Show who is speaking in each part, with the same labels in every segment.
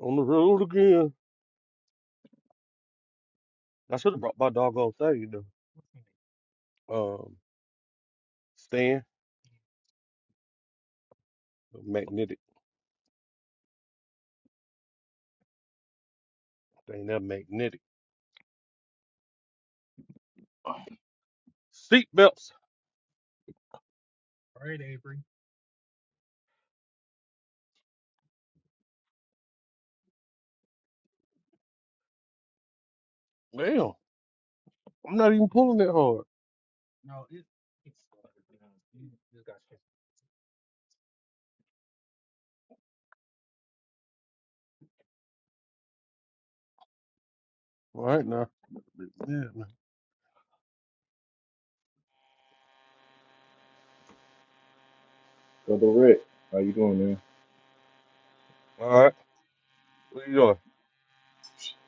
Speaker 1: On the road again. I should have brought my doggone thing, you know. Um, stand, magnetic. Thing that magnetic. Seat belts. Damn, I'm not even pulling that hard. All right now. Yeah, man.
Speaker 2: Brother Rick, how you doing, man?
Speaker 1: All right. What you doing?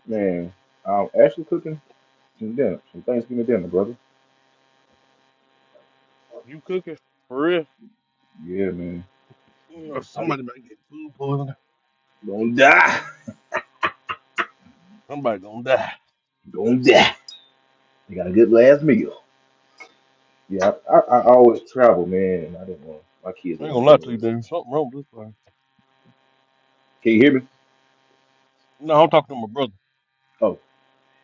Speaker 2: Man, I'm actually cooking some dinner, some Thanksgiving dinner, brother.
Speaker 1: You cooking? For real?
Speaker 2: Yeah, man.
Speaker 1: Yeah,
Speaker 2: I do.
Speaker 1: somebody might get food poisoning.
Speaker 2: Gonna die.
Speaker 1: Somebody gonna die.
Speaker 2: Gonna die. You got a good last meal. Yeah, I, I, I always travel, man, and I didn't want my kids to
Speaker 1: I ain't
Speaker 2: want
Speaker 1: gonna
Speaker 2: to go
Speaker 1: lie to
Speaker 2: nowhere
Speaker 1: you,
Speaker 2: this year.
Speaker 1: dude. Something wrong with this thing.
Speaker 2: Can you hear me?
Speaker 1: No, I'm talking to my brother.
Speaker 2: Oh,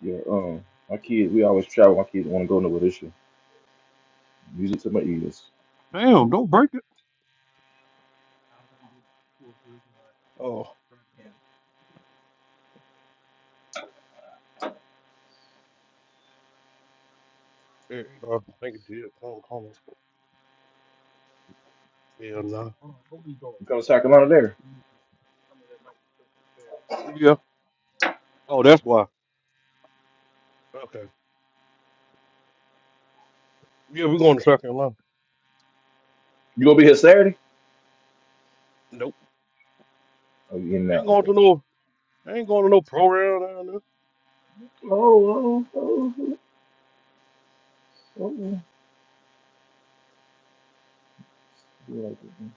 Speaker 2: yeah. Um, my kids, we always travel. My kids want to go nowhere this year. Music to my ears.
Speaker 1: Damn, don't break it. Oh. Yeah, uh, I think it did. Call, call. Hell no.
Speaker 2: You come to South Carolina there?
Speaker 1: Yeah. Oh, that's why. Okay. Yeah, we're going to South Carolina.
Speaker 2: You gonna be here Saturday?
Speaker 1: Nope.
Speaker 2: Oh, you in
Speaker 1: I
Speaker 2: now?
Speaker 1: ain't going
Speaker 2: Okay.
Speaker 1: to no. I ain't going to no program down there.
Speaker 2: Oh, oh, oh, oh. oh. Yeah, I like that, man.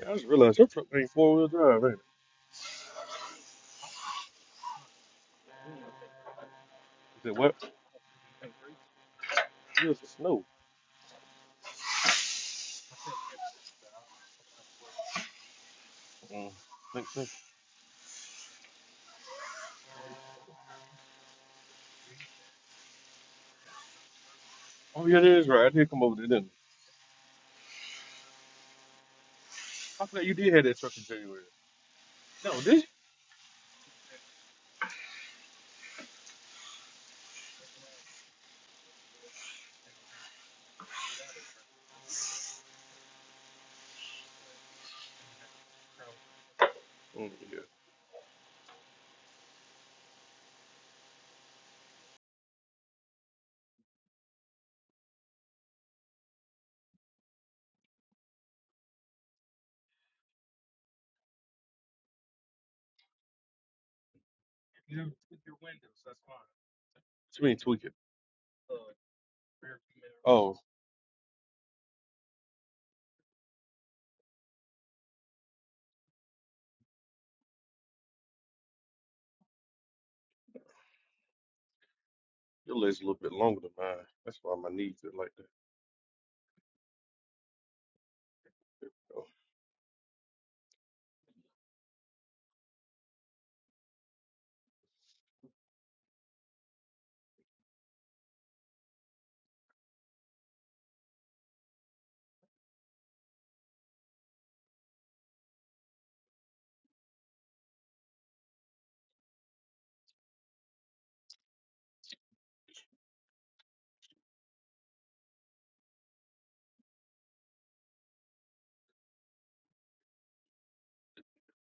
Speaker 1: Yeah, I just realized your truck ain't four wheel drive, ain't it? You said what? Good for snow. Mm, think so. Oh yeah, that is right. I did come over there, didn't I? I forgot you did have that truck in January. No, did you? What's around me? I got it around. I think I got it. But then I had to like, travel. Mm, yeah. If you never took your windows, that's fine. What you mean tweak it? Uh, rear view mirror. Oh, your leg's a little bit longer than mine. That's why my knees are like that. Oh,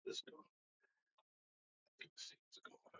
Speaker 1: let's go. Let's see what's going on.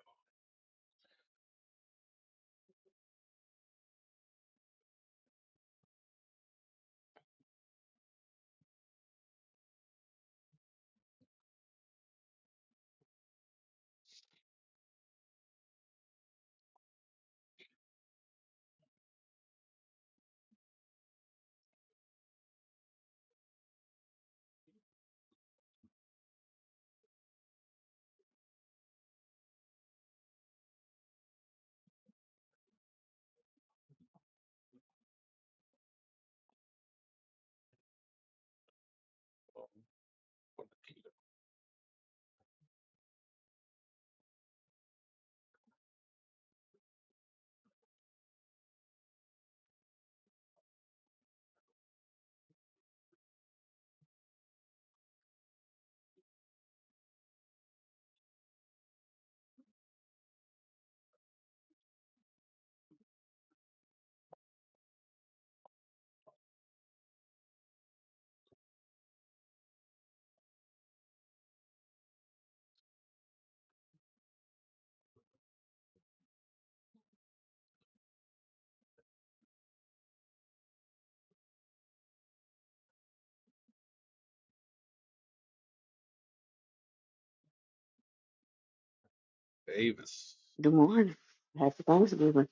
Speaker 1: Davis.
Speaker 3: Good morning. Happy Thanksgiving.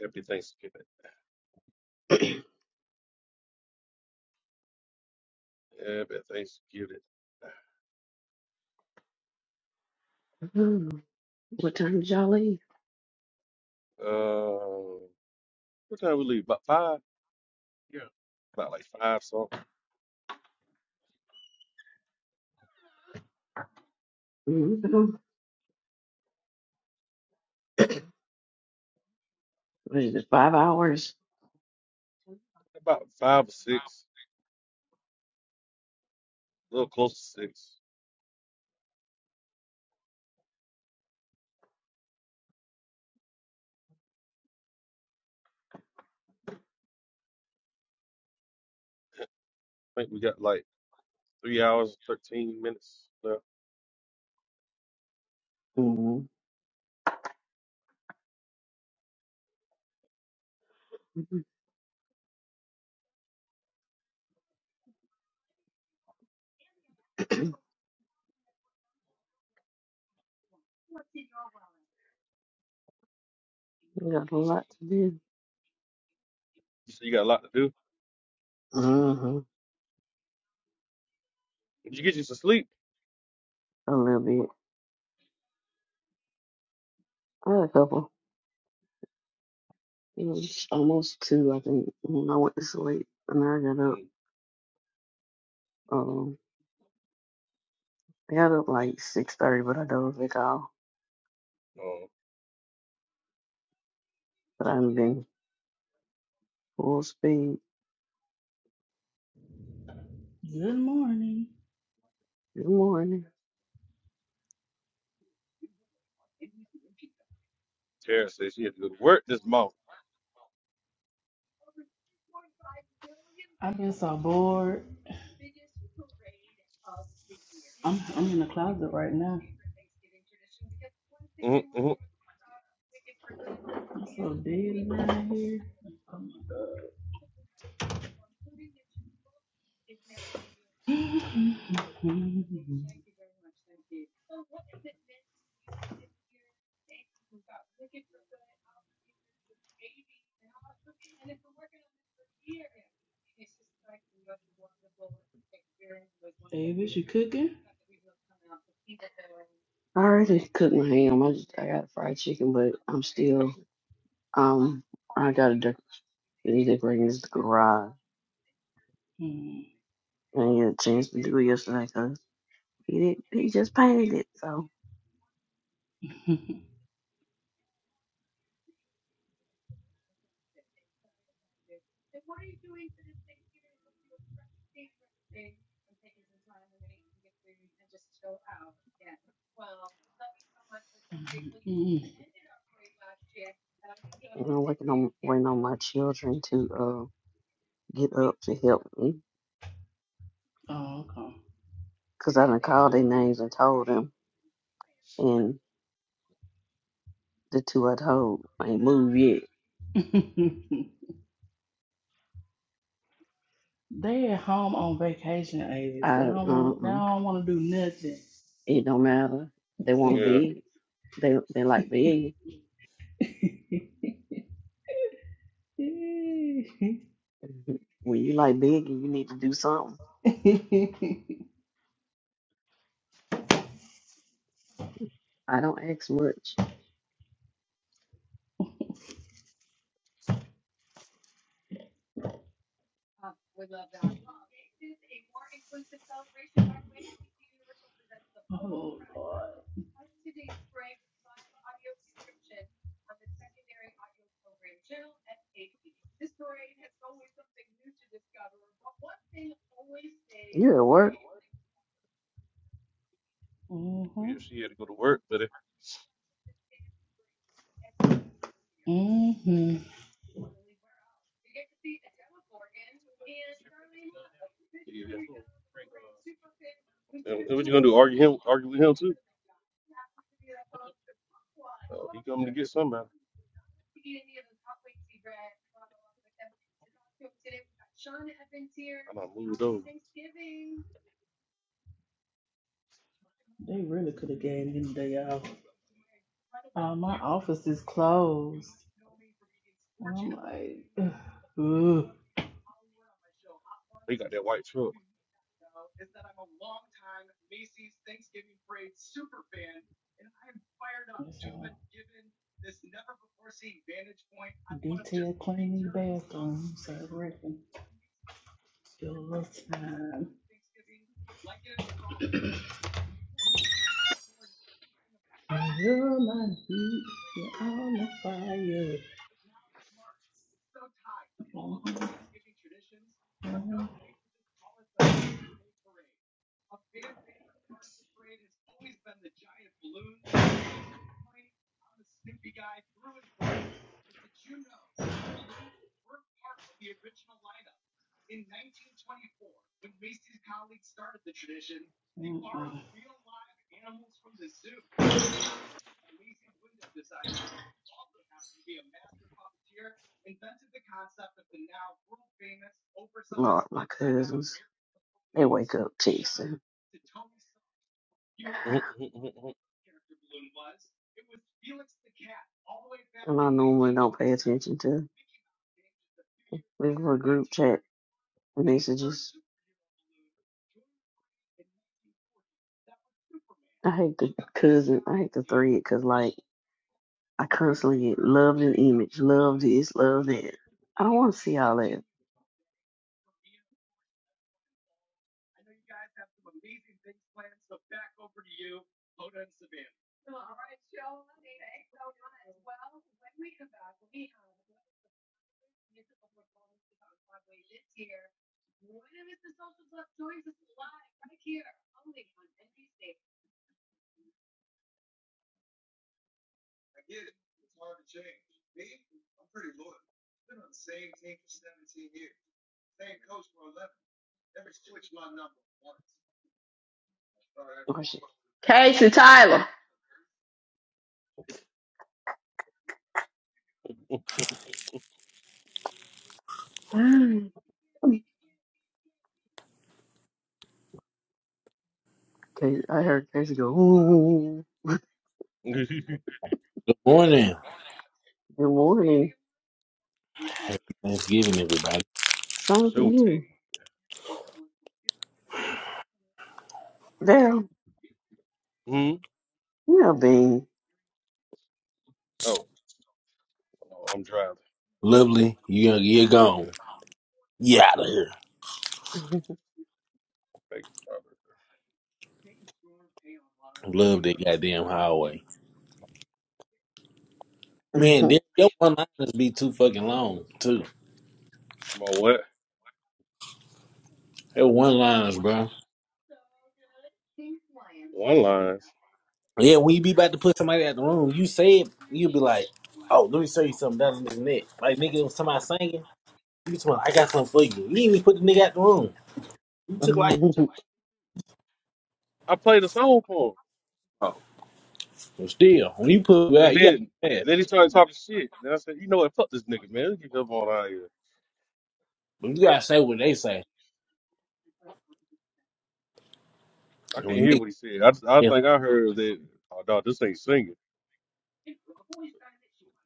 Speaker 1: Happy Thanksgiving. Happy Thanksgiving.
Speaker 3: Mm. What time did y'all leave?
Speaker 1: Uh, what time we leave? About five? Yeah. About like five something.
Speaker 3: Mm-hmm. What is it, five hours?
Speaker 1: About five or six. A little close to six. I think we got like three hours and thirteen minutes left.
Speaker 3: Mm-hmm. We got a lot to do.
Speaker 1: You said you got a lot to do.
Speaker 3: Mm-hmm.
Speaker 1: Did you get you some sleep?
Speaker 3: A little bit. I had a couple. It was almost two, I think, when I went to sleep. And I got up.
Speaker 1: Mm,
Speaker 3: Um, I got up like 6.30, but I dozed it off.
Speaker 1: uh,
Speaker 3: But i am been full speed.
Speaker 4: Good morning.
Speaker 3: Good morning.
Speaker 1: Tara said she had to go to work this morning.
Speaker 4: I've been so bored. I'm I'm in the closet right now.
Speaker 1: Mm-hmm, mm-hmm. Oh,
Speaker 4: I'm so dead around here. Oh my god. Davis, you cooking?
Speaker 3: I already cooked my ham. I just I got fried chicken, but I'm still um I gotta de- decorating this garage.
Speaker 4: Mm.
Speaker 3: And yeah, James Blue yesterday because he did he just painted it. So
Speaker 4: Mm.
Speaker 3: and I'm working on waiting on my children to uh get up to help me
Speaker 4: oh,
Speaker 3: because I done
Speaker 1: That's
Speaker 3: called
Speaker 1: what
Speaker 3: their
Speaker 1: you ain't
Speaker 3: names and
Speaker 1: know.
Speaker 3: told them, and the two I told ain't moved yet.
Speaker 4: okay. they at home on vacation, Avis. They
Speaker 3: I
Speaker 4: don't want. They
Speaker 3: uh-uh.
Speaker 4: don't want to do nothing.
Speaker 3: it don't matter. They want to
Speaker 1: yeah.
Speaker 3: be. They they like big. When you like big, you need to do something. I don't ask much.
Speaker 4: oh Lord.
Speaker 3: On the secondary audio program channel at 8 p.m. This parade has always something new to discover, but one thing always stays yeah, what?
Speaker 1: yeah,
Speaker 4: Mhm.
Speaker 1: she had to go to work, but it,
Speaker 4: Mhm.
Speaker 1: yeah. And and what you gonna do? Argue him? Argue with him too? Oh, he coming to get somebody. I done moved over.
Speaker 4: They really could have gave me the day off. Uh, my office is closed. And I'm like, ugh. Ugh.
Speaker 1: He got that white truck.
Speaker 4: That's all. Detail cleaning the bathrooms, I reckon. Still a little time. You're my heat, you're on the fire. Mhm, mhm, mhm.
Speaker 3: Invented the concept of the now world famous oversized. Lord, my cousins, they wake up texting.
Speaker 1: Mhm, mhm,
Speaker 3: And I normally don't pay attention to. Leave for group chat messages. I hate the cousin. I hate the thread because like. I constantly get loved an image, love this, love that. I don't want to see all that. Oh, shit.
Speaker 1: mhm,
Speaker 3: Case, I heard Casey go, ooh,
Speaker 1: mhm.
Speaker 5: Good morning.
Speaker 3: good morning.
Speaker 5: Thanksgiving, everybody.
Speaker 3: Same to
Speaker 1: Showtime.
Speaker 3: you. Daryl,
Speaker 1: Hmm.
Speaker 3: you know, Bean.
Speaker 1: Oh, oh, I'm driving.
Speaker 5: Lovely. You, you're gone. You out of here.
Speaker 3: oh,
Speaker 1: Megan Robert. There you
Speaker 5: Love
Speaker 1: go.
Speaker 5: that goddamn highway. Man, there- your one liners be too fucking long, too.
Speaker 1: My what?
Speaker 5: They're one liners, bro.
Speaker 1: One lines.
Speaker 5: Yeah, when you be about to put somebody out the room, you say it, you be like, oh, let me show you something. That's this neck. Like, nigga, it was somebody singing. You just went, I got something for you. You didn't even put the nigga out the room. You took like,
Speaker 1: I played a song for him,
Speaker 5: oh. But still, when you put it
Speaker 1: but
Speaker 5: out, you
Speaker 1: then
Speaker 5: got to
Speaker 1: then he started talking shit. Then I said, you know what? Fuck this nigga, man. Let's get up on out of here.
Speaker 5: You got to say what they say.
Speaker 1: I can't
Speaker 5: When
Speaker 1: hear what he
Speaker 5: nigga,
Speaker 1: said. I just, I think I heard that. Oh, dog, this ain't singing.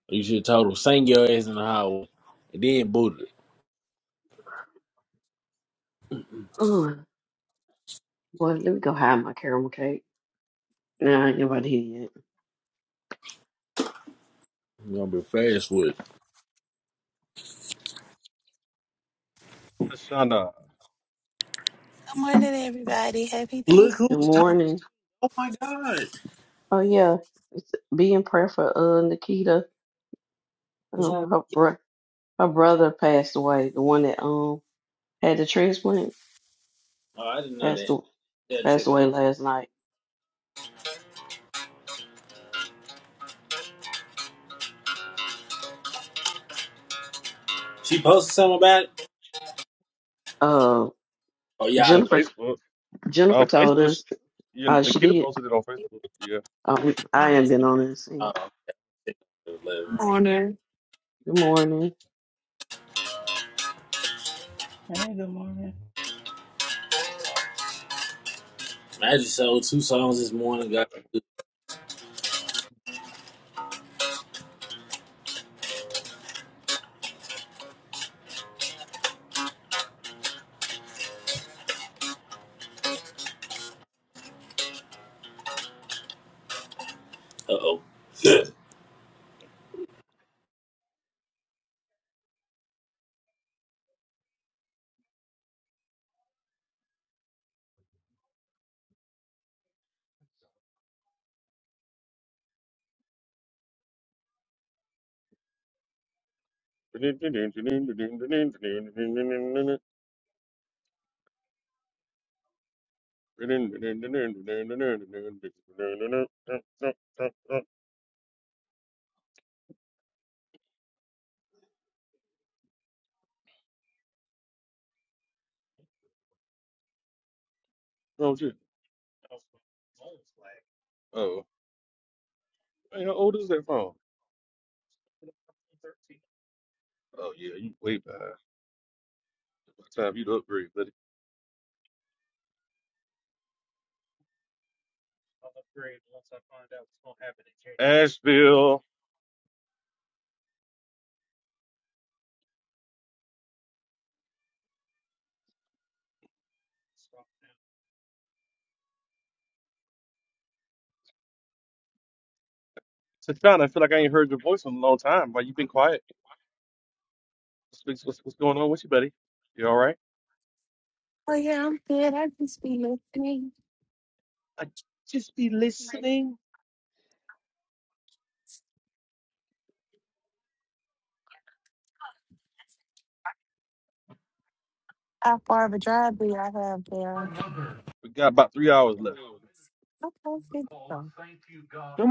Speaker 5: You should have told him, sing your ass in the highway. And then boot it.
Speaker 3: boy, let me go hide my caramel cake. Nah, ain't nobody here yet.
Speaker 5: You're gonna be fast with it.
Speaker 1: Tashana
Speaker 6: Good morning, everybody. Happy
Speaker 5: Look
Speaker 3: Good
Speaker 5: who's talking.
Speaker 6: Thanksgiving.
Speaker 3: morning.
Speaker 5: Oh my god.
Speaker 3: Oh, yeah. It's, be in prayer for uh, Nikita.
Speaker 5: What's wrong?
Speaker 3: Um, her, bro- her brother passed away. The one that um had the transplant
Speaker 5: Oh, I didn't know
Speaker 3: passed,
Speaker 5: that.
Speaker 3: aw-
Speaker 5: That
Speaker 3: passed
Speaker 5: chick.
Speaker 3: away
Speaker 5: uh,
Speaker 3: last night.
Speaker 5: She posted something about it?
Speaker 3: Uh,
Speaker 5: Oh yeah, I
Speaker 1: on
Speaker 5: know.
Speaker 3: Jennifer
Speaker 1: Facebook.
Speaker 3: Jennifer
Speaker 1: Uh,
Speaker 3: told
Speaker 1: Facebook.
Speaker 3: us
Speaker 1: sh- Yeah,
Speaker 3: uh, she
Speaker 1: Nikita
Speaker 3: did.
Speaker 1: posted it on Facebook. Yeah.
Speaker 3: Um, I ain't been on this.
Speaker 5: Oh, check it out later on.
Speaker 7: morning.
Speaker 3: Good morning.
Speaker 4: Hey, good morning.
Speaker 5: I just sold two songs this morning, guys. Uh oh.
Speaker 1: Oh shit. Oh, hey, how old is that phone? Oh yeah, you way behind. By the time you to upgrade, buddy. I'll Upgrade once I find out what's gonna happen. in January. Asheville, Tatiana, I feel like I ain't heard your voice in a long time. Why you been quiet? What's, what's, what's going on with you, buddy? You all right?
Speaker 6: Oh, yeah, I'm good. I just be listening. How far of a drive do y'all have there?
Speaker 1: We got about three hours left.
Speaker 6: Okay, good to go.
Speaker 8: Good,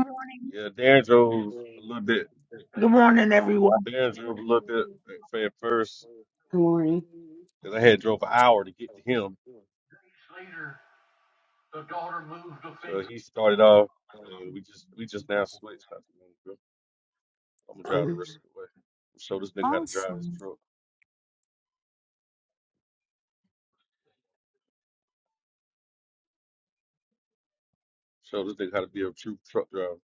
Speaker 1: Yeah, Darren drove a little bit.
Speaker 8: morning, everyone.
Speaker 1: Darren drove a little bit at at first
Speaker 3: Good morning.
Speaker 1: because I had drove an hour to get to him.
Speaker 8: Days later, the daughter moved a
Speaker 1: So
Speaker 8: finger.
Speaker 1: he started off, and we just we just now switched. I said, "Man, I'm gonna drive the
Speaker 3: Um,
Speaker 1: rest of the way. Show this nigga how to drive his
Speaker 6: Awesome.
Speaker 1: truck. Show this nigga how to be a true truck driver.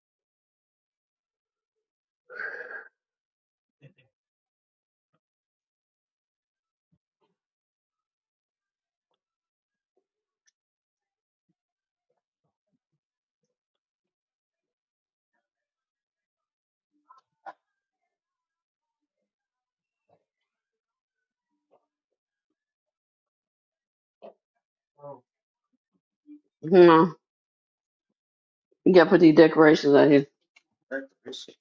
Speaker 3: hmm, you got to put these decorations out here.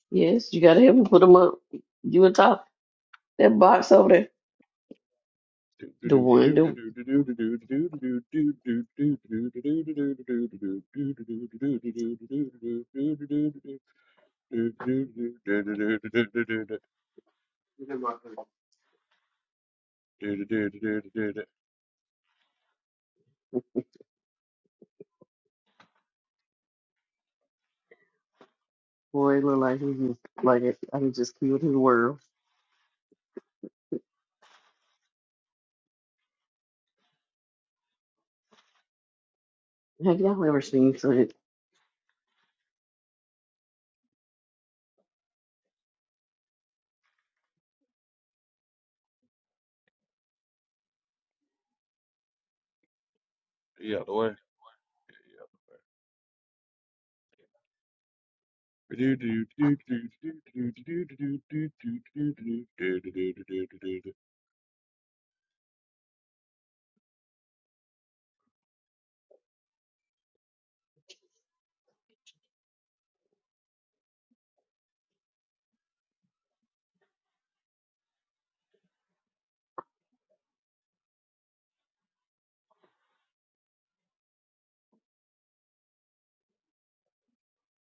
Speaker 3: Yes, you got to help me put them up. You on top that box over there.
Speaker 1: Yeah,
Speaker 3: The one, the boy look like he just like it. I can just killed his world. Have y'all ever seen something?
Speaker 1: the way.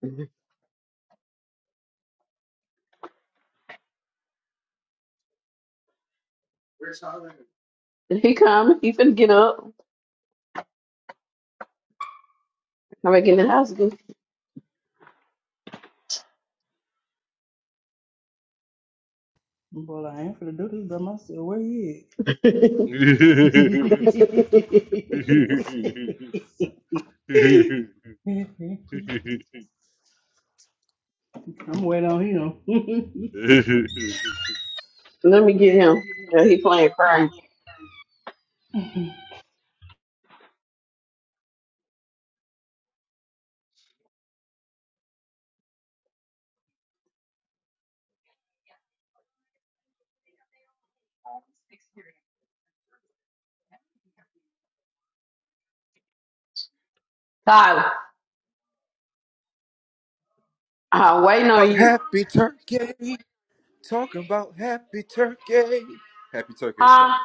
Speaker 3: Did he come? He finna get up. I'm back in the house again.
Speaker 4: Well, I ain't finna do this by myself. Where you at? I'm waiting on him.
Speaker 3: Let me get him. Yeah, he playing cry. Tyler, I'm waiting
Speaker 9: about
Speaker 3: on you.
Speaker 9: happy turkey. Talking about happy turkey. Happy turkey, everybody.
Speaker 3: Huh?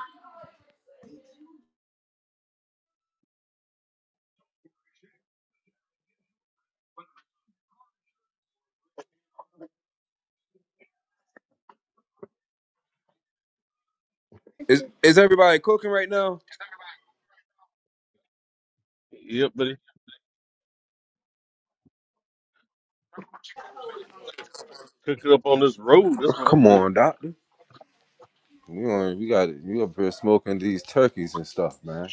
Speaker 9: Is is everybody cooking right now?
Speaker 1: yep, buddy. Cook it up on this road. That's what I'm
Speaker 9: Come
Speaker 1: cooking.
Speaker 9: on, doctor. We on, we got we up here smoking these turkeys and stuff, man.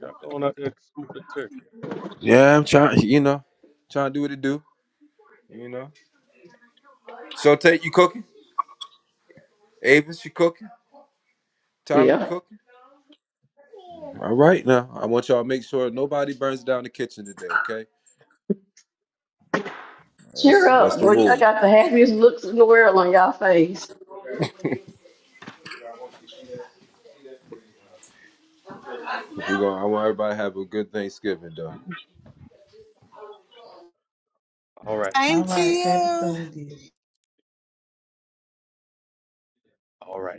Speaker 1: Y'all go on out there and smoke that turkey.
Speaker 9: Yeah, I'm trying. You know, trying to do what it do. You know. So take you cooking. Avis, you cooking. Tyree
Speaker 3: Yeah.
Speaker 9: cooking. All right now, I want y'all to make sure nobody burns down the kitchen today. Okay,
Speaker 3: Cheer
Speaker 9: that's that's
Speaker 3: up,
Speaker 9: the
Speaker 3: boy. I
Speaker 9: rule.
Speaker 3: got the happiest looks in the world on y'all face.
Speaker 9: We going I want everybody to have a good Thanksgiving, though.
Speaker 6: Same
Speaker 4: All
Speaker 6: to
Speaker 4: right,
Speaker 6: you.
Speaker 4: everything good.
Speaker 1: All right.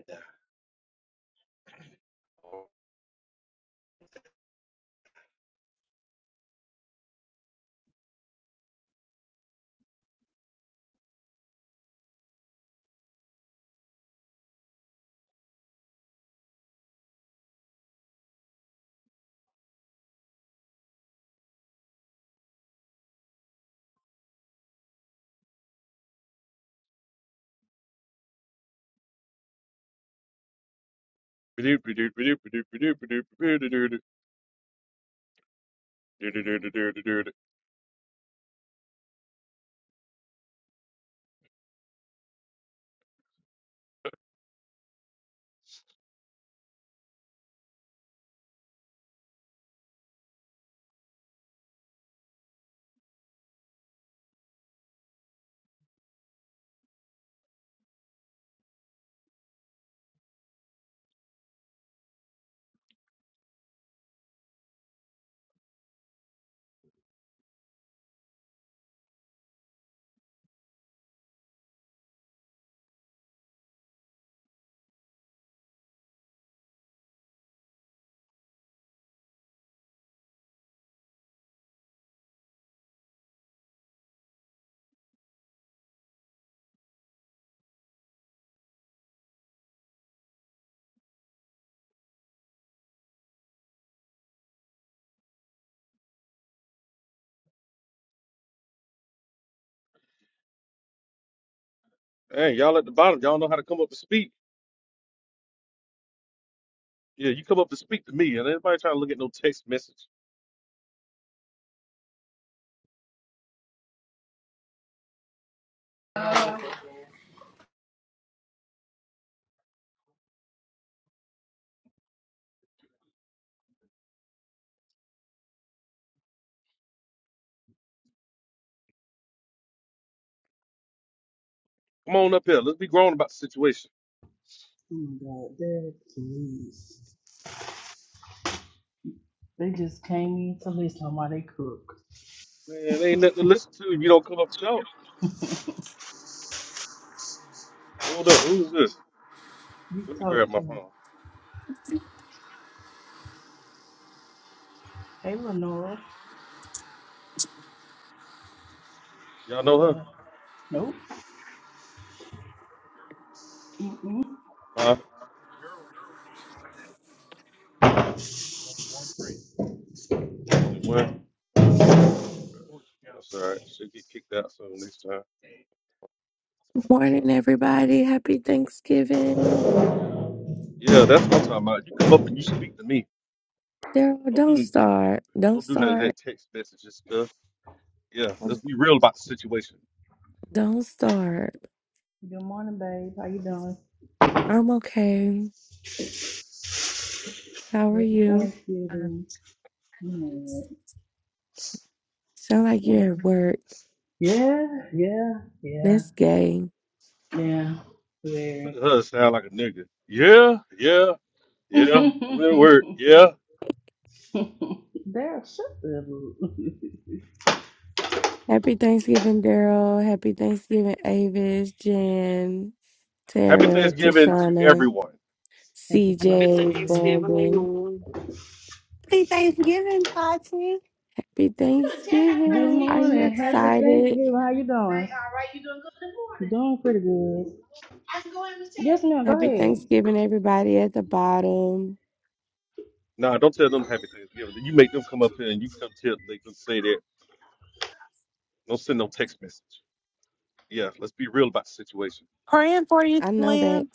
Speaker 1: Hey, y'all at the bottom, y'all know how to come up and speak. Yeah, you come up and speak to me, and everybody trying to look at no text message. Come on up here. Let's be grown about the situation.
Speaker 4: Oh my God, Dad, please. They just came in to listen while they cook.
Speaker 1: Man, ain't nothing to listen to if you don't come up and talk. Hold up. Who's this?
Speaker 4: You
Speaker 1: Let me grab
Speaker 4: talk
Speaker 1: my
Speaker 4: to them.
Speaker 1: phone.
Speaker 4: Hey, Lenora.
Speaker 1: Y'all know her?
Speaker 4: Uh, nope. Mm-mm.
Speaker 1: Huh? Only one? That's all right. She'll get kicked out soon next time. Yeah. Yeah. Yeah, that's what I'm talking about. You come up and you speak to me. Don't do don't do none of that text messages stuff. Yeah, let's be real about the situation.
Speaker 4: Good morning, babe. How you doing? Happy Thanksgiving. Mm, wanna- Yeah, yeah, yeah, yeah.
Speaker 1: Look at
Speaker 4: Very.
Speaker 1: her sound like a nigga. Yeah, yeah, yeah. I'm in work. Yeah.
Speaker 4: Daryl, shut the book.
Speaker 1: Happy Thanksgiving to everyone.
Speaker 4: Happy
Speaker 7: Good
Speaker 4: Thanksgiving.
Speaker 7: Thanksgiving to you.
Speaker 6: Happy Thanksgiving, Tati.
Speaker 4: Good morning. Happy Thanksgiving. How you doing? Doing pretty good. Yes, ma'am. Go ahead.
Speaker 1: Nah, don't tell them happy Thanksgiving. You make them come up here and you come tell them they can say that. Don't send no text message. Yeah, let's be real about the situation.
Speaker 6: Praying for you, Lynn.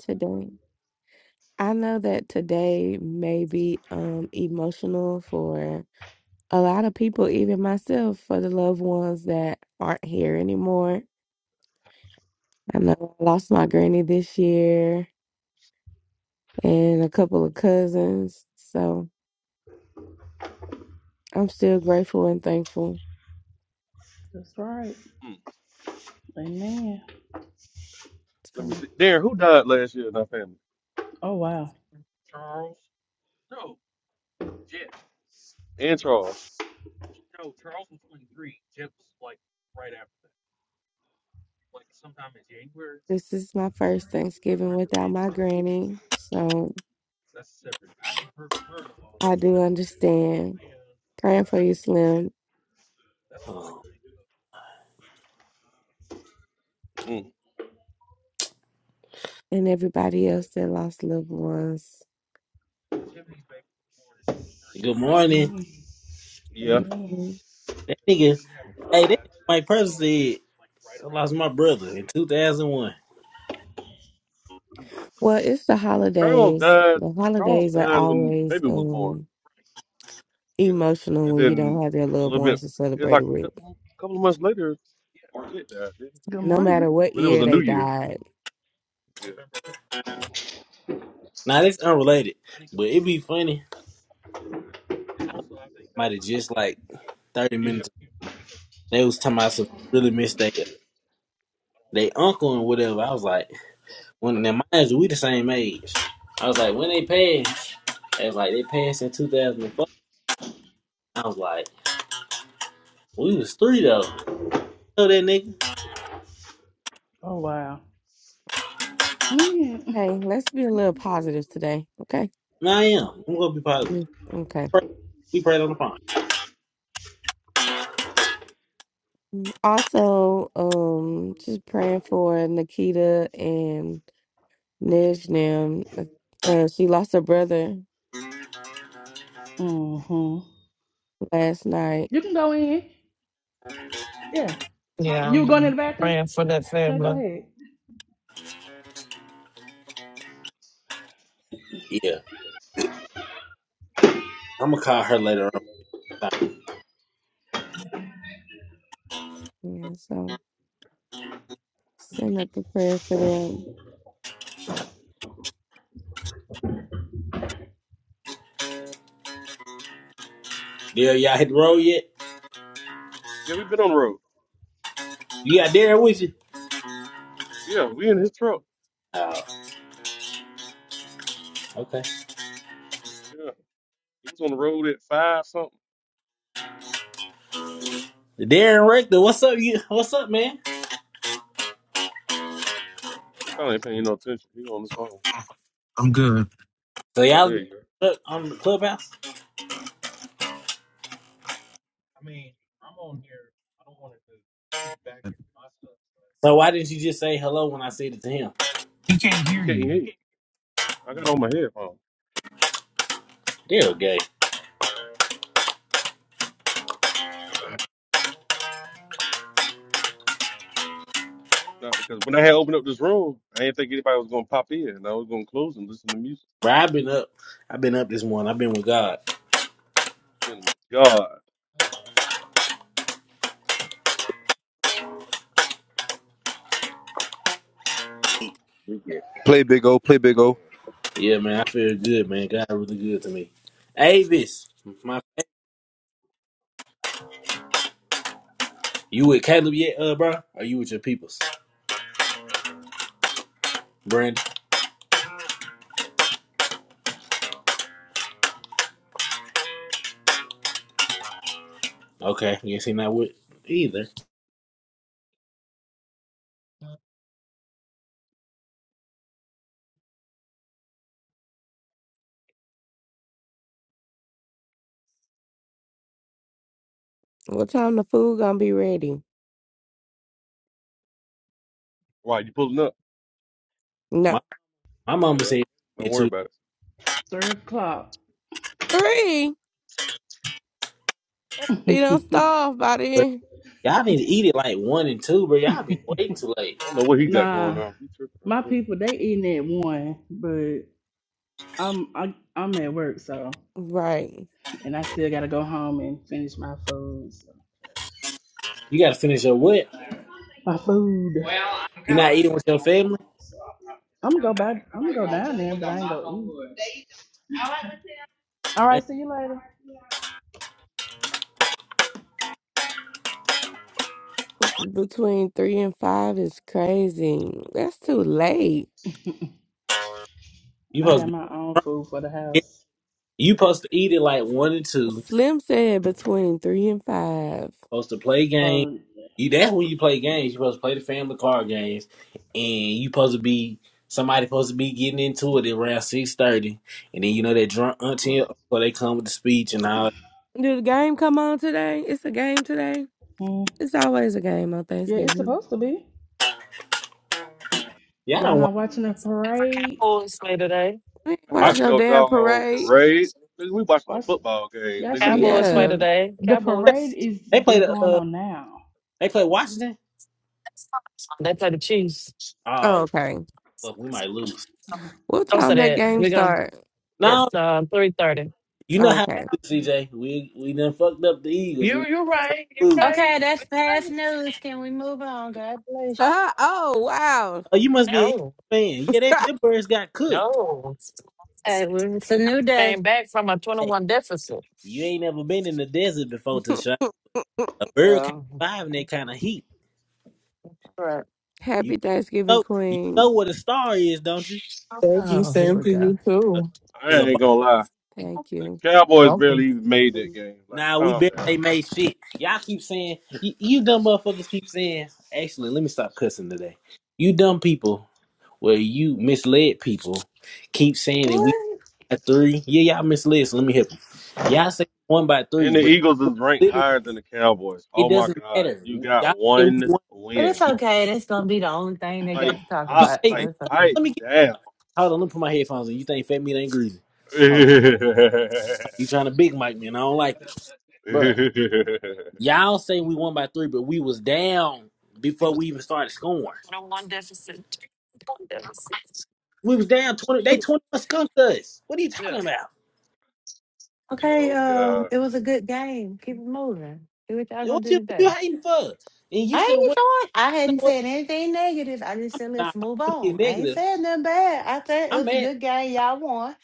Speaker 4: That's right.
Speaker 1: Mm.
Speaker 4: Amen.
Speaker 1: Let me see. Darren, who died last year in our family?
Speaker 4: Oh wow.
Speaker 1: And Charles.
Speaker 5: Oh,
Speaker 1: Mm.
Speaker 5: Good morning.
Speaker 4: Amen.
Speaker 1: Yeah.
Speaker 4: Amen.
Speaker 5: That nigga, hey, that nigga Mike Presley said, I lost my brother in 2001.
Speaker 1: Charles died. Charles died when the baby was born. Yeah. And then a little bit, it's like a couple, couple of months later, shit died, didn't it?
Speaker 4: Good morning.
Speaker 1: But it was a new year. Yeah.
Speaker 5: Now, that's unrelated, but it'd be funny. Might have just like 30
Speaker 1: Yeah.
Speaker 5: minutes They was talking about some really miss they
Speaker 1: Yeah.
Speaker 5: they uncle and whatever. I was like, when now mind you, we the same age. I was like, when they passed, they was like they passed in two thousand and four. I was like, we was three though. You know that nigga?
Speaker 4: Oh wow. Man.
Speaker 5: No, I am. I'm gonna be positive. Pray- We prayed on the phone.
Speaker 4: Mm-hmm. You can go in. Yeah.
Speaker 7: Yeah,
Speaker 4: You going in the bathroom?
Speaker 7: praying for that
Speaker 4: Yeah,
Speaker 7: family.
Speaker 4: go ahead.
Speaker 5: Yeah, I'm gonna call her later on. Dare y'all hit the road yet?
Speaker 1: Yeah, we've been on the road.
Speaker 5: You got Darren with you?
Speaker 1: Yeah, we in his truck.
Speaker 5: Oh, okay.
Speaker 1: Yeah. He was on the road at five something.
Speaker 5: Darren Rector, what's up? You what's up, man?
Speaker 1: He probably ain't paying no attention. He on his phone.
Speaker 10: I'm good.
Speaker 5: So
Speaker 1: Oh,
Speaker 5: y'all
Speaker 1: there you go.
Speaker 5: up on the clubhouse? So why didn't you just say hello when I said it to him?
Speaker 10: He can't
Speaker 1: He
Speaker 10: hear
Speaker 1: can't
Speaker 10: you.
Speaker 1: hear you. I got on my headphones.
Speaker 5: they gay.
Speaker 1: Nah, because when I had opened up this room, I didn't think anybody was gonna pop in, and I was gonna close and listen to music.
Speaker 5: But I've been up. I've been up this morning. I've been with God.
Speaker 1: Been with God,
Speaker 9: Play big O. Play big O.
Speaker 5: Yeah, man. I feel good, man. God really good to me. Avis, my you with Caleb yet, uh, bro? Are you with your peoples, Brandon? Okay, guess he not with either.
Speaker 1: why you pulling up?
Speaker 5: My my mama
Speaker 1: Uh,
Speaker 5: said
Speaker 1: don't
Speaker 5: it
Speaker 1: worry
Speaker 5: too.
Speaker 1: about it.
Speaker 4: Three o'clock.
Speaker 5: Bro. Y'all need to eat it like one and two, bro. Y'all be waiting too late.
Speaker 1: I don't know what he got going
Speaker 4: nah.
Speaker 1: on. He tripping
Speaker 4: My
Speaker 1: right
Speaker 4: people they eating at one, but I'm I, I'm at work, so. and I still gotta go home and finish my food. so-
Speaker 5: You got to finish your what?
Speaker 4: My food. Well, I'm
Speaker 5: You
Speaker 4: gonna
Speaker 5: not eating with your family?
Speaker 4: I'm going to go back. I'm gonna go down there, but I ain't gonna eat. All
Speaker 5: Eh,
Speaker 4: right, see you later.
Speaker 5: You
Speaker 4: I
Speaker 5: supposed
Speaker 4: got
Speaker 5: to
Speaker 4: my own food for the
Speaker 5: be.
Speaker 4: house.
Speaker 5: You supposed to eat it like one and two. supposed to play games.
Speaker 4: Um,
Speaker 5: You that's when you play games. You're supposed to play the family card games, and you supposed to be somebody supposed to be getting into it around six thirty, and then you know that drunk auntie or uncle, they come with the speech and all.
Speaker 4: mm, yeah, it's supposed to be. Y-
Speaker 5: Yeah, I
Speaker 4: y'all
Speaker 5: don't watch.
Speaker 4: not watching the
Speaker 7: And for
Speaker 4: parade?
Speaker 7: Cowboys play today.
Speaker 1: I
Speaker 5: I
Speaker 1: watch no doggone parade. Nigga, we watched the
Speaker 4: Watch,
Speaker 1: football game,
Speaker 4: y'all should be
Speaker 1: nigga.
Speaker 7: Cowboys
Speaker 4: watching
Speaker 7: play
Speaker 4: the
Speaker 7: today.
Speaker 4: the
Speaker 5: can't,
Speaker 4: parade
Speaker 7: Cowboys.
Speaker 4: is
Speaker 5: they play
Speaker 4: is
Speaker 5: the
Speaker 4: going
Speaker 5: uh,
Speaker 4: on now.
Speaker 5: they play Washington.
Speaker 7: They play the Chiefs.
Speaker 5: Oh, fuck, we might lose.
Speaker 7: Don't say that. We're going to, it's
Speaker 5: No,
Speaker 7: uh, 3.30.
Speaker 5: you know how we do, CJ. We we done fucked up the Eagles.
Speaker 7: You,
Speaker 5: We
Speaker 7: you're right. You're
Speaker 5: lose.
Speaker 7: right.
Speaker 6: Okay, that's
Speaker 7: You're
Speaker 6: past
Speaker 7: right.
Speaker 6: news. Can we move on? God bless you.
Speaker 5: Oh, you must be an Eagles
Speaker 7: No,
Speaker 5: fan. Yeah, they them birds got cooked.
Speaker 7: no.
Speaker 6: Hey, well, it's a new day.
Speaker 7: Came back from a
Speaker 5: Hey,
Speaker 7: 21 deficit.
Speaker 5: you ain't never been in the desert before, A bird can't
Speaker 6: Yeah.
Speaker 5: survive in that kind of heat.
Speaker 6: Right.
Speaker 5: You know, you know what a star is, don't you?
Speaker 11: Thank you,
Speaker 6: Oh, here
Speaker 11: Sam,
Speaker 6: we
Speaker 11: for
Speaker 6: go.
Speaker 11: you
Speaker 5: A star
Speaker 11: too.
Speaker 1: I
Speaker 5: is a
Speaker 1: ain't
Speaker 5: bomb.
Speaker 1: gonna lie.
Speaker 11: You're
Speaker 1: The Cowboys
Speaker 11: welcome.
Speaker 1: barely even made that
Speaker 11: Thank
Speaker 1: game. Like,
Speaker 5: Nah, we
Speaker 1: calm
Speaker 5: bet
Speaker 1: down.
Speaker 5: they made shit. Y'all keep saying you, you dumb motherfuckers keep saying. Actually, let me stop cussing today. You dumb people, well, you misled people. Keep saying that we
Speaker 6: What?
Speaker 5: by three. Yeah, y'all misled. So let me help you. Y'all say one by three,
Speaker 1: And the
Speaker 5: but
Speaker 1: Eagles is ranked
Speaker 5: literally
Speaker 1: higher than the Cowboys.
Speaker 5: it
Speaker 1: Oh my
Speaker 5: doesn't
Speaker 1: God.
Speaker 5: matter.
Speaker 1: You got
Speaker 5: Y'all say we
Speaker 1: one
Speaker 5: won.
Speaker 6: But it's
Speaker 1: win.
Speaker 5: You
Speaker 6: okay. That's gonna be the only thing they got
Speaker 1: Like,
Speaker 6: to talk
Speaker 1: pop,
Speaker 6: about,
Speaker 5: say no,
Speaker 6: so
Speaker 1: like,
Speaker 6: it's
Speaker 5: no,
Speaker 6: okay.
Speaker 1: pipe
Speaker 5: let me get.
Speaker 1: down.
Speaker 5: Hold on, let me put my headphones on. You think Fat Meat ain't greasy? Hold on. You trying to big mic me, and I don't like it, bruh. Y'all say we won by three, but we was down
Speaker 12: He
Speaker 5: before
Speaker 12: was
Speaker 5: we even started scoring.
Speaker 7: One deficit. One deficit.
Speaker 5: We was down twenty. They twenty skunked us. What are you talking
Speaker 7: Good.
Speaker 5: about?
Speaker 6: Okay,
Speaker 1: oh
Speaker 6: um,
Speaker 1: God.
Speaker 6: it was a good game. Keep it moving. Do what y'all gonna
Speaker 5: What
Speaker 6: do
Speaker 5: you what you
Speaker 6: today.
Speaker 5: hating for? And
Speaker 6: I
Speaker 5: you should have
Speaker 6: ain't
Speaker 5: went.
Speaker 6: doing. I
Speaker 5: You know
Speaker 6: hadn't
Speaker 5: what?
Speaker 6: said anything negative. I just said
Speaker 5: Nah,
Speaker 6: let's move
Speaker 5: I'm gonna
Speaker 6: on.
Speaker 5: get
Speaker 6: I ain't
Speaker 5: negative.
Speaker 6: said nothing bad. I said it
Speaker 5: I'm
Speaker 6: was a
Speaker 5: mad.
Speaker 6: good game. Y'all won.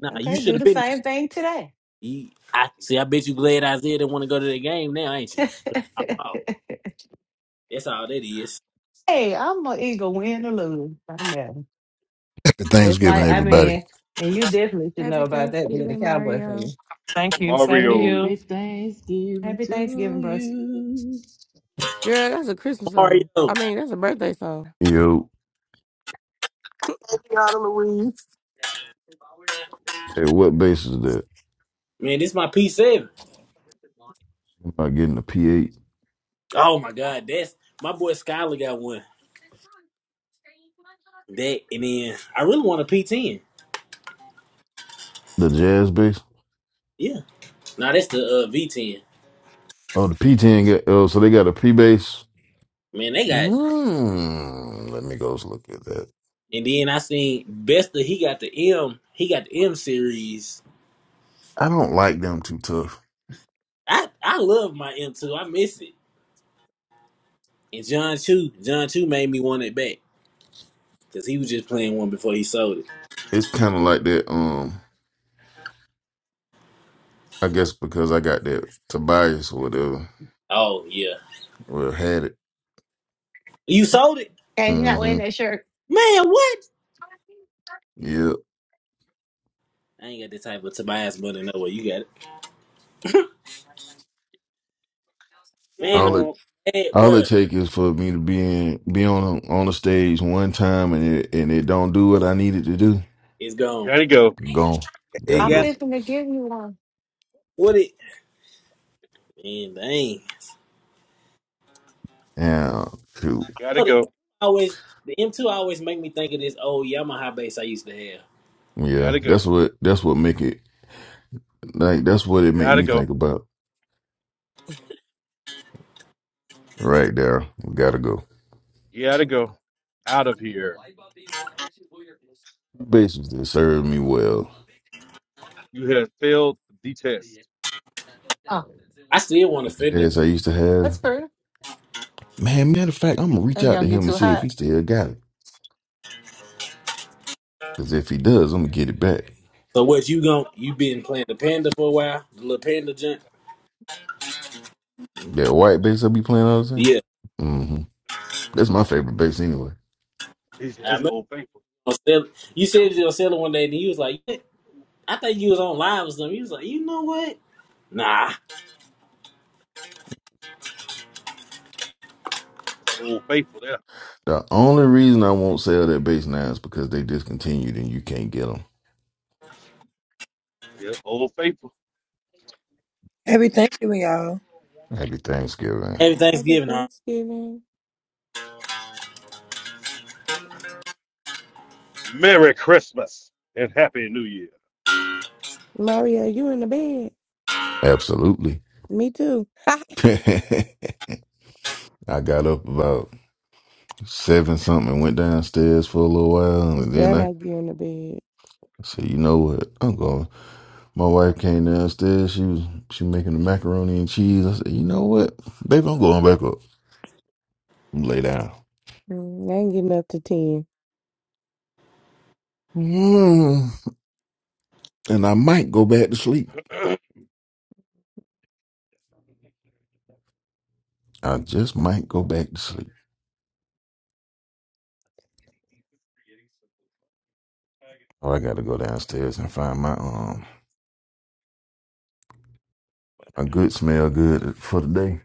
Speaker 5: Nah, you
Speaker 6: Okay,
Speaker 5: should
Speaker 6: do
Speaker 5: have
Speaker 6: the
Speaker 5: been. there.
Speaker 6: same thing today.
Speaker 5: You- I see. I bet you glad Isaiah didn't want to go to the game now, ain't you? Oh, oh, that's all that is.
Speaker 6: hey, I'm gonna either win or lose.
Speaker 12: at
Speaker 6: It's
Speaker 12: Thanksgiving,
Speaker 6: like, I
Speaker 12: everybody.
Speaker 6: mean, and you definitely should know about that being a cowboy fan.
Speaker 7: Thank you. Same to
Speaker 1: Mario.
Speaker 4: Happy
Speaker 7: you.
Speaker 4: Thanksgiving
Speaker 6: Happy
Speaker 4: to
Speaker 6: Thanksgiving, broski.
Speaker 4: you.
Speaker 5: Mario,
Speaker 12: Yo,
Speaker 11: you, Anna Louise.
Speaker 12: what bass is that?
Speaker 5: man, this my P seven.
Speaker 12: Am I getting the P8?
Speaker 5: Oh my God, that's my boy Skylar got one. That and then I really want a P ten.
Speaker 12: The jazz bass?
Speaker 5: Yeah. Now that's the uh, V10.
Speaker 12: Oh, the P10. Got, oh, so they got a P bass.
Speaker 5: Man, they got.
Speaker 12: Mm, let me go look at that.
Speaker 5: And then I seen Bester. He got the M. He got the M series.
Speaker 12: I don't like them too tough.
Speaker 5: I I love my M2. I miss it. And John Chu. John Chu made me want it back because he was just playing one before he sold it.
Speaker 12: It's kind of like that. Um, I guess because I got that Tobias or whatever,
Speaker 5: Oh yeah,
Speaker 12: or had it.
Speaker 5: you sold it,
Speaker 6: Okay, you're not
Speaker 12: Mm-hmm.
Speaker 6: wearing that shirt.
Speaker 5: man. What?
Speaker 12: Yeah.
Speaker 5: I ain't got the type of Tobias money no way. You got it, man.
Speaker 12: All it
Speaker 1: Mm,
Speaker 5: I'm mad,
Speaker 12: all it
Speaker 5: bro.
Speaker 12: take is for me to be in, be on a, on the stage one time and it, and it don't do what I need it to do.
Speaker 5: It's gone.
Speaker 1: gotta go.
Speaker 12: Gone.
Speaker 5: It
Speaker 12: Gotta
Speaker 6: I'm
Speaker 5: got
Speaker 12: go.
Speaker 6: thinking to give you one.
Speaker 5: what it. Man, dang.
Speaker 12: Yeah, cool.
Speaker 1: Gotta
Speaker 5: Oh, the M2
Speaker 1: go.
Speaker 5: always the M2 always make me think of this old Yamaha bass I used to have.
Speaker 12: Yeah,
Speaker 1: Gotta
Speaker 12: that's
Speaker 1: go.
Speaker 12: what that's what make it like that's what it make
Speaker 1: Gotta
Speaker 12: me
Speaker 1: go.
Speaker 12: think about right there. We gotta go.
Speaker 1: Gotta go. Out of here.
Speaker 12: Bases that served me well.
Speaker 1: You have failed the test.
Speaker 6: Oh,
Speaker 5: I still want to
Speaker 12: The
Speaker 5: Fender.
Speaker 12: jazz I used to
Speaker 6: that's
Speaker 12: have.
Speaker 6: fair.
Speaker 12: Man, matter of fact, I'm gonna reach
Speaker 6: They
Speaker 12: out
Speaker 6: gonna
Speaker 12: to him
Speaker 6: get
Speaker 12: and
Speaker 6: too
Speaker 12: see if he
Speaker 6: hot.
Speaker 12: still got it. Cause if he does, I'm gonna get it back.
Speaker 5: So what you gon' you been playing the panda for a while, the little panda jump?
Speaker 12: That white bass I be playing all the time.
Speaker 5: Yeah,
Speaker 12: Mm-hmm. That's my favorite bass anyway.
Speaker 1: He
Speaker 5: I
Speaker 1: said, That's the
Speaker 5: remember
Speaker 1: old faithful.
Speaker 5: you was selling- you said you were selling one day, and you was like, "Yeah, I think you was on live or something. You was like, you know what? Nah,
Speaker 1: That's the old faithful there.
Speaker 12: The only reason I won't sell that bass now is because they discontinued and you can't get them.
Speaker 1: Yeah, old faithful.
Speaker 13: Happy Thanksgiving, y'all.
Speaker 12: Happy Thanksgiving.
Speaker 5: every Thanksgiving, huh?
Speaker 1: Merry Christmas and Happy New Year.
Speaker 12: Absolutely. I got up about seven something and went downstairs for a little while and then I said, you know what, I'm going. My wife came downstairs, she was she making the macaroni and cheese. I said, you know what? Baby, I'm going back up. and Lay down. Mm, and I might go back to sleep. I just might go back to sleep. Oh, I gotta go downstairs and find my um a good smell good for the day.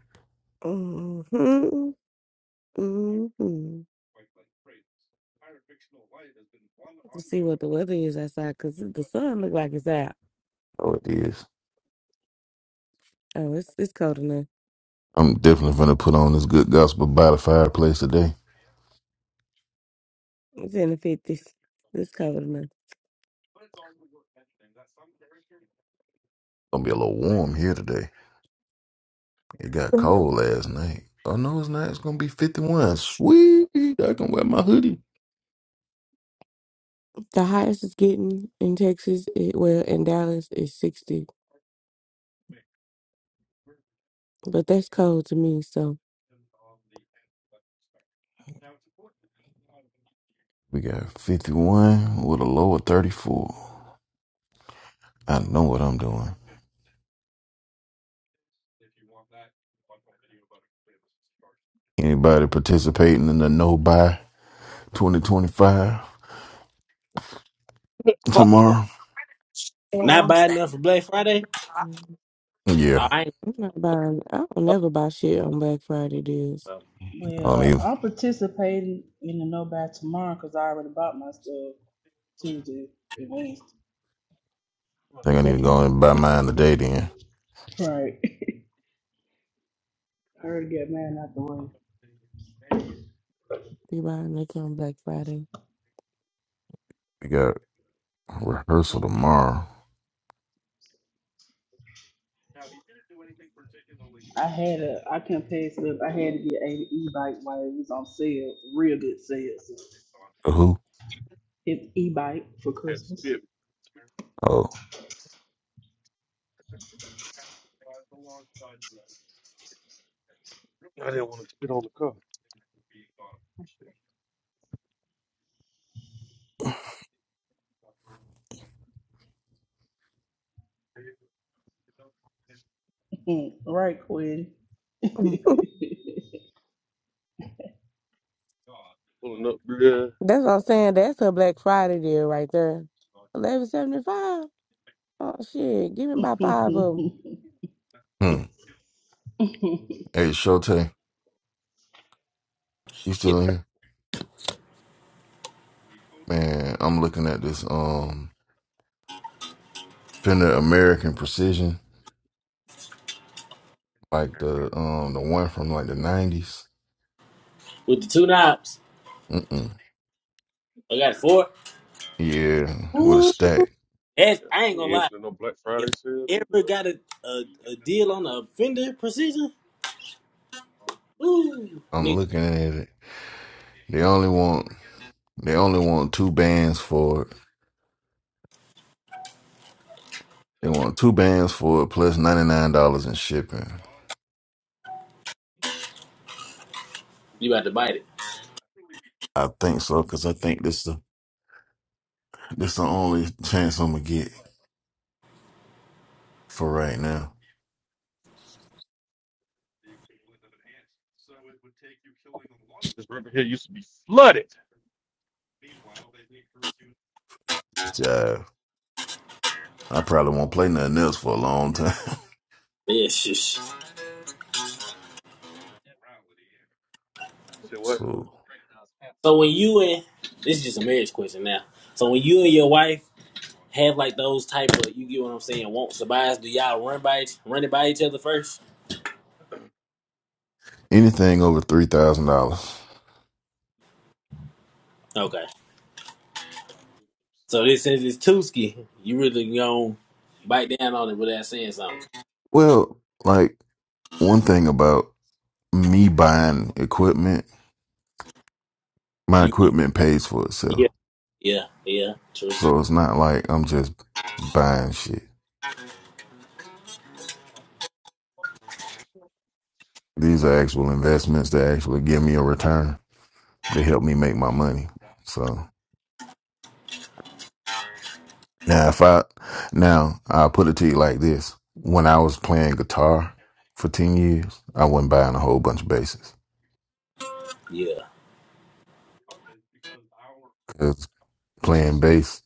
Speaker 12: Oh it is. I'm definitely gonna put on this good gospel by the fireplace today. Gonna be a little warm here today. It got cold last night. Oh no, it's not. It's gonna be fifty one. Sweet, I can wear my hoodie. We got fifty one with a low of thirty four. I know what I'm doing. Anybody participating in the no buy twenty twenty five tomorrow?
Speaker 7: You know what
Speaker 5: not
Speaker 7: I'm
Speaker 5: buying
Speaker 7: saying.
Speaker 5: nothing for Black Friday. Oh,
Speaker 12: Yeah,
Speaker 5: I ain't gonna go so,
Speaker 12: I don't
Speaker 4: Well,
Speaker 12: even
Speaker 4: I'm participating in the No by tomorrow because I already bought my stuff Tuesday and Wednesday.
Speaker 12: think
Speaker 4: Does
Speaker 12: I need to
Speaker 4: that
Speaker 12: go and
Speaker 4: count?
Speaker 12: buy mine today. Then
Speaker 4: Right. I already got mine out the way.
Speaker 12: we got rehearsal
Speaker 1: Mhm.
Speaker 12: tomorrow.
Speaker 4: I had a, I couldn't pay it up. I had to get an e-bike while it was on sale, real good sale. So
Speaker 12: Who?
Speaker 4: it's e-bike for
Speaker 1: Had to
Speaker 4: Christmas.
Speaker 1: spit.
Speaker 12: Oh,
Speaker 1: I didn't want to spit on the car.
Speaker 4: right, Quinn. good
Speaker 1: Pulling up, bruh.
Speaker 12: hmm. Hey, Shote, you
Speaker 5: yeah.
Speaker 12: still in here? Man, I'm looking at this um Fender American Precision like the um the one from like the nineties.
Speaker 5: with the two knobs.
Speaker 12: Mm-mm.
Speaker 5: I got four.
Speaker 12: Yeah, with a
Speaker 5: Ooh,
Speaker 12: stack.
Speaker 5: That's,
Speaker 1: Yeah,
Speaker 5: I ain't
Speaker 1: he
Speaker 5: gonna
Speaker 1: ain't
Speaker 5: lie.
Speaker 1: answering no Black
Speaker 5: If
Speaker 1: Friday sale
Speaker 5: I
Speaker 1: neither,
Speaker 5: ever
Speaker 1: though.
Speaker 5: got a, a, a deal on a Fender Precision, ooh,
Speaker 12: I'm
Speaker 5: nigga,
Speaker 12: looking at it. They only want they only want two bands for it. They want two bands for it plus ninety nine dollars in shipping.
Speaker 5: you about to bite it.
Speaker 12: I think so because I think this the this the only chance I'm gonna get for right now.
Speaker 1: This river here used to be flooded.
Speaker 12: It's jive. I probably won't play nothing else for a long time.
Speaker 5: Yeah,
Speaker 1: You said what?
Speaker 12: so
Speaker 5: So when you and this is just a marriage question now. So when you and your wife have like those type of you get what I'm saying, wants to buys, do y'all run by each run it by each other first?
Speaker 12: anything over three thousand dollars.
Speaker 5: Okay. So this since it's Tuski, you really gonna bite down on it without saying something.
Speaker 12: Well, like one thing about me buying equipment my
Speaker 5: You,
Speaker 12: equipment pays for itself.
Speaker 5: yeah, yeah, yeah, true.
Speaker 12: So it's not like I'm just buying shit. These are actual investments that actually give me a return. They help me make my money. So now if I now I'll put it to you like this. When I was playing guitar for ten years, I wasn't buying a whole bunch of basses.
Speaker 5: Yeah.
Speaker 12: Cause playing bass,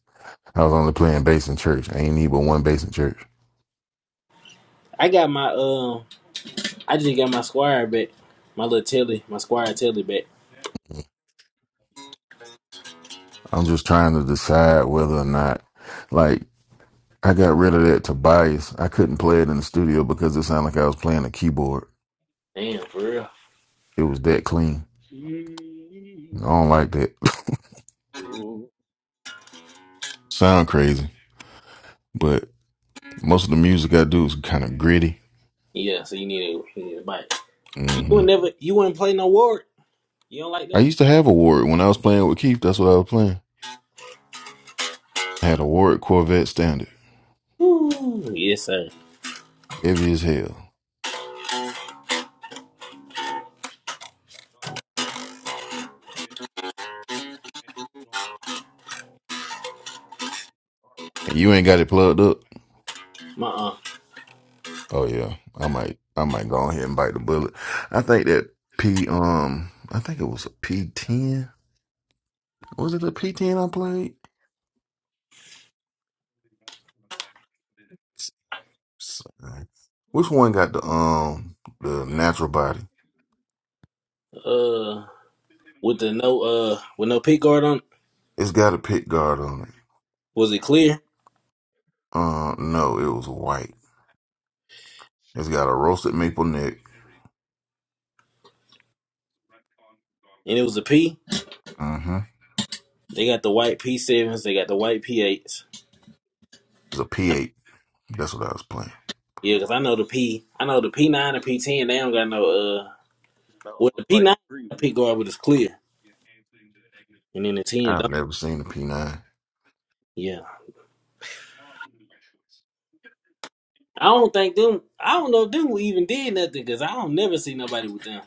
Speaker 12: I was only playing bass in church. I ain't need but one bass in church.
Speaker 5: I got my um I just got my squire back. My little telly, my squire telly back.
Speaker 12: I'm just trying to decide whether or not, like, I got rid of that Tobias. I couldn't play it in the studio because it sounded like I was playing a keyboard.
Speaker 5: Damn, for real.
Speaker 12: It was that clean.
Speaker 1: Ooh.
Speaker 12: I don't like that.
Speaker 1: Mm,
Speaker 12: Sound crazy, but most of the music I do is kind of gritty.
Speaker 5: Yeah, so you need to, you need to bite. You
Speaker 12: hmm
Speaker 5: would never you wouldn't play no ward. You don't like
Speaker 12: I used
Speaker 5: those?
Speaker 12: to have a Warwick when I was playing with Keith. That's what I was playing. I had a Warwick Corvette Standard,
Speaker 5: Ooh, yes, sir.
Speaker 12: heavy as hell. And you ain't got it plugged up.
Speaker 5: My uh,
Speaker 12: Oh yeah, I might, I might go ahead and bite the bullet. I think that P, um, I think it was a P10. Was it a P10 I played? Sorry. Which one got the um the natural body?
Speaker 5: uh, with the no uh, with no P guard on, it,
Speaker 12: It's got a pick guard on it.
Speaker 5: was it clear?
Speaker 12: Uh, no, it was white. It's got a roasted maple neck.
Speaker 5: And it was a P.
Speaker 12: Mm-hmm.
Speaker 5: They got the white P sevens. They got the white P eights.
Speaker 12: It's a P8. That's what I was playing.
Speaker 5: Yeah, because I know the P. I know the P nine and P ten. They don't got no uh.
Speaker 1: This mountain
Speaker 5: Well, the
Speaker 1: look
Speaker 5: P
Speaker 1: like
Speaker 5: nine P
Speaker 1: Greenville.
Speaker 5: guard, but it's clear. And then the ten
Speaker 12: I've
Speaker 5: don't.
Speaker 12: never seen a P9.
Speaker 5: Yeah, I don't think them. I don't know if them even did nothing because I don't never see nobody with them.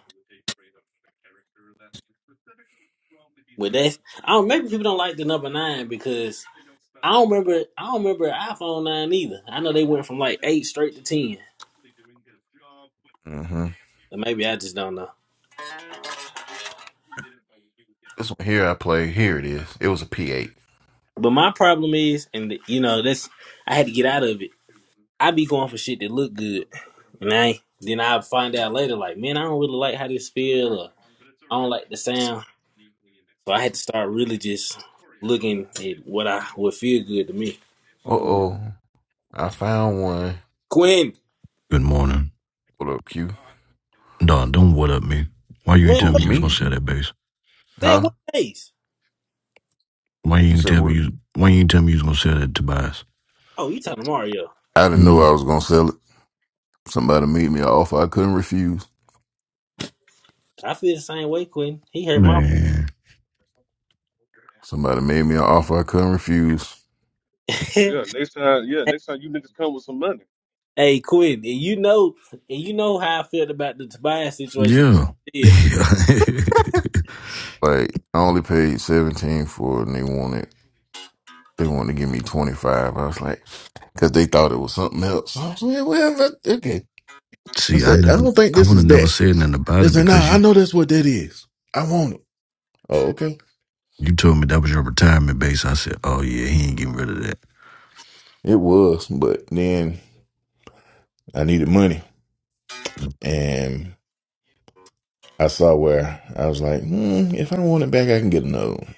Speaker 5: With that, I don't. Maybe people don't like the number nine because I don't remember. I don't remember iPhone nine either. I know they went from like eight straight to ten.
Speaker 12: Mm-hmm.
Speaker 5: Or maybe I just don't know.
Speaker 12: Here I play. Here it is. It was a P8.
Speaker 5: But my problem is, and you know, that's I had to get out of it. I be going for shit that look good, and I then I find out later, like, man, I don't really like how this feel, or I don't like the sound. So I had to start really just looking at what I would feel good to me.
Speaker 1: Mm.
Speaker 12: Oh, I found one.
Speaker 5: Quinn,
Speaker 14: Good morning.
Speaker 12: What up, Q?
Speaker 14: Dog, don't what up me. Why you ain't
Speaker 5: man,
Speaker 14: tell
Speaker 12: Who
Speaker 14: me you was gonna
Speaker 12: me?
Speaker 14: sell that base?
Speaker 5: said
Speaker 12: Huh?
Speaker 5: what face?
Speaker 14: Why you
Speaker 12: You
Speaker 14: ain't
Speaker 12: said
Speaker 14: tell me
Speaker 12: what?
Speaker 14: you why you ain't tell me you was gonna sell that Tobias?
Speaker 5: Oh, he talking to Mario.
Speaker 12: I didn't know
Speaker 14: Mm,
Speaker 12: I was gonna sell it. Somebody made me an offer I couldn't refuse.
Speaker 5: I feel the same way, Quinn. He hurt my.
Speaker 14: man.
Speaker 12: Somebody made me an offer I couldn't refuse.
Speaker 5: hey,
Speaker 1: Yeah, next time, yeah, next time you niggas come with some money.
Speaker 5: hey, Quinn, and you know, and you know how I felt about the Tobias situation.
Speaker 14: Yeah.
Speaker 5: Yeah,
Speaker 14: Yeah.
Speaker 12: Like I only paid seventeen for it, and they wanted they wanted to give me twenty five. I was like, because they thought it was something else. I was like, well, that- okay. I
Speaker 14: See, I
Speaker 12: said, I
Speaker 14: never
Speaker 12: don't think
Speaker 14: I
Speaker 12: this
Speaker 14: would
Speaker 12: is
Speaker 14: have never
Speaker 12: that.
Speaker 14: said nothing about
Speaker 12: They
Speaker 14: it
Speaker 12: said, nah,
Speaker 14: because
Speaker 12: I
Speaker 14: you
Speaker 12: know that's what that is. I want it. Oh, okay.
Speaker 14: you told me that was your retirement base. I said, Oh yeah, he ain't getting rid of that.
Speaker 12: It was, but then I needed money, and I saw where I was like, hmm, if I want it back, I can get another one.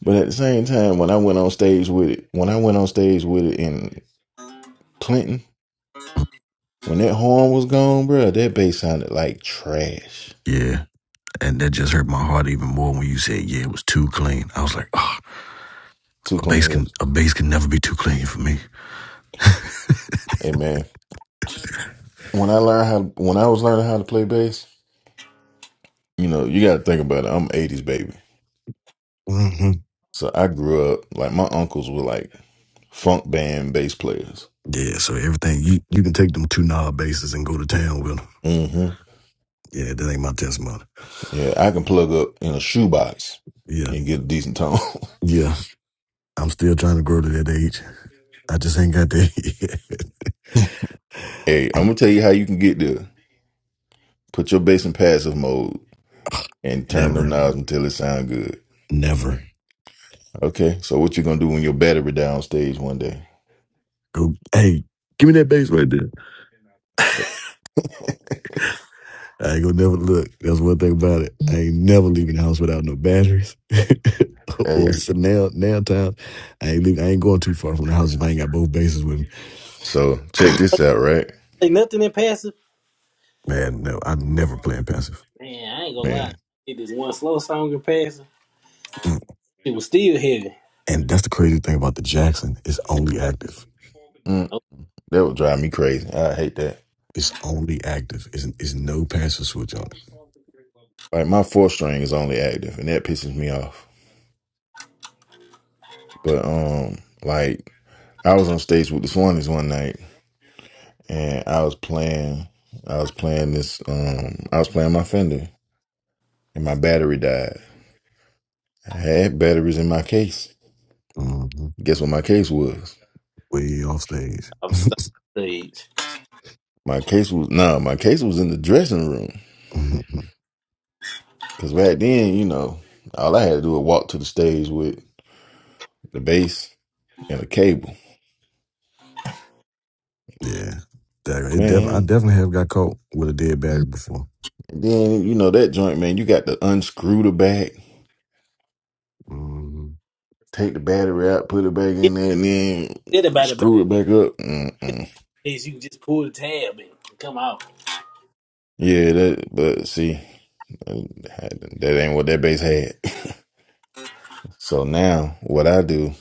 Speaker 12: But at the same time, when I went on stage with it, when I went on stage with it in Clinton. When that horn was gone, bro, that bass sounded like trash.
Speaker 14: Yeah. And that just hurt my heart even more when you said, "Yeah, it was too clean." I was like, "Oh,
Speaker 12: Too
Speaker 14: a
Speaker 12: clean
Speaker 14: bass can
Speaker 12: with.
Speaker 14: a bass can never be too clean for me."
Speaker 12: Hey man, when I learned how, when I was learning how to play bass, you know, you got to think about it. I'm '80s baby,
Speaker 14: hmm
Speaker 12: so I grew up like my uncles were like funk band bass players.
Speaker 14: Yeah, so everything you you can take them two knob bases and go to town with them.
Speaker 12: hmm
Speaker 14: Yeah, that ain't my test model.
Speaker 12: Yeah, I can plug up in a shoebox
Speaker 14: Yeah,
Speaker 12: and get a decent tone.
Speaker 14: yeah, I'm still trying to grow to that age. I just ain't got there yet.
Speaker 12: hey, I'm
Speaker 14: I
Speaker 12: gonna tell you how you can get there. Put your bass in passive mode and turn them
Speaker 14: never,
Speaker 12: knobs until it sound good.
Speaker 14: never
Speaker 12: Okay, so what you gonna do when your battery down stage one day?
Speaker 14: go. Hey, give me that bass right there. I ain't gonna never look. That's one thing about it. I ain't never leaving the house without no batteries or
Speaker 12: Hey,
Speaker 14: some nail nail tiles. I ain't leaving, I ain't going too far from the house if I ain't got both bases with me.
Speaker 12: So check this out, right?
Speaker 5: like nothing in past
Speaker 14: Man, no, I'm never playing passive.
Speaker 5: Man, I ain't gonna lie.
Speaker 12: Man,
Speaker 5: Did this one slow song in passing.
Speaker 14: Mm.
Speaker 5: It was still heavy.
Speaker 14: And that's the crazy thing about the Jackson. It's only active.
Speaker 5: I
Speaker 12: that would drive me crazy. I hate that.
Speaker 14: It's only active. It's, it's no passive switch on it.
Speaker 12: Like my fourth string is only active, and that pisses me off. But um, like I was on stage with the Swanies one night, and I was playing, I was playing this, um, I was playing my Fender, and my battery died. I had batteries in my case.
Speaker 14: hmm
Speaker 12: Guess what my case was?
Speaker 14: Way off stage.
Speaker 5: was stuck on stage.
Speaker 12: My case was no, my case was in the dressing room.
Speaker 14: Mhm.
Speaker 12: Cause back then, you know, all I had to do was walk to the stage with the bass and a cable.
Speaker 14: yeah, that, it
Speaker 12: Man,
Speaker 14: definitely. I definitely have got caught with a dead battery before.
Speaker 12: And then you know that joint, man. You got to unscrew the back,
Speaker 14: hmm
Speaker 12: take the battery out, put it back
Speaker 5: Yeah, I
Speaker 12: in there, and then
Speaker 5: did about the back
Speaker 12: screw it back up. Mm-mm.
Speaker 5: page. You can just pull the tab and come out.
Speaker 12: Yeah, that. But see, that ain't what that bass had. So now what I do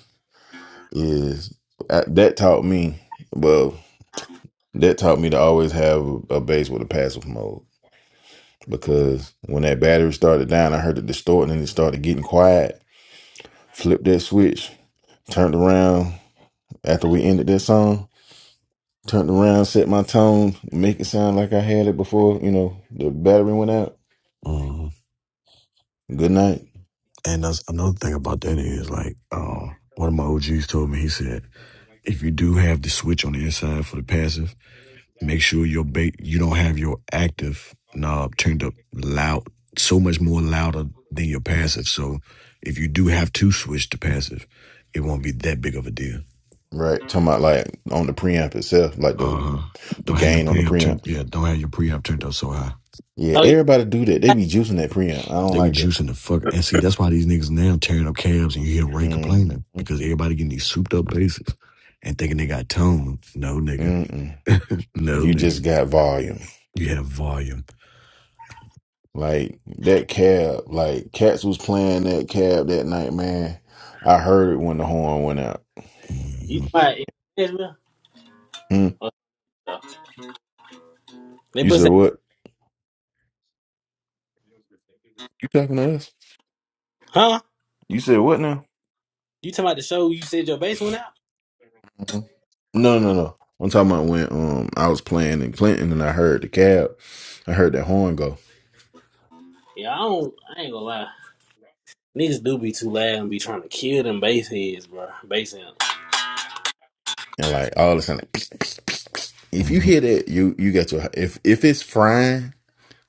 Speaker 12: is I, that taught me. Well, that taught me to always have a bass with a passive mode because when that battery started down, I heard it distorting and it started getting quiet. Flip that switch, turned around after we ended that song Turned around, set my tone, make it sound like I had it before, you know, the battery went out.
Speaker 14: hmm
Speaker 12: Good night.
Speaker 14: And that's another thing about that is like, um, one of my OGs told me. He said, if you do have the switch on the inside for the passive, make sure your bait you don't have your active knob turned up loud, so much more louder than your
Speaker 12: Mm,
Speaker 14: passive. So if you do have to switch to passive, it won't be that big of a deal.
Speaker 12: Right. Talking about like on the preamp itself, like the
Speaker 14: Uh,
Speaker 12: the
Speaker 14: don't have your
Speaker 12: gain on the
Speaker 14: preamp
Speaker 12: preamp.
Speaker 14: turned. Yeah, don't have your preamp turned up so high.
Speaker 12: Yeah,
Speaker 5: So you
Speaker 12: everybody do that. They be juicing that preamp. I don't
Speaker 14: They be
Speaker 12: like that.
Speaker 14: juicing the fuck. And see, that's why these niggas now tearing up cabs, and you hear Ray
Speaker 12: Mm,
Speaker 14: complaining because everybody getting these souped up basses and thinking they got tone. No, nigga.
Speaker 12: mm-mm.
Speaker 14: no,
Speaker 12: You
Speaker 14: nigga.
Speaker 12: just got volume.
Speaker 14: You have volume.
Speaker 12: Like that cab, like Cats was playing that cab that night, man. I heard it when the horn went out.
Speaker 5: you
Speaker 14: hmm
Speaker 5: talking about in Nashville?
Speaker 12: Mm.
Speaker 5: Oh, no. They
Speaker 12: You
Speaker 5: bust
Speaker 12: said
Speaker 5: that,
Speaker 12: what? You talking to us?
Speaker 5: huh?
Speaker 12: You said what now?
Speaker 5: You talking about the show you said your bass went out?
Speaker 12: No, no, no. no. I'm talking about when um I was playing in Clinton and I heard the cab, I heard that horn go,
Speaker 5: Yeah, I don't. I ain't gonna lie. Niggas do be too loud and be trying to kill them bass heads, bro. Bass amp.
Speaker 12: and like all of a sudden, like, if you
Speaker 14: hmm
Speaker 12: hear that, you you got your if if it's frying,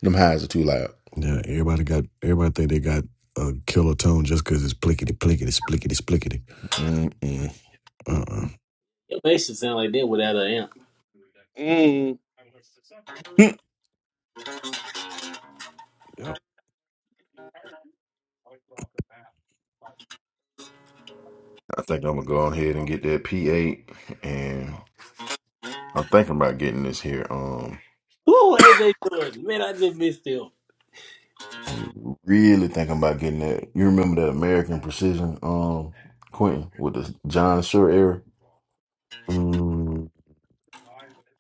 Speaker 12: them highs are too loud.
Speaker 14: Yeah, everybody got. Everybody think they got a killer tone just because it's plickety plickety splickety splickety.
Speaker 12: Mm-mm.
Speaker 14: Uh. uh
Speaker 5: Your bass should sound like that without an amp.
Speaker 1: Mm.
Speaker 14: Yep.
Speaker 12: I think I'm gonna go ahead and get that P8, and I'm thinking about getting this here. Um,
Speaker 5: Ooh, AJ Jordan. Man, I just missed him.
Speaker 12: I'm really thinking about getting that. You remember that American Precision um Quentin with the John Shure era
Speaker 14: Mm,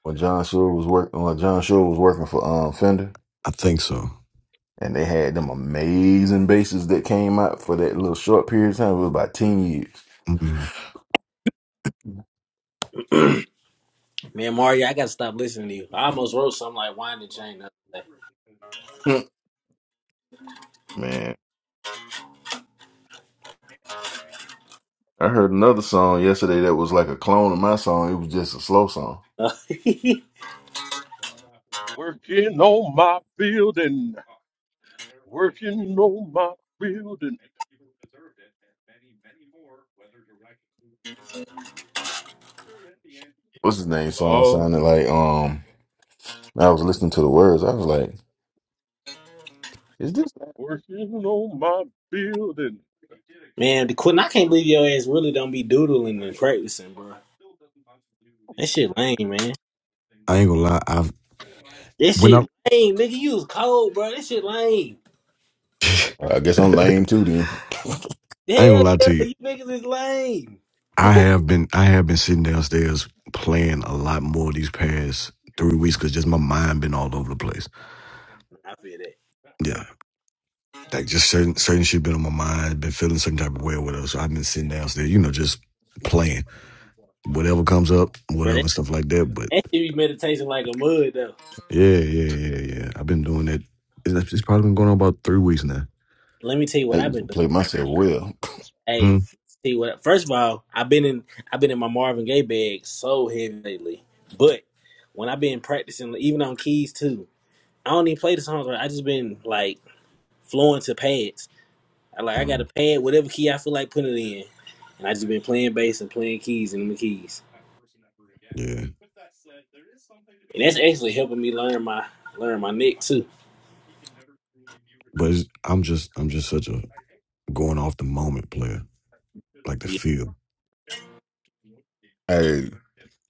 Speaker 12: when John Shure was working when John Shure was working for um Fender.
Speaker 14: I think so.
Speaker 12: And they had them amazing basses that came out for that little short period of time. It was about 10 years.
Speaker 14: Mm-mm.
Speaker 5: Man, Mario, I gotta stop listening to you. I almost wrote something like Wind and Chain. the other day.
Speaker 12: Hmm, Man, I heard another song yesterday that was like a clone of my song. It was just a slow song.
Speaker 5: Uh,
Speaker 1: Working on my building, working on my building,
Speaker 12: What's his name? Song
Speaker 1: Lord,
Speaker 12: sounded like, um, I was listening to the words. I was like, is this?
Speaker 1: working on my building.
Speaker 5: man, the Quentin, I can't believe your ass really don't be doodling and practicing, bro. That shit lame, man.
Speaker 14: I ain't gonna lie. I've
Speaker 5: That
Speaker 14: when I
Speaker 5: shit lame, nigga. You was cold, bro. That shit lame.
Speaker 14: I
Speaker 12: I guess I'm lame too then.
Speaker 14: ain't gonna
Speaker 5: Hell
Speaker 14: lie
Speaker 5: yeah,
Speaker 14: to you.
Speaker 5: you niggas is lame.
Speaker 14: I have been I have been sitting downstairs playing a lot more these past three weeks because just my mind been all over the place.
Speaker 5: Nah, I feel that,
Speaker 14: Yeah. Like just certain certain shit been on my mind, been feeling some type of way or whatever. So I've been sitting downstairs, you know, just playing. Whatever comes up,
Speaker 5: bro. That,
Speaker 14: whatever stuff like that. But
Speaker 5: that shit be meditation like a mud though.
Speaker 14: yeah, yeah, yeah, yeah. I've been doing that. It's, it's probably been going on about three weeks now.
Speaker 5: Let me tell you
Speaker 12: I
Speaker 5: what I've
Speaker 12: used
Speaker 5: been
Speaker 12: to
Speaker 5: doing.
Speaker 12: play myself well.
Speaker 5: Hey,
Speaker 14: Hmm.
Speaker 5: see what? First of all, I've been in I've been in my Marvin Gaye bag so heavy lately, but when I've been practicing, even on keys too, I don't even play the songs. Right? I just been like flowing to pads. I like I gotta
Speaker 14: Mm,
Speaker 5: pad whatever key I feel like putting it in. And I just been playing bass and playing keys and the keys.
Speaker 14: yeah.
Speaker 5: And that's actually helping me learn my learn my neck too.
Speaker 14: But it's, I'm just I'm just such a going off the moment player, like the
Speaker 5: Yeah.
Speaker 14: feel.
Speaker 12: I,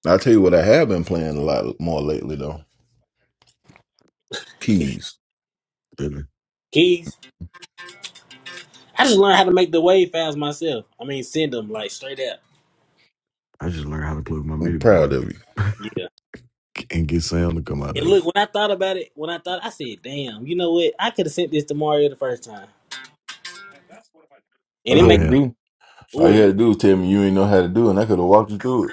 Speaker 12: I'll tell you what I have been playing a lot more lately though. Keys.
Speaker 14: Really,
Speaker 5: Keys. I just learned how to make the wave files myself. I mean send them like straight up.
Speaker 14: I just learned how to play with my
Speaker 12: I'm
Speaker 14: MIDI board.
Speaker 12: proud of you.
Speaker 5: Yeah.
Speaker 14: and get sound to come out
Speaker 5: And
Speaker 14: of
Speaker 5: look,
Speaker 14: it.
Speaker 5: when I thought about it, when I thought I said, damn, you know what? I could have sent this to Mario the first time.
Speaker 12: All
Speaker 5: And it
Speaker 12: you
Speaker 14: I've
Speaker 5: make
Speaker 12: had to
Speaker 14: had
Speaker 12: do, all
Speaker 5: ooh it
Speaker 12: you had
Speaker 5: make
Speaker 12: to do is tell me you ain't know how to do it and I could have walked you through it.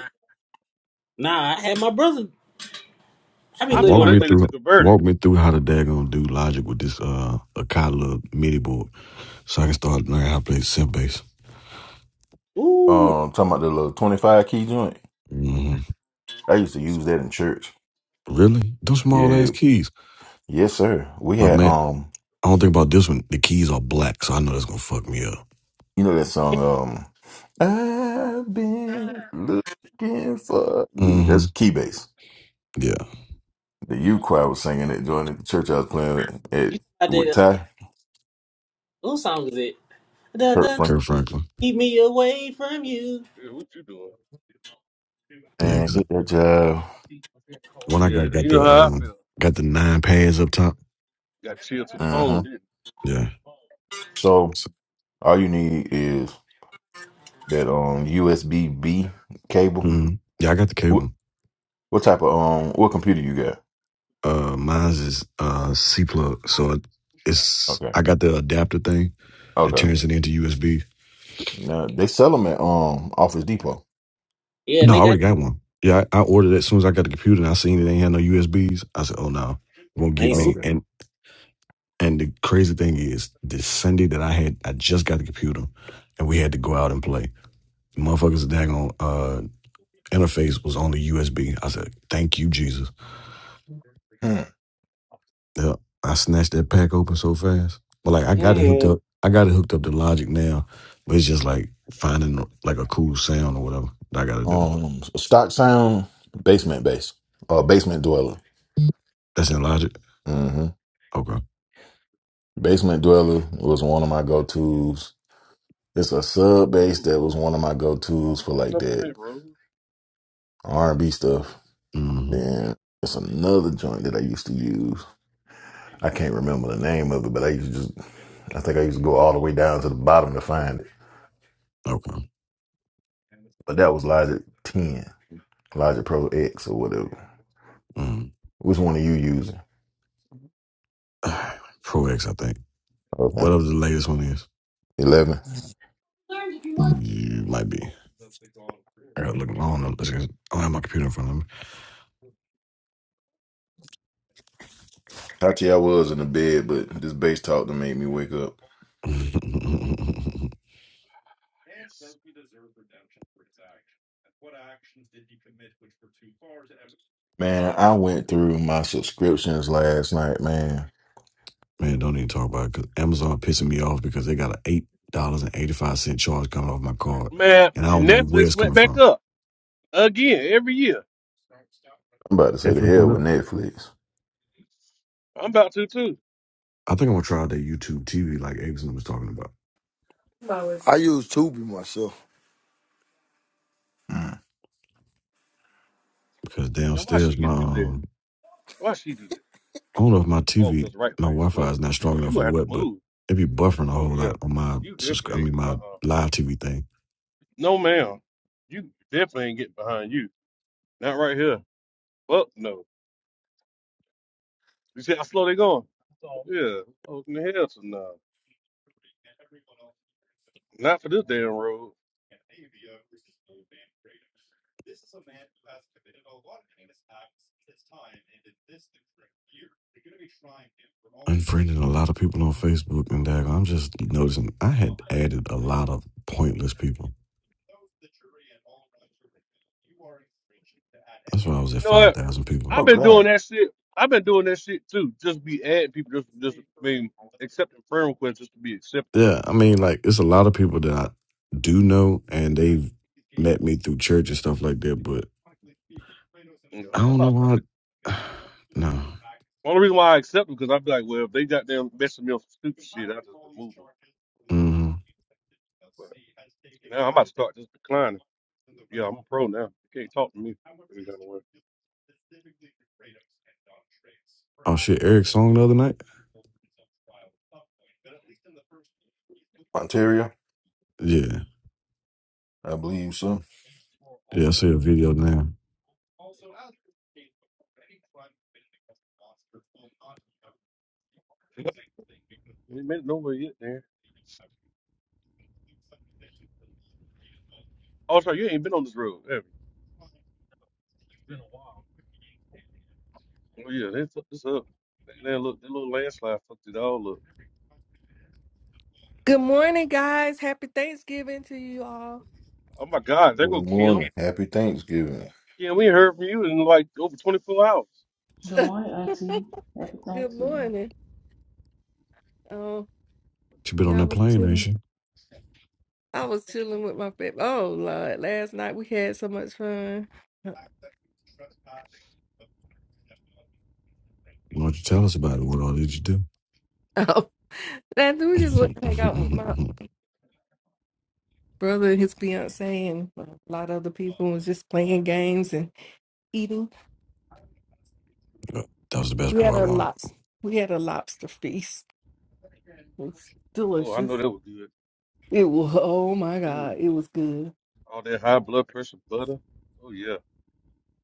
Speaker 5: nah, I had my brother I be
Speaker 1: I
Speaker 5: letting
Speaker 14: walk
Speaker 5: my
Speaker 1: told that
Speaker 14: me
Speaker 5: brother
Speaker 1: nigga
Speaker 14: through
Speaker 1: to convert it.
Speaker 14: walk me through how the daggone do logic with this uh Akala MIDI board so I can start learning how to play synth bass.
Speaker 5: Ooh
Speaker 12: Um, talking about the little twenty five key joint.
Speaker 14: hmm
Speaker 12: I used to use that in church.
Speaker 14: Really? Those small ass
Speaker 12: Yeah,
Speaker 14: keys.
Speaker 12: yes, sir. We
Speaker 14: But
Speaker 12: had
Speaker 14: man,
Speaker 12: um,
Speaker 14: I don't think about this one. The keys are black, so I know that's gonna fuck me up.
Speaker 12: you know that song um, I've been looking for you.
Speaker 14: hmm
Speaker 12: That's key bass.
Speaker 14: Yeah.
Speaker 12: The U choir was singing it during the church I was playing at
Speaker 5: you thought that
Speaker 12: with
Speaker 5: uh,
Speaker 12: Ty
Speaker 5: whose song is it? Da,
Speaker 12: Kurt
Speaker 5: da,
Speaker 12: Frank
Speaker 14: Kirk Franklin.
Speaker 5: keep me away from you.
Speaker 1: Yeah, what you doing?
Speaker 14: Yeah,
Speaker 12: and
Speaker 14: cause
Speaker 12: hit that job.
Speaker 14: when I
Speaker 1: Yeah,
Speaker 14: got got
Speaker 1: you know
Speaker 14: the
Speaker 1: how I
Speaker 14: um
Speaker 1: feel.
Speaker 14: got the nine pads up top.
Speaker 1: Got chilled to the
Speaker 12: Uh huh.
Speaker 1: bone, didn't
Speaker 14: Yeah.
Speaker 12: So
Speaker 14: So,
Speaker 12: all you need is that um USB B B cable.
Speaker 14: mhm. Yeah, I got the
Speaker 12: What,
Speaker 14: cable.
Speaker 12: what type of um what computer you got?
Speaker 14: Uh, mine's is uh C plug. So it- it's
Speaker 12: Okay,
Speaker 14: I got the adapter thing that
Speaker 12: Okay.
Speaker 14: turns it into USB.
Speaker 12: No, they sell them at um Office Depot.
Speaker 5: Yeah, and
Speaker 14: No, I
Speaker 5: they got
Speaker 14: already got one. Yeah, I, I ordered it as soon as I got the computer and I seen it ain't had no USBs. I said, oh no, it won't
Speaker 5: I
Speaker 14: get
Speaker 5: ain't
Speaker 12: Oh,
Speaker 5: sweet.
Speaker 14: me.
Speaker 12: okay.
Speaker 14: And and the crazy thing is, this Sunday that I had, I just got the computer and we had to go out and play. The motherfuckers daggone uh interface was on the USB. I said, thank you, Jesus.
Speaker 12: Mm.
Speaker 14: Yep. I snatched that pack open so fast. But like I
Speaker 1: you?
Speaker 14: got it hooked
Speaker 1: Mm.
Speaker 14: up. I got it hooked up to Logic now. But it's just like finding like a cool sound or whatever that I gotta do.
Speaker 12: Um, Stock Sound Basement Base. Uh, Basement Dweller.
Speaker 14: That's in Logic?
Speaker 12: hmm
Speaker 14: Okay.
Speaker 12: Basement Dweller was one of my go tos. It's a sub bass that was one of my go
Speaker 1: Are
Speaker 12: tos
Speaker 1: we
Speaker 12: for
Speaker 1: coming
Speaker 12: like
Speaker 1: up on
Speaker 12: that
Speaker 1: that road?
Speaker 12: R and B stuff.
Speaker 14: Mm.
Speaker 12: Then it's another joint that I used to use. I can't remember the name of it, but I used to just, I think I used to go all the way down to the bottom to find it.
Speaker 14: Okay.
Speaker 12: But that was Logic 10, Logic Pro X or whatever.
Speaker 14: Mm.
Speaker 12: Which one are you using?
Speaker 14: Pro X, I think.
Speaker 12: Okay.
Speaker 14: Whatever the latest one is.
Speaker 12: 11.
Speaker 15: What's
Speaker 14: You might be. I gotta look I do I don't have my computer in front of me.
Speaker 12: Actually, I was in the bed, but this bass talk to make me wake up.
Speaker 1: Yes.
Speaker 12: Man, I went through my subscriptions last night, man.
Speaker 14: Man, don't even talk about it because Amazon pissing me off because they got an eight dollars and eighty five cent charge coming off my card.
Speaker 1: Man,
Speaker 14: And I don't
Speaker 1: and
Speaker 14: know where
Speaker 1: Netflix
Speaker 14: it's
Speaker 1: went
Speaker 14: coming
Speaker 1: back
Speaker 14: from.
Speaker 1: up again every year.
Speaker 12: I'm about to say the
Speaker 14: Netflix
Speaker 12: hell
Speaker 14: went
Speaker 12: with
Speaker 14: up.
Speaker 12: Netflix.
Speaker 1: I'm about to too.
Speaker 14: I think I'm gonna try out that YouTube TV like Abson was talking about
Speaker 16: I used to be myself.
Speaker 12: Mm.
Speaker 14: because
Speaker 1: Now why she
Speaker 14: downstairs my
Speaker 1: could do that?
Speaker 14: um
Speaker 1: Why she do that?
Speaker 14: I don't know if my
Speaker 1: Oh,
Speaker 14: TV
Speaker 1: 'cause right
Speaker 14: my
Speaker 1: lane's
Speaker 14: Wi-Fi is
Speaker 1: closed.
Speaker 14: not
Speaker 1: Oh,
Speaker 14: strong
Speaker 1: you
Speaker 14: enough or
Speaker 1: gonna have to
Speaker 14: what, but
Speaker 1: move.
Speaker 14: it be buffering a
Speaker 1: Oh
Speaker 14: whole
Speaker 1: yeah,
Speaker 14: lot on my
Speaker 1: you
Speaker 14: subscri- I
Speaker 1: definitely.
Speaker 14: mean
Speaker 1: Uh
Speaker 14: my
Speaker 1: uh
Speaker 14: live TV thing.
Speaker 1: No, ma'am. You definitely ain't getting behind you. Not right here. Fuck no. You see how slow they going? Yeah. Open the hell to now. Not for this damn road.
Speaker 14: Unfriending a lot of people on Facebook and that I'm just noticing I had added a lot of pointless people. That's why I was
Speaker 1: You
Speaker 14: at
Speaker 1: know
Speaker 14: five
Speaker 1: what?
Speaker 14: thousand people.
Speaker 1: I've
Speaker 12: Oh,
Speaker 1: been doing
Speaker 12: God.
Speaker 1: that shit. I've been doing that shit too. Just be adding people. Just, just I mean, accepting friend requests just to be accepted.
Speaker 14: Yeah, I mean like it's a lot of people that I do know and they've met me through church and stuff like that, but
Speaker 1: You
Speaker 14: I
Speaker 1: know, I'm
Speaker 14: don't
Speaker 1: about
Speaker 14: know
Speaker 1: to start.
Speaker 14: why.
Speaker 1: This.
Speaker 14: I, no.
Speaker 1: Only reason why I accept them because I'm like, well, if they got them messing me up some stupid shit, I just remove them.
Speaker 14: Mhm.
Speaker 1: But now I'm about to start just declining. Yeah, I'm a pro now. You can't talk to me.
Speaker 14: Oh shit, Eric's song the other night? Yeah.
Speaker 12: I believe so.
Speaker 14: Yeah, I see the video now.
Speaker 1: Yep. Ain't been nowhere yet, there. Oh, sorry, you ain't been on this road. Have you? Oh, yeah, they took this up. That, that little, that little landslide fucked it all up.
Speaker 17: Good morning, guys. Happy Thanksgiving to you all.
Speaker 1: Oh, my God, there go
Speaker 12: Good
Speaker 1: Kim.
Speaker 12: morning. Happy Thanksgiving.
Speaker 1: Kim, we ain't heard from you in like over 24 hours.
Speaker 17: Good
Speaker 4: morning, Auntie. Happy Thanksgiving.
Speaker 17: morning. Oh,
Speaker 14: She been on
Speaker 17: yeah, I
Speaker 14: that
Speaker 17: was
Speaker 14: plane, ain't
Speaker 17: chilling.
Speaker 14: she?
Speaker 17: I was chilling with my family. Oh Lord, last night we had so much fun.
Speaker 14: Why don't you tell us about it? What all did you do?
Speaker 17: Oh, that we just went and hang out with my
Speaker 14: that
Speaker 17: brother and his fiance and a lot of other people and was just playing games and eating.
Speaker 14: was the best
Speaker 17: We had
Speaker 14: part I
Speaker 17: a
Speaker 14: wanted.
Speaker 17: lobster. We had a lobster feast. It was
Speaker 1: Oh, I know
Speaker 17: delicious.
Speaker 1: that was good.
Speaker 17: It was. Oh my
Speaker 1: Ooh,
Speaker 17: God, it was good.
Speaker 1: all that high blood pressure butter. Oh, yeah.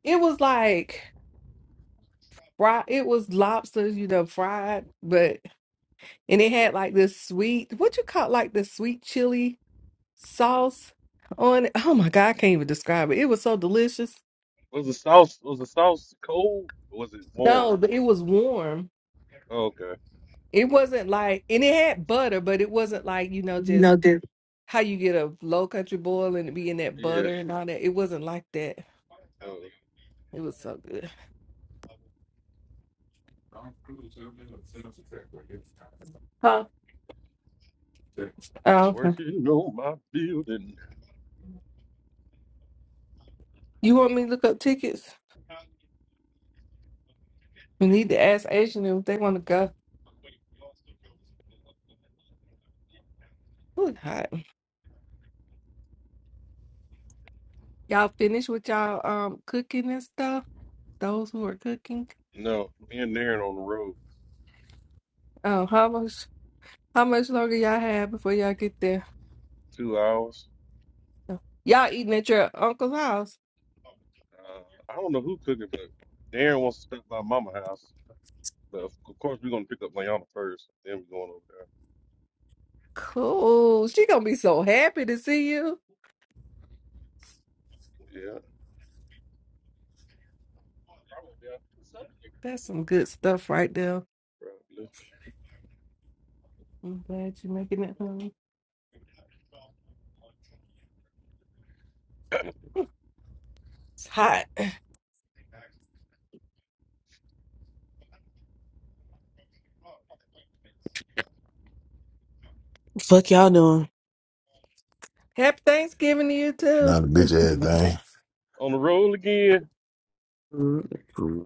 Speaker 17: It was like. Fried, it was lobster, you know, fried, but and it had like this sweet, what you call like the sweet chili sauce on it. Oh my God, I can't even describe it. It was so delicious.
Speaker 1: Was the sauce, was the sauce cold or was it warm?
Speaker 17: No, but it was warm.
Speaker 1: Oh, okay.
Speaker 17: It wasn't like, and it had butter, but it wasn't like, you know, just
Speaker 14: No, dude.
Speaker 17: how you get a low country boil and it be in that
Speaker 1: Yeah.
Speaker 17: butter and all that. It wasn't like that.
Speaker 1: Uh,
Speaker 17: It was so good. Huh? Oh, okay.
Speaker 1: working on my building.
Speaker 17: You want me to look up tickets? We need to ask Asian if they want to go. Ooh, hot. Y'all finished with y'all um cooking and stuff? Those who are cooking?
Speaker 1: No, me and Darren on the road.
Speaker 17: Um, how much how much longer y'all have before y'all get there?
Speaker 1: Two hours.
Speaker 17: Oh, Y'all eating at your uncle's house?
Speaker 1: Uh, I don't know who cooking, but Darren wants to stop by Mama house. But of of course, we're gonna pick up Layana first. Then we're going over
Speaker 17: Cool. She gonna be so happy to see you.
Speaker 1: there. Yeah,
Speaker 17: That's some good stuff right there.
Speaker 1: probably.
Speaker 17: I'm glad you're making it home. It's hot.
Speaker 18: Fuck y'all doing.
Speaker 17: Happy Thanksgiving to you too.
Speaker 12: Not a bitch ass thing.
Speaker 1: On the road again.
Speaker 18: Mhm.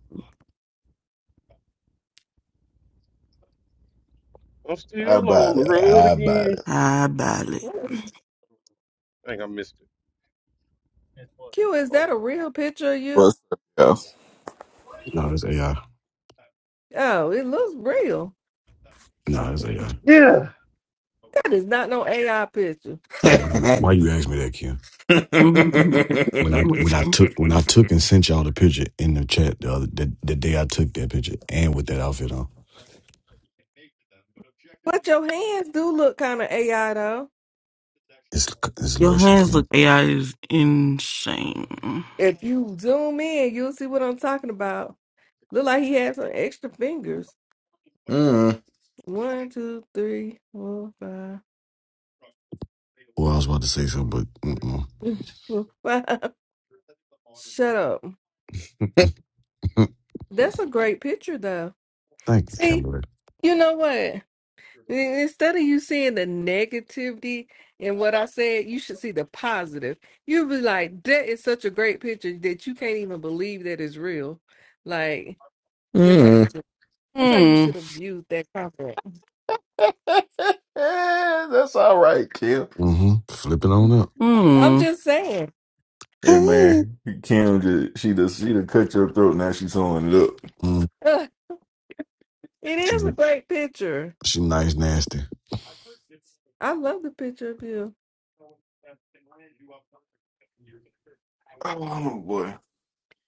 Speaker 1: I'm
Speaker 12: How
Speaker 1: still
Speaker 12: about
Speaker 1: on the
Speaker 12: it?
Speaker 1: road
Speaker 12: How about
Speaker 1: again.
Speaker 18: I badly.
Speaker 1: I think I missed it.
Speaker 17: Q, is that
Speaker 1: Phone
Speaker 17: a
Speaker 1: call.
Speaker 17: real picture of
Speaker 15: up,
Speaker 17: you?
Speaker 15: yo?
Speaker 14: No, that's AI.
Speaker 17: Oh, it looks real.
Speaker 14: No, that's AI.
Speaker 1: Yeah.
Speaker 17: That is not no AI picture.
Speaker 14: So why you
Speaker 12: it?
Speaker 14: why you ask me that, Kim?
Speaker 18: Mhm.
Speaker 14: When I when I took when I took and sent y'all the picture in the chat the other the, the day I took that picture and with that outfit on.
Speaker 17: But your hands do look kind of AI though.
Speaker 14: Is is
Speaker 18: Your
Speaker 14: lotion
Speaker 18: hands
Speaker 14: king?
Speaker 18: look AI is insane.
Speaker 17: If you zoom in, you'll see what I'm talking about. Look like he had some extra fingers.
Speaker 12: Mm,
Speaker 17: One, two, three, four, five.
Speaker 14: Well, I was about to say something, but mm-mm.
Speaker 17: Mm, Four, five. Shut up. That's a great picture, though.
Speaker 14: thank you,
Speaker 17: See,
Speaker 14: Kimberly.
Speaker 17: you know what? In- Instead of you seeing the negativity in what I said, you should see the positive. You'll be like, that is such a great picture that you can't even believe that it's real. Like, that's how you
Speaker 12: mm.
Speaker 17: should that's how you
Speaker 18: Hmm.
Speaker 17: should have viewed that comment.
Speaker 12: That's all right, Kim.
Speaker 14: Mm-hmm. Flip it on up.
Speaker 17: I'm
Speaker 18: Hmm.
Speaker 17: just saying.
Speaker 12: Hey
Speaker 14: Hey.
Speaker 12: man, Kim just she just she done cut your throat. Now she's sewing it up.
Speaker 14: Mm,
Speaker 17: It
Speaker 14: she,
Speaker 17: is a great picture.
Speaker 14: she nice, nasty.
Speaker 17: I love the picture of you.
Speaker 12: Oh boy.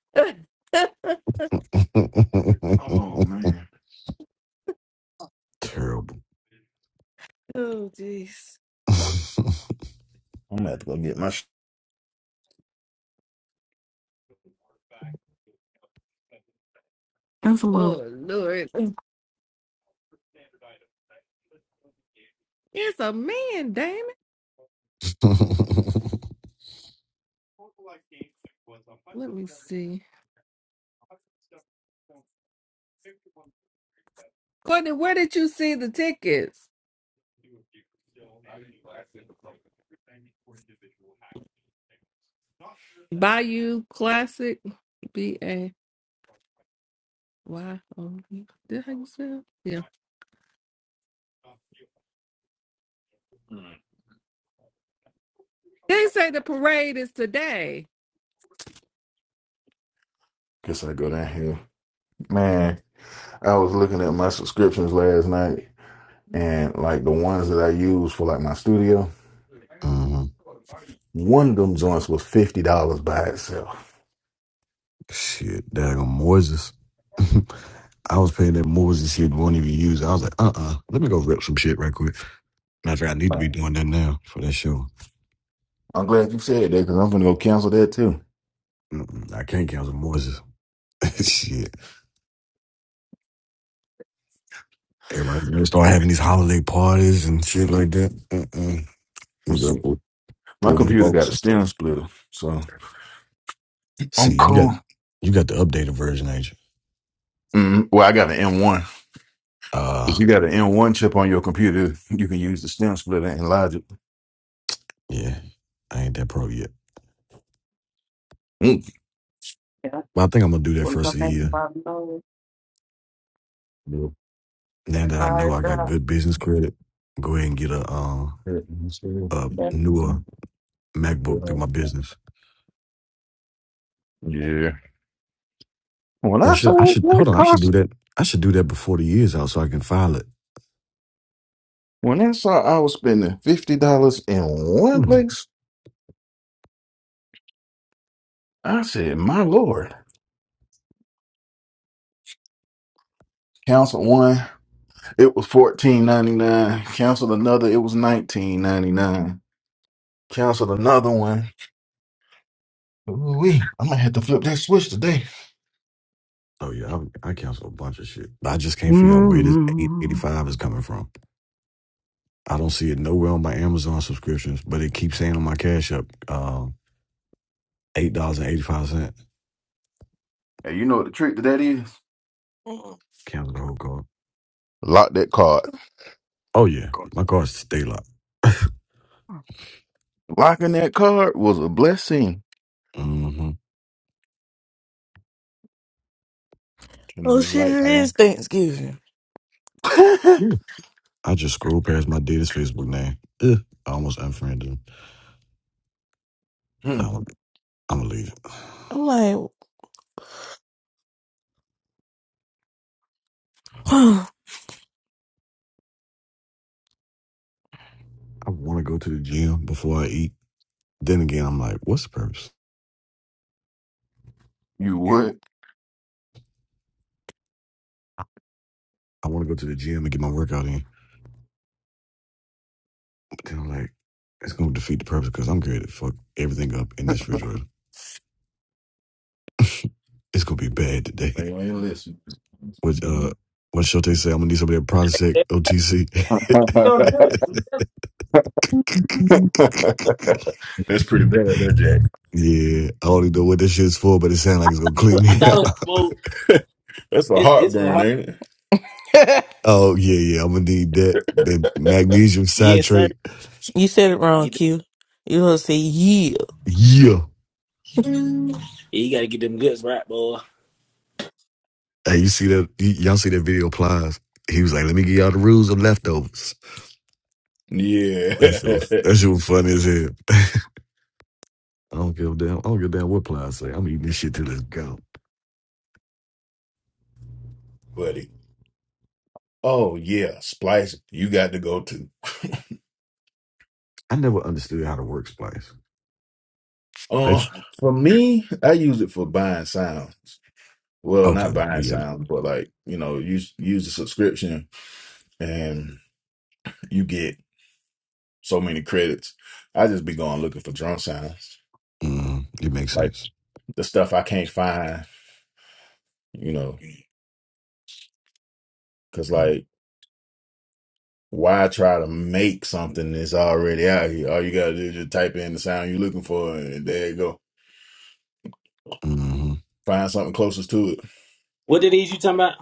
Speaker 17: oh,
Speaker 12: Oh man.
Speaker 14: Terrible.
Speaker 17: jeez.
Speaker 12: I'm gonna have to go get my. Sh-
Speaker 18: That's a little.
Speaker 17: Oh, Lord. It's a man, damn it. Let me see. Courtney, where did you see the tickets? Bayou Classic. B A Y O U. Did how you spell? Yeah. They say the parade is today.
Speaker 12: Guess I go down here. Man, I was looking at my subscriptions last night, and like the ones that I use for like my studio,
Speaker 14: hmm
Speaker 12: one of them joints was fifty dollars by itself.
Speaker 14: Shit, daggone Moses. I was paying that Moses shit won't even use. it. I was like, uh uh let me go rip some shit right quick. Matter of fact, I need to be doing that now for that show.
Speaker 12: I'm glad you said that because I'm gonna go cancel that too.
Speaker 14: Mm-mm, I can't cancel Moses. shit. Everybody gonna start having these holiday parties and shit like that. Mm-mm. You
Speaker 12: Let's see.
Speaker 14: got pull
Speaker 12: My
Speaker 14: pull these
Speaker 12: computer got
Speaker 14: folks
Speaker 12: a
Speaker 14: and stuff.
Speaker 12: stem splitter, so I'm
Speaker 14: See, you got
Speaker 12: cool.
Speaker 14: you got the updated version, ain't you?
Speaker 12: Mm, well, I got an M1. If
Speaker 14: Uh,
Speaker 12: you got an M1 chip on your computer, you can use the stem splitter and logic.
Speaker 14: yeah. I ain't that pro yet.
Speaker 12: Mm.
Speaker 14: But I think I'm gonna do that first of the year. Now that I know I got good business credit, go ahead and get a um a newer MacBook through my business.
Speaker 12: Yeah. When
Speaker 14: Or
Speaker 12: I
Speaker 14: should I
Speaker 12: saw
Speaker 14: should
Speaker 12: that
Speaker 14: hold on? I should
Speaker 12: cost,
Speaker 14: do that. I should do that before the year's out so I can file it.
Speaker 12: when I saw I was spending fifty dollars in one
Speaker 14: Hmm.
Speaker 12: place, I said, "My lord." Cancel one, it was fourteen ninety nine. Cancel another, it was nineteen ninety nine. Canceled another one. Ooh-wee. I might have to flip that switch today.
Speaker 14: Oh yeah, I, I cancel a bunch of shit. But I just can't figure out where this eight eighty
Speaker 18: Hmm.
Speaker 14: five is coming from. I don't see it nowhere on my Amazon subscriptions, but it keeps saying on my Cash App, uh, eight dollars and eighty five cent.
Speaker 12: Hey, you know what the trick to that is?
Speaker 18: Oh,
Speaker 14: Cancel the whole card.
Speaker 12: Lock that card.
Speaker 14: Oh yeah,
Speaker 18: God.
Speaker 14: my card's stay locked.
Speaker 12: Locking that card was a blessing.
Speaker 14: hmm
Speaker 12: Turn on
Speaker 18: Oh
Speaker 12: these
Speaker 18: shit!
Speaker 12: lights,
Speaker 18: It is
Speaker 12: man.
Speaker 18: Thanksgiving.
Speaker 14: I just scrolled past my dad's Facebook name. Ugh, I almost unfriended him.
Speaker 12: Hmm,
Speaker 14: Now I'm, I'm gonna leave it.
Speaker 18: I'm like,
Speaker 14: I want to go to the gym before I eat. Then again, I'm like, what's the purpose?
Speaker 12: you would.
Speaker 14: I want to go to the gym and get my workout in. But then I'm like, it's going to defeat the purpose because I'm going to fuck everything up in this refrigerator. It's going to be bad
Speaker 12: But
Speaker 14: today.
Speaker 12: you ain't listen.
Speaker 14: Which, uh, what Shote say? I'm going to need some of that Prozac OTC.
Speaker 5: Don't do it.
Speaker 12: That's pretty bad, that
Speaker 14: yeah, I don't even know what this shit's for, but it sounds like it's going to clean
Speaker 5: I
Speaker 14: me
Speaker 5: thought
Speaker 12: Jack.
Speaker 5: it was
Speaker 14: out.
Speaker 5: more.
Speaker 12: That's a
Speaker 5: It, it's for
Speaker 12: heartburn,
Speaker 5: her.
Speaker 12: ain't
Speaker 14: Oh, yeah, yeah, I'm going to need that, that magnesium
Speaker 5: Yes, sir.
Speaker 14: citrate.
Speaker 18: you said it wrong,
Speaker 5: Get the,
Speaker 18: Q. You gonna say yeah?
Speaker 14: Yeah.
Speaker 5: yeah, you gotta get them guts right, boy.
Speaker 14: Hey, you see that? y- Y'all see that video? Plies. He was like, "Let me give y'all the rules of leftovers." That shit
Speaker 12: it?
Speaker 14: was
Speaker 12: Yeah,
Speaker 14: that shit was funny as hell. I don't give a damn. I don't give a damn what Plies say. I'm eating this shit till it's gone.
Speaker 12: buddy. Oh yeah, Splice. You got to go too.
Speaker 14: I never understood how to work splice.
Speaker 12: Uh,
Speaker 14: That's
Speaker 12: for me, I use it for buying sound. Well,
Speaker 14: okay.
Speaker 12: not buying
Speaker 14: We get
Speaker 12: sounds, but
Speaker 14: it.
Speaker 12: like, you know, use use the subscription and you get so many credits. I just be going looking for drum sounds.
Speaker 14: hmm It makes
Speaker 12: Like
Speaker 14: sense.
Speaker 12: the stuff I can't find, you know, because like why try to make something that's already out here? All you gotta do is just type in the sound you're looking for and there you go.
Speaker 14: hmm
Speaker 12: Find something closest to it.
Speaker 5: What it is you talking about?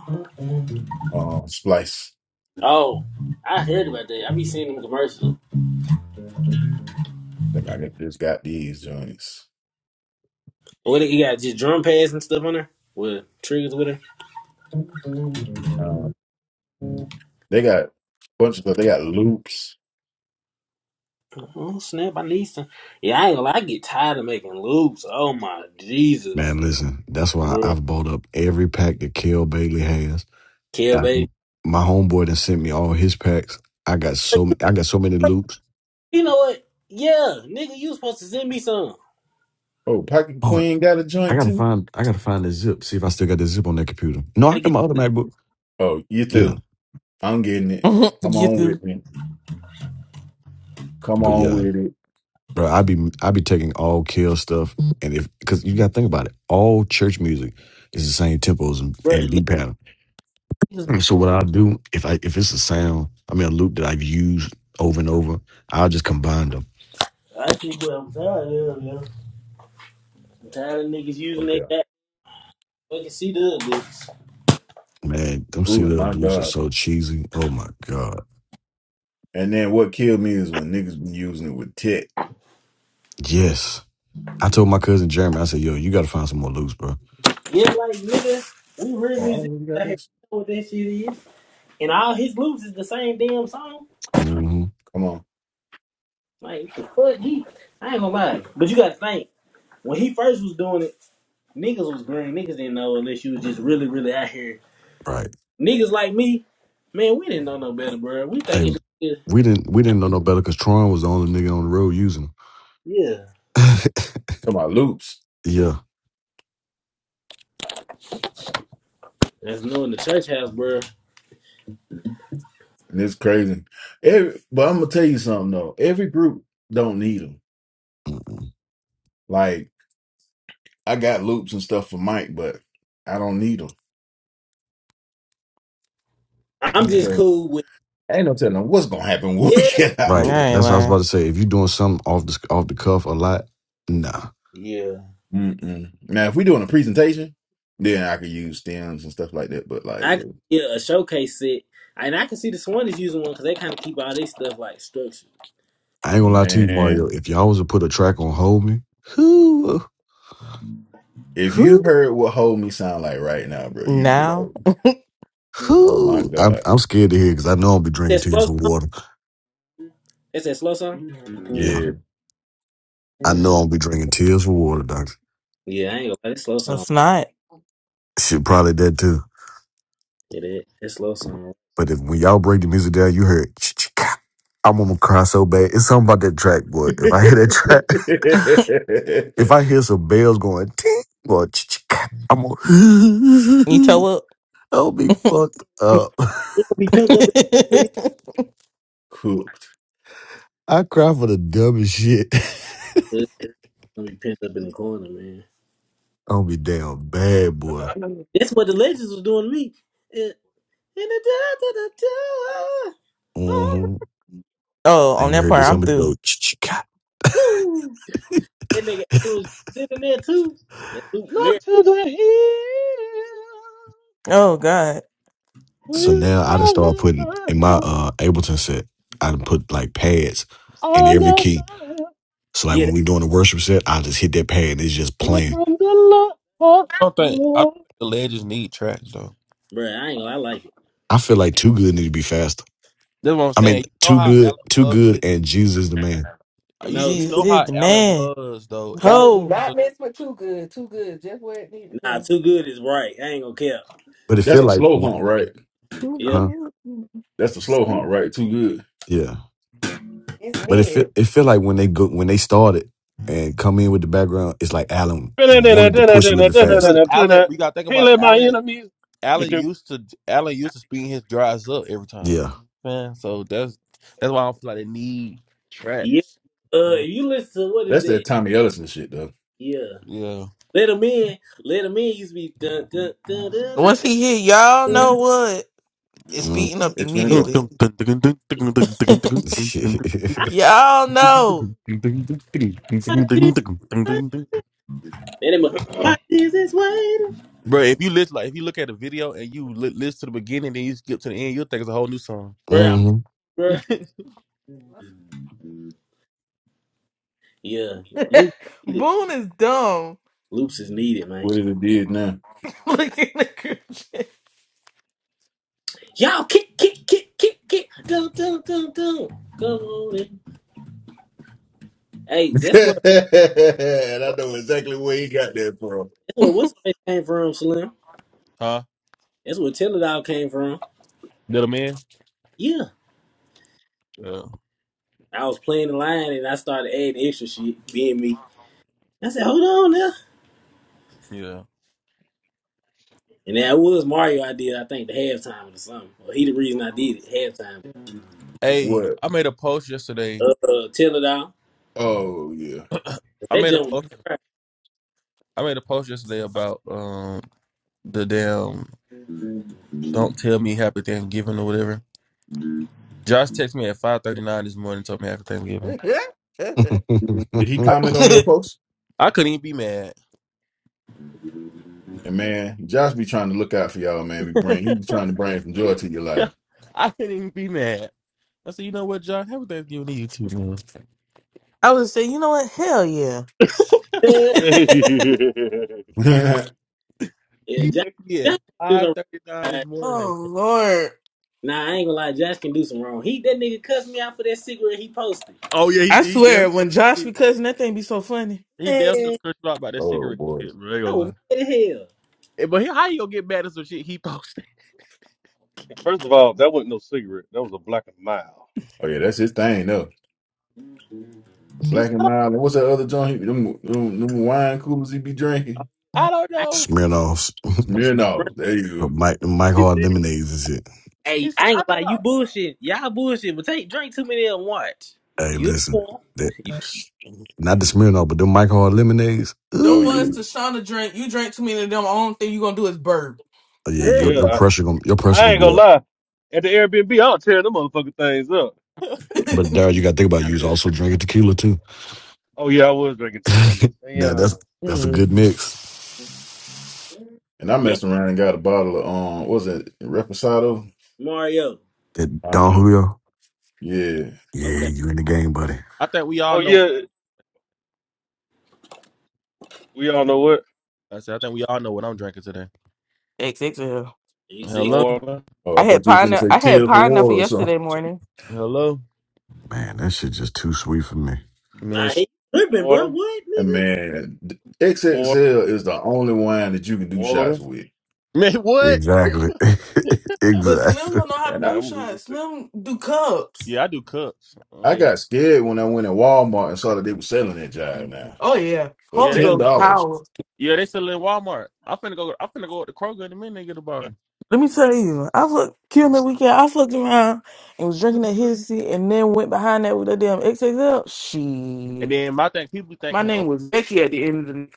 Speaker 12: Um Splice.
Speaker 5: Oh, I heard about that. I be seeing them commercials.
Speaker 12: I think I got- just got these joints.
Speaker 5: What it- you got? Just drum pads and stuff on there with triggers with her.
Speaker 12: Uh, they got a bunch of stuff. They got loops.
Speaker 5: Oh snap! I need some. Yeah, I ain't gonna. lie, I get tired of making loops. Oh my Jesus,
Speaker 14: Man, listen. That's why
Speaker 5: bro.
Speaker 14: I've bought up every pack that Kel Bailey has.
Speaker 5: Kill
Speaker 14: I,
Speaker 5: baby.
Speaker 14: my homeboy that sent me all his packs. I got so ma- I got so many loops.
Speaker 5: You know what? Yeah, nigga, you was supposed to send me some. You
Speaker 12: Oh, Pocket Queen got a
Speaker 14: I
Speaker 12: joint
Speaker 14: gotta
Speaker 12: too.
Speaker 14: find I gotta find the zip, see if I still got the zip on that computer. No, I
Speaker 5: gotta
Speaker 14: got
Speaker 5: get
Speaker 14: my other MacBook.
Speaker 12: Oh, you
Speaker 14: Yeah.
Speaker 12: too. I'm getting it. Come
Speaker 18: you
Speaker 12: on
Speaker 18: through?
Speaker 12: with me. Come
Speaker 14: But
Speaker 12: on
Speaker 14: yeah.
Speaker 12: with it.
Speaker 14: Bro, I be I be taking all kill stuff and if cause you gotta think about it. All church music is the same tempos and,
Speaker 5: bro.
Speaker 14: and beat pattern.
Speaker 5: look,
Speaker 14: So what I'll do if I if it's a sound, I mean a loop that I've used over and over, I'll just combine them.
Speaker 5: I think what I'm tired of. yo. I'm tired of niggas using
Speaker 12: Oh yeah.
Speaker 5: that. Fucking see the bitch.
Speaker 14: Man, them C
Speaker 12: Ooh,
Speaker 14: little
Speaker 12: my
Speaker 14: dudes are
Speaker 12: God.
Speaker 14: so cheesy. Oh my God.
Speaker 12: And then what killed me is when niggas been using it with tech.
Speaker 14: Yes. I told my cousin Jeremy, I said, yo, you gotta find some more loops, bro.
Speaker 5: Yeah, like nigga, we real
Speaker 12: Oh, I
Speaker 5: music
Speaker 12: already got
Speaker 5: out here.
Speaker 12: this.
Speaker 5: We know what that shit is. And all his loops is the same damn song.
Speaker 14: hmm
Speaker 12: Come on.
Speaker 5: Like the fuck he I ain't gonna lie. But you gotta think, when he first was doing it, niggas was green. Niggas didn't know unless you was just really, really out here.
Speaker 14: Right.
Speaker 5: Niggas like me, man, we didn't know no better, bro. We
Speaker 14: Hey,
Speaker 5: thinking this is-
Speaker 14: we didn't we didn't know no better because Tron was the only nigga on the road using
Speaker 5: yeah.
Speaker 14: them.
Speaker 12: Talking about loops.
Speaker 14: yeah,
Speaker 5: That's new in the church house, bro.
Speaker 12: And It's crazy. Every, but I'm gonna tell you something though. Every group don't need them. Like I got loops and stuff for Mike, but I don't need them.
Speaker 5: I'm
Speaker 14: yeah,
Speaker 5: just
Speaker 12: Ain't
Speaker 5: cool with
Speaker 12: no telling what's gonna happen when we
Speaker 5: yeah.
Speaker 12: get
Speaker 18: I
Speaker 12: out
Speaker 14: right.
Speaker 12: there.
Speaker 18: ain't
Speaker 14: That's what I was about
Speaker 18: lying.
Speaker 14: to say. If you doing something off the off the cuff a lot, nah.
Speaker 5: Yeah.
Speaker 12: Mm-mm. Now, if we doing a presentation, then I could use stems and stuff like that. But like,
Speaker 5: I
Speaker 12: yeah,
Speaker 5: can get a showcase set. And I can see the Swan is using one because they kind of keep all their stuff like structured.
Speaker 14: I ain't gonna lie to you, Mario.
Speaker 12: man,
Speaker 14: If y'all was to put a track on Hold Me, who,
Speaker 12: if you
Speaker 14: who,
Speaker 12: heard what "Hold Me" sound like right now, bro, you'd be
Speaker 18: Now
Speaker 12: like,
Speaker 5: It's
Speaker 12: "Oh my
Speaker 14: who? I'm
Speaker 12: god,
Speaker 14: I'm scared to hear because I know I'll be drinking
Speaker 5: it
Speaker 14: tears
Speaker 5: slow
Speaker 14: for
Speaker 5: song?
Speaker 14: water.
Speaker 5: It's a slow song?
Speaker 14: Yeah,
Speaker 12: yeah,
Speaker 14: I know I'll be drinking tears for water, doctor.
Speaker 5: Yeah, I ain't gonna. It's a slow song.
Speaker 18: it's not.
Speaker 14: Shit, probably that too.
Speaker 5: It is. It's a slow song.
Speaker 14: But if, when y'all break the music down, you heard. "Ch-ch-ka." I'm gonna cry so bad. It's something about that track, boy. If I hear that track, if I hear some bells going ting or "Ch-ch-ka," I'm
Speaker 18: You
Speaker 14: gonna.
Speaker 18: toe
Speaker 14: I'll be fucked
Speaker 5: Be-
Speaker 14: up.
Speaker 5: It will be pinned up.
Speaker 18: up.
Speaker 12: cooked."
Speaker 14: I cry for the dumbest shit.
Speaker 5: In the corner. It's gonna be pent up in the corner, man.
Speaker 14: I'll be damn bad, boy.
Speaker 5: That's what the legends was doing to me. Yeah. In the da da da da, I'm
Speaker 14: hmm
Speaker 18: Oh,
Speaker 14: And
Speaker 18: on
Speaker 14: you
Speaker 18: that
Speaker 14: heard that
Speaker 18: part, I'm
Speaker 14: somebody
Speaker 18: through.
Speaker 14: go "Ch-ch-ka."
Speaker 5: That nigga was sitting there too. That Luke
Speaker 1: Look
Speaker 5: Mary.
Speaker 1: to the hill
Speaker 18: Oh God,
Speaker 14: So
Speaker 1: with
Speaker 14: now I just start
Speaker 1: all of
Speaker 14: putting
Speaker 1: my
Speaker 14: in my
Speaker 1: help,
Speaker 14: uh Ableton set. I done put like pads in
Speaker 1: all
Speaker 14: every
Speaker 1: of
Speaker 14: key.
Speaker 1: my
Speaker 14: So like
Speaker 5: Yeah,
Speaker 14: when
Speaker 5: that,
Speaker 14: we doing the worship set, I just hit that pad and it's just
Speaker 1: help
Speaker 14: playing.
Speaker 1: come from the Lord.
Speaker 19: I don't think I don't think the legends need tracks though.
Speaker 5: bro. I ain't gonna. I like it.
Speaker 14: I feel like Too Good need to be faster.
Speaker 19: That's what I'm
Speaker 14: I mean,
Speaker 19: saying. You know
Speaker 14: Too
Speaker 19: how
Speaker 14: Good,
Speaker 19: Allen
Speaker 14: Too
Speaker 19: was
Speaker 14: Good,
Speaker 19: with
Speaker 14: and Jesus the man.
Speaker 19: you.
Speaker 5: No, too,
Speaker 19: You
Speaker 18: Jesus
Speaker 19: know
Speaker 18: is
Speaker 19: how
Speaker 18: the
Speaker 19: Allen
Speaker 18: man.
Speaker 19: was though.
Speaker 17: No,
Speaker 19: Everything
Speaker 17: do
Speaker 18: Ho,
Speaker 17: not
Speaker 19: was,
Speaker 17: mess with too good. Too good, just where it needs to
Speaker 5: nah.
Speaker 17: be.
Speaker 5: Too good is right. I ain't gonna care.
Speaker 14: But it feel
Speaker 12: That's the
Speaker 17: Yeah,
Speaker 14: like,
Speaker 12: slow
Speaker 14: wh-
Speaker 12: hunt, right?
Speaker 5: Yeah,
Speaker 14: huh?
Speaker 12: That's the slow hunt, right? Too good.
Speaker 14: Yeah.
Speaker 17: it's
Speaker 14: But it feel
Speaker 17: mid.
Speaker 14: it feel like when they go when they started and come in with the background, it's like Allen just wanted to push a little bit faster.
Speaker 19: because Allen. We got to think
Speaker 1: Can't
Speaker 19: about
Speaker 1: let my
Speaker 19: Allen.
Speaker 1: enemies.
Speaker 19: Allen
Speaker 1: Do-do.
Speaker 19: used to Allen used to speed his drives up every time.
Speaker 14: Yeah.
Speaker 19: Man, so that's that's why I don't feel like they need
Speaker 5: yeah.
Speaker 19: tracks.
Speaker 5: Uh,
Speaker 19: Mm,
Speaker 5: if you listen to what is
Speaker 12: That's
Speaker 5: that?
Speaker 12: that Tommy Ellison shit, though.
Speaker 5: Yeah.
Speaker 19: Yeah.
Speaker 5: Little men, little men used to be dun dun dun dun dun.
Speaker 18: once he hit, y'all
Speaker 5: dun.
Speaker 18: know what? It's
Speaker 14: Mm.
Speaker 18: speeding up
Speaker 12: It's gonna go.
Speaker 18: immediately.
Speaker 5: I
Speaker 18: y'all know.
Speaker 5: watch it, and they mu- watch this is waiting,
Speaker 19: Bro, if you listen, like if you look at a video and you li- listen to the beginning, then you skip to the end, you'll think it's a whole new song.
Speaker 5: bruh. I'm
Speaker 14: mm-hmm.
Speaker 5: bruh. Yeah, loops needed.
Speaker 18: Boone is dumb.
Speaker 5: Loops is needed, man.
Speaker 12: What it did now?
Speaker 18: Look at the
Speaker 5: Y'all kick, kick, kick, kick, kick. Dun dun dun dun. Come on in. Hey, that's what
Speaker 12: and I know exactly where he got that from.
Speaker 5: that's what
Speaker 18: crew.
Speaker 5: what's the name came from, Slim.
Speaker 19: Huh?
Speaker 5: That's where Teledog came from.
Speaker 19: Little man.
Speaker 5: Yeah,
Speaker 19: Yeah.
Speaker 5: I was playing the line and I started adding extra shit, being me. I said, hold on now.
Speaker 19: Yeah.
Speaker 5: And that was Mario I did, I think, the halftime or something. Well, he the reason I did it, halftime.
Speaker 19: Hey,
Speaker 12: What?
Speaker 19: I made a post yesterday.
Speaker 5: Uh, Tell It All.
Speaker 12: Oh yeah.
Speaker 19: I
Speaker 5: That
Speaker 19: made a
Speaker 5: jump
Speaker 19: post. I made a post yesterday about um the damn "Don't Tell Me Happy Thanksgiving" or whatever. Josh texted me at five thirty nine this morning, and told me Happy Thanksgiving.
Speaker 17: it
Speaker 12: Did he
Speaker 19: I cou-
Speaker 12: comment on your post?
Speaker 19: I couldn't even be mad.
Speaker 12: And man, Josh be trying to look out for y'all, man. We bring he be trying to bring some joy to your life.
Speaker 19: I couldn't even be mad. I said, you know what, John? Happy Thanksgiving to you too, man.
Speaker 18: I would say, you know what? Hell yeah.
Speaker 5: was
Speaker 1: First
Speaker 5: Yeah,
Speaker 19: He
Speaker 5: Josh,
Speaker 19: texted me at
Speaker 5: Josh do
Speaker 19: five
Speaker 5: no
Speaker 19: thirty nine
Speaker 5: wrong.
Speaker 19: this
Speaker 18: oh
Speaker 19: morning.
Speaker 18: Lord,
Speaker 5: Nah, I ain't gonna lie, Josh can do some wrong. He That nigga cussed me out for that cigarette he posted.
Speaker 19: Oh yeah, he
Speaker 18: I
Speaker 19: did. He damn
Speaker 18: swear,
Speaker 19: sure
Speaker 18: when Josh be
Speaker 19: did.
Speaker 18: cussing, that thing be so funny.
Speaker 19: He damn sure
Speaker 5: Man,
Speaker 19: cursed me out about that
Speaker 12: oh
Speaker 19: cigarette
Speaker 12: boy.
Speaker 19: shit, bro. I ain't
Speaker 5: I
Speaker 19: gonna
Speaker 5: was
Speaker 19: lie.
Speaker 5: mad as hell.
Speaker 19: Eh, But he, how you gonna get mad at some shit he posted?
Speaker 1: of all, that wasn't no cigarette. That was a black and mild.
Speaker 12: Oh yeah, that's his thing, though.
Speaker 19: He
Speaker 12: Black
Speaker 19: said, I
Speaker 12: and
Speaker 19: don't,
Speaker 12: mild. And what's that other joint? he- Them, them, them wine coolers he be drinking?
Speaker 19: I don't
Speaker 5: I,
Speaker 19: know.
Speaker 14: Smirnoffs,
Speaker 12: Smirnoff. There
Speaker 14: the
Speaker 12: you
Speaker 14: Mike, the Mike
Speaker 19: He
Speaker 14: Hard
Speaker 19: said,
Speaker 14: lemonades and shit.
Speaker 5: hey,
Speaker 19: he said,
Speaker 5: I
Speaker 19: I
Speaker 5: ain't gonna lie, you
Speaker 19: thought.
Speaker 5: bullshit. Y'all bullshit, but take drink too many of them, watch.
Speaker 14: Hey,
Speaker 5: You,
Speaker 14: listen, that
Speaker 5: you,
Speaker 12: go.
Speaker 14: not the
Speaker 5: you.
Speaker 14: Smirnoff, but the Mike Hard lemonades.
Speaker 18: Them
Speaker 12: Oh
Speaker 5: Nah.
Speaker 12: yeah.
Speaker 18: was
Speaker 14: Ooh.
Speaker 18: Tashana drink. You drank too many of them. Only thing you gonna do is burp.
Speaker 14: Oh, yeah, your
Speaker 1: Yeah,
Speaker 14: your
Speaker 1: I,
Speaker 14: pressure gonna your pressure
Speaker 1: I
Speaker 14: gonna
Speaker 1: ain't
Speaker 14: be
Speaker 1: gonna
Speaker 14: up.
Speaker 1: lie. At the Airbnb, I'll tear them motherfucking things up.
Speaker 14: But Daryl, you got to think about it, you was
Speaker 1: Yeah.
Speaker 14: also drinking tequila too.
Speaker 1: Oh yeah, I was drinking tequila.
Speaker 14: that
Speaker 1: Yeah.
Speaker 14: that's that's a
Speaker 12: Mm.
Speaker 14: good mix.
Speaker 12: And I
Speaker 5: Man,
Speaker 12: messed around and got a bottle of um, what was it Reposado?
Speaker 5: Mario.
Speaker 14: That
Speaker 12: Huh?
Speaker 14: Don Julio.
Speaker 12: Yeah.
Speaker 14: Yeah,
Speaker 5: Okay.
Speaker 14: you in the game, buddy.
Speaker 19: I think we all
Speaker 1: Oh
Speaker 19: know.
Speaker 1: yeah, we all know what
Speaker 19: I said, I think we all know what I'm drinking today.
Speaker 18: XXL.
Speaker 5: He's,
Speaker 18: See?
Speaker 5: he's,
Speaker 19: Hello,
Speaker 1: water,
Speaker 12: Oh,
Speaker 18: I
Speaker 12: I
Speaker 18: had
Speaker 12: thought you were gonna
Speaker 18: pineapple.
Speaker 12: say
Speaker 18: I had
Speaker 12: Tears for
Speaker 18: pineapple
Speaker 12: Water or something.
Speaker 18: yesterday morning.
Speaker 19: hello,
Speaker 14: Man, that shit just too sweet for me.
Speaker 19: man.
Speaker 5: nah,
Speaker 19: sh-
Speaker 5: he tripping, bro.
Speaker 1: water,
Speaker 5: What,
Speaker 12: And
Speaker 5: nigga?
Speaker 12: man, the
Speaker 1: water,
Speaker 12: XXL is the only wine that you can do shots
Speaker 1: water.
Speaker 12: with.
Speaker 19: Man, what?
Speaker 14: Exactly.
Speaker 18: But Slim
Speaker 14: exactly.
Speaker 18: don't know how to
Speaker 12: And I,
Speaker 1: Yeah,
Speaker 18: do
Speaker 1: I'm losing
Speaker 18: shots.
Speaker 1: sick.
Speaker 18: Slim do cups.
Speaker 19: Yeah, I do cups.
Speaker 12: I
Speaker 19: Hey, I-
Speaker 12: got scared when I went in Walmart and saw that they were selling that jive now
Speaker 18: Oh yeah,
Speaker 12: for
Speaker 19: yeah,
Speaker 18: Holy
Speaker 19: they, s-
Speaker 12: ten
Speaker 18: Ghost
Speaker 12: dollars.
Speaker 18: power.
Speaker 19: yeah, they sell it in Walmart. I'm finna go. I'm finna go up to Kroger in a minute and get a bottle.
Speaker 18: Let me tell you, I looked killing the weekend. I fucked around and was drinking that hissy, and then went behind that with that damn XXL.
Speaker 19: And
Speaker 18: Shit,
Speaker 19: then my thing, people be
Speaker 18: my
Speaker 19: thinking, oh,
Speaker 18: name was Becky at the end of the night.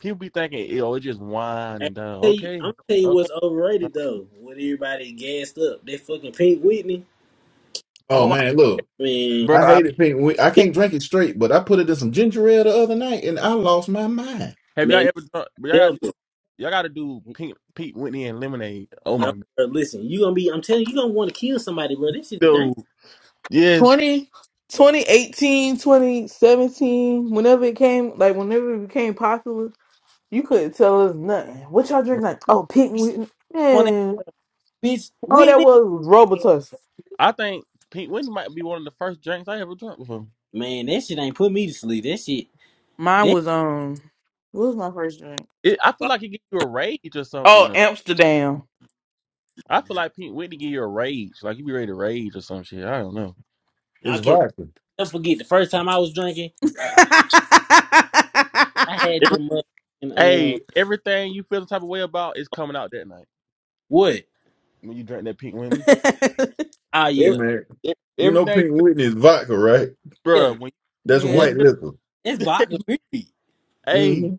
Speaker 19: people be thinking, oh, it's just wine
Speaker 5: Hey, I'm
Speaker 19: and done.
Speaker 5: tell you,
Speaker 19: Okay,
Speaker 5: I'm tell you
Speaker 19: okay.
Speaker 5: what's overrated though. What everybody gassed up, they fucking Pink Whitney,
Speaker 12: Oh
Speaker 19: Oh, I,
Speaker 12: man, look.
Speaker 5: man.
Speaker 12: I
Speaker 19: bro.
Speaker 12: hate it pink. We- I
Speaker 5: That,
Speaker 12: can't drink it straight, but I put it in some ginger ale the other night, and I lost my mind.
Speaker 19: Have y'all
Speaker 5: man,
Speaker 19: ever drunk? But
Speaker 5: that
Speaker 19: y'all gotta do,
Speaker 5: devil.
Speaker 19: y'all gotta do Pink, Pete Whitney and lemonade. Oh
Speaker 5: No,
Speaker 19: my god,
Speaker 5: bro, listen, you gonna be. I'm telling you, you gonna want to kill somebody, bro. That shit is dangerous.
Speaker 19: dude. Yes,
Speaker 18: 20, twenty eighteen, twenty seventeen, whenever it came, like whenever it became popular. You couldn't tell us nothing. What y'all drink
Speaker 19: bro.
Speaker 18: like? Oh, pink. Wh-
Speaker 5: On that
Speaker 18: Man,
Speaker 5: bitch
Speaker 18: all that
Speaker 5: Whitney,
Speaker 18: was was Robitussin.
Speaker 19: I think Pete Whitney might be one of the first drinks I ever drunk before.
Speaker 5: man. That shit ain't put me to sleep. That shit.
Speaker 18: Mine
Speaker 5: That
Speaker 18: was um. What was my first drink?
Speaker 19: It, I feel like it gives you a rage or
Speaker 18: Oh,
Speaker 19: something.
Speaker 18: Amsterdam.
Speaker 19: I feel like Pete Whitney give you a rage, like you be ready to rage or some shit. I don't know.
Speaker 5: I
Speaker 12: It's
Speaker 5: can't
Speaker 12: vodka.
Speaker 5: never forget the first time I was drinking. I had
Speaker 19: Every,
Speaker 5: them motherfucking um
Speaker 19: hey, everything you feel the type of way about is coming out that night
Speaker 5: what?
Speaker 19: when you drink that Pete Whitney.
Speaker 5: Ah
Speaker 12: Hey,
Speaker 5: yeah,
Speaker 19: Every,
Speaker 12: man,
Speaker 19: e-
Speaker 12: you know
Speaker 19: everything,
Speaker 12: Pink Whitney is vodka, right?
Speaker 5: yeah,
Speaker 19: bro. When
Speaker 12: That's
Speaker 19: when
Speaker 5: yeah.
Speaker 19: you
Speaker 18: yeah,
Speaker 12: white
Speaker 19: feel,
Speaker 12: liquor.
Speaker 5: That's vodka. Period.
Speaker 19: hey,
Speaker 12: hmm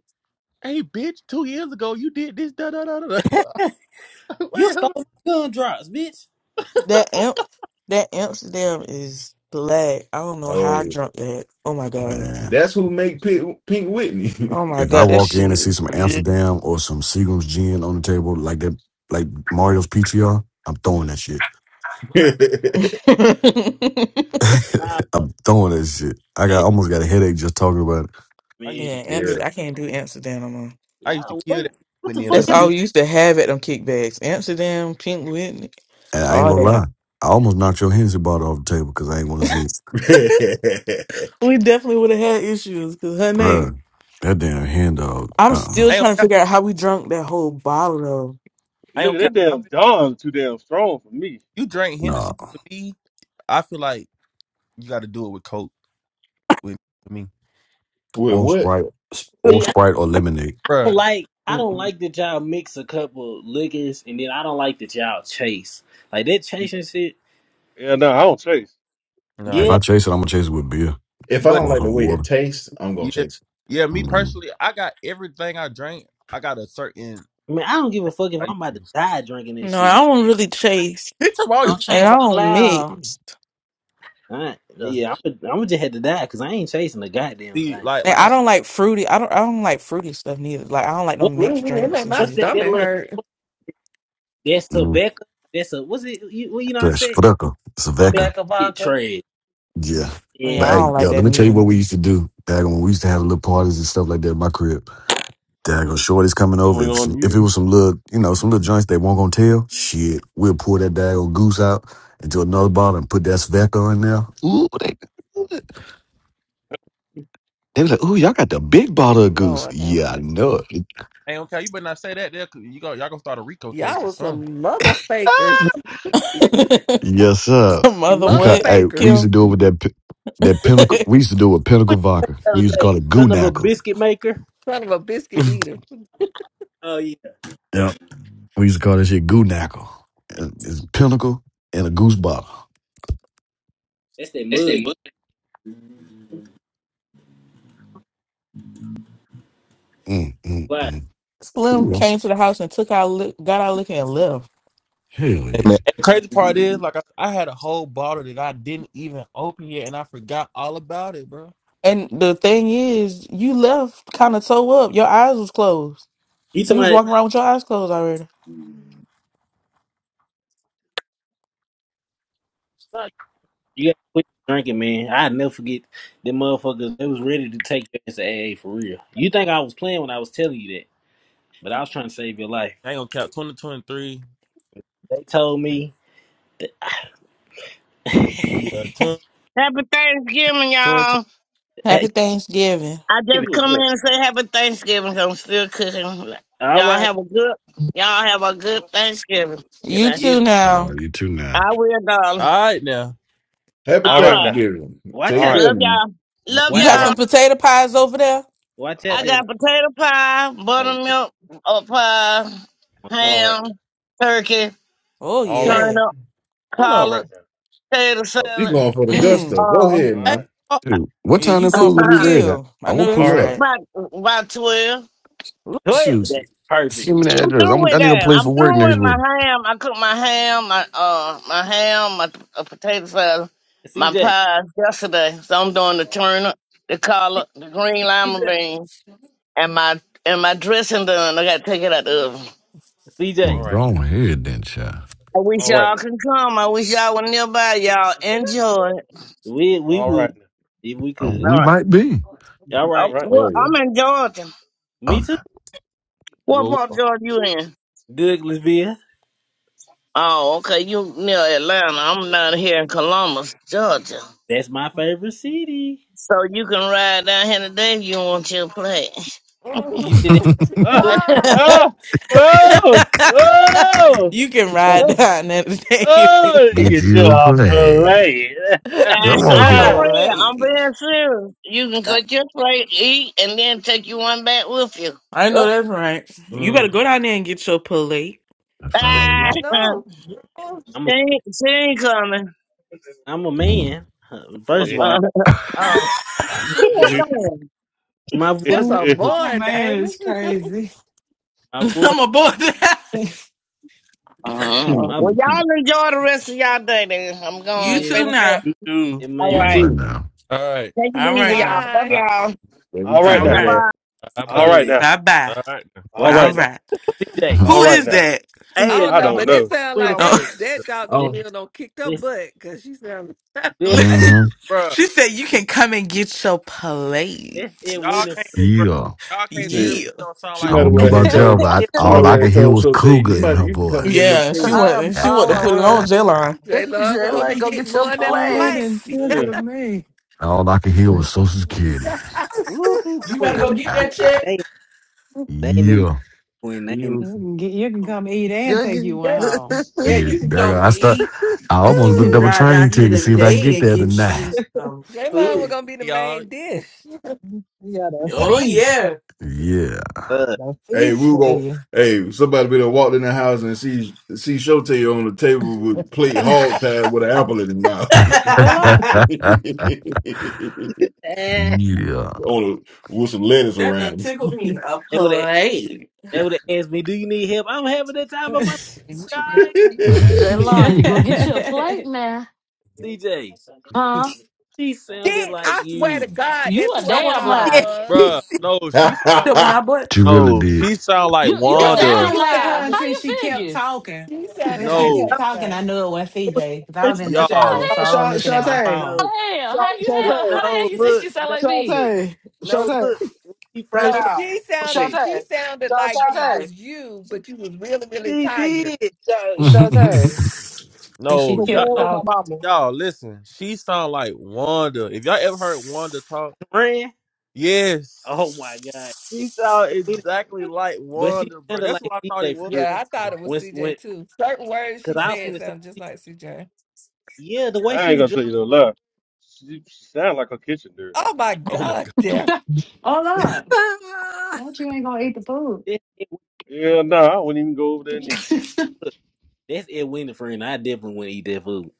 Speaker 19: hey, bitch, two years ago you did this, da da da da. da.
Speaker 5: You
Speaker 19: Wait,
Speaker 5: stole
Speaker 19: hold
Speaker 5: my gumdrops, bitch.
Speaker 18: that amp, that Amsterdam is black. I don't know how I
Speaker 12: Oh,
Speaker 18: drunk that. Oh my god.
Speaker 14: Man,
Speaker 12: that's who make Pink, Pink Whitney.
Speaker 18: Oh my
Speaker 14: if I
Speaker 18: god, that
Speaker 14: walk in and
Speaker 18: shit.
Speaker 14: see some
Speaker 18: yeah,
Speaker 14: Amsterdam or some Seagram's gin on the table like that, like Mario's PTR, I'm throwing
Speaker 19: Yeah,
Speaker 14: that shit.
Speaker 12: yeah,
Speaker 5: Nah,
Speaker 14: I'm throwing that shit. I got
Speaker 5: that
Speaker 14: almost got a headache just talking about it,
Speaker 19: I
Speaker 5: man.
Speaker 19: used to kill
Speaker 18: Amst-
Speaker 19: that.
Speaker 18: I can't do Amsterdam no more.
Speaker 19: I
Speaker 5: Yeah,
Speaker 19: used to kill that
Speaker 5: what, what the
Speaker 19: Whitney and
Speaker 5: fuck?
Speaker 12: that's
Speaker 18: That's
Speaker 19: lemon.
Speaker 5: Y'all
Speaker 18: all
Speaker 12: who.
Speaker 18: we used to have at them kickbacks. Amsterdam, Pink Whitney,
Speaker 14: and I ain't
Speaker 18: all
Speaker 14: gonna
Speaker 18: that.
Speaker 14: lie. I almost knocked your Hennessy bottle off the table because I ain't want to see it.
Speaker 12: Wait,
Speaker 18: We definitely would have had issues because her name.
Speaker 14: Bruh, that damn hand dog.
Speaker 18: I'm
Speaker 14: Uh-uh.
Speaker 18: still
Speaker 19: I don't.
Speaker 18: trying to
Speaker 19: care.
Speaker 18: figure out how we drunk that whole bottle
Speaker 19: I
Speaker 1: Nigga,
Speaker 19: don't care.
Speaker 1: that
Speaker 19: I
Speaker 1: damn
Speaker 19: bet
Speaker 1: Don's too damn strong for me.
Speaker 19: you drink
Speaker 14: Nah.
Speaker 19: Hennessy to me. I feel like you got to do it with Coke with, with me,
Speaker 14: Or
Speaker 12: what?
Speaker 14: Sprite.
Speaker 18: though.
Speaker 5: see,
Speaker 14: Or
Speaker 5: I
Speaker 14: Sprite or lemonade.
Speaker 5: don't
Speaker 19: Bruh.
Speaker 5: like. I don't
Speaker 18: Mm-mm.
Speaker 5: like that y'all mix a couple liquors, and then I don't like that y'all chase like that chasing shit.
Speaker 1: Yeah, no, I don't chase.
Speaker 19: Nah,
Speaker 14: If
Speaker 5: Yeah,
Speaker 19: yeah,
Speaker 14: I chase it, I'm gonna chase it with beer
Speaker 12: If I
Speaker 19: but
Speaker 12: don't
Speaker 14: or
Speaker 12: like the
Speaker 14: some
Speaker 12: way it
Speaker 14: water.
Speaker 12: tastes, I'm gonna
Speaker 19: yeah,
Speaker 12: chase.
Speaker 19: yeah. Me
Speaker 14: mm
Speaker 19: personally, I got everything I drink. I got a certain
Speaker 5: I mean, I don't give a fuck if
Speaker 19: I
Speaker 5: I'm about to
Speaker 19: use.
Speaker 5: die drinking this
Speaker 18: No,
Speaker 5: shit.
Speaker 18: I
Speaker 5: Man.
Speaker 18: don't really chase,
Speaker 19: He took all your
Speaker 7: Don't
Speaker 19: fuck
Speaker 18: and
Speaker 7: chase
Speaker 18: I
Speaker 19: about.
Speaker 7: the
Speaker 18: don't mix.
Speaker 7: lamb.
Speaker 5: I,
Speaker 19: Yeah.
Speaker 5: yeah, I'm gonna I'm just have to die because I ain't chasing a goddamn
Speaker 19: See,
Speaker 5: thing.
Speaker 19: like,
Speaker 18: And
Speaker 19: like I
Speaker 18: I don't
Speaker 19: said,
Speaker 18: like fruity. I don't. I don't like fruity stuff neither. Like I don't like no
Speaker 5: What?
Speaker 18: mixed drinks
Speaker 17: made
Speaker 18: and
Speaker 17: my
Speaker 5: What's
Speaker 18: shit.
Speaker 5: that? That
Speaker 17: stomach
Speaker 5: little
Speaker 17: hurt.
Speaker 5: that's
Speaker 14: mm
Speaker 5: Taveka. That's a what's it? You, well, you know what i said
Speaker 14: That's Spreca.
Speaker 5: Man,
Speaker 14: Sveka.
Speaker 7: Rebecca
Speaker 5: shit
Speaker 7: Baca.
Speaker 5: trash.
Speaker 14: Yeah. But
Speaker 18: Yeah, I
Speaker 5: And
Speaker 14: hey,
Speaker 18: don't like
Speaker 14: yo, let
Speaker 18: that
Speaker 14: me tell you what
Speaker 18: neither.
Speaker 14: we used to do. Dagon, when we used to have little parties and stuff like that at my crib. Dagon,
Speaker 1: Hmm,
Speaker 14: Shorty's coming over.
Speaker 1: going
Speaker 14: If some,
Speaker 1: on
Speaker 14: if it
Speaker 1: here?
Speaker 14: was some little, you know, some little joints they were not gonna tell, shit, we'll pour that dagon goose out into another bottle and put that Sveka in there. Ooh, they, They was like, "Ooh, y'all got the big bottle of goose."
Speaker 17: Lord have
Speaker 14: Yeah, I
Speaker 17: mercy.
Speaker 14: know it.
Speaker 19: hey, okay, you better not say that there, 'cause you go, y'all gonna start a Rico
Speaker 17: Y'all
Speaker 19: case or
Speaker 17: was some mother fakers.
Speaker 19: something.
Speaker 14: Yes, sir.
Speaker 18: Mother,
Speaker 14: We
Speaker 17: Mother
Speaker 14: call
Speaker 18: what,
Speaker 14: hey, we
Speaker 17: fakers.
Speaker 14: used
Speaker 18: Kim?
Speaker 14: to do it with that pi- that pinnacle. We
Speaker 18: That's
Speaker 14: used to do it with pinnacle vodka.
Speaker 5: the
Speaker 14: We
Speaker 5: other
Speaker 14: used to
Speaker 5: day,
Speaker 14: call it goo
Speaker 5: son of a
Speaker 14: knackle.
Speaker 5: biscuit maker.
Speaker 17: Son of a biscuit eater.
Speaker 5: Oh yeah,
Speaker 14: Yeah, we used to call that shit goo knackle. And It's pinnacle and a goose bottle.
Speaker 5: that's that
Speaker 18: their
Speaker 5: mud.
Speaker 18: mother.
Speaker 14: Mm, mm,
Speaker 5: Why?
Speaker 14: mm.
Speaker 18: Slim
Speaker 14: Ooh, I'm, s-
Speaker 18: came to the house and took our li- got our liquor and left.
Speaker 14: hell
Speaker 19: Hey,
Speaker 14: yeah!
Speaker 19: man. And the crazy part is, like, I, I had a whole bottle that I didn't even open yet, and I forgot all about it, bro.
Speaker 18: And the thing is, you left kind of toe up. Your eyes was closed.
Speaker 5: He
Speaker 18: You was
Speaker 5: somebody.
Speaker 18: walking around with your eyes closed already.
Speaker 19: Like,
Speaker 5: You gotta quit drinking, man. I never forget them motherfuckers. They was ready to take your ass to AA for real. You think I was playing when I was telling you that, but I was trying to save your life.
Speaker 19: I ain't gonna count 2023.
Speaker 5: They told me, hey,
Speaker 19: Yeah, 20,
Speaker 20: Happy Thanksgiving,
Speaker 19: 2020.
Speaker 20: y'all.
Speaker 18: Happy Thanksgiving.
Speaker 20: I
Speaker 1: Who
Speaker 5: give
Speaker 20: just
Speaker 5: it.
Speaker 1: was
Speaker 20: come in
Speaker 1: that?
Speaker 20: and say happy Thanksgiving 'cause I'm still cooking.
Speaker 5: all
Speaker 20: Y'all
Speaker 5: right,
Speaker 20: have a good y'all have a good Thanksgiving
Speaker 18: You
Speaker 20: today.
Speaker 5: yeah,
Speaker 18: too
Speaker 14: All
Speaker 18: now.
Speaker 14: right, you too now,
Speaker 20: I will, darling.
Speaker 19: All right, now.
Speaker 12: it. Happy
Speaker 1: All
Speaker 20: All
Speaker 1: right
Speaker 20: right.
Speaker 1: now.
Speaker 12: Thanksgiving.
Speaker 5: watch
Speaker 1: All
Speaker 12: Take
Speaker 5: out,
Speaker 1: right
Speaker 12: care,
Speaker 1: now.
Speaker 20: Love
Speaker 12: man.
Speaker 20: y'all. Love
Speaker 18: You
Speaker 19: Hold
Speaker 5: watch
Speaker 1: All
Speaker 18: got
Speaker 5: out,
Speaker 20: y'all.
Speaker 18: some
Speaker 1: right
Speaker 18: potato pies over there?
Speaker 5: watch
Speaker 1: now. All
Speaker 5: out.
Speaker 20: I
Speaker 1: right
Speaker 5: Then
Speaker 20: got potato pie,
Speaker 5: oh,
Speaker 20: buttermilk uh, pie,
Speaker 5: my
Speaker 1: now.
Speaker 5: question.
Speaker 1: All right now.
Speaker 20: ham, turkey,
Speaker 18: Oh
Speaker 1: All right
Speaker 18: yeah.
Speaker 1: now.
Speaker 20: turnip,
Speaker 19: on.
Speaker 1: All
Speaker 20: collard,
Speaker 1: right now.
Speaker 20: potato
Speaker 12: You
Speaker 20: salad.
Speaker 12: going for the gusto?
Speaker 18: Mm.
Speaker 12: Go
Speaker 20: Um,
Speaker 12: ahead,
Speaker 1: All
Speaker 19: Hey,
Speaker 12: man.
Speaker 1: right.
Speaker 19: oh,
Speaker 14: dude. What
Speaker 18: Yeah,
Speaker 14: time
Speaker 18: you
Speaker 14: that
Speaker 18: going
Speaker 14: food
Speaker 18: for
Speaker 14: gonna
Speaker 18: the
Speaker 14: be ready? at?
Speaker 18: kill.
Speaker 14: I
Speaker 18: I know
Speaker 14: won't
Speaker 18: that's
Speaker 1: All
Speaker 14: pull
Speaker 1: right
Speaker 14: up.
Speaker 18: right.
Speaker 20: about about twelve.
Speaker 18: Ooh,
Speaker 5: Twelve.
Speaker 14: Shoot,
Speaker 5: That's perfect,
Speaker 14: send me the
Speaker 20: I'm
Speaker 14: address.
Speaker 20: through
Speaker 14: I'm,
Speaker 20: with
Speaker 14: I need a
Speaker 20: that.
Speaker 14: place
Speaker 20: I'm
Speaker 14: for work
Speaker 20: through
Speaker 14: next
Speaker 20: with my
Speaker 14: week.
Speaker 20: ham. I cook my ham, my uh, my ham, my uh, potato salad, my
Speaker 5: CJ,
Speaker 20: pies yesterday. So I'm doing the
Speaker 1: now.
Speaker 20: turnip, the collard, the green
Speaker 5: CJ,
Speaker 20: lima bean, and my and my dressing done. I got to take it out the oven.
Speaker 14: Well,
Speaker 1: All
Speaker 5: CJ.
Speaker 14: go
Speaker 1: right
Speaker 14: on
Speaker 1: now.
Speaker 14: ahead then, child.
Speaker 20: I wish
Speaker 1: All right
Speaker 20: y'all
Speaker 1: now.
Speaker 20: could come. I wish y'all were nearby. Y'all enjoy. it.
Speaker 5: We we
Speaker 1: All
Speaker 5: would
Speaker 1: right now.
Speaker 5: if we
Speaker 14: Uh,
Speaker 5: could.
Speaker 14: We
Speaker 20: All right.
Speaker 14: might be.
Speaker 5: All
Speaker 1: All
Speaker 20: Oh,
Speaker 5: right,
Speaker 1: right now.
Speaker 12: Oh
Speaker 20: well,
Speaker 12: yeah.
Speaker 20: I'm in Georgia.
Speaker 14: Oh,
Speaker 5: me too.
Speaker 14: no.
Speaker 20: What
Speaker 19: well,
Speaker 20: part of
Speaker 19: we-
Speaker 20: Georgia you in?
Speaker 5: Douglasville,
Speaker 20: Oh, okay. You near Atlanta. I'm down here in Columbus, Georgia.
Speaker 5: that's my favorite city.
Speaker 20: So you can ride down here today if you want your plate.
Speaker 17: Oh
Speaker 5: You said every.
Speaker 1: Ah!
Speaker 19: hey,
Speaker 17: God.
Speaker 1: Ah! Oh! Oh!
Speaker 18: you can ride
Speaker 1: Oh!
Speaker 18: down that day.
Speaker 1: oh, You
Speaker 14: get
Speaker 1: get
Speaker 14: you a
Speaker 1: your
Speaker 14: play.
Speaker 1: play.
Speaker 20: And
Speaker 14: Come
Speaker 18: Get your
Speaker 14: on
Speaker 20: I'm
Speaker 17: Woo.
Speaker 20: for
Speaker 14: here.
Speaker 1: Ah!
Speaker 20: real. I'm
Speaker 18: plate.
Speaker 20: being serious. You can cut your plate, eat, and then take you one back with you.
Speaker 18: I know that's right. You better
Speaker 19: mm,
Speaker 18: go down there and get your plate.
Speaker 14: I sound
Speaker 19: mm,
Speaker 20: Ah,
Speaker 14: like a
Speaker 17: I
Speaker 14: good-
Speaker 17: know.
Speaker 20: she,
Speaker 5: I'm
Speaker 20: ain't, she ain't coming.
Speaker 5: I'm a
Speaker 14: mhm.
Speaker 5: man. First of all,
Speaker 20: Uh,
Speaker 17: Oh,
Speaker 20: poor thing.
Speaker 5: my voice,
Speaker 17: that's a
Speaker 6: I'm a
Speaker 17: boy,
Speaker 6: man.
Speaker 17: Damon.
Speaker 6: It's crazy.
Speaker 5: my voice,
Speaker 18: I'm aboard that.
Speaker 20: Uh,
Speaker 5: my voice.
Speaker 20: well, y'all enjoy the rest of y'all day, then. I'm
Speaker 18: You
Speaker 20: going to
Speaker 5: Yeah,
Speaker 18: too
Speaker 20: finish up.
Speaker 18: now.
Speaker 19: you
Speaker 5: yeah,
Speaker 19: too.
Speaker 20: All
Speaker 12: you
Speaker 14: all
Speaker 5: man.
Speaker 20: right.
Speaker 14: right
Speaker 12: too,
Speaker 14: now.
Speaker 19: All right.
Speaker 20: Take
Speaker 18: All
Speaker 20: it easy,
Speaker 18: right
Speaker 20: y'all.
Speaker 18: now.
Speaker 20: Love
Speaker 17: Bye.
Speaker 19: All right.
Speaker 20: y'all.
Speaker 12: baby
Speaker 1: All
Speaker 5: I
Speaker 12: too,
Speaker 1: right
Speaker 18: All
Speaker 5: already
Speaker 14: Yeah.
Speaker 1: now.
Speaker 20: Bye-bye.
Speaker 18: right.
Speaker 12: brother.
Speaker 19: Bye
Speaker 1: All
Speaker 19: bye.
Speaker 5: saying
Speaker 1: right
Speaker 5: it.
Speaker 1: now.
Speaker 18: Bye bye.
Speaker 19: All right. now.
Speaker 1: All
Speaker 5: Watch
Speaker 18: All
Speaker 5: out,
Speaker 1: right now.
Speaker 18: right.
Speaker 5: CJ,
Speaker 14: Mm-hmm.
Speaker 1: All
Speaker 18: Who
Speaker 1: right
Speaker 18: is
Speaker 1: now.
Speaker 18: that?
Speaker 17: I
Speaker 19: Hey,
Speaker 5: CJ,
Speaker 17: don't
Speaker 1: I
Speaker 17: know,
Speaker 19: y'all.
Speaker 1: don't
Speaker 17: but
Speaker 19: it
Speaker 17: it
Speaker 1: know.
Speaker 17: sounds like
Speaker 19: Sound like,
Speaker 17: that
Speaker 18: Oh,
Speaker 5: Winifred.
Speaker 17: that
Speaker 5: This,
Speaker 17: doggone meal don't kicked her
Speaker 5: this,
Speaker 17: butt because she sounds
Speaker 5: this,
Speaker 19: hey,
Speaker 14: Mm-hmm.
Speaker 19: bro.
Speaker 18: she said you can come and get your plate.
Speaker 5: this it
Speaker 19: Y'all can't,
Speaker 5: Winifred.
Speaker 19: bro.
Speaker 14: Yeah.
Speaker 19: Y'all
Speaker 12: You
Speaker 19: can't
Speaker 5: This,
Speaker 19: tell me you
Speaker 18: Yeah.
Speaker 12: serious?
Speaker 19: don't sound
Speaker 12: She
Speaker 14: I
Speaker 19: like
Speaker 12: might
Speaker 19: one
Speaker 12: have
Speaker 14: don't know
Speaker 12: well had
Speaker 14: about y'all,
Speaker 12: told.
Speaker 14: but
Speaker 5: this
Speaker 14: I,
Speaker 5: it
Speaker 12: She might
Speaker 14: all I
Speaker 5: Winifred.
Speaker 12: well
Speaker 14: could
Speaker 12: have
Speaker 14: hear
Speaker 12: told
Speaker 14: was
Speaker 12: Shote.
Speaker 14: cougar
Speaker 12: You
Speaker 14: in
Speaker 12: might.
Speaker 14: her
Speaker 12: You can come and get a
Speaker 14: voice.
Speaker 12: little
Speaker 18: Yeah. She
Speaker 12: food.
Speaker 7: I am
Speaker 18: went. She went to put it
Speaker 7: hollering.
Speaker 18: on J-Line.
Speaker 17: J Love was
Speaker 5: Ah,
Speaker 17: gonna
Speaker 7: Jayla,
Speaker 17: be
Speaker 7: go
Speaker 17: getting
Speaker 7: get your
Speaker 17: more than a
Speaker 6: oh, that
Speaker 17: plate.
Speaker 6: is
Speaker 7: plates.
Speaker 1: Ugh,
Speaker 6: tickled me.
Speaker 14: all I could hear
Speaker 12: Hey,
Speaker 14: was Social Security.
Speaker 5: Ooh,
Speaker 18: You better
Speaker 5: Quinn,
Speaker 18: go get
Speaker 5: they
Speaker 18: that
Speaker 5: ain't,
Speaker 18: check.
Speaker 5: they, ain't- they ain't in the
Speaker 14: Yeah.
Speaker 5: Quinn. They ain't.
Speaker 12: you.
Speaker 6: You can get, you can come eat and
Speaker 7: Go
Speaker 6: take
Speaker 7: get...
Speaker 6: you one
Speaker 17: J
Speaker 6: home.
Speaker 18: Yeah,
Speaker 14: Yeah.
Speaker 18: you can
Speaker 14: There
Speaker 18: come
Speaker 14: I start.
Speaker 18: meet.
Speaker 14: I
Speaker 18: You
Speaker 14: almost
Speaker 18: can
Speaker 14: looked up a
Speaker 6: you
Speaker 18: drive
Speaker 14: train
Speaker 18: down here
Speaker 14: ticket to see if I can get
Speaker 18: today and
Speaker 14: there
Speaker 18: get you
Speaker 14: tonight.
Speaker 18: some
Speaker 17: J Lo was
Speaker 18: food.
Speaker 17: gonna be the
Speaker 19: y'all.
Speaker 17: main dish.
Speaker 6: got a
Speaker 14: Yeah.
Speaker 18: Oh
Speaker 6: feast,
Speaker 5: Uh,
Speaker 6: a
Speaker 12: Hey,
Speaker 6: feast
Speaker 12: we
Speaker 6: for
Speaker 12: go.
Speaker 6: you.
Speaker 12: Hey, somebody better walk in the house and see see Shote on the table
Speaker 18: yeah.
Speaker 12: with a plate hog tied with an apple in his mouth.
Speaker 6: Hold
Speaker 14: yeah.
Speaker 5: eh.
Speaker 12: Oh, with some letters
Speaker 18: That done
Speaker 12: around.
Speaker 18: tickled me a
Speaker 5: they would have,
Speaker 18: play.
Speaker 5: they would have asked me, "Do you need help?" I'm having the time of
Speaker 6: on.
Speaker 5: my life,
Speaker 17: Did
Speaker 5: guy.
Speaker 7: Jayla, you go get you a plate now.
Speaker 5: CJ,
Speaker 7: Huh?
Speaker 5: she sounded like
Speaker 17: I swear to
Speaker 5: you.
Speaker 17: God,
Speaker 7: You
Speaker 17: that's
Speaker 7: a
Speaker 17: who
Speaker 18: That
Speaker 17: I
Speaker 18: one of
Speaker 7: damn
Speaker 17: thought it
Speaker 18: my
Speaker 5: Yeah.
Speaker 7: lie.
Speaker 17: was.
Speaker 19: Bruh, no, she sound
Speaker 18: that one
Speaker 19: like
Speaker 18: I
Speaker 12: That's
Speaker 18: bought.
Speaker 14: she really
Speaker 19: no,
Speaker 14: did.
Speaker 19: she sound like
Speaker 7: You you a
Speaker 6: It
Speaker 17: No,
Speaker 7: damn
Speaker 19: Wanda.
Speaker 6: sounded
Speaker 17: she
Speaker 6: like her
Speaker 7: lie. How
Speaker 17: sounded
Speaker 6: until
Speaker 7: you
Speaker 6: she kept
Speaker 7: figure?
Speaker 6: talking.
Speaker 17: she
Speaker 6: When
Speaker 17: sounded
Speaker 6: she
Speaker 17: like
Speaker 19: No,
Speaker 6: kept talking,
Speaker 17: CJ.
Speaker 6: I knew it was
Speaker 5: when
Speaker 6: CJ because
Speaker 5: he
Speaker 6: I was
Speaker 5: first
Speaker 6: in the
Speaker 5: started.
Speaker 7: How
Speaker 19: y'all,
Speaker 6: shower,
Speaker 7: the
Speaker 6: so
Speaker 11: Uh,
Speaker 6: I wasn't
Speaker 11: Sha-
Speaker 6: looking
Speaker 7: hell?
Speaker 6: at
Speaker 7: How the
Speaker 6: my
Speaker 11: Shantae.
Speaker 6: phone.
Speaker 5: No,
Speaker 7: hell? How
Speaker 11: Sha-
Speaker 7: you
Speaker 5: what,
Speaker 7: hell? How
Speaker 11: Shantae.
Speaker 7: the hell
Speaker 5: no,
Speaker 7: you think
Speaker 5: look,
Speaker 7: she sound
Speaker 5: no,
Speaker 7: like me?
Speaker 5: look,
Speaker 11: Shantae.
Speaker 5: no,
Speaker 11: Shantae.
Speaker 5: look. When he
Speaker 11: Now,
Speaker 5: first
Speaker 17: No,
Speaker 5: started
Speaker 11: now.
Speaker 17: she
Speaker 5: talking,
Speaker 17: sounded she
Speaker 11: Shantae.
Speaker 17: sounded
Speaker 11: Sha-
Speaker 17: like it
Speaker 11: Shantae.
Speaker 17: was you, but you was really, really
Speaker 5: she
Speaker 17: tired.
Speaker 5: did,
Speaker 11: Sha-
Speaker 14: As
Speaker 11: Shantae.
Speaker 6: But she
Speaker 19: no,
Speaker 11: For
Speaker 19: y'all,
Speaker 6: kept
Speaker 11: playing
Speaker 19: no,
Speaker 11: with my
Speaker 6: talking.
Speaker 11: mama.
Speaker 19: y'all. Listen, she sound like Wanda. If y'all ever heard Wanda talk,
Speaker 5: ran.
Speaker 19: yes,
Speaker 5: Oh my god,
Speaker 19: she sound
Speaker 5: Yeah.
Speaker 19: exactly like
Speaker 5: but she
Speaker 19: Wanda, bro.
Speaker 5: sounded
Speaker 19: That's
Speaker 5: like
Speaker 19: what I thought
Speaker 5: CJ
Speaker 19: it
Speaker 5: for
Speaker 19: was.
Speaker 5: real.
Speaker 17: Yeah,
Speaker 19: at
Speaker 17: I thought
Speaker 19: first.
Speaker 17: it was
Speaker 5: When, when,
Speaker 17: CJ too. Certain words
Speaker 5: cause
Speaker 17: she
Speaker 5: I was
Speaker 17: said
Speaker 5: finna say,
Speaker 17: sound just like CJ.
Speaker 5: yeah, the way
Speaker 1: I
Speaker 5: she
Speaker 1: ain't
Speaker 5: was
Speaker 1: gonna
Speaker 5: dressed.
Speaker 1: tell you no lie. She, she sound like a kitchen dirty.
Speaker 17: Oh my
Speaker 19: Oh
Speaker 5: Nah,
Speaker 19: my
Speaker 17: god,
Speaker 19: god.
Speaker 17: damn.
Speaker 6: Hold on.
Speaker 5: that's
Speaker 6: No, you ain't gonna eat the food.
Speaker 5: it.
Speaker 1: Yeah, no, I wouldn't even go over there and eat.
Speaker 6: I
Speaker 5: Look, that's Ed Winnie friend. I definitely wouldn't eat that food.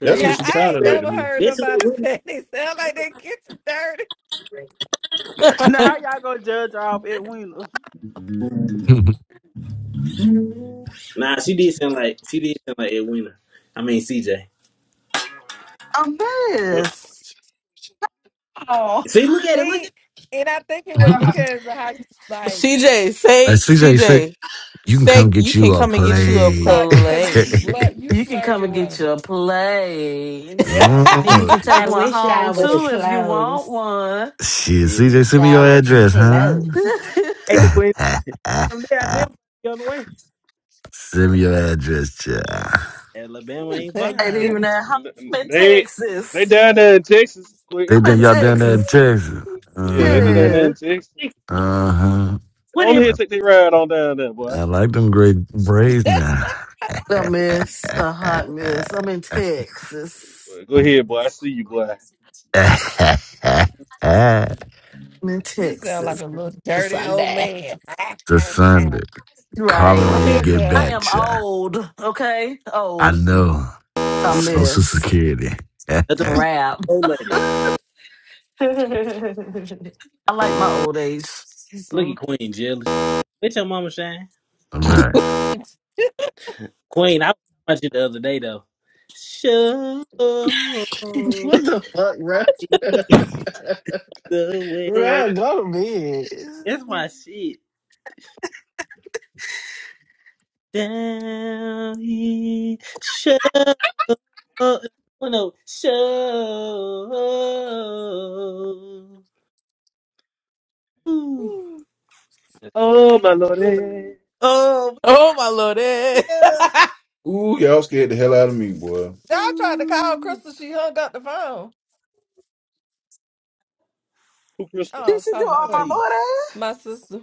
Speaker 5: 'Cause
Speaker 12: who
Speaker 17: Now
Speaker 12: she
Speaker 5: Ed-
Speaker 17: I ain't
Speaker 12: sounded like
Speaker 17: never
Speaker 12: to me.
Speaker 17: heard
Speaker 5: That's that's Ed
Speaker 17: nobody say they sound like they kitchen dirty.
Speaker 21: Now how y'all gonna judge her off Edwina?
Speaker 5: Winnie. Nah, she did sound like she did sound like Edwina. I mean CJ.
Speaker 7: I'm this. Oh.
Speaker 5: See, look at it, look
Speaker 17: See, and I think it was because of how you like.
Speaker 18: CJ, say
Speaker 14: CJ said,
Speaker 18: CJ,
Speaker 14: you can come
Speaker 18: say you
Speaker 14: get
Speaker 18: can
Speaker 14: you a
Speaker 18: come and get you a
Speaker 14: plate.
Speaker 17: Stop, cause you blur,
Speaker 18: play.
Speaker 17: you
Speaker 7: You can
Speaker 17: slur
Speaker 7: come
Speaker 17: your
Speaker 7: and get
Speaker 17: words.
Speaker 7: your plates.
Speaker 17: Yep.
Speaker 7: And
Speaker 6: w-
Speaker 7: you
Speaker 14: Mm,
Speaker 7: can take
Speaker 6: I
Speaker 7: one
Speaker 6: wish I
Speaker 7: home
Speaker 6: was
Speaker 5: at
Speaker 7: too if you want
Speaker 6: close.
Speaker 7: one.
Speaker 14: Shit,
Speaker 5: it.
Speaker 14: CJ,
Speaker 6: Wish
Speaker 14: send me
Speaker 6: I
Speaker 14: your
Speaker 6: was
Speaker 14: address, huh?
Speaker 6: close.
Speaker 5: Hey, Quinn, them there, I've been the other way.
Speaker 14: send me your address, child.
Speaker 5: Alabama ain't
Speaker 17: Thank
Speaker 7: Ain't
Speaker 5: fine.
Speaker 17: you.
Speaker 7: even at home.
Speaker 1: Mm.
Speaker 7: I'm in
Speaker 1: They they
Speaker 7: Texas.
Speaker 1: down there in Texas,
Speaker 14: They
Speaker 1: quick.
Speaker 7: I'm
Speaker 5: What?
Speaker 14: think
Speaker 7: in
Speaker 14: y'all down there in
Speaker 7: Texas.
Speaker 14: Texas. Uh
Speaker 1: Yeah,
Speaker 5: What the
Speaker 1: they
Speaker 5: fuck?
Speaker 1: did
Speaker 14: huh.
Speaker 1: down there
Speaker 7: Yeah.
Speaker 1: in Texas.
Speaker 5: is-
Speaker 14: Uh huh.
Speaker 1: Go
Speaker 5: What
Speaker 1: on
Speaker 5: everybody?
Speaker 1: ahead,
Speaker 14: I,
Speaker 1: take their ride on down there, boy.
Speaker 14: I like them great braids now.
Speaker 7: A mess. A hot mess. I'm in Texas.
Speaker 1: Go ahead, boy. I see you, boy.
Speaker 14: it's
Speaker 7: I'm in
Speaker 17: You sound
Speaker 7: Texas.
Speaker 17: like a little dirty old
Speaker 7: Sunday.
Speaker 17: man.
Speaker 14: a Sunday. Call me
Speaker 7: Right.
Speaker 14: when
Speaker 17: Come
Speaker 14: you
Speaker 17: here,
Speaker 14: get
Speaker 7: I
Speaker 17: girl.
Speaker 14: back,
Speaker 7: am
Speaker 14: child.
Speaker 7: old, okay? old.
Speaker 14: I know.
Speaker 7: I
Speaker 14: Social
Speaker 7: miss
Speaker 14: Security.
Speaker 5: That's the
Speaker 7: rap.
Speaker 5: old lady.
Speaker 6: hey
Speaker 7: I like my old age.
Speaker 5: Look at
Speaker 7: So-
Speaker 5: Queen jealous. Bitch, your mama shine.
Speaker 14: All right.
Speaker 5: Queen, I was talking about you the other day though. Show
Speaker 11: what the fuck, bruh?
Speaker 5: me the way.
Speaker 11: Bruh, go to bed.
Speaker 5: That's my shit. Down here, show. Oh no, show. Ooh.
Speaker 1: Oh my lordy, eh.
Speaker 5: Oh
Speaker 18: oh my lord.
Speaker 5: yeah.
Speaker 12: Ooh, y'all scared the hell out of me, boy.
Speaker 17: I tried to call
Speaker 5: Ooh,
Speaker 17: Crystal. She hung up the phone.
Speaker 1: two
Speaker 17: Oh,
Speaker 1: crystal.
Speaker 17: I
Speaker 7: Did
Speaker 17: was
Speaker 7: you do
Speaker 17: calling
Speaker 7: all
Speaker 5: Talk
Speaker 7: my
Speaker 5: to
Speaker 17: Courtney,
Speaker 5: you.
Speaker 7: lord ass?
Speaker 17: my sister.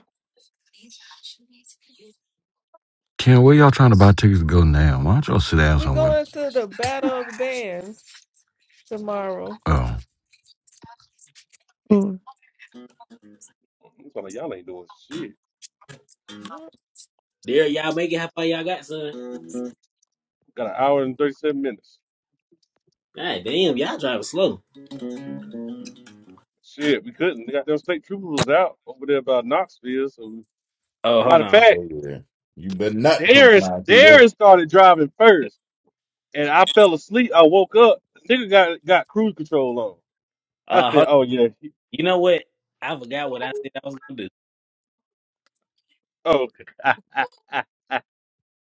Speaker 14: Ken, where y'all trying to buy tickets to go now? Why don't y'all sit down
Speaker 17: We
Speaker 14: somewhere?
Speaker 17: going to the Battle of the Bands tomorrow.
Speaker 14: Oh.
Speaker 1: I'm talking, y'all ain't doing shit.
Speaker 17: Mm-hmm.
Speaker 5: There, y'all make it how far y'all got, son.
Speaker 1: Got an hour and thirty-seven minutes.
Speaker 5: God damn, y'all driving slow.
Speaker 1: Shit, we couldn't. They got them state troopers out over there by Knoxville. So, we-
Speaker 5: Oh, hold
Speaker 1: matter of
Speaker 5: on.
Speaker 1: fact,
Speaker 12: Oh yeah, you better not come
Speaker 1: Darren
Speaker 12: flying through there.
Speaker 1: Darren started driving first, and I fell asleep. I woke up. The Nigga got got cruise control on. I
Speaker 5: Uh, hold
Speaker 1: said,
Speaker 5: on.
Speaker 1: "Oh yeah, he-
Speaker 5: You know what? I forgot what I said I was gonna do.
Speaker 1: oh." okay.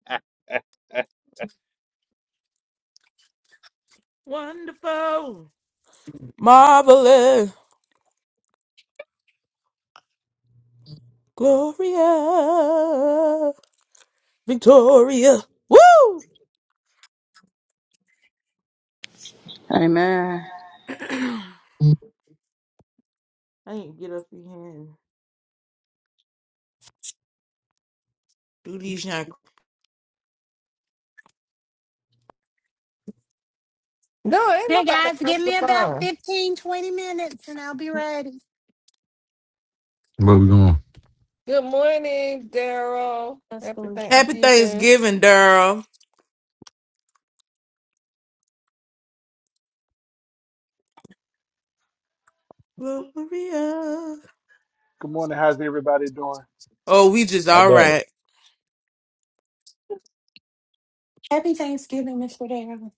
Speaker 18: Wonderful. Marvelous. Gloria. Victoria. Woo!
Speaker 21: Amen.
Speaker 18: I ain't get up in here and do these young.
Speaker 17: No, ain't nobody
Speaker 6: guys, give
Speaker 17: answer
Speaker 6: me
Speaker 17: the
Speaker 6: about
Speaker 17: phone.
Speaker 6: 15 20 minutes and I'll be ready.
Speaker 14: Where we going?
Speaker 17: Good morning, Daryl.
Speaker 6: That's
Speaker 17: Happy
Speaker 18: Happy
Speaker 17: Thanksgiving.
Speaker 18: Thanksgiving, Daryl. Gloria.
Speaker 22: Good morning. How's everybody doing?
Speaker 18: Oh, we just
Speaker 12: How
Speaker 18: all
Speaker 12: about it?
Speaker 18: right.
Speaker 6: Happy Thanksgiving, Mr. Darrell.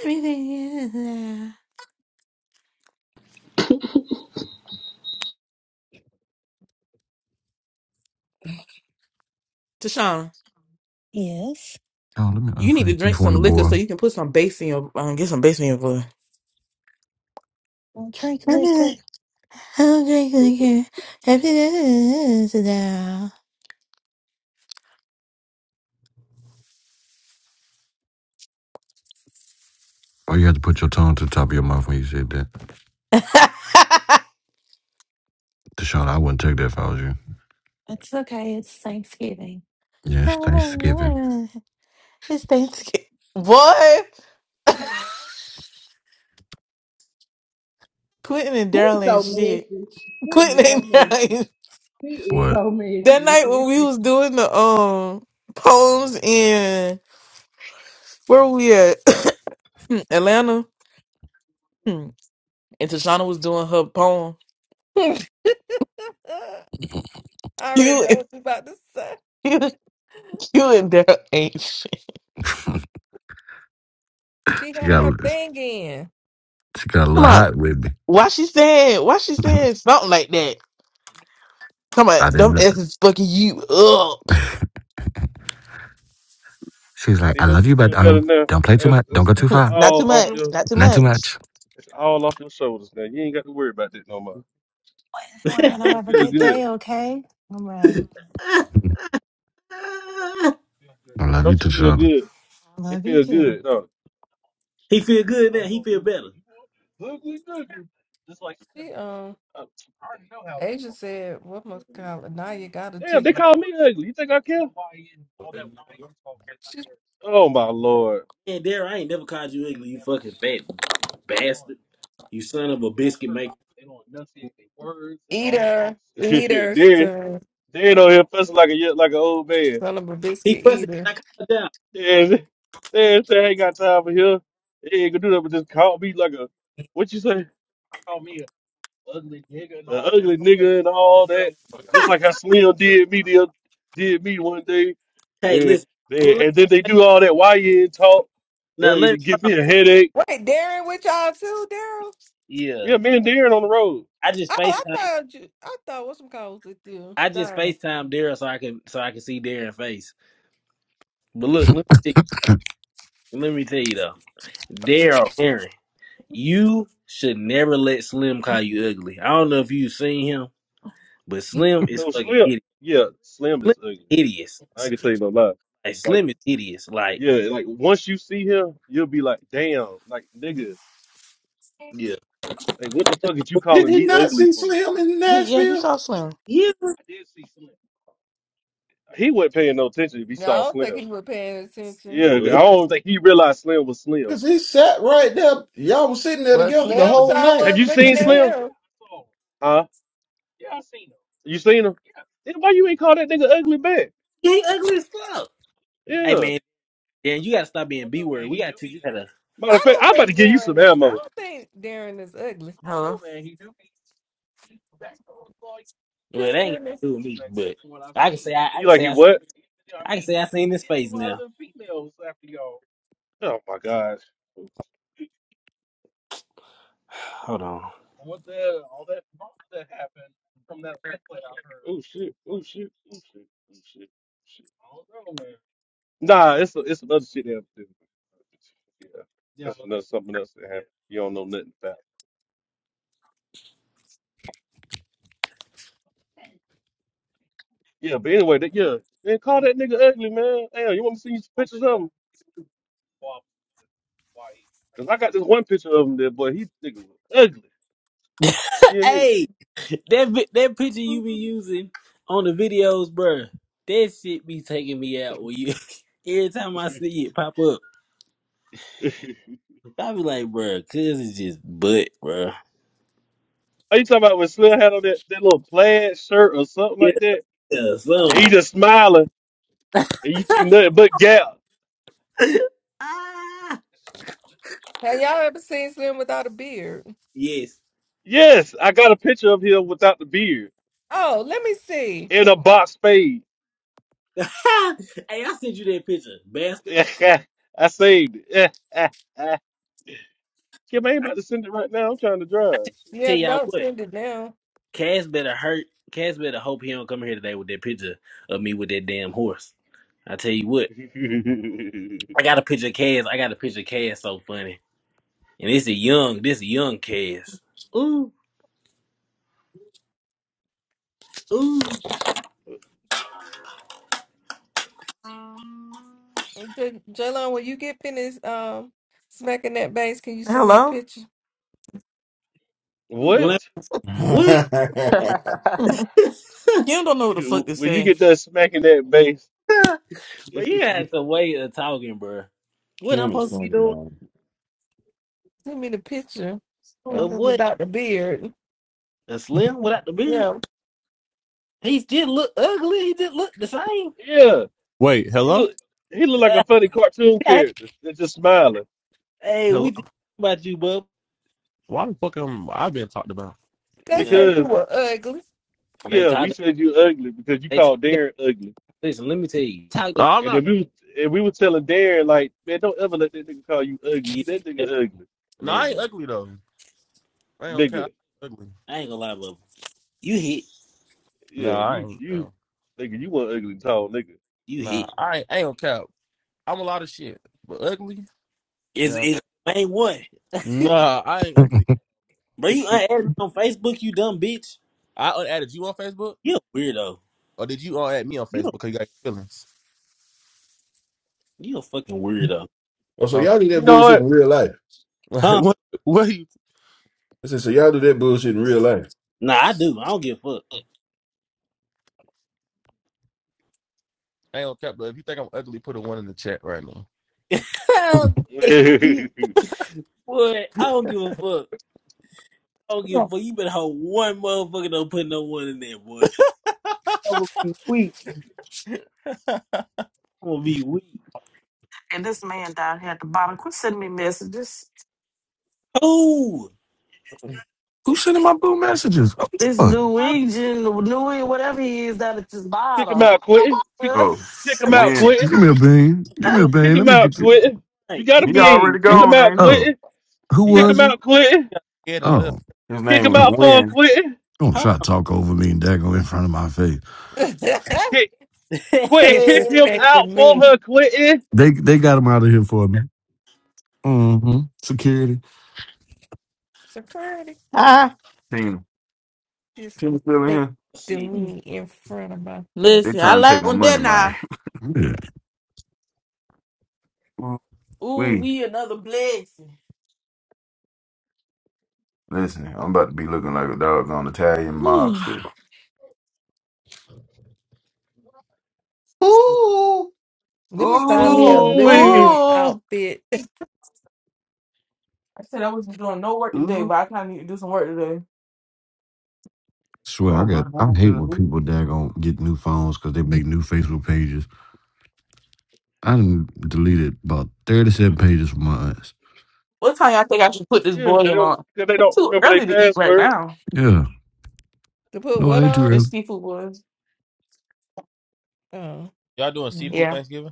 Speaker 18: Everything is there. Tashawn,
Speaker 6: Yes.
Speaker 14: Oh, let me
Speaker 18: you need to
Speaker 14: unfriend you
Speaker 18: drink
Speaker 14: from
Speaker 18: some
Speaker 14: the
Speaker 18: liquor
Speaker 14: boy.
Speaker 18: so you can put some bass in your um, get some bass in your voice.
Speaker 6: Don't drink liquor.
Speaker 18: Everything- I'll drink liquor. Everything is there.
Speaker 14: Oh, you had to put your tongue to the top of your mouth when you said that. Deshaun, I wouldn't take that if I was you.
Speaker 6: It's okay. It's Thanksgiving.
Speaker 14: Yes, Thanksgiving.
Speaker 18: It's Thanksgiving. Boy, Quentin and
Speaker 4: Quinn
Speaker 18: Daryl ain't
Speaker 4: so messy.
Speaker 18: shit.
Speaker 4: Quinn is
Speaker 18: Quentin and
Speaker 4: so messy.
Speaker 18: Daryl ain't
Speaker 4: She is
Speaker 14: But
Speaker 4: so
Speaker 18: that
Speaker 4: messy.
Speaker 18: night when we was doing the um poems in where were we at Atlanta. Hmm. And Tashana was doing her poem.
Speaker 17: I already
Speaker 18: You,
Speaker 17: know what you about to say.
Speaker 18: you, you and Daryl ain't shit.
Speaker 17: She
Speaker 14: she
Speaker 17: had
Speaker 14: got
Speaker 17: her thing in.
Speaker 14: she got a
Speaker 18: Come
Speaker 14: little
Speaker 18: on.
Speaker 14: hot with me.
Speaker 18: Why she saying, why she saying something like that? Come
Speaker 14: I
Speaker 18: on.
Speaker 14: didn't
Speaker 18: Them
Speaker 14: know.
Speaker 18: asses fucking you up.
Speaker 14: She's like,
Speaker 1: See,
Speaker 14: I
Speaker 1: don't
Speaker 14: love
Speaker 1: you
Speaker 14: you, but
Speaker 1: feel better
Speaker 14: um,
Speaker 1: now?
Speaker 14: don't play too
Speaker 1: It's,
Speaker 14: much. Don't
Speaker 1: it's,
Speaker 14: go too
Speaker 1: it's
Speaker 14: far.
Speaker 18: not
Speaker 1: all
Speaker 18: too
Speaker 1: off
Speaker 18: much.
Speaker 1: your
Speaker 18: Not too
Speaker 14: Not too
Speaker 18: much.
Speaker 14: much.
Speaker 1: it's all off your shoulders now. You ain't got to worry about that no more.
Speaker 6: We're going to
Speaker 1: Don't it
Speaker 6: have a
Speaker 1: feel
Speaker 6: good
Speaker 1: good?
Speaker 6: day, okay? All right.
Speaker 5: Ah,
Speaker 14: I love you,
Speaker 1: Don't
Speaker 14: too,
Speaker 1: you feel
Speaker 14: Deshaun.
Speaker 1: good? It
Speaker 6: Love you
Speaker 1: feel
Speaker 6: too.
Speaker 1: good. No.
Speaker 5: he feel good now. He feel better.
Speaker 17: She um Asia said, what must call it? Now you got a
Speaker 1: Damn, they
Speaker 17: TikTok.
Speaker 1: call me ugly. You think I care?
Speaker 17: She
Speaker 1: Oh my lord.
Speaker 5: Man, Dare, I ain't never called you ugly. You fucking fat bastard. You son of a biscuit maker.
Speaker 17: eater.
Speaker 1: then
Speaker 17: Eater, son.
Speaker 1: then on here fussing like a ye- like an old man.
Speaker 17: Son of a
Speaker 5: He
Speaker 17: biscuit
Speaker 5: fussing
Speaker 17: eater.
Speaker 5: 'cause I called down.
Speaker 1: Then then say I ain't got time for here. They ain't gonna do that, but just call me like a what you say? ugly nigga and the all ugly nigga and all that. Just like how Slim did me the, oth- did me one day,
Speaker 5: Hey,
Speaker 1: and
Speaker 5: listen. Well, let,
Speaker 1: they, and then they do all that YN talk.
Speaker 5: now
Speaker 1: They, they
Speaker 5: let.
Speaker 1: give me a headache.
Speaker 17: Wait, Darren with y'all too, Daryl?
Speaker 5: Yeah,
Speaker 1: Yeah, me and Darren on the road.
Speaker 5: I just
Speaker 17: Oh, I
Speaker 5: Facetime.
Speaker 17: thought you I thought what's some calls with you,
Speaker 5: I just
Speaker 17: Donna.
Speaker 5: Facetime Daryl so I can so I can see Darren's face. But look, let me, let me tell you though, Daryl, Aaron. You should never let Slim call you ugly. I don't know if you've seen him, but Slim is
Speaker 1: So
Speaker 5: fucking
Speaker 1: Slim,
Speaker 5: hideous.
Speaker 1: yeah, Slim
Speaker 5: Slim
Speaker 1: is ugly.
Speaker 5: is hideous.
Speaker 1: I can tell you no lie.
Speaker 5: Like
Speaker 1: Like
Speaker 5: Slim is hideous. Like
Speaker 1: yeah, like once you see him, you'll be like, damn, like nigga,
Speaker 5: yeah,
Speaker 1: like what the fuck is you
Speaker 12: Did
Speaker 1: calling
Speaker 12: he
Speaker 1: me
Speaker 12: not
Speaker 1: ugly
Speaker 12: see
Speaker 1: for?
Speaker 12: Slim in
Speaker 18: He, yeah, he
Speaker 12: Nashville?
Speaker 18: saw Slim.
Speaker 5: yeah,
Speaker 1: I did see Slim. He wasn't paying no attention if he
Speaker 17: No, I
Speaker 1: saw
Speaker 17: don't think
Speaker 1: Slim.
Speaker 17: he was paying attention.
Speaker 1: Yeah, I
Speaker 5: well, he,
Speaker 1: don't think he realized Slim was Slim.
Speaker 12: Cause he sat right there. Y'all was sitting there
Speaker 17: Well
Speaker 12: together the
Speaker 17: Slim
Speaker 12: whole
Speaker 17: Shaw
Speaker 12: night.
Speaker 1: Have
Speaker 17: was
Speaker 1: you
Speaker 17: looking
Speaker 1: seen
Speaker 17: at
Speaker 1: Slim?
Speaker 17: him.
Speaker 1: Huh? You seen him? Then why you ain't call that nigga ugly back?
Speaker 5: he ugly as fuck. Hey
Speaker 1: Yeah.
Speaker 5: man, Dan, you gotta stop being B word. We gotta teach you how to.
Speaker 1: Matter of
Speaker 17: I
Speaker 1: fact,
Speaker 17: don't
Speaker 1: I'm about to
Speaker 17: think
Speaker 1: give you some
Speaker 17: Darren is I
Speaker 1: ammo.
Speaker 17: don't think Darren is ugly.
Speaker 18: Hello.
Speaker 5: Well, that ain't
Speaker 17: Kristen
Speaker 5: got to do with me, but I can say I, I
Speaker 1: You
Speaker 5: can
Speaker 1: like
Speaker 5: say
Speaker 1: he
Speaker 5: I,
Speaker 1: what?
Speaker 5: I can say I seen this face now.
Speaker 1: Oh my gosh.
Speaker 5: Hold on.
Speaker 1: Oh shit. Oh shit. Oh shit. Oh shit. shit. Nah, it's it's some other shit that happened. Yeah. That's another something else that happened. You don't know nothing about. Yeah, but anyway, that, yeah. Man, call that nigga ugly, man. Damn, you want me to see you some pictures of him? Cause I got this one picture of him there, boy. He nigga was ugly. You know
Speaker 5: hey, That vi- that picture you be using on the videos, bruh, that shit be taking me out when you. Every time
Speaker 1: what
Speaker 5: I
Speaker 1: I mean?
Speaker 5: see it pop up, I be like, bruh, cuz it's just butt, bruh.
Speaker 1: Are you talking about when Slim had on that, that little plaid shirt or something
Speaker 5: Yeah,
Speaker 1: like that?
Speaker 5: yeah, so.
Speaker 1: And he just smiling and you see nothing but gap.
Speaker 5: ah,
Speaker 17: Have y'all ever seen Slim without a beard?
Speaker 5: yes.
Speaker 1: Yes, I got a picture of him without the beard
Speaker 17: Oh, let me see.
Speaker 1: in a box spade.
Speaker 5: hey, I sent you that picture, bastard.
Speaker 1: I saved it. Kim, I ain't about to send it right now. I'm trying to
Speaker 5: I
Speaker 1: drive.
Speaker 5: t-
Speaker 17: Yeah,
Speaker 5: tell y'all
Speaker 17: don't
Speaker 5: what,
Speaker 17: send it down.
Speaker 5: Cass better hurt. Cass better hope he don't come here today with that picture of me with that damn horse. I tell you what, I got a picture of Cass. I got a picture of Cass so funny. And this a young, this a young cast. Ooh, ooh.
Speaker 17: J- Jalon, when you get finished um smacking that bass, can you send me the
Speaker 18: Hello?
Speaker 17: picture? Hmm,
Speaker 5: And when I-
Speaker 1: what?
Speaker 5: what?
Speaker 18: Kim don't know what the fuck to
Speaker 1: When you
Speaker 18: say.
Speaker 1: get done smacking that bass.
Speaker 5: bro, you had some way of talking, bro. What I'm
Speaker 12: Kim is
Speaker 5: supposed to be
Speaker 12: funny,
Speaker 5: doing?
Speaker 12: man.
Speaker 17: Send me the picture of
Speaker 5: Of
Speaker 17: him
Speaker 5: what?
Speaker 17: without the beard.
Speaker 5: A slim without the beard?
Speaker 17: Yeah,
Speaker 5: He did look ugly. He did look the same.
Speaker 1: yeah, he
Speaker 19: Wait, hello,
Speaker 1: look, he look like a funny cartoon character that's just smiling
Speaker 5: hey, we
Speaker 19: hello.
Speaker 5: just talked about you, bub.
Speaker 19: Why the fuck am I being talked about?
Speaker 17: they
Speaker 5: Yeah,
Speaker 17: said you
Speaker 1: because.
Speaker 17: were ugly.
Speaker 5: they
Speaker 1: Yeah, we
Speaker 5: talked.
Speaker 1: said you ugly because you
Speaker 5: They talked.
Speaker 1: called
Speaker 5: About,
Speaker 1: Darren ugly.
Speaker 5: listen, let me tell you. Talked
Speaker 19: No,
Speaker 5: about
Speaker 19: I'm
Speaker 1: And
Speaker 19: not.
Speaker 1: then we was and we were telling Darren like, man, don't ever let that nigga call you ugly.
Speaker 5: you.
Speaker 1: You that nigga ugly.
Speaker 19: No, I ain't
Speaker 5: Never.
Speaker 19: ugly though. I ain't okay. I
Speaker 1: Nigga.
Speaker 19: ain't Ugly.
Speaker 5: I ain't gonna lie, bub. You hit.
Speaker 19: No,
Speaker 1: Yeah,
Speaker 19: I
Speaker 1: you
Speaker 19: ain't
Speaker 1: you
Speaker 19: though.
Speaker 1: nigga, you want ugly tall nigga.
Speaker 5: You
Speaker 19: Nah,
Speaker 5: hit.
Speaker 19: I ain't, I ain't okay. I'm a lot of shit, but ugly.
Speaker 5: It's
Speaker 19: Yeah.
Speaker 5: it's main one,
Speaker 19: Nah, I ain't ugly.
Speaker 5: bro. You unadded me
Speaker 1: you
Speaker 5: on Facebook. You dumb bitch.
Speaker 19: I un- added you on Facebook,
Speaker 5: You a weirdo.
Speaker 19: or did you all add me on
Speaker 5: You a,
Speaker 19: Facebook because you got your feelings?
Speaker 5: you a fucking weirdo.
Speaker 12: Oh, so
Speaker 19: Oh,
Speaker 12: y'all do that
Speaker 1: know
Speaker 12: bullshit in
Speaker 1: what?
Speaker 12: real life?
Speaker 5: Huh?
Speaker 19: what? What? Are You,
Speaker 12: I said, so y'all do that bullshit in real life?
Speaker 5: Nah, I do. I don't give a
Speaker 19: I ain't on cap, but if you think I'm ugly, put a one in the chat right now.
Speaker 5: fuck. What? I don't give a fuck. I don't give a fuck. You better hold one motherfucker don't put no one in there, boy. I'm gonna be weak. I'm gonna be weak.
Speaker 7: And this man down here at the bottom, quit sending me messages.
Speaker 5: Oh,
Speaker 14: Who's sending my blue messages? Oh, what the
Speaker 7: This
Speaker 14: fuck.
Speaker 7: New
Speaker 5: Huh?
Speaker 7: England, New whatever he is down at this
Speaker 1: Kick him
Speaker 7: bottom.
Speaker 1: out, Quentin. Kick,
Speaker 12: Oh,
Speaker 1: kick him out,
Speaker 12: Win.
Speaker 1: Quentin.
Speaker 14: Give me a bean. Give me
Speaker 5: You
Speaker 14: a
Speaker 5: know,
Speaker 1: Kick
Speaker 14: bean. Let
Speaker 1: him
Speaker 14: me
Speaker 1: out,
Speaker 14: get you.
Speaker 1: Quentin. You
Speaker 5: right.
Speaker 1: got to
Speaker 5: He
Speaker 12: He
Speaker 5: gonna
Speaker 1: bean.
Speaker 12: already
Speaker 1: Kick
Speaker 14: Who?
Speaker 1: him
Speaker 12: gone,
Speaker 1: out,
Speaker 12: ain't
Speaker 14: Oh,
Speaker 1: Quentin.
Speaker 14: who
Speaker 19: he
Speaker 5: get
Speaker 1: Kick
Speaker 19: got
Speaker 14: was
Speaker 1: him
Speaker 14: it?
Speaker 1: out, Quentin.
Speaker 19: he got scared and left.
Speaker 14: Oh,
Speaker 12: he? His
Speaker 1: Kick him
Speaker 12: name
Speaker 14: oh
Speaker 1: out
Speaker 12: was
Speaker 1: for her,
Speaker 12: Win.
Speaker 1: Quentin.
Speaker 14: don't
Speaker 5: hot.
Speaker 14: try to talk over me and dago in front of my face.
Speaker 1: Kick, Quentin, kick him out
Speaker 17: Disrespecting
Speaker 1: for
Speaker 17: me.
Speaker 1: her, Quentin.
Speaker 14: They they got him out of here for me. Mm-hmm. Security.
Speaker 17: Security
Speaker 18: Ah,
Speaker 12: Can you feel me
Speaker 17: disrespecting
Speaker 12: here?
Speaker 5: Shit.
Speaker 17: me in front of my
Speaker 12: They
Speaker 18: Listen,
Speaker 17: face.
Speaker 18: I
Speaker 12: trying to take
Speaker 18: like
Speaker 12: my
Speaker 18: when
Speaker 12: money,
Speaker 18: that
Speaker 12: man.
Speaker 18: now.
Speaker 14: Yeah.
Speaker 18: Ooh,
Speaker 12: We
Speaker 18: we another blessing.
Speaker 12: listen. I'm about to be looking like a doggone Italian
Speaker 18: Ooh.
Speaker 12: mobster. Ooh,
Speaker 17: Let me find me a
Speaker 12: ooh,
Speaker 17: living
Speaker 12: we,
Speaker 1: Ooh,
Speaker 17: room
Speaker 18: Ooh.
Speaker 17: outfit to
Speaker 18: I said I wasn't doing no work today,
Speaker 12: ooh.
Speaker 18: but I kind of need to do some work today.
Speaker 14: Swear, I
Speaker 12: Oh my
Speaker 14: got. I
Speaker 12: God.
Speaker 14: hate when
Speaker 12: ooh.
Speaker 14: people daggone get new phones because they make new Facebook pages. I done deleted about thirty-seven pages from mine.
Speaker 18: What time y'all think I should put this
Speaker 1: Yeah, because they,
Speaker 18: boil
Speaker 1: don't-
Speaker 18: on?
Speaker 1: 'cause they
Speaker 18: It's
Speaker 1: don't
Speaker 18: too
Speaker 1: remember their
Speaker 18: early to eat right
Speaker 1: password.
Speaker 18: now.
Speaker 14: Yeah.
Speaker 17: put
Speaker 14: No, it
Speaker 17: what
Speaker 14: ain't too
Speaker 17: on?
Speaker 18: This
Speaker 14: early.
Speaker 18: seafood was.
Speaker 17: Oh.
Speaker 19: Y'all doing
Speaker 17: mm.
Speaker 19: seafood
Speaker 18: Yeah.
Speaker 19: Thanksgiving?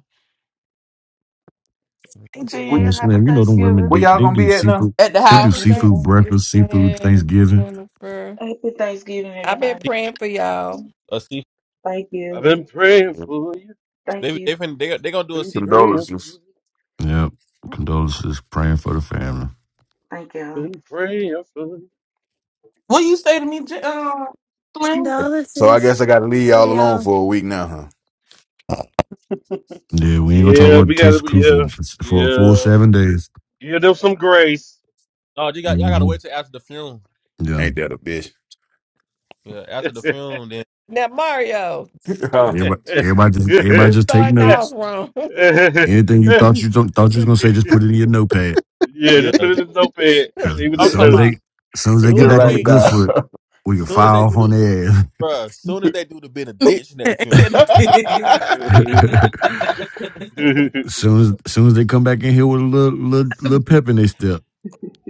Speaker 7: Hey,
Speaker 12: we.
Speaker 14: Yeah,
Speaker 7: Jen, happy
Speaker 14: Slim, you know them women.
Speaker 7: Thanksgiving.
Speaker 12: where
Speaker 14: They
Speaker 12: y'all
Speaker 14: they
Speaker 12: gonna
Speaker 14: do
Speaker 12: be at now?
Speaker 14: seafood.
Speaker 18: At the
Speaker 14: They do
Speaker 18: house.
Speaker 17: Happy
Speaker 23: Happy,
Speaker 14: seafood
Speaker 23: thanks-
Speaker 14: breakfast, seafood
Speaker 17: Thanksgiving,
Speaker 14: Thanksgiving.
Speaker 17: Jennifer.
Speaker 23: happy Thanksgiving,
Speaker 17: I've been
Speaker 23: everybody.
Speaker 19: Se-
Speaker 17: praying for y'all.
Speaker 19: A seafood?
Speaker 23: Thank
Speaker 1: I've
Speaker 23: you.
Speaker 1: been praying for you.
Speaker 23: Thank
Speaker 19: They
Speaker 23: you.
Speaker 19: they fin- they they gonna
Speaker 1: I've
Speaker 19: do a
Speaker 1: been
Speaker 19: seafood?
Speaker 1: praying for
Speaker 12: Condolences.
Speaker 1: you.
Speaker 14: Yep. Condolences. Praying for the family.
Speaker 23: Thank y'all.
Speaker 1: Been praying for you.
Speaker 18: What you say to me, J- uh, Slim?
Speaker 12: So I
Speaker 6: Condolences.
Speaker 12: guess I got to leave
Speaker 6: Love
Speaker 12: y'all alone
Speaker 6: y'all.
Speaker 12: for a week now, huh?
Speaker 14: Yeah, we ain't gonna talk
Speaker 1: Yeah,
Speaker 14: about
Speaker 1: we
Speaker 14: the
Speaker 1: gotta.
Speaker 14: Texas
Speaker 1: be-
Speaker 14: crew for
Speaker 1: Yeah,
Speaker 14: for a full
Speaker 1: yeah.
Speaker 14: seven days.
Speaker 1: Give them some grace.
Speaker 19: No, you got y'all gotta
Speaker 14: hmm
Speaker 19: wait till after the film.
Speaker 14: Yeah,
Speaker 12: Ain't that a bitch?
Speaker 19: Yeah, after the
Speaker 1: yeah,
Speaker 19: film, then
Speaker 17: Now, Mario,
Speaker 14: everybody, everybody just everybody
Speaker 17: you
Speaker 14: just take
Speaker 17: starting off
Speaker 14: notes.
Speaker 17: wrong.
Speaker 14: Anything you thought you don't, thought you was gonna say, just put it in your notepad.
Speaker 19: yeah.
Speaker 1: just put
Speaker 19: just-
Speaker 1: it in the notepad.
Speaker 14: 'Cause
Speaker 1: Save it
Speaker 14: As
Speaker 19: I'm
Speaker 1: in the
Speaker 14: soon
Speaker 19: talking
Speaker 14: as
Speaker 19: about
Speaker 14: they,
Speaker 1: notes.
Speaker 14: as soon as they
Speaker 12: Just
Speaker 14: get
Speaker 19: soon as
Speaker 14: back on
Speaker 12: write
Speaker 14: the
Speaker 12: it
Speaker 19: they
Speaker 14: good
Speaker 12: down.
Speaker 19: eh,
Speaker 14: foot, we can
Speaker 19: soon as
Speaker 14: fire
Speaker 19: they do
Speaker 14: off on
Speaker 19: the
Speaker 14: their ass.
Speaker 19: bruh, soon as they do the benediction at the
Speaker 18: Ain't
Speaker 19: film.
Speaker 18: that a pig?
Speaker 12: I
Speaker 14: as soon as, as soon as they come back in here with a little little, little pep in their step,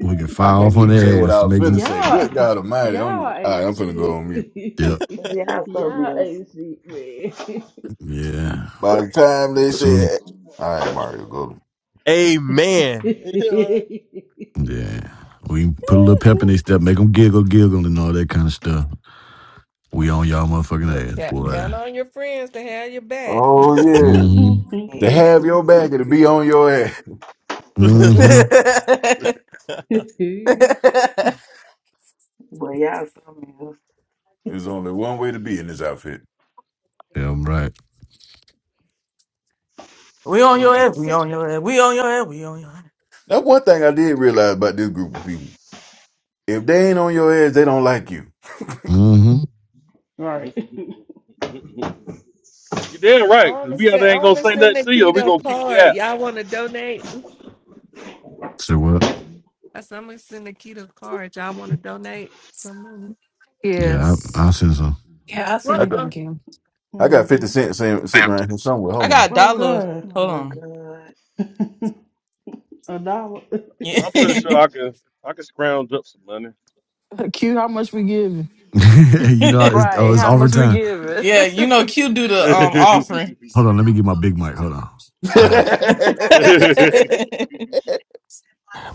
Speaker 14: we can fire
Speaker 12: can't
Speaker 14: off on
Speaker 12: even say
Speaker 14: their
Speaker 12: what
Speaker 14: ass
Speaker 12: I
Speaker 14: to
Speaker 12: was
Speaker 14: make
Speaker 12: finna
Speaker 14: them.
Speaker 12: say.
Speaker 4: Yeah,
Speaker 12: Good
Speaker 4: all
Speaker 12: God Almighty! I'm
Speaker 4: y'all
Speaker 12: all right,
Speaker 4: ain't
Speaker 12: I'm finna go
Speaker 4: shit.
Speaker 12: on mute.
Speaker 14: Yeah,
Speaker 23: But y'all so
Speaker 4: y'all
Speaker 23: meals.
Speaker 4: ain't shit, man.
Speaker 14: yeah.
Speaker 12: By the time they
Speaker 14: As soon as,
Speaker 12: said, "All right, Mario, go,"
Speaker 19: Amen.
Speaker 14: yeah, we put a little pep in their step, make them giggle, giggle, and all that kind of stuff. We on y'all motherfucking
Speaker 17: Look,
Speaker 14: ass,
Speaker 17: count,
Speaker 14: boy.
Speaker 17: count on your friends to have your back. I
Speaker 12: oh yeah,
Speaker 14: Mm-hmm.
Speaker 23: But
Speaker 12: to have your back and to be on your ass.
Speaker 19: You know what
Speaker 14: Mm-hmm.
Speaker 19: I mean?
Speaker 23: y'all so meals.
Speaker 12: There's only one way to be in this outfit.
Speaker 14: Yeah, I'm right.
Speaker 18: we on your ass. We on your ass. We on your ass. We on your ass.
Speaker 12: That's one thing I did realize about this group of people. If they ain't on your ass, they don't like you.
Speaker 14: Mm-hmm.
Speaker 4: right.
Speaker 1: You're damn right,
Speaker 17: want
Speaker 1: because
Speaker 17: to
Speaker 1: we either
Speaker 17: send, I
Speaker 1: ain't
Speaker 17: want
Speaker 1: gonna
Speaker 17: to
Speaker 1: say
Speaker 17: send
Speaker 1: nothing to you or we
Speaker 17: Nikita a
Speaker 1: gonna kick you out.
Speaker 17: card. Y'all want to donate?
Speaker 14: So what?
Speaker 17: I said, I'm going to send Nikita a card. Y'all want to donate? Come
Speaker 14: Yeah, I,
Speaker 7: Yes.
Speaker 14: I'll send some.
Speaker 6: Yeah, I'll send
Speaker 12: I
Speaker 17: on.
Speaker 6: you
Speaker 12: got,
Speaker 6: some, Kim.
Speaker 12: I got
Speaker 4: hmm
Speaker 12: fifty cents sitting sitting around here somewhere.
Speaker 18: I
Speaker 12: Hold on.
Speaker 18: got a
Speaker 4: Oh
Speaker 18: dollar.
Speaker 4: God,
Speaker 23: Oh
Speaker 18: Hold
Speaker 23: my
Speaker 18: on.
Speaker 23: God.
Speaker 4: a dollar is
Speaker 1: I'm pretty
Speaker 4: crazy.
Speaker 1: sure I can I can scrounge up some money.
Speaker 21: Q, how much we giving?
Speaker 14: you know,
Speaker 18: Yeah.
Speaker 14: it's,
Speaker 7: Right.
Speaker 14: oh, it's
Speaker 7: How much we
Speaker 14: overtime.
Speaker 7: giving?
Speaker 18: yeah, you know Q do the um offering.
Speaker 14: Hold on, let me get my big mic. Hold on. Ah.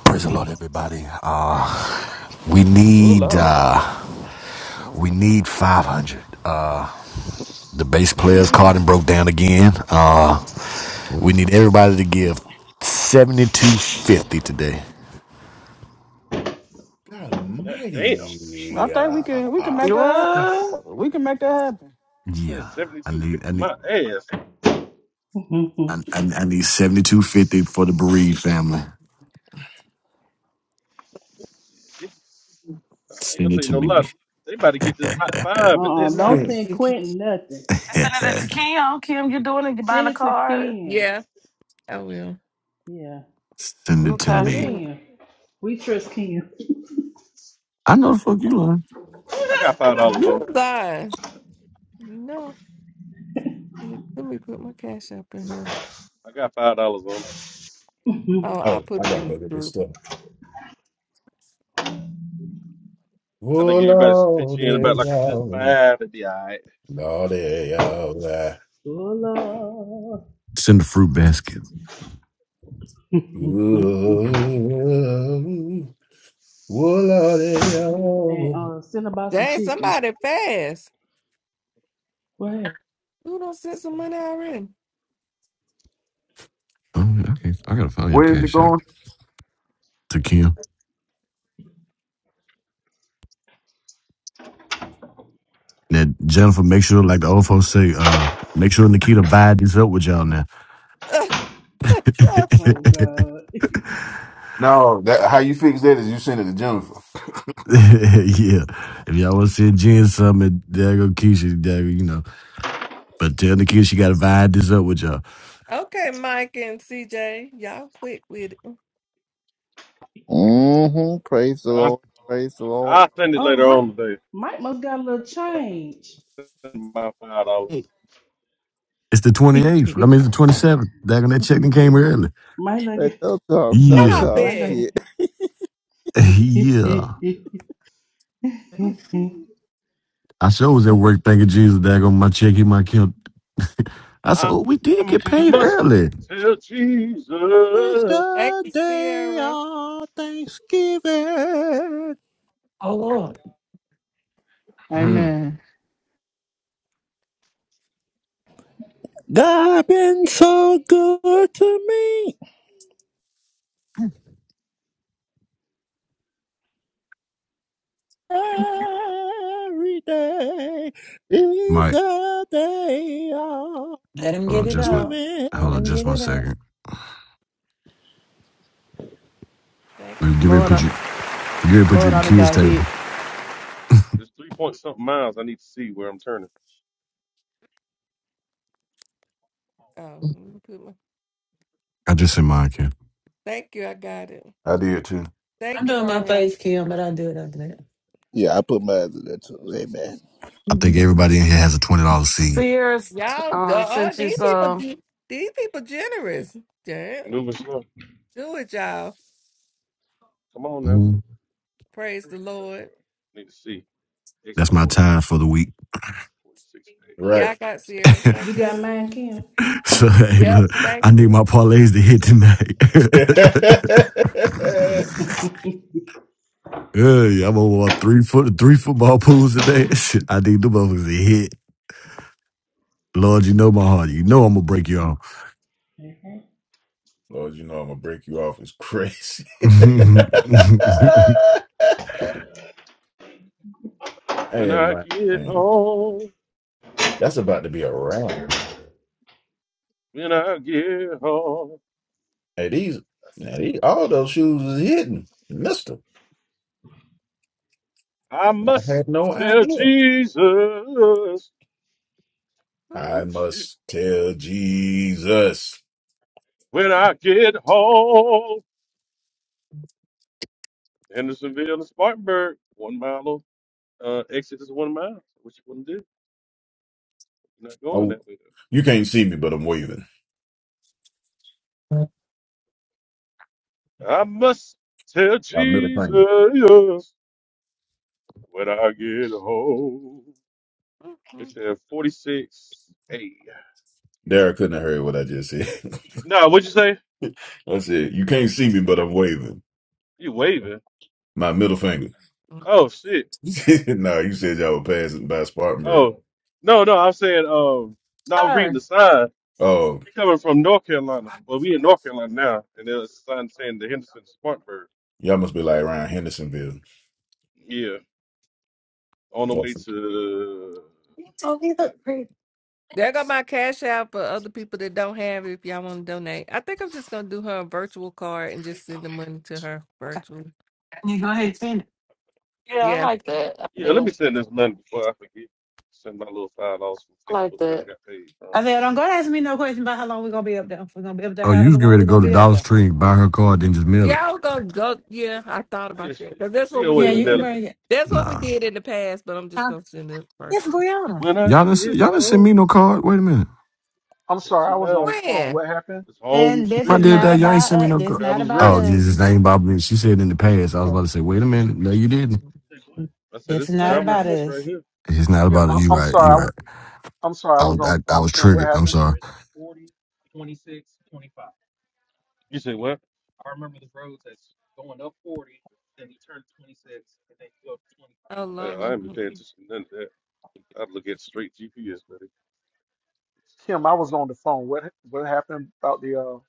Speaker 14: Praise the Lord, everybody. Uh, we
Speaker 18: Ooh
Speaker 14: need
Speaker 18: Lord.
Speaker 14: uh, we need 500. Uh, the bass
Speaker 17: Uh-uh.
Speaker 14: player's card and broke down again. Uh, we need everybody to give 72.50 today.
Speaker 12: God
Speaker 1: God damn.
Speaker 21: I
Speaker 12: Almighty!
Speaker 21: think we can we can
Speaker 12: Ah.
Speaker 21: make that happen.
Speaker 7: what?
Speaker 21: We can make that happen.
Speaker 1: That's
Speaker 14: Yeah,
Speaker 1: seventy
Speaker 14: I
Speaker 1: two
Speaker 14: need
Speaker 1: fifty
Speaker 14: I need.
Speaker 1: my ass.
Speaker 14: I, I, I need seventy two fifty for the bereaved family.
Speaker 1: Shit, they- I ain't gonna
Speaker 14: Send it
Speaker 1: tell you
Speaker 14: to
Speaker 1: no
Speaker 14: me.
Speaker 1: lie. They about to get this hot five and
Speaker 17: Do
Speaker 4: uh-uh,
Speaker 1: that's it.
Speaker 4: don't
Speaker 17: not.
Speaker 12: Hmm.
Speaker 4: send Quentin nothing.
Speaker 7: I sending it to Kim. Kim, you doing it? You buying
Speaker 4: Send
Speaker 7: a
Speaker 4: it to
Speaker 7: card?
Speaker 4: Ken.
Speaker 17: Yeah, I will.
Speaker 4: Yeah,
Speaker 14: Send
Speaker 4: we
Speaker 14: it to
Speaker 7: Okay.
Speaker 4: trust
Speaker 14: me.
Speaker 17: Mm,
Speaker 4: Ken. We trust Ken.
Speaker 14: I know the fuck you lying.
Speaker 1: I got five dollars on
Speaker 17: You
Speaker 1: it.
Speaker 17: lie. No. you- Let me put my cash up in here.
Speaker 1: I got five dollars on
Speaker 4: oh,
Speaker 17: Oh, I
Speaker 12: oh,
Speaker 17: put
Speaker 12: I
Speaker 17: it
Speaker 12: gotta
Speaker 17: in the
Speaker 12: go get this
Speaker 17: group.
Speaker 12: store.
Speaker 1: it. I
Speaker 12: Oh
Speaker 1: think everybody should pitch
Speaker 12: Lordy,
Speaker 1: in about like a good
Speaker 12: y'all!
Speaker 1: five. It'd be all right.
Speaker 12: Lordy, y'all.
Speaker 14: Send a fruit basket.
Speaker 12: Ooh, ooh, Lordy,
Speaker 4: and
Speaker 12: yo.
Speaker 4: uh, send a box of
Speaker 17: Dang,
Speaker 4: chicken.
Speaker 17: somebody fast.
Speaker 4: What? happened?
Speaker 17: Who don't send some money already?
Speaker 14: Oh, okay. I gotta find your
Speaker 12: Where is it
Speaker 14: cash app.
Speaker 12: going?
Speaker 14: to Kim. Now, Jennifer, make sure, like the old folks say, uh, make sure Nikita vibe this up with y'all now.
Speaker 4: Oh, God.
Speaker 12: No, that how you fix that is you send it to Jennifer.
Speaker 14: yeah. If y'all want to see Jen something, there go Keisha, there go, you know. But tell Nikita she got to vibe this up with y'all.
Speaker 17: okay, Mike and CJ. Y'all quick with it.
Speaker 15: Mm-hmm. Praise the
Speaker 1: I
Speaker 15: Lord. Praise the Lord.
Speaker 1: I'll send it
Speaker 4: Oh,
Speaker 1: later
Speaker 4: Mike,
Speaker 1: on today.
Speaker 4: Mike must got a little
Speaker 1: I'll
Speaker 4: change.
Speaker 1: send my five dollars.
Speaker 21: Hey,
Speaker 14: It's the 28th. I mean, it's the 27th. That, that check done came early.
Speaker 4: Mike done
Speaker 15: Let
Speaker 4: got,
Speaker 15: those talk, talk,
Speaker 14: Yeah,
Speaker 17: Stop
Speaker 15: talk
Speaker 4: Mike done
Speaker 17: it.
Speaker 4: got-
Speaker 15: shit.
Speaker 14: yeah. I sure was at work thinking Jesus, daggone my check, he might count. I said,
Speaker 1: I
Speaker 14: oh, we did
Speaker 1: I
Speaker 14: get paid
Speaker 1: must
Speaker 14: early.
Speaker 1: tell
Speaker 15: It's
Speaker 1: Jesus.
Speaker 17: Thank
Speaker 15: the
Speaker 17: you,
Speaker 15: day
Speaker 17: Sierra.
Speaker 15: of Thanksgiving.
Speaker 6: Oh, Lord.
Speaker 12: Hmm.
Speaker 21: Amen.
Speaker 15: God been so good to me. Every day is
Speaker 14: Mike,
Speaker 15: the day of
Speaker 6: Let him
Speaker 14: hold
Speaker 6: get
Speaker 14: on,
Speaker 6: it
Speaker 14: just one,
Speaker 6: out.
Speaker 15: giving.
Speaker 6: Let
Speaker 14: hold on,
Speaker 6: him
Speaker 14: just
Speaker 6: get
Speaker 14: one
Speaker 6: it out.
Speaker 14: second.
Speaker 17: Thank
Speaker 14: We
Speaker 17: you,
Speaker 14: get ready to
Speaker 21: Lord,
Speaker 14: put
Speaker 17: Q.
Speaker 21: I,
Speaker 14: you, we get ready to put you at
Speaker 21: Lord,
Speaker 14: the
Speaker 21: I done
Speaker 14: kids'
Speaker 21: got hit.
Speaker 14: table.
Speaker 1: It's three point something miles. I need to see where I'm turning.
Speaker 17: Oh, let me put my
Speaker 14: I just said mine, Ken.
Speaker 17: thank you, I got it.
Speaker 12: I did too.
Speaker 6: I'm
Speaker 17: Thank you,
Speaker 6: doing my
Speaker 17: Mario.
Speaker 6: face, Kim, but I'll do it after that.
Speaker 15: Yeah, I put my other there too. Amen.
Speaker 14: I think everybody in here has a twenty dollar seed.
Speaker 7: Sears
Speaker 17: Y'all
Speaker 7: um,
Speaker 17: uh,
Speaker 7: sent you
Speaker 17: these people
Speaker 7: some.
Speaker 17: ge- these people generous. Damn.
Speaker 1: I'm moving slow.
Speaker 17: Do it, y'all.
Speaker 1: Come on now.
Speaker 14: Mhm.
Speaker 17: Praise the Lord.
Speaker 1: Need to see. Exit
Speaker 14: That's my
Speaker 1: 40,
Speaker 14: time for the week.
Speaker 1: 46 and 8.
Speaker 17: Yeah,
Speaker 12: Right.
Speaker 17: I got
Speaker 1: Make
Speaker 17: Sierra. Thank
Speaker 1: sure.
Speaker 4: You
Speaker 17: you.
Speaker 4: got mine, Kim?
Speaker 14: So hey,
Speaker 17: Yep,
Speaker 14: look,
Speaker 17: thank
Speaker 14: I need
Speaker 17: you.
Speaker 14: my parlays to hit
Speaker 4: Okay.
Speaker 14: tonight. hey, I'm gonna walk three foot three football pools today. Shit, I need the motherfuckers to hit. Lord, you know my heart. You know I'm gonna break your arm.
Speaker 12: Lord, you know I'm gonna break you off. It's crazy.
Speaker 1: When
Speaker 12: hey,
Speaker 1: I
Speaker 12: my
Speaker 1: get
Speaker 12: man.
Speaker 1: home,
Speaker 12: That's about to be a wrap.
Speaker 1: when I get home,
Speaker 12: Hey, these, now these all those shoes is hidden. Mister.
Speaker 1: I
Speaker 12: I had
Speaker 1: must
Speaker 12: no
Speaker 1: tell
Speaker 12: idea.
Speaker 1: Jesus. Oh,
Speaker 12: I
Speaker 1: shit.
Speaker 12: must tell Jesus.
Speaker 1: When I get home, Hendersonville and Spartanburg, one mile. off. Uh, exit is one mile. So What you want to do? You're not going
Speaker 12: Oh,
Speaker 1: that way. though.
Speaker 12: you can't see me, but I'm waving.
Speaker 1: I must tell
Speaker 12: My middle finger.
Speaker 1: Jesus. When I get home. It said 46.
Speaker 12: Derek couldn't have heard what I just said.
Speaker 1: No, what'd you say?
Speaker 12: I said, you can't see me, but I'm waving.
Speaker 1: You waving.
Speaker 12: My middle finger.
Speaker 1: Oh, shit.
Speaker 12: no, you said y'all were passing by Spartanburg.
Speaker 1: Oh. No, no, I'm saying, um, not reading
Speaker 6: Sir.
Speaker 1: the sign.
Speaker 12: Oh,
Speaker 1: We coming from North Carolina. Well, we in North Carolina now, and there's a sign saying the Henderson Spartanburg.
Speaker 12: y'all must be like around Hendersonville.
Speaker 1: Yeah, on the
Speaker 12: Yes.
Speaker 1: way to.
Speaker 6: You told me you
Speaker 1: Yeah,
Speaker 6: look pretty.
Speaker 17: There go my
Speaker 6: Okay.
Speaker 17: cash out for other people that don't have it if y'all want to donate. I think I'm just gonna do her a virtual card and just send the money to her virtually.
Speaker 6: You go ahead and send it.
Speaker 7: Yeah, I
Speaker 17: Yeah.
Speaker 7: like that. I
Speaker 1: yeah. Let
Speaker 7: do.
Speaker 1: me send this money before I forget. Send my little five dollars
Speaker 7: I
Speaker 1: from
Speaker 7: like
Speaker 1: Facebook that I
Speaker 7: that.
Speaker 1: got paid from.
Speaker 6: I said, don't go ask me no question about how long we're going to be up there. If we're going to be up there,
Speaker 14: oh, you
Speaker 6: however
Speaker 14: was getting
Speaker 6: long
Speaker 14: ready
Speaker 6: we're
Speaker 14: to
Speaker 6: going
Speaker 14: go
Speaker 6: to
Speaker 14: to
Speaker 6: be
Speaker 17: that-
Speaker 6: up
Speaker 14: Dollar
Speaker 6: there.
Speaker 14: Tree and buy her card, then just mail it.
Speaker 17: Yeah, I was gonna go yeah, I thought
Speaker 1: Yeah,
Speaker 17: about
Speaker 1: she,
Speaker 17: that. 'Cause that's what
Speaker 1: she
Speaker 17: we
Speaker 6: Yeah,
Speaker 1: always
Speaker 17: did
Speaker 6: you
Speaker 17: in
Speaker 6: can
Speaker 1: mail
Speaker 17: the
Speaker 1: it.
Speaker 6: bring it.
Speaker 17: that's what we
Speaker 14: Nah.
Speaker 17: did in the past, but I'm just
Speaker 6: Huh?
Speaker 17: gonna send it
Speaker 6: It's
Speaker 17: virtually.
Speaker 6: Brianna.
Speaker 1: When I
Speaker 14: Y'all didn't,
Speaker 1: get
Speaker 14: y'all didn't send
Speaker 1: home,
Speaker 14: me no card. Wait a minute.
Speaker 22: I'm sorry,
Speaker 1: twenty
Speaker 22: I was on the
Speaker 1: miles.
Speaker 22: phone.
Speaker 17: When?
Speaker 22: What happened?
Speaker 1: It's home
Speaker 6: And this
Speaker 14: My
Speaker 6: is
Speaker 1: street
Speaker 14: did
Speaker 1: right
Speaker 6: not
Speaker 14: that,
Speaker 1: here.
Speaker 14: y'all ain't
Speaker 6: about
Speaker 14: send me
Speaker 6: us.
Speaker 14: no
Speaker 6: This is
Speaker 14: card.
Speaker 6: not
Speaker 1: Travel's
Speaker 6: about
Speaker 14: Oh,
Speaker 1: rest.
Speaker 6: us.
Speaker 14: Jesus, that ain't about me. She said in the past. I was about to say, wait a minute. No, you didn't.
Speaker 1: I said,
Speaker 6: It's
Speaker 1: it's
Speaker 6: not
Speaker 22: Kim,
Speaker 1: travel's
Speaker 6: about
Speaker 17: Well
Speaker 1: rest right
Speaker 6: us.
Speaker 1: here.
Speaker 14: It's not about
Speaker 22: Kim
Speaker 14: it.
Speaker 22: I,
Speaker 14: You
Speaker 22: I'm
Speaker 14: right. You
Speaker 22: sorry.
Speaker 14: right.
Speaker 22: I, am sorry, I
Speaker 14: I,
Speaker 22: was
Speaker 14: was-
Speaker 22: on
Speaker 14: I,
Speaker 22: the
Speaker 14: I
Speaker 22: phone.
Speaker 14: was
Speaker 22: Kim, what
Speaker 14: triggered. I'm
Speaker 22: happened?
Speaker 14: sorry.
Speaker 1: You say what?
Speaker 17: oh
Speaker 1: I, I ain't been
Speaker 17: Lola.
Speaker 1: paying attention to none of that. I'd look at straight GPS, buddy.
Speaker 22: Kim, I was on the phone. What what happened about the uh,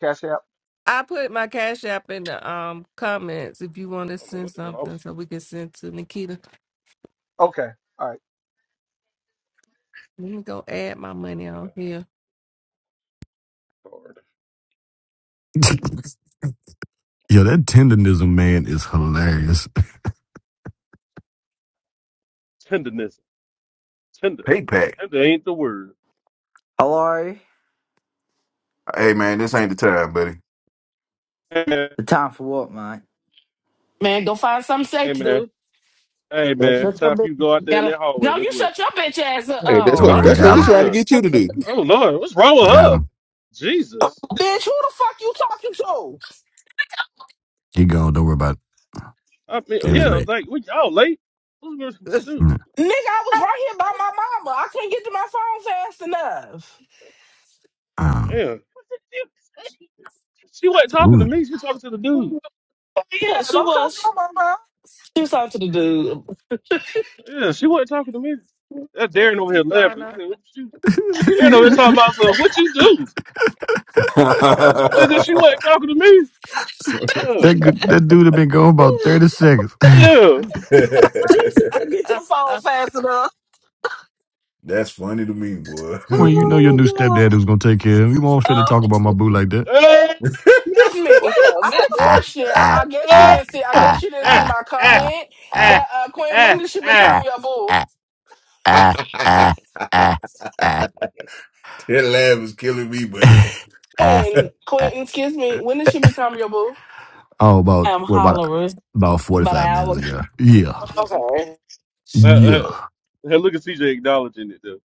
Speaker 22: Cash App?
Speaker 17: I put my cash app in the um comments if you want to
Speaker 1: I don't know
Speaker 17: send
Speaker 1: what the hell I
Speaker 17: something
Speaker 1: was
Speaker 17: so we can send to Nikita.
Speaker 22: Okay. All right.
Speaker 17: Let me go add my money
Speaker 1: doing. Get
Speaker 17: on here.
Speaker 1: out hard.
Speaker 14: Yo, that
Speaker 1: You-
Speaker 14: tendonism man is hilarious.
Speaker 1: Tenderness. Tender.
Speaker 12: Hey, Pack.
Speaker 1: Tender ain't the word.
Speaker 24: Hello?
Speaker 12: Hey, man, this ain't the time, buddy.
Speaker 1: Hey man.
Speaker 24: The time for what, mate?
Speaker 7: Man, go find something safe
Speaker 1: Hey
Speaker 7: to
Speaker 1: man.
Speaker 7: do.
Speaker 1: Hey
Speaker 24: You're
Speaker 1: man.
Speaker 24: such a
Speaker 1: Top
Speaker 24: bitch.
Speaker 1: you go out there in
Speaker 7: Gotta.
Speaker 1: that hallway.
Speaker 7: No,
Speaker 1: That's
Speaker 7: you
Speaker 1: what.
Speaker 7: shut your bitch ass up.
Speaker 12: Hey, that's
Speaker 1: Yeah,
Speaker 14: Don't
Speaker 7: Oh,
Speaker 12: what
Speaker 14: worry,
Speaker 17: Oh
Speaker 1: okay.
Speaker 12: that's
Speaker 7: okay.
Speaker 12: what
Speaker 14: got
Speaker 12: we
Speaker 14: him,
Speaker 12: trying to
Speaker 1: Yeah.
Speaker 17: God.
Speaker 12: get you to
Speaker 7: Okay.
Speaker 12: do.
Speaker 1: Oh Lord, what's wrong with
Speaker 14: got
Speaker 1: her?
Speaker 14: him.
Speaker 1: Jesus.
Speaker 11: Bitch, who the fuck you talking to?
Speaker 14: He gone. Don't worry about it.
Speaker 1: I mean,
Speaker 14: He was
Speaker 12: Hey.
Speaker 1: yeah,
Speaker 14: late.
Speaker 1: like we y'all late. Who's gonna shoot?
Speaker 14: Mm,
Speaker 11: Nigga, I was right here by my mama. I couldn't get to my phone fast enough.
Speaker 14: Um,
Speaker 1: Yeah. She wasn't talking to
Speaker 14: ooh.
Speaker 1: me. She was talking to the dude.
Speaker 11: Yeah,
Speaker 7: Yeah, she
Speaker 11: don't cuss
Speaker 7: was.
Speaker 11: my mama
Speaker 7: She was talking to the dude.
Speaker 1: Yeah, she wasn't talking to me. That
Speaker 17: Thank
Speaker 1: Darren
Speaker 17: you,
Speaker 1: over here laughing. He
Speaker 17: Susanna.
Speaker 1: said, what you, Darren over here talking about something. What you do? Nigga, she wasn't talking to me. Uh,
Speaker 14: that good, that dude have been gone about thirty seconds.
Speaker 1: yeah.
Speaker 7: She, she couldn't get to
Speaker 17: Uh,
Speaker 7: the phone
Speaker 17: uh,
Speaker 7: fast enough.
Speaker 12: That's funny to me, boy.
Speaker 14: Queen, you know your
Speaker 7: Oh
Speaker 14: new
Speaker 7: my god.
Speaker 14: stepdad was gonna take care of him. You won't finna
Speaker 7: Oh,
Speaker 14: talk about my boo like that.
Speaker 1: Uh,
Speaker 11: Excuse me.
Speaker 7: wait
Speaker 11: I
Speaker 7: a
Speaker 11: have
Speaker 7: minute.
Speaker 11: a
Speaker 14: Ah
Speaker 11: question. I,
Speaker 14: ah
Speaker 11: I guess you
Speaker 14: ah
Speaker 1: uh.
Speaker 11: didn't see. I
Speaker 14: ah
Speaker 11: guess you didn't see
Speaker 14: ah
Speaker 11: my
Speaker 14: ah
Speaker 11: comment.
Speaker 14: ah
Speaker 11: But uh, Quinn, when did she
Speaker 14: ah
Speaker 11: become your boo?
Speaker 14: ah ah
Speaker 12: that
Speaker 14: ah ah.
Speaker 12: laugh is killing me, buddy.
Speaker 14: ah,
Speaker 11: Quinn,
Speaker 14: ah.
Speaker 11: Quentin, excuse me. When did she become your boo?
Speaker 14: Oh, about
Speaker 7: I'm
Speaker 14: what about
Speaker 7: hollering.
Speaker 14: about forty
Speaker 7: About an
Speaker 14: five minutes
Speaker 7: hour.
Speaker 14: ago. Yeah,
Speaker 11: Okay.
Speaker 1: Mm-mm.
Speaker 11: Who, you-
Speaker 1: Uh, uh.
Speaker 14: yeah.
Speaker 1: Hey, Look at CJ acknowledging it, though.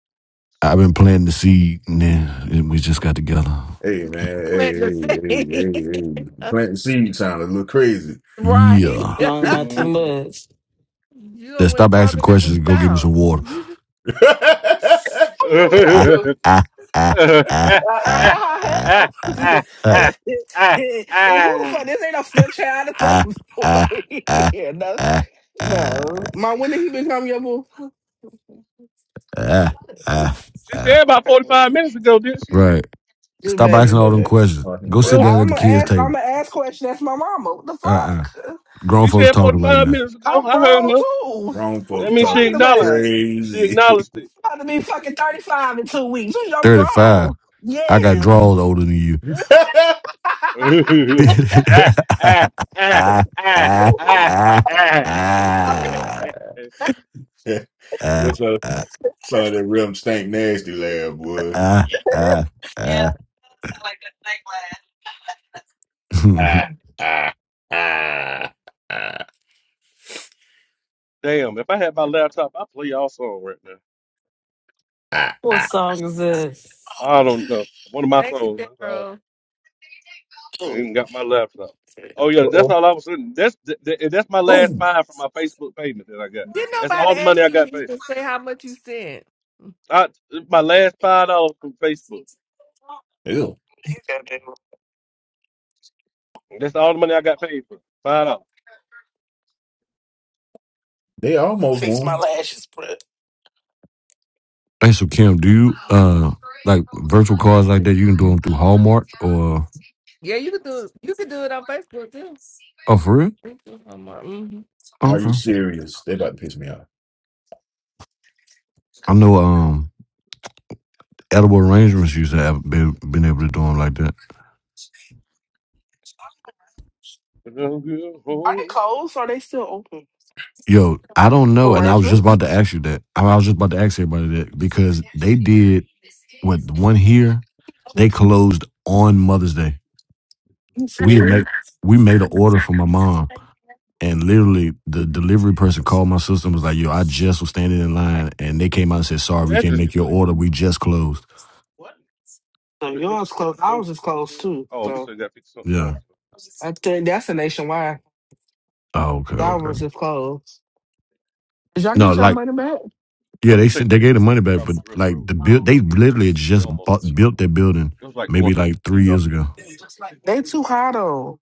Speaker 14: I've been planting the seed, and then we just got together.
Speaker 12: Hey man, hey,
Speaker 17: let me
Speaker 12: hey, hey,
Speaker 17: see.
Speaker 12: hey, hey. Planting seed sound a little crazy.
Speaker 17: right.
Speaker 14: Yeah.
Speaker 7: No, not too
Speaker 1: Mm-mm.
Speaker 7: much.
Speaker 17: you
Speaker 14: Then
Speaker 17: done went
Speaker 14: stop asking
Speaker 17: farther than
Speaker 14: questions
Speaker 17: we
Speaker 14: and go get me
Speaker 17: thought.
Speaker 14: some water.
Speaker 17: Thank
Speaker 12: oh,
Speaker 11: who you talking to?
Speaker 1: Uh, ah,
Speaker 11: Uh, uh, ha
Speaker 1: ah,
Speaker 11: ha
Speaker 1: ah,
Speaker 11: hell. who
Speaker 1: ah,
Speaker 11: the
Speaker 1: ah, ah, ah.
Speaker 11: fuck? This ain't no stepchild. The fuck is going on here? No, no. My when did he become your boo?
Speaker 1: She said about 45 minutes ago, didn't she?
Speaker 14: right.
Speaker 11: This
Speaker 14: Stop
Speaker 11: baby,
Speaker 14: asking all them
Speaker 11: but
Speaker 14: questions.
Speaker 12: I think
Speaker 14: Go sit
Speaker 1: Yeah.
Speaker 12: Brown.
Speaker 14: down
Speaker 12: I
Speaker 14: at
Speaker 11: I'm
Speaker 14: the
Speaker 11: gonna
Speaker 12: think
Speaker 14: kids'
Speaker 11: ask.
Speaker 12: Brown.
Speaker 11: I'm
Speaker 14: table.
Speaker 11: gonna ask question. That's my mama. What the
Speaker 14: Uh uh
Speaker 11: fuck?
Speaker 14: Grown
Speaker 1: She
Speaker 14: folks
Speaker 1: said
Speaker 14: talking right
Speaker 1: 45
Speaker 14: now.
Speaker 1: minutes ago.
Speaker 11: I'm
Speaker 1: I heard
Speaker 11: grown
Speaker 1: her.
Speaker 11: too.
Speaker 12: Wrong
Speaker 11: What
Speaker 1: That
Speaker 12: folks
Speaker 11: you
Speaker 1: means she
Speaker 11: talking
Speaker 12: talking
Speaker 1: acknowledged
Speaker 11: about?
Speaker 1: it. She
Speaker 12: crazy.
Speaker 1: acknowledged it.
Speaker 11: I'm about to be fucking 35 in two weeks. I'm
Speaker 14: 35.
Speaker 11: grown.
Speaker 14: I got
Speaker 11: Yes.
Speaker 14: draws older than you.
Speaker 12: That
Speaker 1: ah,
Speaker 14: ah,
Speaker 1: ah, ah,
Speaker 14: ah,
Speaker 1: ah,
Speaker 14: ah,
Speaker 1: ah,
Speaker 12: is-
Speaker 14: ah,
Speaker 1: ah.
Speaker 14: ah,
Speaker 12: That's a
Speaker 14: ah,
Speaker 12: son of that real stank nasty laugh, boy.
Speaker 14: ah, ah, ah.
Speaker 12: Ah, ah, ah, ah,
Speaker 1: Damn, if I had my laptop, I'd play y'all song right now.
Speaker 12: ah,
Speaker 7: What
Speaker 12: ah.
Speaker 7: song is this?
Speaker 1: I don't know. One of my
Speaker 17: you,
Speaker 1: songs. I,
Speaker 17: Daryl.
Speaker 1: I ain't got my laptop. Oh,
Speaker 11: You
Speaker 1: yeah, that's all I was saying. That's that, that- that's my last
Speaker 12: Oh,
Speaker 1: five from my Facebook payment that I got.
Speaker 17: Didn't
Speaker 1: That's
Speaker 17: nobody
Speaker 1: all the
Speaker 17: ask
Speaker 1: money I
Speaker 17: you to
Speaker 1: got paid.
Speaker 17: even say how much you sent?
Speaker 1: I, my last $5 dollars from Facebook.
Speaker 12: ew.
Speaker 11: gotta
Speaker 1: That's all the money I got paid for. $5.
Speaker 12: They almost
Speaker 11: Fix my
Speaker 12: won.
Speaker 11: lashes, but
Speaker 14: hey, so Kim, do you uh like virtual cards like that? You can do them through Hallmark or
Speaker 17: Yeah, you could do it. You could do it on Facebook too.
Speaker 14: oh, for real?
Speaker 17: Thank you so much.
Speaker 12: Are
Speaker 14: Oh,
Speaker 12: you
Speaker 14: okay,
Speaker 12: serious? They about to piss me off.
Speaker 14: I know. Um, edible arrangements used to have been, been able to do them like that.
Speaker 1: dollars
Speaker 17: Mhm.
Speaker 11: are they
Speaker 1: Who
Speaker 11: closed? Or are they still open?
Speaker 14: Yo, I don't know, and I was just
Speaker 11: Arrangements.
Speaker 14: about to ask you that. I I was just about to ask everybody that because they did what the one here. They closed on Mother's Day.
Speaker 11: You
Speaker 14: we had
Speaker 11: see,
Speaker 14: made we made an order for my mom and literally the delivery person called my sister and was like yo i just was standing in line and they came out and said, 'Sorry, we can't
Speaker 1: address you
Speaker 14: make your
Speaker 1: put in?
Speaker 14: order we just closed
Speaker 11: so
Speaker 1: Dude,
Speaker 11: yours
Speaker 1: Exit
Speaker 11: closed.
Speaker 1: 54,
Speaker 11: Ours is closed
Speaker 1: 17.
Speaker 11: too.
Speaker 1: Oh, we
Speaker 11: So
Speaker 1: still got 50 something
Speaker 14: yeah
Speaker 1: miles.
Speaker 11: I think that's a nationwide.
Speaker 14: oh okay okay
Speaker 11: Ours is closed. Did y'all
Speaker 14: no
Speaker 11: get y'all
Speaker 14: like
Speaker 11: money back?
Speaker 14: yeah
Speaker 1: Oh,
Speaker 14: they
Speaker 1: this
Speaker 14: said
Speaker 1: ain't
Speaker 14: they
Speaker 1: the
Speaker 14: gave the money back but
Speaker 1: Travelers Rest
Speaker 14: like
Speaker 1: Road
Speaker 14: the
Speaker 1: just
Speaker 14: build they
Speaker 1: yet.
Speaker 14: literally had
Speaker 1: We
Speaker 14: just
Speaker 1: almost
Speaker 14: bought,
Speaker 1: there
Speaker 14: built
Speaker 1: though.
Speaker 14: that building
Speaker 1: It was like going
Speaker 14: maybe
Speaker 1: to the
Speaker 14: like three
Speaker 1: casino.
Speaker 14: years ago
Speaker 11: They too high though.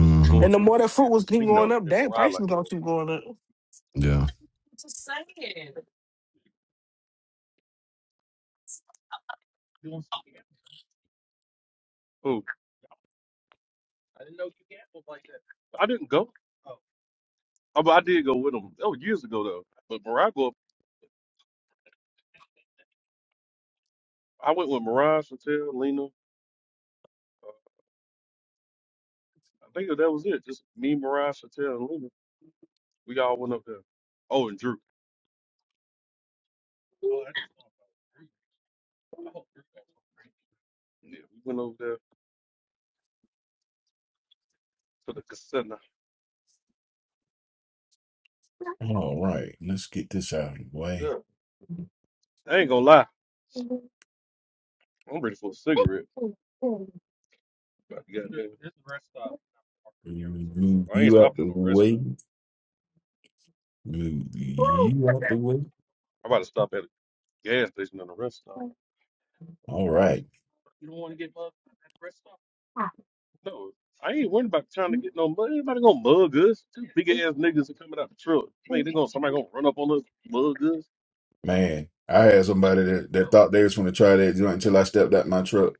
Speaker 1: This is going
Speaker 11: And the
Speaker 1: to
Speaker 11: more that
Speaker 1: the
Speaker 11: fruit was keep going
Speaker 1: casino
Speaker 11: up,
Speaker 1: and
Speaker 11: that
Speaker 1: Mariah
Speaker 11: price
Speaker 1: like
Speaker 11: was gonna
Speaker 1: going.
Speaker 11: keep going up.
Speaker 14: yeah
Speaker 1: Who? I didn't go. Oh, but I did go with them. That was years ago though. But Mariah go. I went with Mariah, Chantel, Lena. Uh, I think that was it. Just me, Mariah, Chantel, and Lena. We all went up there. Oh, and Drew. Oh, that's Drew. Oh, yeah. We went over there to the casino.
Speaker 12: All right, let's get this out of the way.
Speaker 1: Yeah. I ain't gonna lie. I'm ready for a cigarette. About to get there.
Speaker 12: Move
Speaker 1: Well, I ain't
Speaker 12: you out
Speaker 1: stopping
Speaker 12: the
Speaker 1: at no rest stop.
Speaker 12: way. Move you out the way.
Speaker 1: I'm about to stop at a gas station and a rest stop.
Speaker 12: All
Speaker 1: That's-
Speaker 12: right,
Speaker 1: No, I ain't worried about trying to get no money. Anybody gonna mug us? Two big ass niggas are coming out the truck. I mean, they gonna somebody gonna run up on us, mug us.
Speaker 12: man. I had somebody that, that thought they was going to try that joint until I stepped out my truck.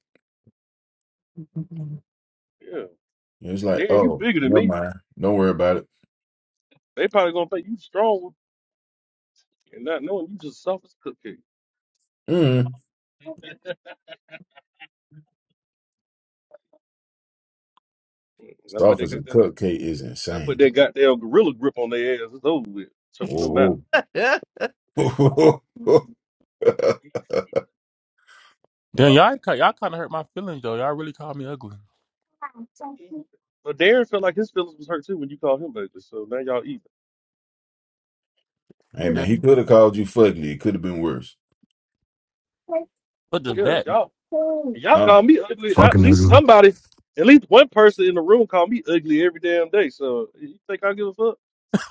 Speaker 1: Yeah,
Speaker 12: It was like,
Speaker 1: Darren, you
Speaker 12: oh,
Speaker 1: bigger than
Speaker 12: never
Speaker 1: me.
Speaker 12: mind. Don't worry about it.
Speaker 1: They probably gonna think you strong and not knowing you just soft as cookie.
Speaker 12: Mm.
Speaker 1: And I put
Speaker 12: Soft
Speaker 1: that
Speaker 12: as a
Speaker 1: goddamn,
Speaker 12: cupcake is
Speaker 1: and I put that
Speaker 12: insane.
Speaker 1: goddamn gorilla grip on their ass. It's over with, choking them out.
Speaker 12: Whoa, whoa. hey,
Speaker 19: Damn, y'all ki- y'all kind of hurt my feelings though. Y'all really called me ugly.
Speaker 1: But Darren felt like his feelings was hurt too when you called him baby. So now y'all even.
Speaker 12: man,
Speaker 19: Damn,
Speaker 12: he could have called you fugly. It could have been worse.
Speaker 19: what does
Speaker 1: Yeah,
Speaker 19: that?
Speaker 1: y'all Y'all
Speaker 12: Huh?
Speaker 1: call me ugly. At
Speaker 14: fucking
Speaker 1: least
Speaker 14: ugly
Speaker 1: somebody, at least one person in the room call me ugly every damn day. So you think I give a fuck?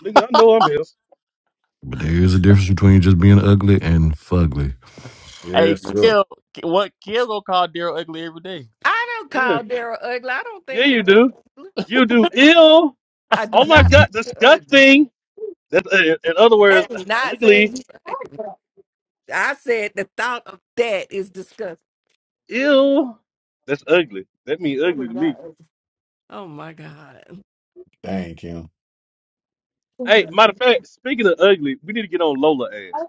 Speaker 1: Nigga, I know I'm his.
Speaker 14: but there is a difference between just being ugly and fugly
Speaker 19: Hey,
Speaker 12: Yes, sir.
Speaker 19: Kill, what Kill gonna call Daryl ugly every day?
Speaker 17: I don't
Speaker 1: Yeah.
Speaker 17: call Daryl ugly. I don't
Speaker 1: Yeah,
Speaker 17: think
Speaker 1: you
Speaker 17: Daryl
Speaker 1: do.
Speaker 17: ugly.
Speaker 1: You do. Ill.
Speaker 17: I do
Speaker 1: Oh my
Speaker 17: not
Speaker 1: God,
Speaker 17: think you're ugly.
Speaker 1: disgusting. That's, uh, in other words,
Speaker 17: That is not
Speaker 1: ugly.
Speaker 17: saying you- I said the thought of that is disgusting.
Speaker 1: Ill. That's ugly. That means
Speaker 17: That
Speaker 1: ugly to
Speaker 17: is not
Speaker 1: me.
Speaker 17: ugly. Oh my God.
Speaker 12: Dang, Kim.
Speaker 1: Hey,
Speaker 17: That
Speaker 1: matter of fact, speaking of ugly, we need to get on Lola ass.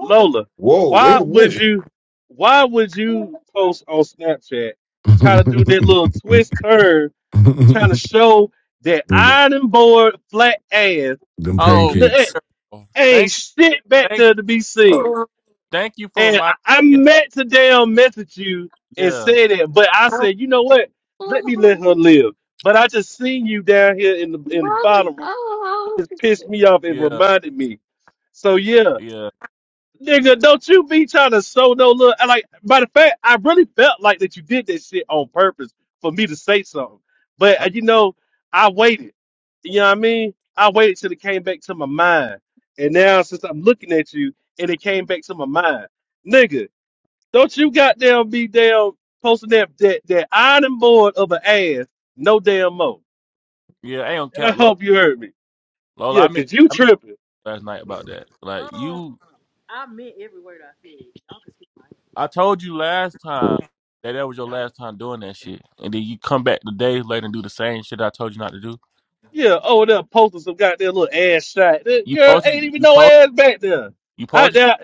Speaker 1: Lola,
Speaker 12: Whoa, wait
Speaker 1: why
Speaker 12: a minute.
Speaker 1: would you, why would you post on Snapchat, try to do that little twist turn trying to show that
Speaker 14: Look,
Speaker 1: iron board flat ass
Speaker 14: them
Speaker 1: to
Speaker 19: Oh,
Speaker 14: pancakes
Speaker 1: nothing.
Speaker 19: Daryl.
Speaker 1: Ain't
Speaker 19: thank you,
Speaker 1: shit back
Speaker 19: thank
Speaker 1: there
Speaker 19: you,
Speaker 1: to be seen.
Speaker 19: thank you for
Speaker 1: And
Speaker 19: reminding
Speaker 1: I, I
Speaker 19: me.
Speaker 1: meant to damn message you and
Speaker 19: Yeah,
Speaker 1: say that, but I said, you know what? Let me let her live. But I just seen you down here in the in the bottom. It pissed me off and
Speaker 19: yeah,
Speaker 1: reminded me. So yeah.
Speaker 19: yeah,
Speaker 1: Nigga, don't you be trying to sow no little like by the fact I really felt like that you did that shit on purpose for me to say something. But
Speaker 19: uh,
Speaker 1: uh, you know, I waited. You know what I mean? I waited till it came back to my mind. And now since I'm looking at you and it came back to my mind. Nigga, don't you goddamn be damn posting that that, that ironing board of an ass no damn mo.
Speaker 19: yeah. I ain't on
Speaker 1: And I
Speaker 19: cap, Lola.
Speaker 1: hope you heard me.
Speaker 19: Lola,
Speaker 1: Yeah,
Speaker 19: I meant
Speaker 1: cause you
Speaker 19: I meant
Speaker 1: tripping.
Speaker 19: last night about that. Like
Speaker 25: Um,
Speaker 19: you,
Speaker 25: I meant every word I said. Y'all could kiss my
Speaker 19: I told you last time that that was your
Speaker 17: is-
Speaker 19: last time doing that shit, and then you come back the days later and do the same shit I told you not to do.
Speaker 1: Yeah, over there posting some goddamn little ass shot. That
Speaker 19: You
Speaker 1: girl
Speaker 19: posted,
Speaker 1: ain't even
Speaker 19: you
Speaker 1: no
Speaker 19: posted,
Speaker 1: ass back there.
Speaker 19: you
Speaker 1: I
Speaker 19: posted,
Speaker 1: now,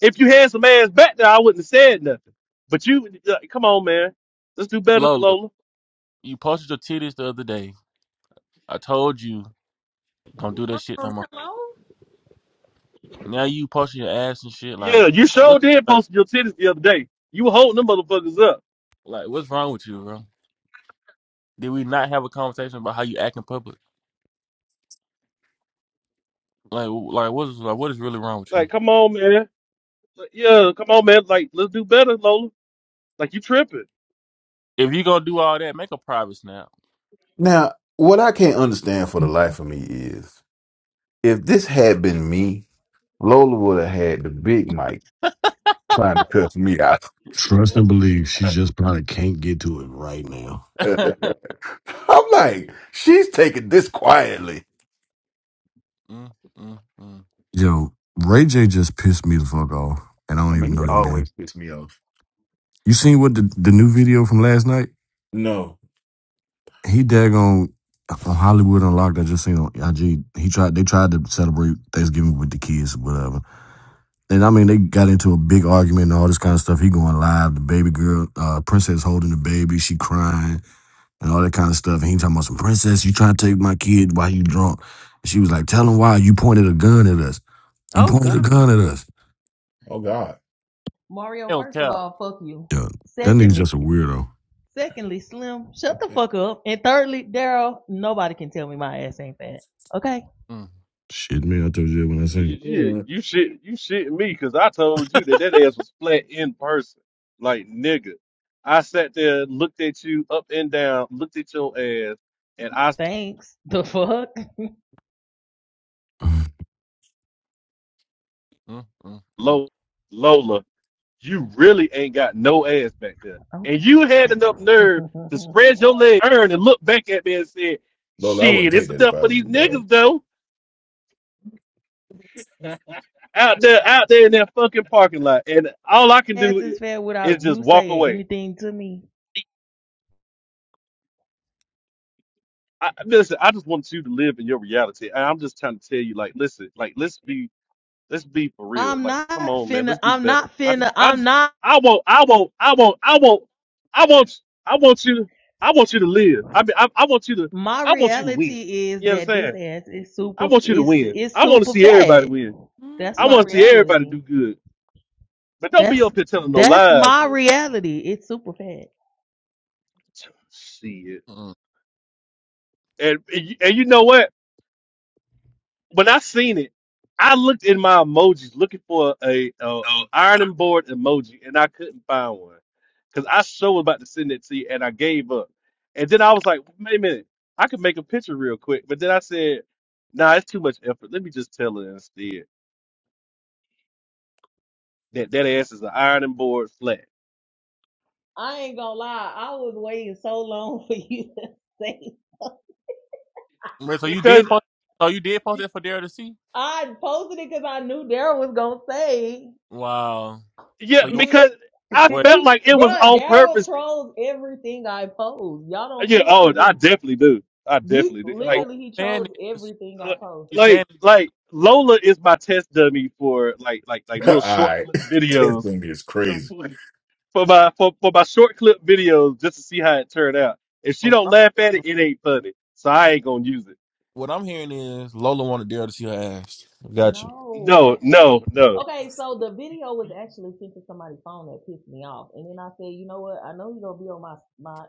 Speaker 1: if you had some ass back there, I wouldn't have said nothing. But you, uh, come on, man, let's do better,
Speaker 19: Lola.
Speaker 1: Clola.
Speaker 19: You posted your titties the other day I told you don't do that shit no
Speaker 25: Um,
Speaker 19: more.
Speaker 25: hello?
Speaker 19: Now you posting your ass and shit.
Speaker 1: Yeah,
Speaker 19: Like
Speaker 1: you sure
Speaker 19: what's
Speaker 1: did
Speaker 19: like
Speaker 1: post your titties the other day. You were holding them motherfuckers up.
Speaker 19: like, what's wrong with you, bro? Did we not have a conversation about how you act in public? Like w- like what is like what is really wrong with you?
Speaker 1: Like, come on, man. Like, Yeah, come on, man. Like, let's do better, Lola. Like, you tripping.
Speaker 19: If you gonna do all that, make a private snap.
Speaker 12: Now, what I can't understand for the life of me is if this had been me, Lola would have had the big mic trying to cuss me out.
Speaker 14: Trust and believe. She just probably can't get to it right now.
Speaker 19: mm,
Speaker 12: I'm like, she's taking this quietly.
Speaker 19: mm, mm.
Speaker 14: Yo, Ray J just pissed me the fuck off, and I
Speaker 12: I
Speaker 14: don't
Speaker 12: mean,
Speaker 14: even
Speaker 12: he
Speaker 14: know that man.
Speaker 12: always pissed me off.
Speaker 14: You seen what the, the new video from last night?
Speaker 12: No.
Speaker 14: He daggone on Hollywood Unlocked. I just seen on IG. He tried. They tried to celebrate Thanksgiving with the kids, whatever. And I mean, they got into a big argument and all this kind of stuff. He going live. The baby girl, uh, princess holding the baby, she crying and all that kind of stuff. And he talking about some princess. You trying to take my kid? Why you drunk? And she was like, "Tell him why you pointed a gun at us." You
Speaker 17: oh
Speaker 14: pointed a
Speaker 17: God.
Speaker 14: gun at us.
Speaker 12: Oh, God.
Speaker 19: It
Speaker 25: Mario,
Speaker 19: don't
Speaker 25: first of
Speaker 19: count.
Speaker 25: all, fuck you.
Speaker 14: Yeah, that nigga's
Speaker 25: Secondly,
Speaker 14: just a weirdo.
Speaker 25: secondly, Slim, shut the fuck up. And thirdly, Daryl, nobody can tell me my ass ain't fat. Okay,
Speaker 19: Mm,
Speaker 14: Shit, man, I told you that when I seen
Speaker 1: Yeah,
Speaker 12: Mm.
Speaker 1: you shit, you shit me because I told you that that ass was flat in person, like nigga. I sat there, looked at you up and down, looked at your ass, and I s-
Speaker 25: thanks. The fuck?
Speaker 14: it.
Speaker 19: mm, mm, mm,
Speaker 1: Lo- Lola, you really ain't got no ass back there, and you
Speaker 25: Okay.
Speaker 1: had enough nerve to spread your leg, earn, and look back at me and said,
Speaker 12: Lola, I wouldn't
Speaker 1: "Shit,
Speaker 12: take
Speaker 1: it's
Speaker 12: that if
Speaker 1: enough
Speaker 12: I
Speaker 1: for
Speaker 12: was
Speaker 1: these
Speaker 12: you, dog.
Speaker 1: niggas though." Out there, out there in that fucking parking lot, and all I can
Speaker 25: ass
Speaker 1: do
Speaker 25: is fat
Speaker 1: i- is
Speaker 25: without
Speaker 1: just
Speaker 25: you
Speaker 1: walk
Speaker 25: saying
Speaker 1: away.
Speaker 25: anything to me.
Speaker 1: I, listen, I just want you to live in your reality. And I'm just trying to tell you, like, listen, like, let's be, let's be for real.
Speaker 25: I'm
Speaker 1: Like,
Speaker 25: not
Speaker 1: come on, man,
Speaker 25: finna.
Speaker 1: let's do
Speaker 25: I'm
Speaker 1: better.
Speaker 25: not
Speaker 1: I
Speaker 25: finna.
Speaker 1: just, I
Speaker 25: I'm
Speaker 1: just,
Speaker 25: not.
Speaker 1: I won't, I won't, I won't, I won't, I want, I want you to, I want you to live. I mean, I, I want you to,
Speaker 25: My
Speaker 1: I want you to win.
Speaker 25: reality is
Speaker 1: You
Speaker 25: that this
Speaker 1: understand?
Speaker 25: ass is
Speaker 1: I
Speaker 25: super
Speaker 1: want you to
Speaker 25: it's
Speaker 1: win.
Speaker 25: it's
Speaker 1: I want to
Speaker 25: super
Speaker 1: see everybody
Speaker 25: fat.
Speaker 1: win.
Speaker 25: That's
Speaker 1: I
Speaker 25: my
Speaker 17: Mhm.
Speaker 1: want to see everybody
Speaker 25: reality.
Speaker 1: do good. But don't be
Speaker 25: That's
Speaker 1: up here telling no
Speaker 25: that's
Speaker 1: lies.
Speaker 25: my
Speaker 1: Though.
Speaker 25: reality. It's super fat.
Speaker 1: Shit.
Speaker 19: mm.
Speaker 1: And, and you and you know what? when I seen it, I looked in my emojis looking for a, a ironing board emoji, and I couldn't find one because I sure was about to send it to you, and I gave up. And then I was like, wait a minute, I could make a picture real quick, but then I said, nah, it's too much effort. Let me just tell her instead that that ass is an ironing board flat
Speaker 25: I ain't gonna lie, I was waiting so long for you to say.
Speaker 19: Wait, so you did
Speaker 1: because
Speaker 19: post? So you did post
Speaker 1: y-
Speaker 19: that for Daryl to see?
Speaker 25: I posted it because I knew Daryl was gonna say,
Speaker 19: Wow.
Speaker 1: yeah,
Speaker 19: So you want
Speaker 25: bitch.
Speaker 1: because I
Speaker 19: wait?
Speaker 1: felt like it was
Speaker 25: Bruh,
Speaker 1: on
Speaker 25: Daryl
Speaker 1: purpose.
Speaker 25: trolls everything I post. Y'all don't
Speaker 1: Yeah,
Speaker 25: see it
Speaker 1: oh,
Speaker 25: because it
Speaker 1: I definitely do. I
Speaker 25: he
Speaker 1: definitely do.
Speaker 19: So
Speaker 1: Like.
Speaker 19: what
Speaker 25: literally he
Speaker 19: you're saying
Speaker 25: trolls
Speaker 19: is
Speaker 25: everything I
Speaker 1: like
Speaker 25: post.
Speaker 19: you saying
Speaker 1: like
Speaker 19: it's
Speaker 1: like, Lola is my test dummy for like like like
Speaker 12: All
Speaker 1: little short
Speaker 12: right.
Speaker 1: clip
Speaker 12: this
Speaker 1: videos
Speaker 12: thing is
Speaker 1: for
Speaker 12: crazy.
Speaker 1: my for, for my short clip videos just to see how it turned out. If she
Speaker 19: from
Speaker 1: don't
Speaker 19: Rob?
Speaker 1: laugh at it, it ain't funny. So I ain't gonna use it.
Speaker 19: What I'm hearing is Lola wanted Daryl to see her ass. Gotcha.
Speaker 25: No,
Speaker 1: No, no,
Speaker 25: actually,
Speaker 1: no.
Speaker 25: okay, so the video was actually sent to somebody's phone that pissed me off. And then I said, you know what? I know you're gonna be on my my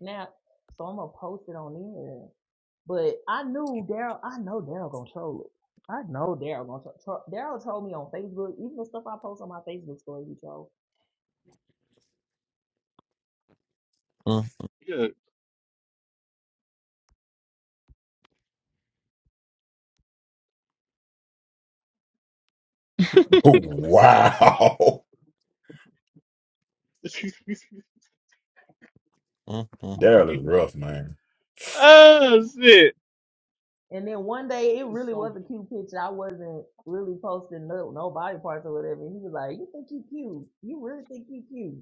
Speaker 25: snap, so I'm gonna post it on there. But I knew Daryl, I know Daryl gonna troll it. I know Daryl gonna troll. Tro- Daryl trolled me on Facebook, even the stuff I post on my Facebook story, he trolled.
Speaker 19: Mm,
Speaker 1: Yeah.
Speaker 12: wow.
Speaker 19: mm, mm.
Speaker 12: Daryl is rough, man.
Speaker 1: oh shit.
Speaker 25: And then one day, it really was a cute picture. I wasn't really posting no, no body parts or whatever. And he was like, "You think you cute? You really think you cute?"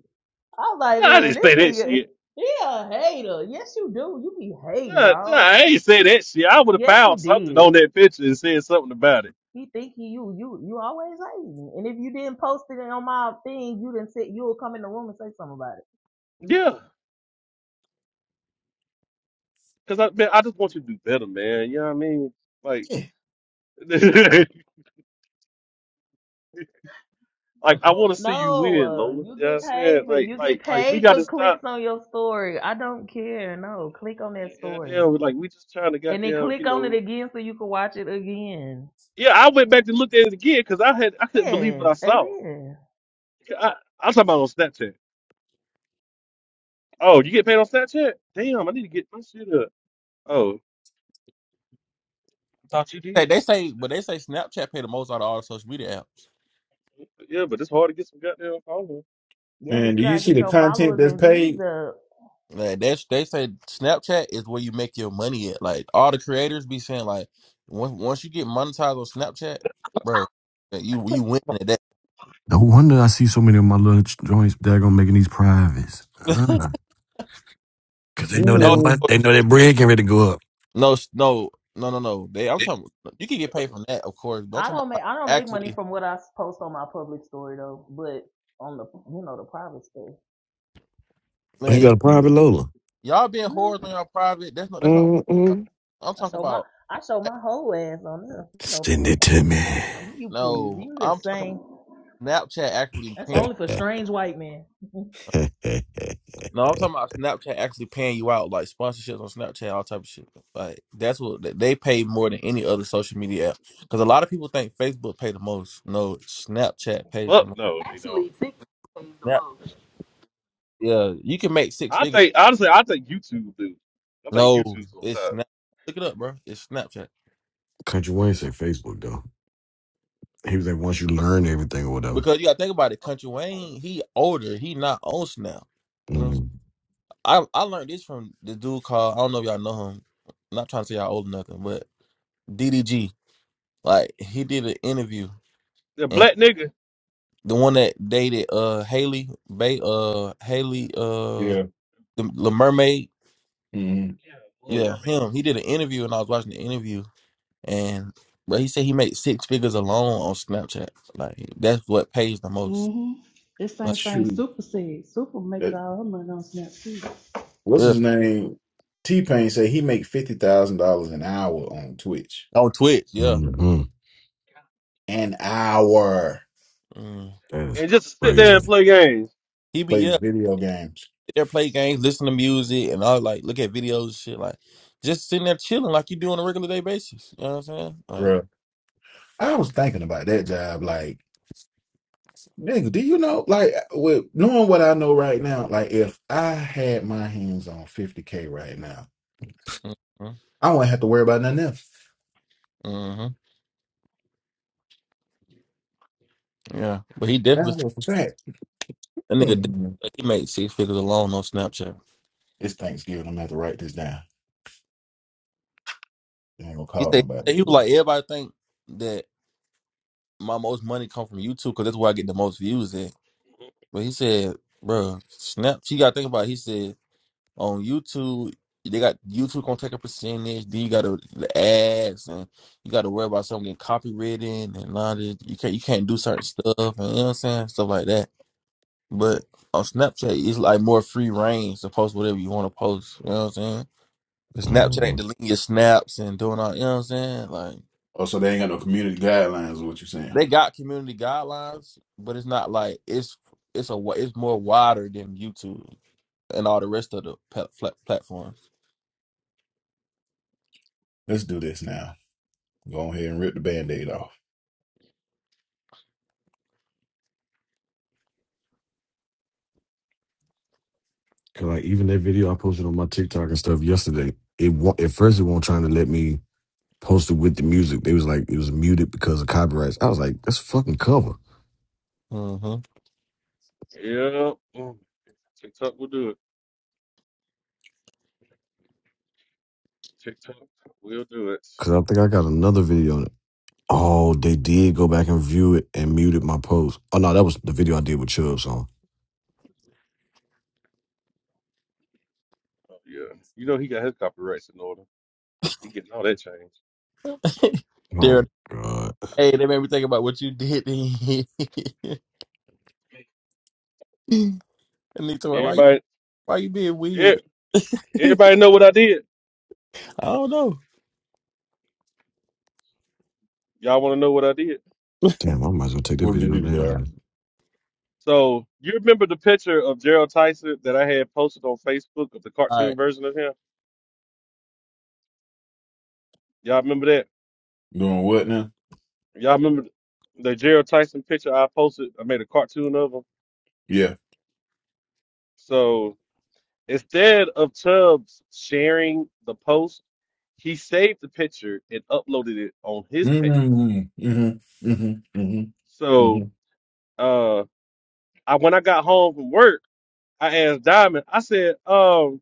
Speaker 25: I'm like,
Speaker 1: Nah, I
Speaker 25: man,
Speaker 1: didn't
Speaker 25: this
Speaker 1: say that
Speaker 25: nigga,
Speaker 1: shit.
Speaker 25: he a hater. Yes, you do. You be hating,
Speaker 1: Nah, nah,
Speaker 25: dog.
Speaker 1: I ain't say that shit. I would have
Speaker 25: Yes, you
Speaker 1: found something
Speaker 25: did.
Speaker 1: on that picture and said something about it.
Speaker 25: He think he you, you, you always hating. And if you didn't post it on my thing, you didn't say you'll come in the room and say something about it.
Speaker 1: Yeah. Cause I man, I just want you to do better, man. You know what I mean? Like, like I want to see you
Speaker 25: No,
Speaker 1: win,
Speaker 25: uh,
Speaker 1: Lola.
Speaker 25: you
Speaker 1: You know what I'm
Speaker 25: get
Speaker 1: saying?
Speaker 25: paid for
Speaker 1: Like,
Speaker 25: you get
Speaker 1: like, like we
Speaker 25: paid
Speaker 1: got
Speaker 25: for
Speaker 1: to
Speaker 25: clicks
Speaker 1: stop.
Speaker 25: on your story. I don't care. No, click on that
Speaker 1: uh,
Speaker 25: story
Speaker 1: Goddamn, like we just trying to
Speaker 25: and then
Speaker 1: goddamn, you
Speaker 25: click on it
Speaker 1: know.
Speaker 25: again so you can watch it again.
Speaker 1: Yeah, I went back and looked at it again because I had I couldn't believe what
Speaker 25: Yeah,
Speaker 1: I saw.
Speaker 25: amen.
Speaker 1: I I'm talking about on Snapchat. Oh, you get paid on Snapchat? Damn, I need to get my shit up. Oh,
Speaker 19: Hey, they say, but they say Snapchat pay the most out of all the social media apps.
Speaker 1: yeah, but it's hard to get some goddamn followers.
Speaker 25: Yeah, "Yeah, but
Speaker 12: Man,
Speaker 25: you
Speaker 12: do you
Speaker 25: gotta
Speaker 12: see
Speaker 25: get
Speaker 12: the
Speaker 25: your
Speaker 12: content
Speaker 25: followers
Speaker 12: that's
Speaker 25: and views
Speaker 12: paid?
Speaker 25: up.
Speaker 19: Like that's they say Snapchat is where you make your money at. Like all the creators be saying, like once once you get monetized on Snapchat, bro, that you you win at that.
Speaker 14: No wonder I see so many of my little ch- joints daggone making these privates. Uh, Cause they know that
Speaker 19: no, no,
Speaker 14: mon-
Speaker 12: Mm,
Speaker 14: they know that bread getting ready to go up.
Speaker 19: no, no, no, no. They, I'm talking. You can get paid from that, of course. But I'm
Speaker 25: I
Speaker 19: talking about
Speaker 25: don't make
Speaker 19: like,
Speaker 25: I don't make money
Speaker 19: actually,
Speaker 25: from what I post on my public story though, but on the you know the private stuff,
Speaker 14: Oh, you
Speaker 12: that is
Speaker 14: got
Speaker 19: man,
Speaker 14: a
Speaker 12: good.
Speaker 14: private Lola?
Speaker 19: y'all being
Speaker 25: mm,
Speaker 19: whores on y'all private. That's not. That's not.
Speaker 14: Mm-mm.
Speaker 19: I'm
Speaker 25: I
Speaker 19: talking
Speaker 25: show my
Speaker 19: about.
Speaker 25: I show my whole ass on there. You know,
Speaker 14: Send
Speaker 25: opinion
Speaker 14: it
Speaker 25: song.
Speaker 14: to me.
Speaker 25: You please,
Speaker 19: No,
Speaker 25: you
Speaker 19: I'm talking
Speaker 25: insane.
Speaker 19: about Snapchat actually
Speaker 25: That's
Speaker 19: paying.
Speaker 25: only for strange white men.
Speaker 14: Hey,
Speaker 19: No, I'm talking about Snapchat actually paying you out, like sponsorships on Snapchat, all type of shit. Like that's what th- they pay more than any other social media app. Because a lot of people think Facebook pay the most. No, Snapchat pays the
Speaker 1: Fuck
Speaker 19: most.
Speaker 1: no, they don't.
Speaker 25: Actually, TikTok pays the
Speaker 19: Snap,
Speaker 25: most.
Speaker 19: yeah, you can make six
Speaker 1: I
Speaker 19: figures.
Speaker 1: think honestly, I think YouTube do. I think
Speaker 19: No,
Speaker 1: YouTube's on
Speaker 19: it's
Speaker 1: top.
Speaker 19: Snap. Look it up, bro. It's Snapchat.
Speaker 14: Country Wayne say Facebook though. He was like, once you learn everything or whatever.
Speaker 19: Because you gotta think about it. Country Wayne, he older. He not on Snap. You know what I'm saying?
Speaker 14: Mm,
Speaker 19: I I learned this from the dude called. I don't know if y'all know him. I'm not trying to say y'all old or nothing, but DDG. Like he did an interview
Speaker 1: Yeah,
Speaker 19: and
Speaker 1: black nigga.
Speaker 19: the one that dated uh Haley Bay uh Haley uh
Speaker 12: Yeah.
Speaker 19: the, the mermaid.
Speaker 12: Mm,
Speaker 1: Yeah, Little Mm.
Speaker 19: Yeah,
Speaker 1: Mermaid.
Speaker 19: him. He did an interview and I was watching the interview and but he said he made six figures alone on Snapchat. Like that's what pays the most.
Speaker 4: Mm-hmm. This
Speaker 19: Like
Speaker 4: same thing
Speaker 12: shoot.
Speaker 4: Super said. Super make
Speaker 12: That,
Speaker 4: all her money on Snapchat.
Speaker 12: what's
Speaker 19: yeah.
Speaker 12: his name? T Pain said he make fifty thousand dollars an hour on Twitch.
Speaker 19: On Twitch, yeah.
Speaker 14: mm. mm.
Speaker 12: An hour.
Speaker 19: Mm.
Speaker 14: That is
Speaker 1: and just sit there and
Speaker 14: crazy.
Speaker 1: play games.
Speaker 19: He be
Speaker 12: Play
Speaker 19: yeah,
Speaker 12: video games.
Speaker 19: there play games, listen to music and all like look at videos and shit like just sitting there chilling like you do on a regular day basis. You know what I'm saying? Like,
Speaker 12: I was thinking about that job. Like, nigga, do you know? Like, with knowing what I know right now, like, if I had my hands on 50K right now,
Speaker 19: mm-hmm.
Speaker 12: I wouldn't have to worry about nothing else.
Speaker 19: mm-hmm, Yeah. But he
Speaker 12: That's
Speaker 19: definitely
Speaker 12: a for fact.
Speaker 19: That nigga, did-
Speaker 12: Hmm.
Speaker 19: like, he made six figures alone on Snapchat.
Speaker 12: It's Thanksgiving. I'm gonna have to write this down. I ain't gonna
Speaker 19: He
Speaker 12: call
Speaker 19: said
Speaker 12: nobody.
Speaker 19: he was like everybody think that my most money come from YouTube because that's where I get the most views at. But he said, bro, Snap, you got to think about. It. He said on YouTube they got YouTube gonna take a percentage. Then you got to the ads and you got to worry about something getting copywritten and all this. You can't you can't do certain stuff and you know what I'm saying stuff like that. But on Snapchat, it's like more free range to post whatever you want to post. You know what I'm saying? The Snapchat ain't
Speaker 14: mm.
Speaker 19: deleting your snaps and doing all. You know what I'm saying? Like
Speaker 12: Oh, so they ain't got no community guidelines, is what you're saying.
Speaker 19: they got community guidelines, but it's not like it's it's a wa- it's more wider than YouTube and all the rest of the pla- pla- platforms.
Speaker 12: Let's do this now. Go ahead and rip the band-aid off.
Speaker 14: Cause like even that video I posted on my TikTok and stuff yesterday, it wa- at first it won't trying to let me. posted with the music. They was like, it was muted because of copyrights. I was like, that's a fucking cover.
Speaker 19: Mm-hmm.
Speaker 1: Yeah, mm, TikTok will do it. TikTok will do it.
Speaker 14: Cause I think I got another video on it. Oh, they did go back and view it and muted my post. Oh no, that was the video I did with Chubbs on.
Speaker 1: Oh, yeah, you know he got his copyrights in order. He getting all that change.
Speaker 19: They're
Speaker 14: Oh god.
Speaker 19: hey, they made me think about what you did. and they told me why you
Speaker 1: Everybody,
Speaker 19: why you being
Speaker 1: yeah,
Speaker 19: weird.
Speaker 1: everybody know what I did.
Speaker 19: I don't know.
Speaker 1: Y'all want to know what I did?
Speaker 14: Damn, I might as well take the
Speaker 12: What'd you
Speaker 14: videos
Speaker 12: do,
Speaker 14: down
Speaker 12: Dara?
Speaker 14: then.
Speaker 1: So you remember the picture of Gerald Tyson that I had posted on Facebook of the
Speaker 19: All
Speaker 1: cartoon
Speaker 19: right.
Speaker 1: version of him? Y'all remember that?
Speaker 12: Doing what now?
Speaker 1: Y'all remember the Gerald Tyson picture I posted? I made a cartoon of him.
Speaker 12: Yeah.
Speaker 1: So Instead of Tubbs sharing the post, he saved the picture and uploaded it on his page.
Speaker 12: Mm-hmm. Mm-hmm. Mm-hmm. Mm-hmm.
Speaker 1: So
Speaker 12: Mm-hmm.
Speaker 1: uh I when I got home from work, I asked Diamond, I said, um,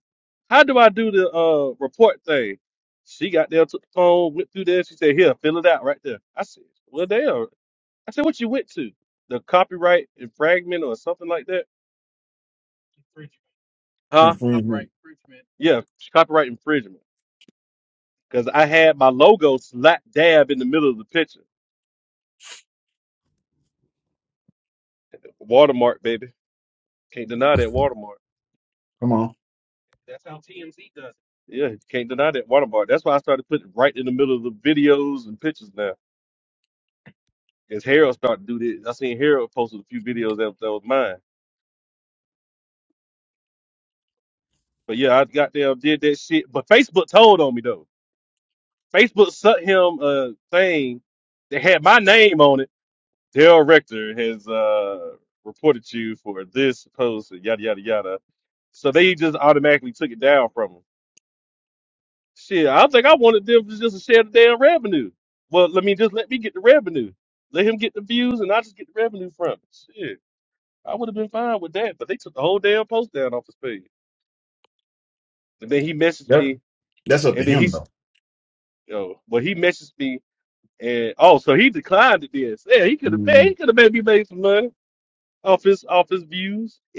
Speaker 1: how do I do the uh report thing? She got there, took the phone, went through there, she said, Here, fill it out right there. I said, Well damn. I said, What you went to? The copyright infringement or something like that? Huh?
Speaker 12: Mm-hmm.
Speaker 1: Yeah, copyright infringement. Because I had my logo slap dab in the middle of the picture. Watermark, baby. Can't deny that watermark.
Speaker 12: Come on.
Speaker 1: Yeah, you can't deny that watermark. That's why I started putting it right in the middle of the videos and pictures now. As Harold started to do this, I seen Harold posted a few videos that, that was mine. But yeah, I got there, did that shit. But Facebook told on me though. Facebook sent him a thing that had my name on it. Daryl Rector has uh, reported you for this post, and yada yada yada. So they just automatically took it down from him. Shit, I think I wanted them to just share the damn revenue. Well, let me just let me get the revenue. Let him get the views, and I just get the revenue from it. Shit, I would have been fine with that, but they took the whole damn post down off his page. And then he messaged
Speaker 12: Yep.
Speaker 1: me,
Speaker 12: That's up to
Speaker 1: and then
Speaker 12: him
Speaker 1: he's,
Speaker 12: though.
Speaker 1: you know, well, he messaged me, and oh, so he declined it. then. So, yeah, he could have, man,
Speaker 12: Mm.
Speaker 1: he could have maybe made some money off his off his views.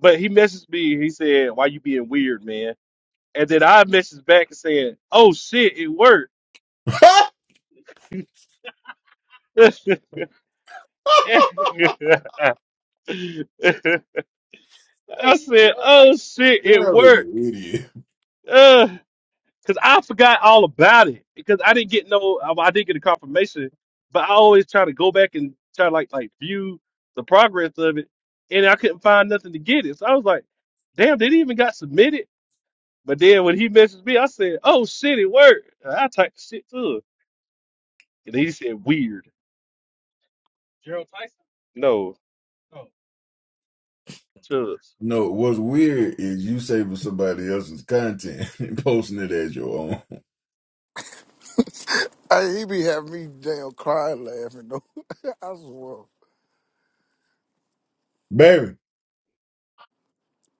Speaker 1: but he messaged me, he said, "Why you being weird, man?" And then I messaged back and said, "Oh shit, it worked." I said, "Oh shit, it
Speaker 12: Dara is
Speaker 1: worked."
Speaker 12: an idiot.
Speaker 1: Uh, Cause I forgot all about it because I didn't get no, I I didn't get a confirmation, but I always try to go back and try to like like view the progress of it, and I couldn't find nothing to get it. So I was like, "Damn, they didn't even got submitted." But then when he messaged me, I said, "Oh shit, it worked." And I typed the shit to him, and he said, "Weird, no, oh, Chubbs."
Speaker 12: No, what's weird is you saving somebody else's content and posting it as your own.
Speaker 16: Hey, he be having me damn crying laughing though. I swear.
Speaker 12: Baby,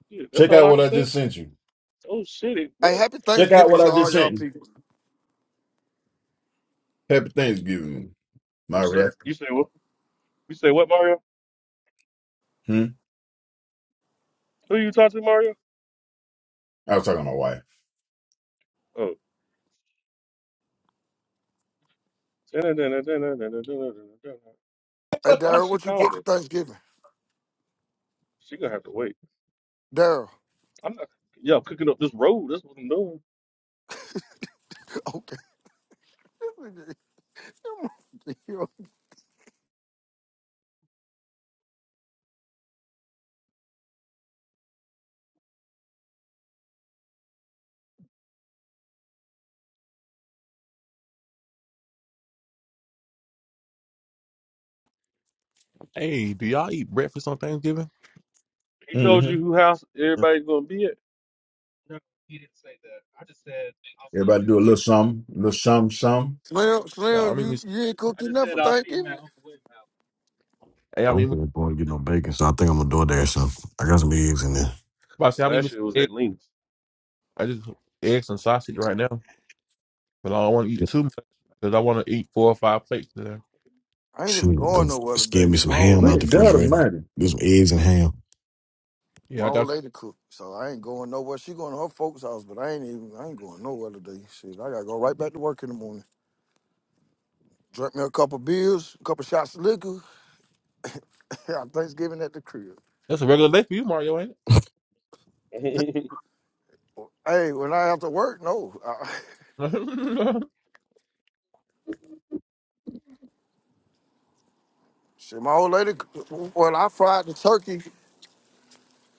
Speaker 1: Yeah, that's
Speaker 12: check
Speaker 1: all
Speaker 12: out
Speaker 1: I
Speaker 12: what
Speaker 1: can
Speaker 12: I
Speaker 1: say.
Speaker 12: just sent you.
Speaker 1: Oh shit, it
Speaker 16: Hey,
Speaker 1: worked.
Speaker 16: happy
Speaker 12: Check out
Speaker 16: Thanksgiving
Speaker 12: what
Speaker 16: to
Speaker 12: I just
Speaker 16: all
Speaker 12: sent
Speaker 16: y'all
Speaker 12: you.
Speaker 16: people.
Speaker 12: Happy Thanksgiving,
Speaker 16: Yes, sir.
Speaker 12: Maria.
Speaker 1: You say what? You say what, Mario?
Speaker 12: Hmm?
Speaker 1: Who you talk to, Mario?
Speaker 12: I was talking to my wife.
Speaker 1: Oh.
Speaker 16: Hey,
Speaker 1: Why did
Speaker 16: Daryl,
Speaker 1: she
Speaker 16: what you
Speaker 1: call
Speaker 16: cook
Speaker 1: me?
Speaker 16: for Thanksgiving?
Speaker 1: She gonna have to wait.
Speaker 16: Daryl.
Speaker 1: I'm not. Y'all cooking up this road. That's what I'm doing.
Speaker 16: Okay.
Speaker 19: Hey, do y'all eat breakfast on Thanksgiving?
Speaker 1: He told
Speaker 12: hmm
Speaker 1: you who house everybody's gonna be at.
Speaker 12: Everybody do a little something, a little something, something.
Speaker 16: Slim,
Speaker 19: Yeah, I
Speaker 16: Slim,
Speaker 19: mean,
Speaker 16: you, you ain't cooked enough for Thanksgiving?
Speaker 19: hey, I
Speaker 14: I
Speaker 1: No.
Speaker 14: don't
Speaker 19: mean,
Speaker 14: think I'm going to get no bacon, so I think I'm gonna do it there. So I got some eggs in there.
Speaker 19: I mean, I
Speaker 1: Last year it was
Speaker 19: mean,
Speaker 1: at Lena's.
Speaker 19: I just eggs and sausage right now. but I don't want to eat
Speaker 14: Shit,
Speaker 19: too much because I want to eat four or five plates today.
Speaker 16: I ain't even
Speaker 14: Shoot, go
Speaker 16: going nowhere
Speaker 14: skin
Speaker 16: today.
Speaker 14: me some
Speaker 16: My old
Speaker 14: ham out
Speaker 16: lady
Speaker 14: the
Speaker 16: cook.
Speaker 14: refrigerator. Do some eggs and ham.
Speaker 19: Yeah,
Speaker 16: My
Speaker 19: I
Speaker 16: old
Speaker 19: got some.
Speaker 16: lady cook. So I ain't going nowhere. She going to her folks' house, but I ain't even I ain't going nowhere today. Shit, I gotta go right back to work in the morning. Drink me a couple beers, a couple shots of liquor. Thanksgiving at the crib.
Speaker 19: that's a regular day for you, Mario, ain't it?
Speaker 1: Mm.
Speaker 16: Hey, when I have to work, no. I, see, my old lady, when I fried the turkey,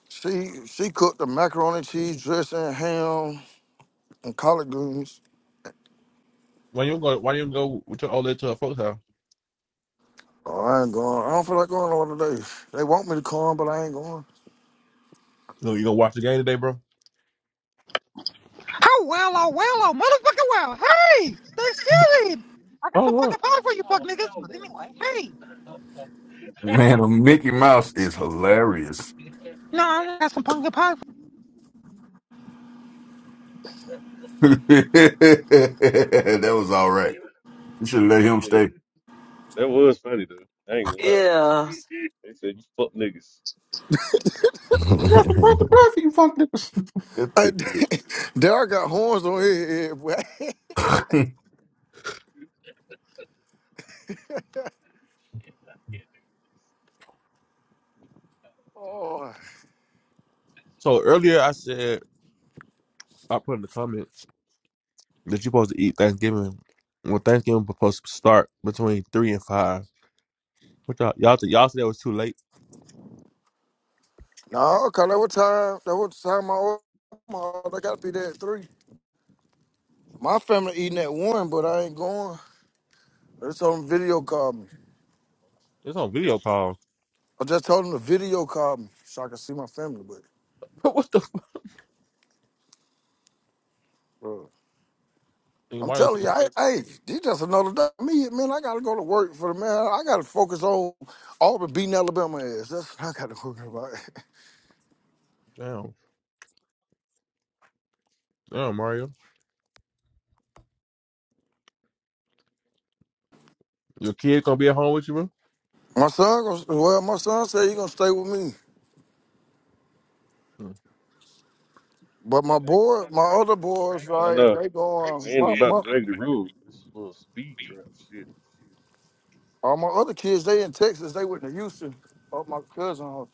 Speaker 16: she she cooked the macaroni and cheese dressing, ham, and collard greens.
Speaker 19: when you go, why you go with your old lady to a folks house?
Speaker 16: Oh, I ain't going. I don't feel like going all today. They want me to come, but I ain't going.
Speaker 19: You know, you gonna watch the game today, bro?
Speaker 26: Oh well, oh well, oh motherfucker well. Hey, Thanksgiving. I got
Speaker 19: Oh,
Speaker 26: some pumpkin
Speaker 19: Lord.
Speaker 26: pie for you, fuck niggas. But anyway, hey.
Speaker 12: Man, the Mickey Mouse is hilarious.
Speaker 26: No, I got some pumpkin pie
Speaker 12: that was all right. You should let him
Speaker 1: yeah,
Speaker 12: stay.
Speaker 1: that was funny though. I ain't gonna lie.
Speaker 7: Yeah.
Speaker 1: They said you fuck niggas.
Speaker 12: That's the part the perfect you funk nippers. That's
Speaker 16: Hey,
Speaker 12: good.
Speaker 16: Derek got horns on his head, boy. oh.
Speaker 19: So earlier I said I put in the comments that you are supposed to eat Thanksgiving. Well, Thanksgiving supposed to start between three and five. What y'all y'all, think- y'all said it was too late.
Speaker 16: No, because that was time, that was the time my old, my, they got to be there at 3. My family eating at 1, but I ain't going. It's on video call me.
Speaker 19: It's on video call.
Speaker 16: I just told him to video call me so I can see my family. But
Speaker 19: what the? F-
Speaker 16: bro,
Speaker 19: and
Speaker 16: I'm
Speaker 19: Mario
Speaker 16: telling
Speaker 19: said,
Speaker 16: you, I, hey, this just another day. Me, man, I gotta go to work for the man. I gotta focus on Auburn beating Alabama ass. That's what I gotta worry about.
Speaker 19: "Damn, damn, Mario, your kid gonna be at home with you, bro?
Speaker 16: My son, gonna- well, my son said he gonna stay with me,
Speaker 19: Mm,
Speaker 16: but my boy, my other boys,
Speaker 1: I
Speaker 16: like
Speaker 1: know.
Speaker 16: they
Speaker 1: It
Speaker 16: going.
Speaker 1: ain't
Speaker 16: My
Speaker 1: about
Speaker 16: my
Speaker 1: the regular road. It's a little speed trap shit.
Speaker 16: all my other kids, they in Texas. They went to Houston. Oh, my cousin, uh,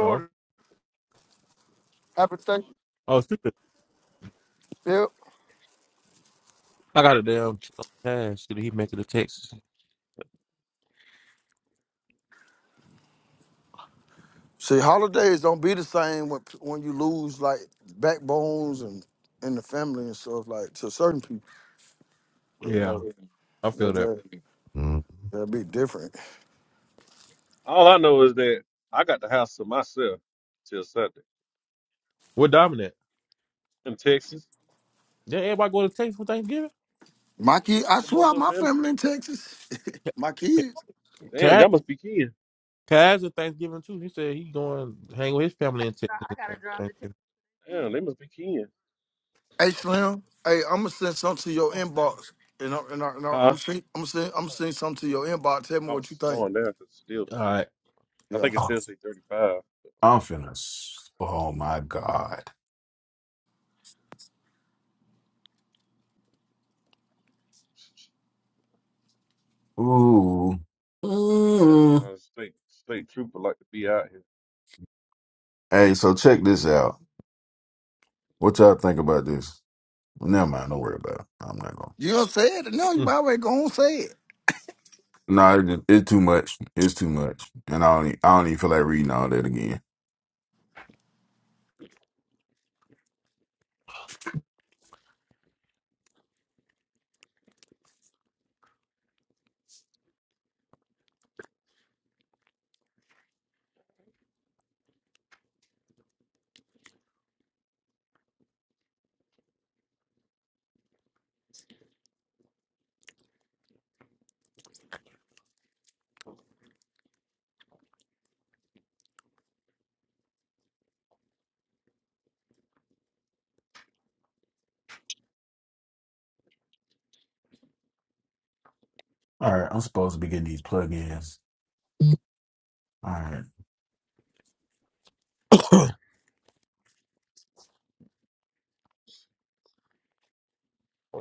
Speaker 19: No.
Speaker 16: Happy Thanksgiving.
Speaker 19: Oh, I got a damn pass. Did he make it to Texas?
Speaker 16: See, holidays don't be the same when when you lose like backbones and in the family and stuff like to certain people. But, uh,
Speaker 19: Yeah, I feel
Speaker 16: that
Speaker 19: that.
Speaker 16: that that'd be different.
Speaker 1: All I know is that I got the house to myself till Sunday
Speaker 19: What dominant?
Speaker 1: in Texas.
Speaker 19: Yeah, everybody go to Texas for Thanksgiving.
Speaker 16: My kid,
Speaker 1: they
Speaker 16: I
Speaker 1: said most
Speaker 16: swear,
Speaker 1: of
Speaker 16: my
Speaker 1: them
Speaker 16: family in Texas, my
Speaker 19: Ca-
Speaker 16: kids.
Speaker 1: Damn,
Speaker 19: Cass,
Speaker 1: y'all must be keying.
Speaker 19: Cass is Thanksgiving too. He said he going to hang with his family in Texas at Thanksgiving.
Speaker 1: Damn, they must be keying.
Speaker 16: Hey Slim, hey, I'm gonna send something to your inbox, and I'm and, I, and I, I'm
Speaker 1: Huh?
Speaker 16: gonna send I'm gonna send I'm gonna send something to your inbox. Tell me
Speaker 1: I
Speaker 16: what you
Speaker 1: was
Speaker 16: think.
Speaker 1: slowing down because still,
Speaker 19: All right.
Speaker 1: I
Speaker 16: Yeah,
Speaker 1: think it
Speaker 12: oh,
Speaker 1: still say 35. but I'm not
Speaker 12: I'm
Speaker 1: sure.
Speaker 12: finna. s- Oh my god. Ooh.
Speaker 1: South
Speaker 12: Mm.
Speaker 1: Carolina State State Trooper like to be out here.
Speaker 12: Hey, so check this out. What y'all think about this? Never mind. Don't worry about it. I'm not gonna.
Speaker 16: you don't say it. No, you
Speaker 19: Mm.
Speaker 16: might way go on say it.
Speaker 12: No, it just- it's too much. It's too much, and I don't. e- I don't even feel like reading all that again. All right, I'm supposed to be getting these plugins. All right,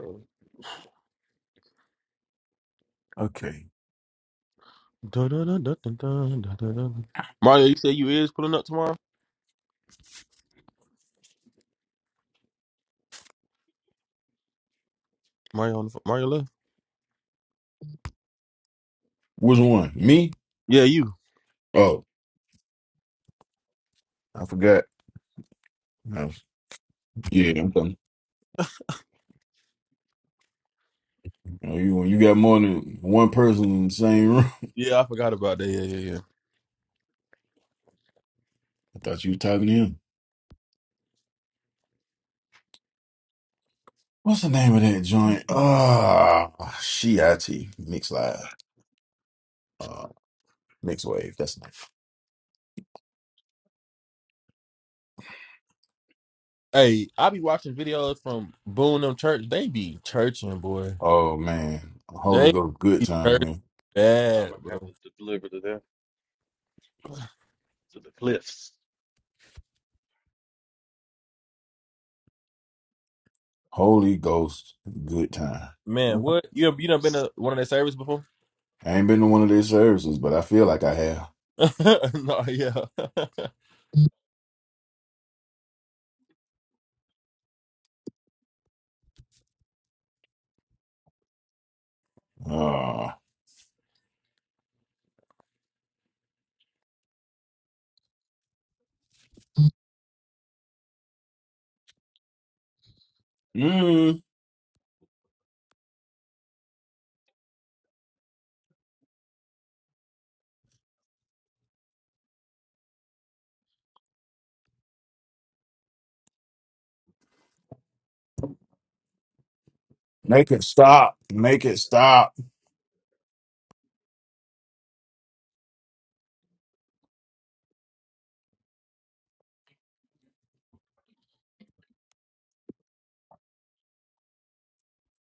Speaker 12: okay.
Speaker 19: Dun, dun, dun, dun, dun, dun, dun, dun, dun. Mario, you say you is pulling up tomorrow. Mario on the phone. Mario left.
Speaker 12: Which one? Me?
Speaker 19: Yeah, you.
Speaker 12: Oh, I forgot. No. Yeah, I'm coming. Oh, you you got more than one person in the same room.
Speaker 19: Yeah, I forgot about that. Yeah, yeah, yeah.
Speaker 12: I thought you was talking to him. What's the name of that joint? Ah, uh, Shiati Mix Live, uh, Mix Wave. That's the name.
Speaker 19: Hey, I be watching videos from Boone them church. They be churching, boy.
Speaker 12: Oh man, Holy
Speaker 19: They
Speaker 12: Ghost, good
Speaker 19: be
Speaker 12: time
Speaker 19: church
Speaker 12: in here.
Speaker 1: I
Speaker 19: bad,
Speaker 1: remember having
Speaker 19: bro.
Speaker 1: to deliver to them to the cliffs.
Speaker 12: Holy Ghost, good time.
Speaker 19: Man, what you have, you done been to one of their service before?
Speaker 12: I ain't been to one of these services, but I feel like I have.
Speaker 19: no, yeah.
Speaker 12: Uh, mm, make it stop. Make it stop.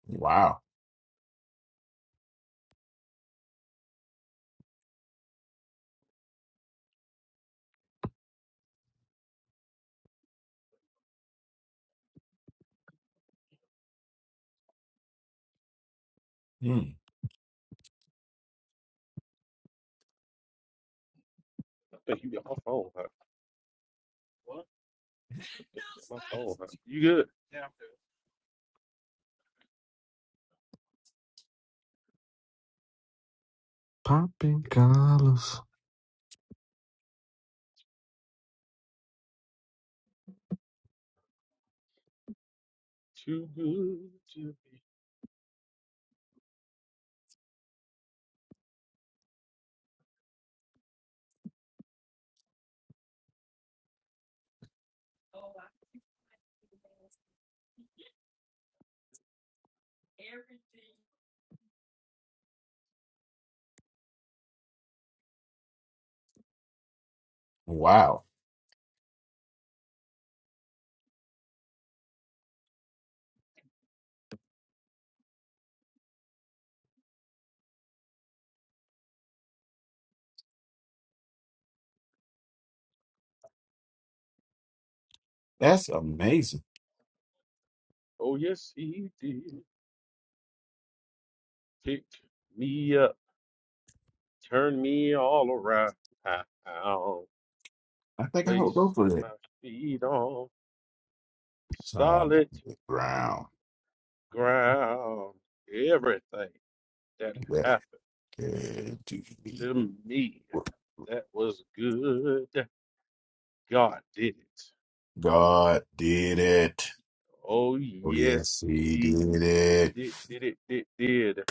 Speaker 12: Wow. Mm,
Speaker 1: I think you got my phone hot. You got My phone hot. You good?
Speaker 14: Popping collars.
Speaker 1: Too good. To... be.
Speaker 12: wow. That's amazing.
Speaker 1: Oh yes, he did. Pick me up, turn me all around.
Speaker 12: I think I will
Speaker 1: Place
Speaker 12: go for it.
Speaker 1: my feet on
Speaker 12: Solid
Speaker 1: solid
Speaker 12: ground.
Speaker 1: ground everything that
Speaker 12: That
Speaker 1: happened
Speaker 12: had to be.
Speaker 1: to me. That was good. God did it.
Speaker 12: God did it.
Speaker 1: Oh
Speaker 12: Oh,
Speaker 1: yes,
Speaker 12: yes, he
Speaker 1: he
Speaker 12: did it.
Speaker 1: did did it did did.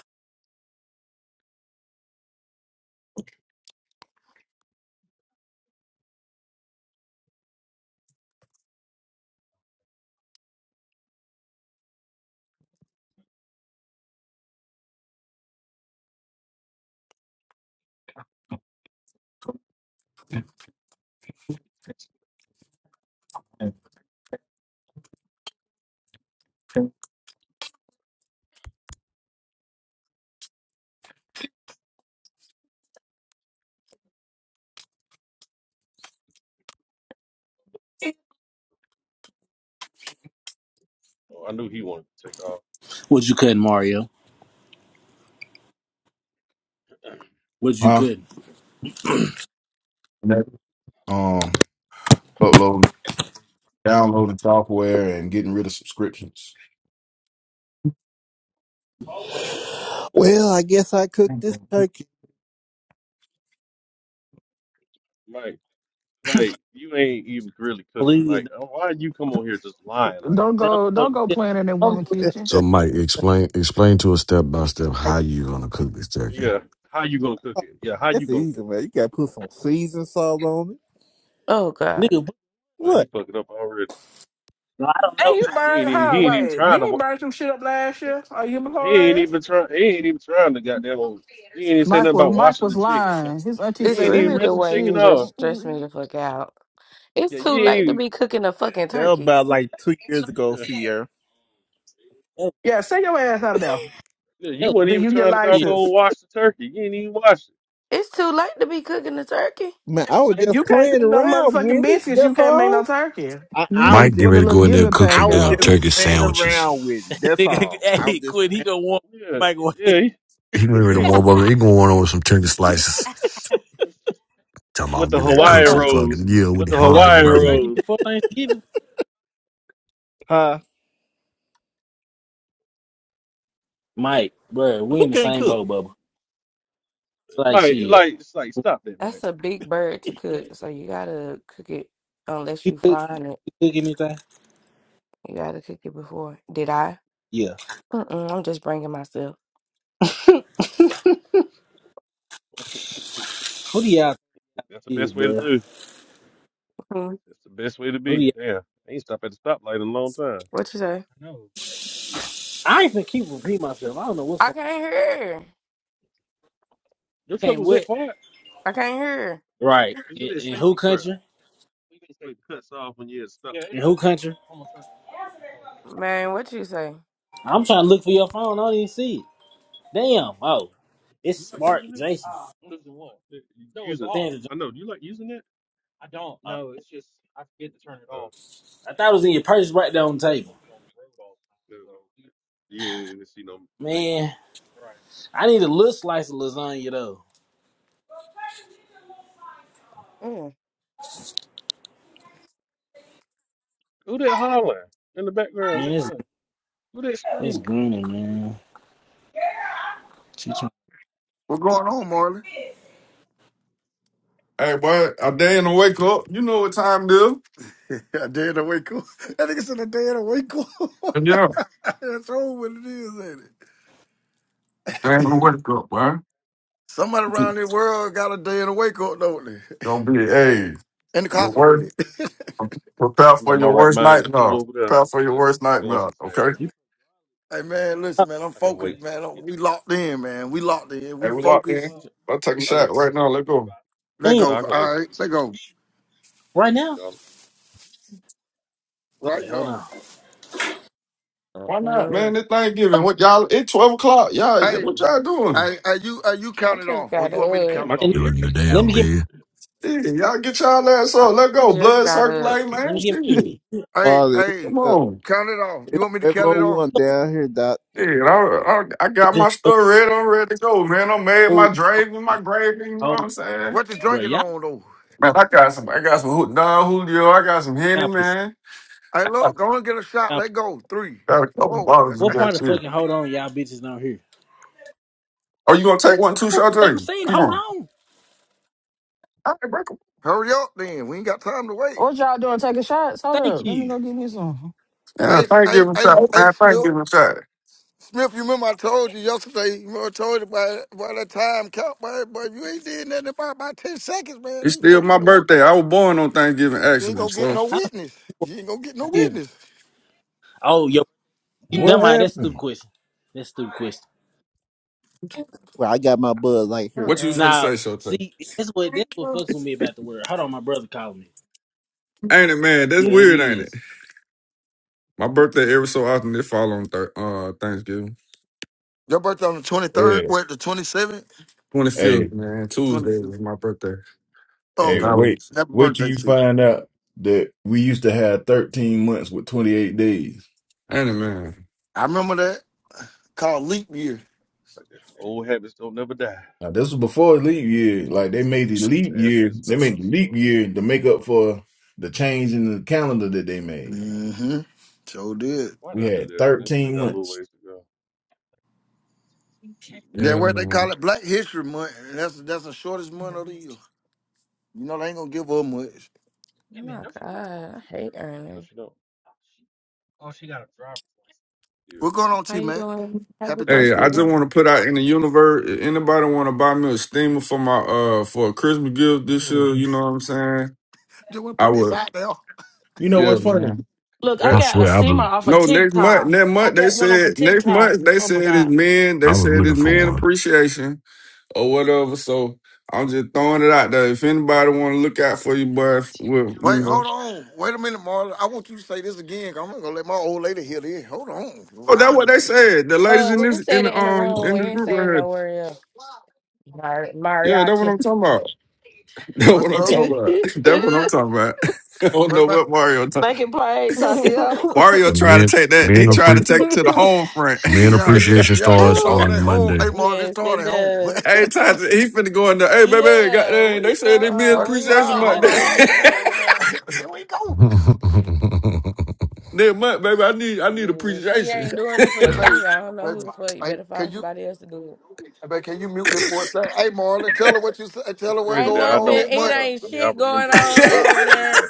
Speaker 1: Oh, I knew he wanted to take off.
Speaker 5: What you cutting, Mario? What you
Speaker 12: Huh?
Speaker 5: cutting?
Speaker 12: No. Um, uploading, downloading software and getting rid of subscriptions.
Speaker 15: Well, I guess I cooked this turkey.
Speaker 1: Like like you ain't even really cooking.
Speaker 5: Please
Speaker 1: Like uh, why you come on here just lying like
Speaker 21: Don't
Speaker 5: don't
Speaker 21: go,
Speaker 5: don't-
Speaker 21: don't go playing in that
Speaker 5: don't
Speaker 21: woman
Speaker 5: do it.
Speaker 21: kitchen.
Speaker 14: So, Mike, explain explain to us step by step how you're gonna cook this
Speaker 1: that?
Speaker 14: turkey.
Speaker 1: Yeah, how you gonna cook it? Yeah, how you
Speaker 15: It's
Speaker 1: gonna cook
Speaker 15: easy,
Speaker 1: it?
Speaker 15: man. You gotta put some season salt on it.
Speaker 5: Nigga, but-
Speaker 1: Well, he
Speaker 15: What?
Speaker 1: fucked up already.
Speaker 5: no, I don't
Speaker 11: And
Speaker 5: know.
Speaker 11: you
Speaker 5: I
Speaker 1: He ain't
Speaker 11: burned,
Speaker 1: even
Speaker 11: huh?
Speaker 1: he ain't even
Speaker 11: Wait,
Speaker 1: trying
Speaker 11: did
Speaker 1: to.
Speaker 11: you
Speaker 1: wa-
Speaker 11: burn some shit up last year or year
Speaker 1: He
Speaker 11: before
Speaker 1: ain't
Speaker 11: last?
Speaker 1: even trying. He ain't even trying to goddamn. He ain't even say nothing
Speaker 21: Mike was
Speaker 1: about
Speaker 21: Mike
Speaker 1: washing
Speaker 21: was
Speaker 1: the chicken.
Speaker 21: lying. His auntie
Speaker 1: You ain't
Speaker 21: said he
Speaker 1: even
Speaker 21: ain't
Speaker 1: rinse the
Speaker 21: cook
Speaker 1: chicken
Speaker 21: shit.
Speaker 1: off. Yeah, you ain't even.
Speaker 15: That was about like two years ago,
Speaker 1: Yeah,
Speaker 15: Sierra.
Speaker 5: don't
Speaker 11: Yeah, send your ass out of there.
Speaker 1: yeah. You
Speaker 5: know.
Speaker 1: weren't
Speaker 11: Then
Speaker 1: even
Speaker 11: you get
Speaker 1: trying to
Speaker 5: Shit.
Speaker 1: doggone
Speaker 11: licensed.
Speaker 1: wash the turkey. You ain't even wash it.
Speaker 15: Man, I was
Speaker 11: If
Speaker 15: just
Speaker 11: you can't cook
Speaker 15: playing
Speaker 11: no
Speaker 15: around
Speaker 11: motherfucking
Speaker 15: with it.
Speaker 11: biscuits, you
Speaker 15: That's
Speaker 11: can't make
Speaker 15: all.
Speaker 11: no turkey.
Speaker 15: I,
Speaker 21: He ain't
Speaker 15: I
Speaker 21: even
Speaker 15: was
Speaker 14: Mike, get
Speaker 15: just
Speaker 21: pull
Speaker 14: ready
Speaker 21: the
Speaker 14: to
Speaker 21: little
Speaker 14: go in there and
Speaker 21: gibbet
Speaker 14: cook
Speaker 15: I
Speaker 14: some
Speaker 21: pack
Speaker 15: was
Speaker 14: damn
Speaker 15: just
Speaker 21: out.
Speaker 14: turkey
Speaker 15: playing
Speaker 14: sandwiches.
Speaker 15: around with it. That's
Speaker 5: Nigga,
Speaker 15: all. I
Speaker 5: hey,
Speaker 15: was just
Speaker 5: quit. He gonna want
Speaker 1: Yeah,
Speaker 5: Mike.
Speaker 1: yeah.
Speaker 14: He getting ready
Speaker 1: He,
Speaker 14: to
Speaker 1: he,
Speaker 14: warm up. He gonna warm up with some turkey slices. Tell him
Speaker 1: with
Speaker 14: I'm
Speaker 1: the
Speaker 14: gonna
Speaker 5: Wait,
Speaker 14: cook
Speaker 1: Hawaiian
Speaker 5: hold
Speaker 14: some
Speaker 15: playing.
Speaker 5: on.
Speaker 14: fucking
Speaker 1: rolls,
Speaker 14: yeah with
Speaker 1: with
Speaker 14: the
Speaker 1: the
Speaker 5: You
Speaker 14: fire
Speaker 5: gotta
Speaker 14: and
Speaker 1: Hawaiian
Speaker 5: cook
Speaker 14: roll.
Speaker 5: turkey
Speaker 1: rolls,
Speaker 5: before Thanksgiving?
Speaker 15: Huh?
Speaker 5: Mike, bro, we
Speaker 15: Who
Speaker 5: in the
Speaker 15: can't
Speaker 5: same
Speaker 15: cook?
Speaker 5: boat, Bubba. Like,
Speaker 1: Mike.
Speaker 5: chill.
Speaker 1: Like it's like stop that, Mike.
Speaker 5: You cook, you cook anything? Yeah. Who do y'all
Speaker 1: That's the
Speaker 5: think is,
Speaker 1: best way to
Speaker 5: bro?
Speaker 1: do. That's the best way to
Speaker 5: Who do
Speaker 1: be.
Speaker 5: y'all?
Speaker 1: Damn, I ain't stopped at the stoplight in a long time.
Speaker 5: I ain't finna keep repeating myself. I don't know what's going
Speaker 1: Your
Speaker 5: on.
Speaker 1: truck
Speaker 5: Can't
Speaker 1: was
Speaker 5: what?
Speaker 1: that quiet?
Speaker 5: Right.
Speaker 1: Was it
Speaker 5: In,
Speaker 1: that
Speaker 5: in who
Speaker 1: safety crap?
Speaker 5: country?
Speaker 1: You think it cuts off when you're at a stop? Yeah, it
Speaker 5: In
Speaker 1: does.
Speaker 5: who country?
Speaker 1: Uh,
Speaker 5: I'm trying to look for your phone. I don't even see it. Damn. Oh, it's
Speaker 1: You like
Speaker 5: smart,
Speaker 1: using it?
Speaker 5: Jason.
Speaker 1: Uh, You No, it's use it? off.
Speaker 5: Sandra Jones.
Speaker 1: I know. Do you like using it?
Speaker 5: Oh,
Speaker 1: Oh,
Speaker 5: I thought it was in your purse right there on the table.
Speaker 1: no. So You ain't even see no reasons.
Speaker 5: Man, I need a little slice of lasagna though.
Speaker 1: Who that hollering in the background
Speaker 5: Man,
Speaker 1: back
Speaker 5: it's
Speaker 1: there? Who that
Speaker 5: it's
Speaker 1: screaming?
Speaker 5: green, man.
Speaker 16: What's going on, Marlon.
Speaker 27: Hey, boy, a day in the wake up. You know what time it is.
Speaker 16: a day in the wake up. That nigga said a day in the wake
Speaker 27: Yeah,
Speaker 16: That's all what it is, ain't it?
Speaker 27: day in the wake up, boy.
Speaker 16: Somebody around the world got a day in the wake up, don't they?
Speaker 27: Don't be, hey, your
Speaker 16: Incarcerated.
Speaker 27: worst. Prepare
Speaker 1: I'm
Speaker 27: for
Speaker 1: in my
Speaker 27: your
Speaker 1: right
Speaker 27: worst
Speaker 1: mind to pull
Speaker 27: nightmare.
Speaker 1: over there,
Speaker 27: Prepare for your
Speaker 1: but
Speaker 27: worst
Speaker 1: I'm going
Speaker 27: nightmare,
Speaker 1: too
Speaker 27: okay?
Speaker 1: fast.
Speaker 16: Hey man,
Speaker 5: Oh,
Speaker 16: listen, man, I'm
Speaker 1: I can
Speaker 16: focused,
Speaker 1: wait till
Speaker 16: man. I'm-
Speaker 1: we get
Speaker 16: We
Speaker 1: to.
Speaker 16: locked in, man. We locked in. We
Speaker 27: Hey, we locked
Speaker 16: focused.
Speaker 27: in. Let's take a
Speaker 1: I can
Speaker 27: shot
Speaker 1: wait.
Speaker 27: right now. Let's go.
Speaker 16: Let
Speaker 5: damn.
Speaker 1: No,
Speaker 16: go.
Speaker 1: I can
Speaker 16: All
Speaker 1: wait till
Speaker 16: right,
Speaker 1: we get
Speaker 16: let
Speaker 1: to
Speaker 16: go.
Speaker 5: Right
Speaker 1: what
Speaker 5: now?
Speaker 1: you call
Speaker 5: Okay,
Speaker 16: Right
Speaker 5: hold
Speaker 16: now.
Speaker 5: on.
Speaker 27: Why not, man? It's Thanksgiving. What y'all, it's 12 o'clock. Y'all, yeah,
Speaker 16: Hey,
Speaker 27: what y'all
Speaker 1: it.
Speaker 27: doing?
Speaker 16: hey, are you are you count it off, or you want me to
Speaker 1: Damn,
Speaker 16: count
Speaker 1: I
Speaker 16: it
Speaker 1: can
Speaker 16: off?
Speaker 5: And
Speaker 14: You look
Speaker 1: hear.
Speaker 14: in the
Speaker 5: let
Speaker 14: damn
Speaker 5: me get
Speaker 14: bed.
Speaker 27: Yeah, y'all get y'all ass up.
Speaker 1: The
Speaker 27: Let's go.
Speaker 1: blast,
Speaker 27: Blood
Speaker 1: I can
Speaker 27: circulate,
Speaker 1: hear.
Speaker 5: let
Speaker 27: man.
Speaker 5: me get
Speaker 27: Shit.
Speaker 16: Hey,
Speaker 15: Oh, it's,
Speaker 16: hey,
Speaker 27: Come
Speaker 15: uh,
Speaker 27: on.
Speaker 16: count it off. You
Speaker 15: it's
Speaker 16: want me to count it
Speaker 15: level
Speaker 16: off?
Speaker 15: one down here, Doc.
Speaker 27: Yeah, I, I, I got
Speaker 5: this
Speaker 27: my stuff ready. I'm ready to go, man. I made
Speaker 5: old
Speaker 27: my drink and my gravy. You know what
Speaker 5: hold,
Speaker 27: I'm saying?
Speaker 16: What you
Speaker 5: bro.
Speaker 16: drinking
Speaker 5: Y'all,
Speaker 16: on though?
Speaker 27: Man, I got some. I got some Ju- Don Julio. I got some Henny,
Speaker 5: y'all pissing.
Speaker 27: man.
Speaker 16: Hey,
Speaker 27: I
Speaker 16: look, go and get a shot.
Speaker 5: Y'all pissing.
Speaker 16: Let go. Three.
Speaker 27: got a couple
Speaker 16: Oh,
Speaker 27: bottles of
Speaker 5: What
Speaker 27: that
Speaker 5: part of
Speaker 27: shit.
Speaker 5: fucking hold on, y'all bitches don't hear?
Speaker 27: Oh, you gonna take one
Speaker 5: I
Speaker 27: too,
Speaker 5: don't I'm
Speaker 27: Sade?
Speaker 5: saying
Speaker 27: Come
Speaker 5: hold
Speaker 27: on.
Speaker 5: on.
Speaker 27: All right, break 'em.
Speaker 16: hurry up, then. We ain't got time to wait.
Speaker 21: What y'all doing? Taking shots? Hold
Speaker 5: Thank
Speaker 21: up. Let me
Speaker 5: you.
Speaker 21: go get me some.
Speaker 27: Yeah,
Speaker 16: Hey, hey,
Speaker 27: Thanksgiving
Speaker 16: hey,
Speaker 27: shot,
Speaker 16: hey,
Speaker 27: man.
Speaker 16: Smith.
Speaker 27: Thanksgiving shot.
Speaker 16: If you remember, I told you yesterday. You remember, I told you by by that time count, boy. Boy, if you ain't did nothing about about ten seconds, man.
Speaker 27: It's
Speaker 16: These
Speaker 27: still
Speaker 16: folks
Speaker 27: my
Speaker 16: in the work,
Speaker 27: birthday. I was born on Thanksgiving,
Speaker 16: you ain't
Speaker 27: actually.
Speaker 16: gonna get
Speaker 27: So,
Speaker 16: no witness. You ain't gonna get no
Speaker 5: Give.
Speaker 16: witness.
Speaker 5: Oh, yo, never
Speaker 12: What
Speaker 5: mind. That's a stupid
Speaker 12: happened?
Speaker 5: question. That's a stupid question.
Speaker 15: Well, I got my bud right here.
Speaker 27: what you was finna
Speaker 5: Now,
Speaker 27: say, Shote?
Speaker 5: see, that's what that's what fucks with me about the word. Hold on, my brother calling me.
Speaker 27: Ain't it, man? That's
Speaker 5: Yeah, it
Speaker 27: weird, ain't it?
Speaker 5: is.
Speaker 27: My birthday every so often it fall on thir- uh Thanksgiving.
Speaker 16: Your birthday on the twenty third,
Speaker 12: Yeah.
Speaker 16: what the twenty seventh,
Speaker 27: Twenty
Speaker 12: hey.
Speaker 27: fifth, man.
Speaker 16: twenty
Speaker 27: Tuesday was
Speaker 16: fifth.
Speaker 27: my birthday, but
Speaker 12: Hey,
Speaker 27: I
Speaker 16: Okay,
Speaker 12: wait,
Speaker 27: was
Speaker 16: happy
Speaker 12: wait till
Speaker 16: birthday
Speaker 12: you
Speaker 16: to you.
Speaker 12: find out that we used to have 13 months with 28 days.
Speaker 27: ain't it, man?
Speaker 16: I remember that called leap year.
Speaker 1: Old habits don't never die.
Speaker 12: Now, this was before leap year. Like, they
Speaker 1: Oh,
Speaker 12: made the
Speaker 1: Miss
Speaker 12: leap
Speaker 1: Ashley
Speaker 12: year,
Speaker 1: to
Speaker 12: they
Speaker 1: stop by
Speaker 12: made
Speaker 1: the
Speaker 12: the leap
Speaker 1: store.
Speaker 12: year to make up for the change in the calendar that they made.
Speaker 16: Mm-hmm. So did.
Speaker 1: Why
Speaker 12: We
Speaker 1: did I do
Speaker 12: had
Speaker 1: that? I still
Speaker 12: 13
Speaker 1: got a little
Speaker 12: months.
Speaker 1: ways to go.
Speaker 16: Yeah,
Speaker 27: Yeah,
Speaker 16: what they
Speaker 27: man.
Speaker 16: call it, Black History Month. and That's that's the shortest month of the year. You know they ain't gonna give up much.
Speaker 1: No, she don't. Yeah.
Speaker 16: What's going on, T Mac. Happy
Speaker 27: Hey, I
Speaker 16: Thanksgiving.
Speaker 27: just want to put out in the universe. If Anybody want to buy me a steamer for my uh for a Christmas gift this year? You know what I'm saying?
Speaker 16: Just want to
Speaker 27: I
Speaker 16: put this
Speaker 27: would.
Speaker 16: out there.
Speaker 12: You know
Speaker 27: Yeah,
Speaker 12: what's funny?
Speaker 27: man.
Speaker 7: Look, I
Speaker 14: I
Speaker 27: That-
Speaker 7: got a
Speaker 14: swear, I
Speaker 7: steamer
Speaker 14: was
Speaker 7: off of
Speaker 27: no, next month.
Speaker 7: TikTok.
Speaker 27: Next
Speaker 7: I
Speaker 27: month they
Speaker 7: got one off
Speaker 27: said.
Speaker 7: of
Speaker 27: Next
Speaker 7: TikTok.
Speaker 27: month they
Speaker 7: Oh my
Speaker 27: said it's
Speaker 7: God.
Speaker 27: men. They
Speaker 14: I was
Speaker 27: said
Speaker 14: looking
Speaker 27: it's
Speaker 14: for
Speaker 27: men
Speaker 14: one.
Speaker 27: appreciation or whatever. So I'm just throwing it out there. If anybody want to look out for you, boy, well, you
Speaker 16: Wait,
Speaker 27: know.
Speaker 16: hold on. Wait a minute, Marla. I want you to say this again. 'cause I'm not gonna let my old lady hear this. Hold on.
Speaker 27: Oh,
Speaker 16: I'll
Speaker 27: that's
Speaker 16: be,
Speaker 27: what they said. The ladies in this in the um in the group right here. Yeah, that's what I'm talking about. That's what
Speaker 16: what's
Speaker 27: I'm
Speaker 16: up?
Speaker 27: talking about. That's what I'm talking about. I don't
Speaker 16: What
Speaker 27: know
Speaker 16: about?
Speaker 27: what Mario.
Speaker 7: Making praise, Tatiana.
Speaker 27: Mario
Speaker 14: And
Speaker 27: trying
Speaker 14: men,
Speaker 27: to take that.
Speaker 14: men,
Speaker 27: He trying to
Speaker 14: appre-
Speaker 27: take it to the home front.
Speaker 14: men
Speaker 16: Yeah, you,
Speaker 14: appreciation
Speaker 16: yeah. It
Speaker 14: starts
Speaker 7: Oh,
Speaker 16: started
Speaker 14: on
Speaker 16: at home. Hey,
Speaker 14: Monday.
Speaker 16: Marla, it started at home.
Speaker 27: Every time he finna go in there, hey baby, hey, goddamn, they said they mean
Speaker 16: what?
Speaker 27: appreciation
Speaker 16: Nah,
Speaker 27: month.
Speaker 16: hold on. Wait a minute. Here we go.
Speaker 14: yeah.
Speaker 27: Next month, baby, I need I need appreciation.
Speaker 16: Hey, baby, baby. Hey, can you? Hey, baby, can you mute this for a second? Hey, Marlon, tell her what you said. Tell
Speaker 1: It's
Speaker 16: her what's
Speaker 1: crazy that
Speaker 16: going
Speaker 1: I
Speaker 16: on
Speaker 1: don't,
Speaker 16: next
Speaker 1: I
Speaker 16: month.
Speaker 1: don't, I mean, I remember still
Speaker 27: hey,
Speaker 1: where everything is at.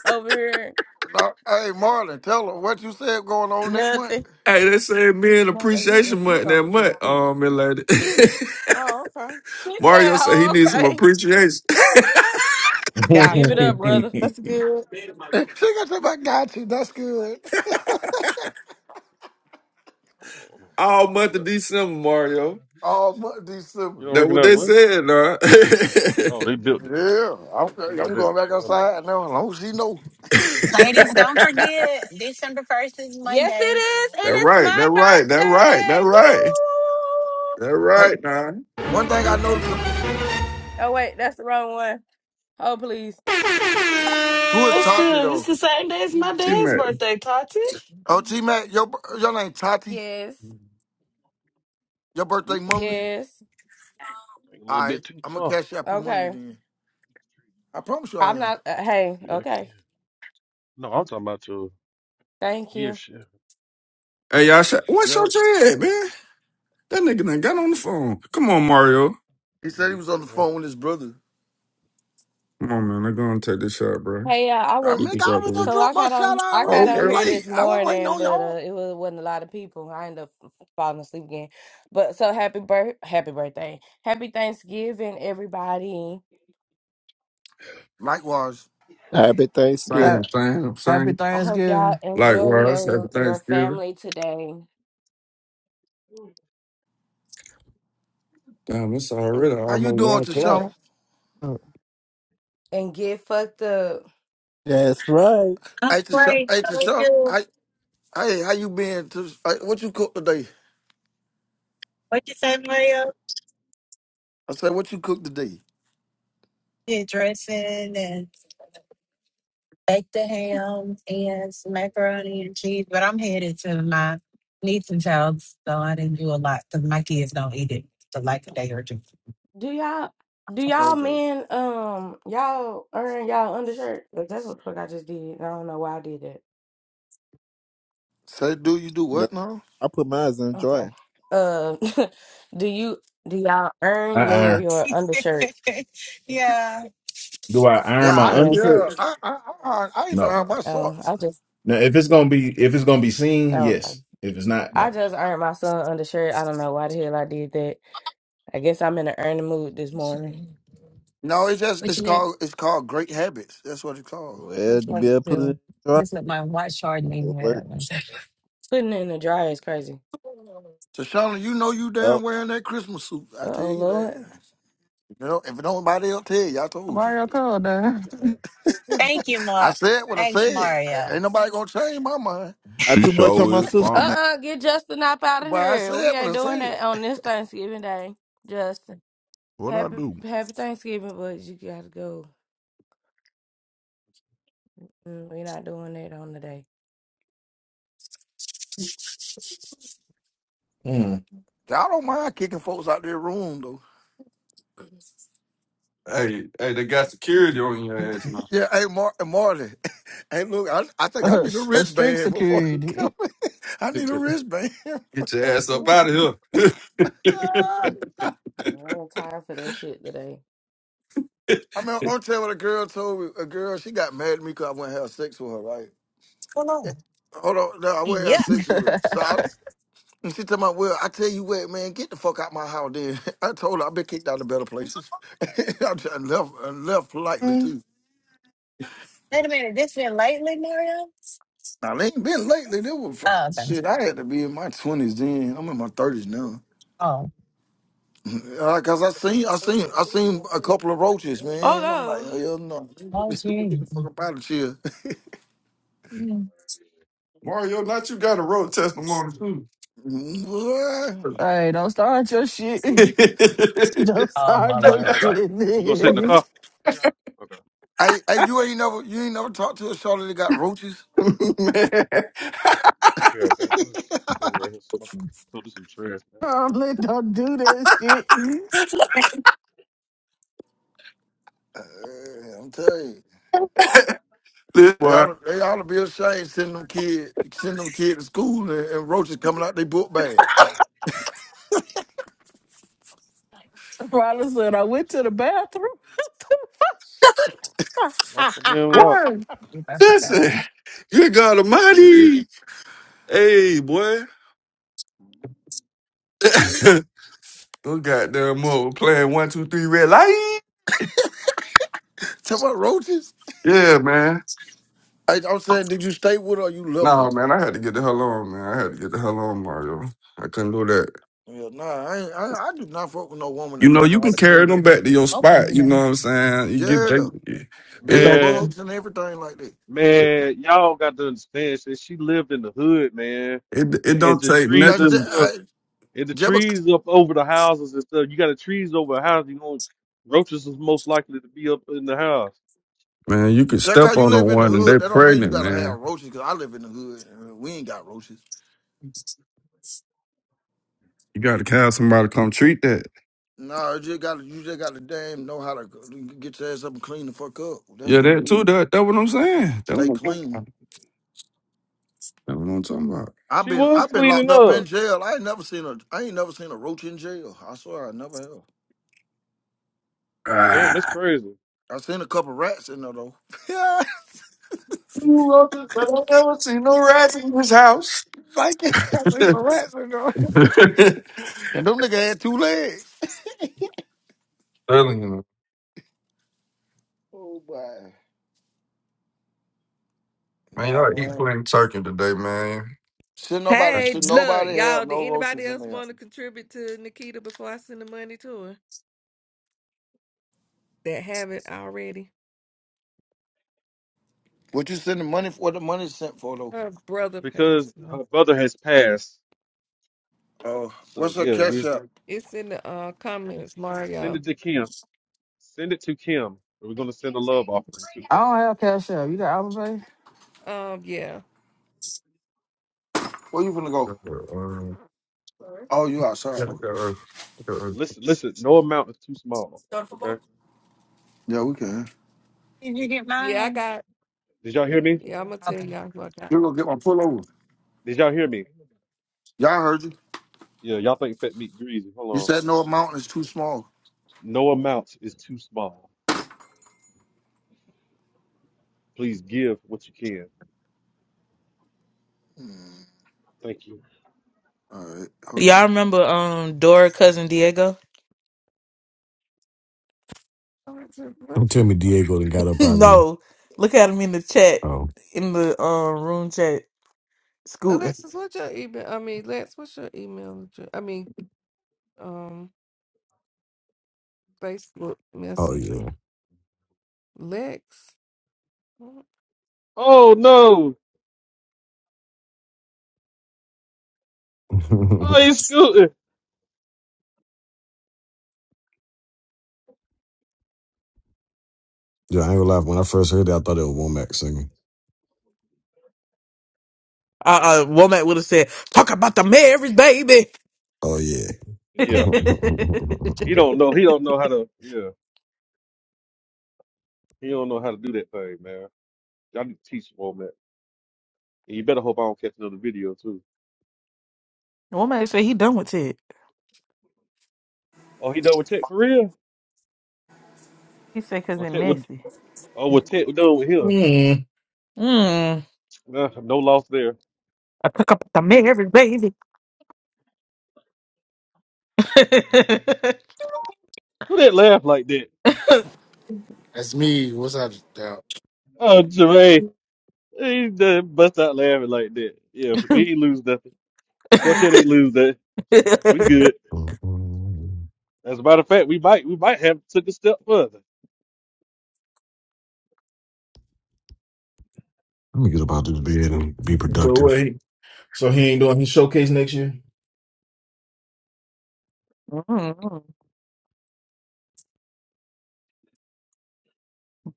Speaker 16: No, hey, Marlon, tell her what you said going on next month.
Speaker 27: they said men appreciation month that month. Um, lady. Mario said he needs some appreciation.
Speaker 16: she got to say, "I got you. That's good."
Speaker 27: All month of
Speaker 1: What?
Speaker 27: December, Mario.
Speaker 16: All month
Speaker 1: You don't
Speaker 16: December.
Speaker 27: That what
Speaker 1: recognize
Speaker 27: they
Speaker 1: what?
Speaker 27: said, nah.
Speaker 1: Oh, they built it.
Speaker 16: Yeah, I'm,
Speaker 1: They built
Speaker 16: I'm
Speaker 1: that
Speaker 16: going back
Speaker 1: before I left.
Speaker 16: outside now. As long as she know.
Speaker 6: Ladies, don't forget December first is Monday.
Speaker 27: that right, that right, that right, that right. That
Speaker 16: Hey,
Speaker 27: right, nah.
Speaker 16: one thing I noticed who is
Speaker 7: That's
Speaker 16: Tati
Speaker 7: good. It's
Speaker 16: though?
Speaker 7: the same day as my
Speaker 27: See,
Speaker 7: dad's
Speaker 27: man.
Speaker 7: birthday, Tati.
Speaker 16: Oh, T Mac, your bir- your name Tati. Your birthday
Speaker 1: Oops,
Speaker 16: Monday.
Speaker 1: Think a little
Speaker 16: All right,
Speaker 1: bit too
Speaker 16: I'm gonna
Speaker 1: far.
Speaker 16: cash out you Monday then. I promise you I am.
Speaker 1: Yeah, I can. No, I'm talking about your, your gear shift. or
Speaker 27: Hey, y'all,
Speaker 1: whatever.
Speaker 27: sh- what's
Speaker 16: Yeah.
Speaker 27: your dread, man? That nigga done got on the phone. Come on, Mario.
Speaker 16: He
Speaker 1: We
Speaker 16: said he
Speaker 1: do
Speaker 16: was
Speaker 1: it
Speaker 16: on
Speaker 1: right
Speaker 16: the
Speaker 1: here.
Speaker 16: phone with his brother.
Speaker 27: Come on, man. They're going to take this shot, bro.
Speaker 16: I
Speaker 27: Keep
Speaker 16: mean,
Speaker 27: it
Speaker 16: I
Speaker 27: right
Speaker 16: already
Speaker 27: there.
Speaker 16: done dropped my shot
Speaker 27: Oh,
Speaker 16: already.
Speaker 27: okay,
Speaker 16: You
Speaker 27: okay.
Speaker 16: late? I was waiting on y'all. Likewise.
Speaker 15: Happy
Speaker 27: Same
Speaker 15: Thanksgiving.
Speaker 21: Ha-
Speaker 27: thing.
Speaker 21: Happy
Speaker 27: Same.
Speaker 21: Thanksgiving.
Speaker 27: Likewise, happy Thanksgiving. Damn, it's already
Speaker 16: How you
Speaker 27: almost
Speaker 16: doing,
Speaker 27: 1 o'clock.
Speaker 16: Tashana?
Speaker 15: That's right.
Speaker 6: I'm
Speaker 16: Hey, Tashana.
Speaker 6: great.
Speaker 16: Hey,
Speaker 6: How are
Speaker 16: Tashana.
Speaker 6: you?
Speaker 16: Hey, hey, how you been? Tish- hey, what you cook today?
Speaker 6: What you say, Mario?
Speaker 16: I said, what you cook today?
Speaker 6: Yeah, dressing and baked the ham and some macaroni and cheese. But I'm headed to my niece's house, so I didn't do a lot because my kids don't eat it for like a day or two.
Speaker 16: Okay. Say, do you do
Speaker 15: No,
Speaker 16: what now?
Speaker 15: I put mine in the dryer.
Speaker 12: I iron.
Speaker 6: yeah.
Speaker 12: Do I
Speaker 16: Yeah,
Speaker 12: iron my
Speaker 16: I, yeah.
Speaker 12: undershirts?
Speaker 16: I, I, I, I even
Speaker 12: No.
Speaker 16: iron my socks.
Speaker 12: Now, if it's gonna be if it's gonna be seen, yes. If it's not, no.
Speaker 16: No, it's just
Speaker 6: What
Speaker 16: it's
Speaker 6: you need?
Speaker 16: called it's called great habits. That's what it's called.
Speaker 15: Well,
Speaker 6: Just
Speaker 15: you
Speaker 6: like
Speaker 15: better put it in
Speaker 6: to
Speaker 15: the dryer.
Speaker 6: just let my watch hard
Speaker 15: It
Speaker 6: name head up.
Speaker 15: worked.
Speaker 6: One second.
Speaker 16: So Shauna, you know you
Speaker 15: Oh,
Speaker 16: damn wearing that Christmas suit. I tell you that. You know, if nobody else tell you, I told you.
Speaker 21: Why y'all called, that?
Speaker 6: Thank you,
Speaker 16: I
Speaker 6: Mark.
Speaker 16: said what I
Speaker 6: Thanks,
Speaker 16: said.
Speaker 6: Mario.
Speaker 16: Ain't nobody gonna change my mind.
Speaker 15: got
Speaker 6: What's
Speaker 28: She
Speaker 15: too much on
Speaker 28: sure
Speaker 15: my
Speaker 28: is
Speaker 15: sister now.
Speaker 28: fine.
Speaker 16: But I said what I said.
Speaker 28: What I do?
Speaker 12: Mm.
Speaker 16: I don't mind kicking folks out their room though.
Speaker 27: Hey, hey, they got security on your ass now.
Speaker 16: Yeah, hey Mar- hey, Marty. Hey, look, I, I think I
Speaker 21: Uh,
Speaker 16: need a
Speaker 21: s- a strict
Speaker 16: wristband before you come.
Speaker 21: security.
Speaker 16: in. I need
Speaker 27: Get
Speaker 16: a
Speaker 27: your,
Speaker 16: wristband. before
Speaker 27: get your
Speaker 16: coming.
Speaker 27: ass up out of here.
Speaker 16: I remember on tell what a girl told me. A girl, she got mad at me because I went have sex with her, right?
Speaker 6: going on?
Speaker 16: Eh, Hold on, no, I went have
Speaker 29: Yeah.
Speaker 16: sex with her.
Speaker 21: All
Speaker 16: So I, and she told me, well, I tell you what, man, get the fuck out my house, then. I told her I've been kicked out of better places. I just left, I left politely too.
Speaker 6: Wait a minute, this been lately, Mario?
Speaker 16: Now they ain't been lately. They was fr-
Speaker 6: Oh, okay.
Speaker 16: shit. I had to be in my twenties then. I'm in my thirties now.
Speaker 6: Oh.
Speaker 16: Uh, Cause I seen, I seen, I seen a couple of roaches,
Speaker 29: Oh,
Speaker 16: man. I'm like, hell no,
Speaker 6: Oh,
Speaker 16: get the
Speaker 6: gee.
Speaker 16: fuck up out of here.
Speaker 6: Mm.
Speaker 27: Mario, not you got a road testimony, too.
Speaker 16: Boy.
Speaker 21: right, don't start your shit. Don't
Speaker 6: Oh, my
Speaker 21: start
Speaker 1: Check that
Speaker 21: your
Speaker 6: Lord.
Speaker 1: right there.
Speaker 21: shit,
Speaker 1: You gonna sit in the
Speaker 21: nigga.
Speaker 1: car? Okay.
Speaker 16: I, I you ain't never you ain't never talked to a shorty that got roaches.
Speaker 27: man,
Speaker 1: I'll be right back. I'm just standing right here smoking. Put this in the trash, man.
Speaker 21: Probably don't do that shit.
Speaker 16: Uh, I'm telling you,
Speaker 27: this
Speaker 16: they
Speaker 27: boy.
Speaker 16: ought they ought to be ashamed sending them kid sending them kid to school and, and roaches coming out their book bag.
Speaker 21: Riley said, I went to the bathroom. I
Speaker 1: Lost my damn lock.
Speaker 27: What?
Speaker 6: You better forget.
Speaker 27: Listen, good God
Speaker 1: Here it is.
Speaker 27: Almighty. Hey, boy. Those goddamn mother playing one, two, three red light.
Speaker 16: Talking about roaches.
Speaker 27: Yeah, man.
Speaker 16: I, I'm saying, did you stay with her or you left her?
Speaker 27: Nah, man, I had to get the hell on, man. I had to get the hell on, Mario. I couldn't do that.
Speaker 16: Yeah, nah, I, ain't, I I do not fuck with no woman
Speaker 27: You
Speaker 16: that
Speaker 27: know,
Speaker 16: don't.
Speaker 27: you
Speaker 16: know-
Speaker 27: can carry them back to your
Speaker 6: Open
Speaker 27: spot.
Speaker 6: it
Speaker 27: You know what
Speaker 6: then.
Speaker 27: I'm saying? You get
Speaker 16: Yeah,
Speaker 27: they, it
Speaker 16: bed
Speaker 27: don't
Speaker 1: Man,
Speaker 16: bugs and everything like that.
Speaker 1: Man, y'all got to understand, since she lived in the hood, man,
Speaker 27: it,
Speaker 1: and,
Speaker 27: it
Speaker 1: and
Speaker 27: don't
Speaker 1: the
Speaker 27: take
Speaker 1: trees
Speaker 16: That's
Speaker 1: and
Speaker 16: the-
Speaker 27: nothing,
Speaker 16: I,
Speaker 1: stuff, and the
Speaker 16: just
Speaker 1: trees up over the houses and stuff. You got the trees over the house, you know, roaches is most likely to be up in the house.
Speaker 27: man. You could step
Speaker 16: because you
Speaker 27: on the
Speaker 16: live in the
Speaker 27: one and they
Speaker 16: hood, that don't mean you
Speaker 27: pregnant,
Speaker 16: gotta
Speaker 27: man.
Speaker 16: have roaches. Cause I live in the hood, and we ain't got roaches.
Speaker 27: You got to have somebody to come treat that.
Speaker 16: Nah, you just got to you just got to damn know how to get your ass up and clean the fuck up. That's
Speaker 27: Yeah,
Speaker 16: what
Speaker 27: that too.
Speaker 16: we
Speaker 27: That that what I'm saying. That what
Speaker 16: stay
Speaker 27: I'm talking
Speaker 16: clean.
Speaker 27: about. That what I'm talking about.
Speaker 16: I've
Speaker 1: She
Speaker 16: been
Speaker 1: was
Speaker 16: I've been
Speaker 1: cleaning
Speaker 16: locked up in
Speaker 1: up.
Speaker 16: jail. I ain't never seen a I ain't never seen a roach in jail. I swear I never have.
Speaker 1: Damn, that's
Speaker 27: Ah.
Speaker 1: crazy.
Speaker 16: I seen a couple rats in there though. Yeah,
Speaker 27: You love it, but I never seen no rats in this house.
Speaker 16: thank you. I seen some rats in there. And them nigga had two legs.
Speaker 27: Telling you,
Speaker 16: Oh boy.
Speaker 27: man,
Speaker 16: Nah
Speaker 27: y'all eat
Speaker 16: man.
Speaker 27: plain turkey today, man.
Speaker 16: Should nobody
Speaker 27: Uh,
Speaker 17: Hey,
Speaker 16: should
Speaker 17: look,
Speaker 16: nobody have
Speaker 17: y'all, did
Speaker 16: no
Speaker 17: anybody
Speaker 16: roaches in
Speaker 17: else
Speaker 16: there.
Speaker 17: want to contribute to Nikita before I send the money to her? That haven't already.
Speaker 16: What you sending money for? What the money sent for though?
Speaker 17: Her brother
Speaker 1: Because
Speaker 17: passed away.
Speaker 1: her brother has passed.
Speaker 16: Oh,
Speaker 1: So
Speaker 16: what's her
Speaker 1: yeah,
Speaker 16: cash
Speaker 1: we
Speaker 16: up?
Speaker 17: It's in the uh comments,
Speaker 1: send
Speaker 17: Mario.
Speaker 1: it to Kim. Send it to Kim. We're gonna send a love offering to her.
Speaker 21: don't have cash out. You got Apple Pay?
Speaker 17: Um, yeah.
Speaker 16: Where you finna
Speaker 27: yeah,
Speaker 16: go?
Speaker 27: look
Speaker 16: Oh, you outside?
Speaker 27: at
Speaker 16: Okay.
Speaker 27: her. Look at her.
Speaker 1: Listen, listen, no amount is too small. Okay?
Speaker 16: Yeah, we can.
Speaker 6: Did you get
Speaker 17: Yeah, I
Speaker 6: mine?
Speaker 17: got
Speaker 1: Did y'all hear me?
Speaker 17: yeah, I'm gonna tell
Speaker 6: Okay.
Speaker 17: y'all what I got.
Speaker 16: You're gonna get one pull over.
Speaker 1: Did y'all hear me?
Speaker 16: Y'all heard you.
Speaker 1: Yeah, y'all think Fat Meat greasy. Hold
Speaker 16: You
Speaker 1: on.
Speaker 16: said no amount is too small.
Speaker 1: No amount is too small. Please give what you can. Thank you.
Speaker 16: All right, hold
Speaker 18: Y'all
Speaker 16: on.
Speaker 18: remember um Dora cousin Diego?
Speaker 17: Alexis,
Speaker 14: Don't
Speaker 17: what's
Speaker 14: tell
Speaker 17: your
Speaker 14: me Diego done got up out of here.
Speaker 18: no, look at him in the chat,
Speaker 14: Oh,
Speaker 18: in the uh, room chat, scooting.
Speaker 17: Alexis, what's your email? I mean, Lex, what's your email address? I mean, um, Facebook
Speaker 14: oh
Speaker 17: Messenger. Lex,
Speaker 1: Oh no!
Speaker 14: yeah.
Speaker 1: Oh, he's scooting.
Speaker 14: Yeah, I ain't gonna lie. When I first heard that, I thought it was Womack singing.
Speaker 18: Uh, uh, Womack would have said, talk about the marriage, baby.
Speaker 14: Oh yeah.
Speaker 1: Yeah, he don't know. He don't know how to. Yeah, he don't know how to do that thing, man. Y'all need to teach him on that. And you better hope I don't catch another video too.
Speaker 18: Womack said he done with it.
Speaker 1: Oh, he done with tech for real?
Speaker 18: He said, cause
Speaker 1: Oh,
Speaker 18: it
Speaker 1: tech with.
Speaker 18: messy.
Speaker 1: Oh, with tech done with him.
Speaker 12: Mm.
Speaker 18: Mm.
Speaker 1: Uh, no loss there.
Speaker 18: I took up the marriage, baby.
Speaker 1: Who that laugh like that?
Speaker 30: That's me. What's up, Dale?
Speaker 1: Oh, Jermaine, he done bust out laughing like that. Yeah, we ain't lose nothing. Quartet ain't lose that. We good. As a matter of fact, we might we might have took a step further.
Speaker 14: Let me get up out this bed and be
Speaker 12: So
Speaker 14: productive.
Speaker 12: what? He, so he ain't doing his showcase next year.
Speaker 18: mm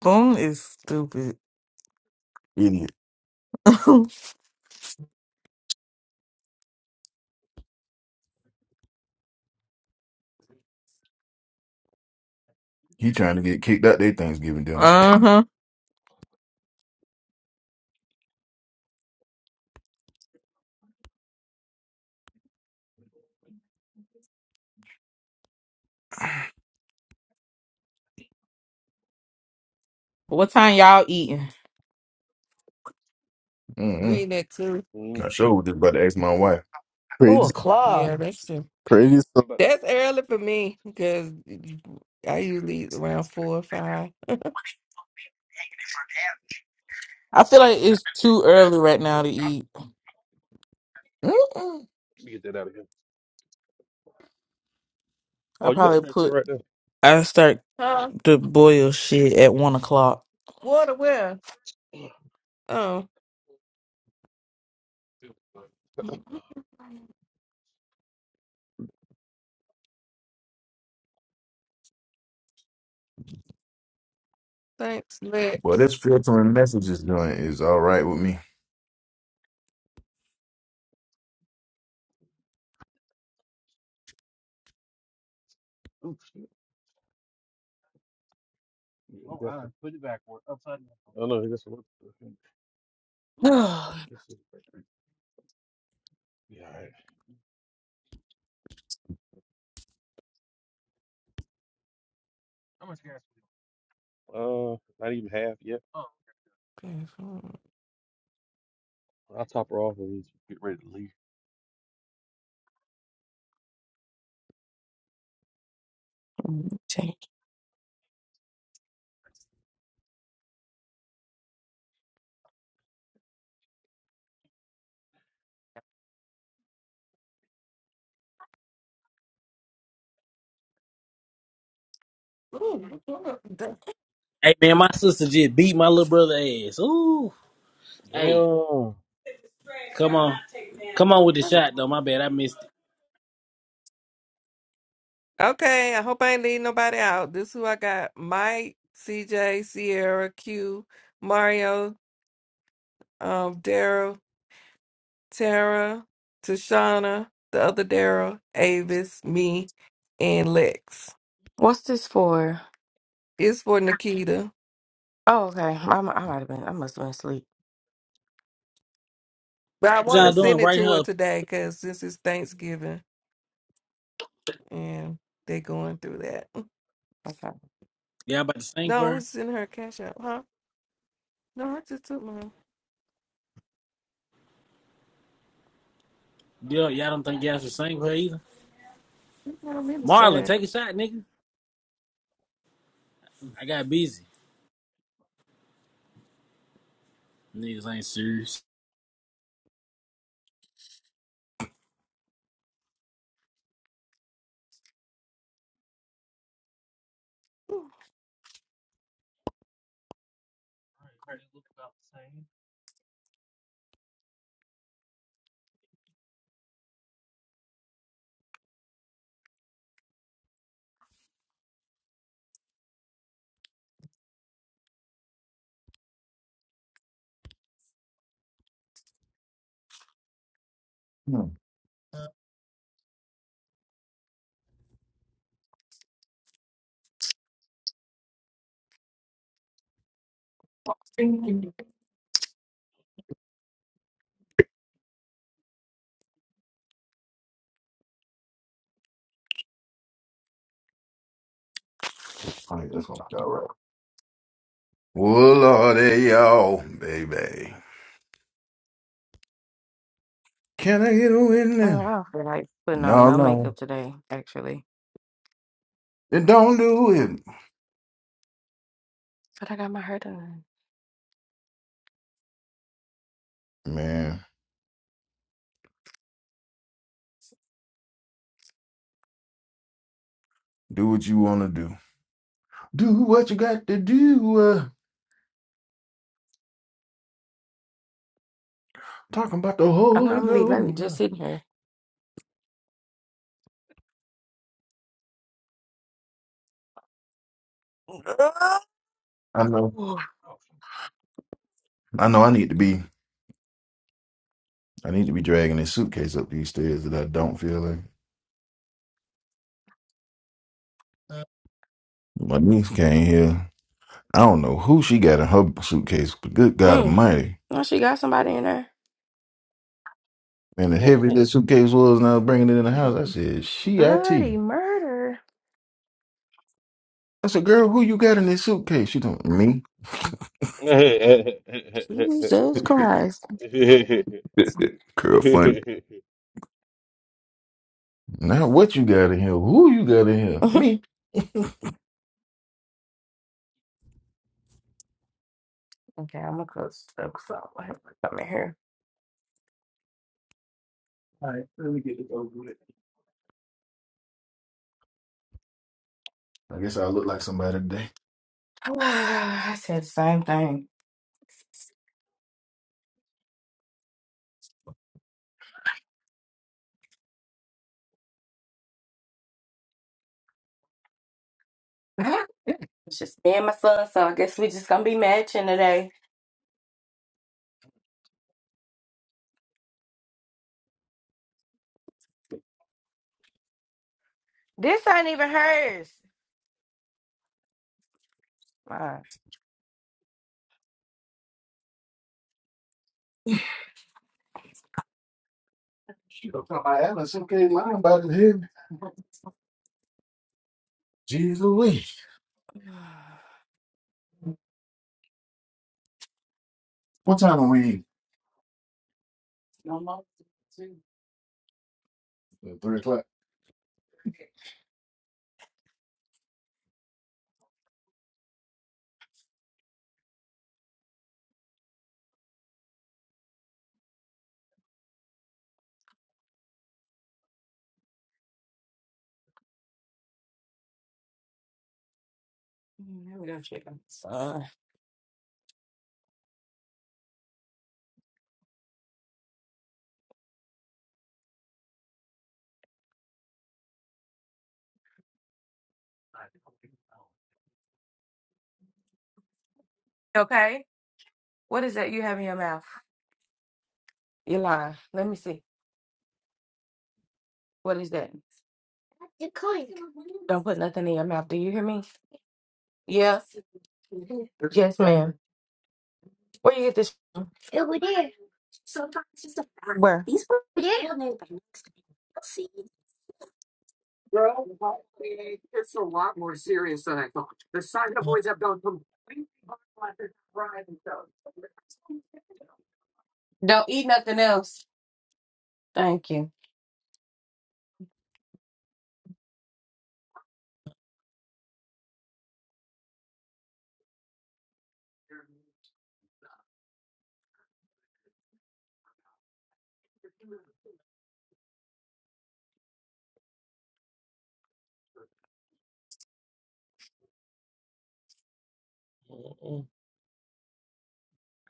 Speaker 18: Boom is stupid.
Speaker 12: Idiot.
Speaker 18: uh
Speaker 12: He trying to get kicked out their Thanksgiving dinner.
Speaker 18: huh. What time y'all eating?
Speaker 12: Mm-mm.
Speaker 17: read that too.
Speaker 1: Mm,
Speaker 12: I sure
Speaker 1: We
Speaker 12: was just about to ask my wife.
Speaker 7: Oh,
Speaker 15: Pretty,
Speaker 7: a
Speaker 17: Yeah,
Speaker 7: club.
Speaker 17: that's true.
Speaker 15: pretty
Speaker 1: we about to
Speaker 17: That's
Speaker 1: let
Speaker 17: early for me because I usually around four or five.
Speaker 18: I feel like it's too early right now to eat.
Speaker 12: Mm-mm.
Speaker 1: me get that out of here.
Speaker 18: I
Speaker 1: Oh, you got a
Speaker 18: probably
Speaker 1: trash can
Speaker 18: put.
Speaker 1: right there.
Speaker 18: I start.
Speaker 17: Huh?
Speaker 18: to boil shit at one o'clock.
Speaker 17: Water where? Oh. Thanks, Lex.
Speaker 12: Well, this filtering messages doing is all right with me.
Speaker 1: Oh, shit. Yeah, I got I you. I know. That's what. Yeah. All right. Uh, not even half yet.
Speaker 17: Okay,
Speaker 1: I'll top her off and get ready to leave.
Speaker 17: so-
Speaker 5: Hey man, my sister just beat my little brother ass. Ooh. Hey,
Speaker 1: Damn.
Speaker 5: come on, come on with the
Speaker 17: Ooh,
Speaker 5: shot though. My bad, I missed it.
Speaker 17: Okay, I hope I ain't leaving nobody out. This who I got: Mike, CJ, Sierra, Q, Mario, um, Daryl, Tara, Tashana, the other Daryl, Avis, me, and Lex. It's for Nikita, but I
Speaker 5: What
Speaker 17: want to
Speaker 5: y'all doing
Speaker 17: send it
Speaker 5: right
Speaker 17: to
Speaker 5: here?
Speaker 17: her today because since it's Thanksgiving and they going through that. Mm,
Speaker 5: Y'all about to sing for
Speaker 17: No,
Speaker 5: her?
Speaker 17: who's in her cash out, huh? No, I just took mine.
Speaker 5: Yo, y'all don't think y'all should sing for her either?
Speaker 17: You know what I mean to
Speaker 5: Marlon,
Speaker 17: say.
Speaker 5: take a shot, nigga. I got busy. Niggas ain't serious.
Speaker 12: Hmm, I think that's gonna be all right. Well, Lordy, y'all, baby. Can I get a witness? No, no. Then don't do it. Man, do what you want to do. Do what you got to do. Uh, talking about the Holy Ghost. I know. I know I need to be. I need to be dragging this suitcase up these stairs that I don't feel like. My niece came here. I don't know who she got in her suitcase, but good God Almighty. Man, the heavy that suitcase was and I was bringing it in the house. I said, she IT. I said, girl, who you got in this suitcase? She told me. girl, funny. Now what you got in here? Who you got in here? Me. I guess I look like somebody today. She don't talk about Alan suitcase lying about it heavy. Jesus we. What time are we? in? Three o'clock.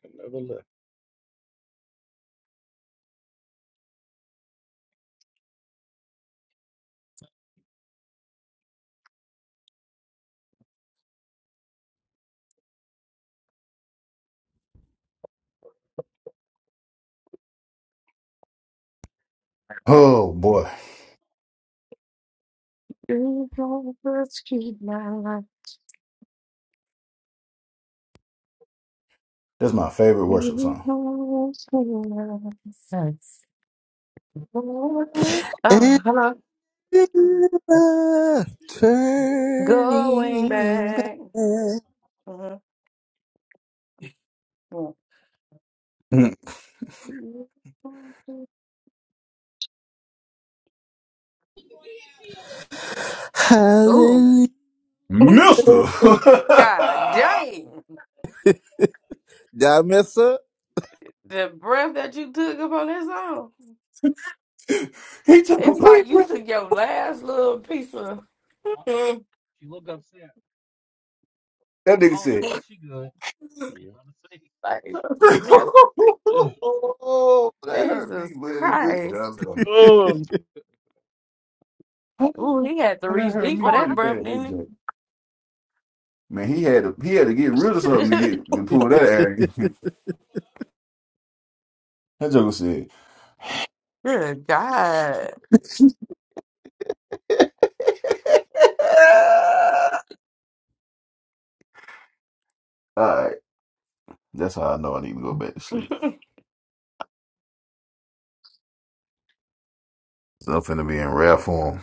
Speaker 1: Could Never left.
Speaker 12: Oh boy. That's my favorite worship song.
Speaker 15: soon. Never turning back. Hallelujah.
Speaker 12: Mister.
Speaker 15: Did I mess up?
Speaker 12: he took a break. That nigga said,
Speaker 1: Yeah.
Speaker 12: oh, that hurt me, but it good. Oh,
Speaker 1: Mm.
Speaker 12: that hurt me pretty bad. That joke. Man, he had to he had to get rid of something to get to pull that out. that joke said. All right, that's how I know I need to go back to sleep. So I'm finna be in rare form,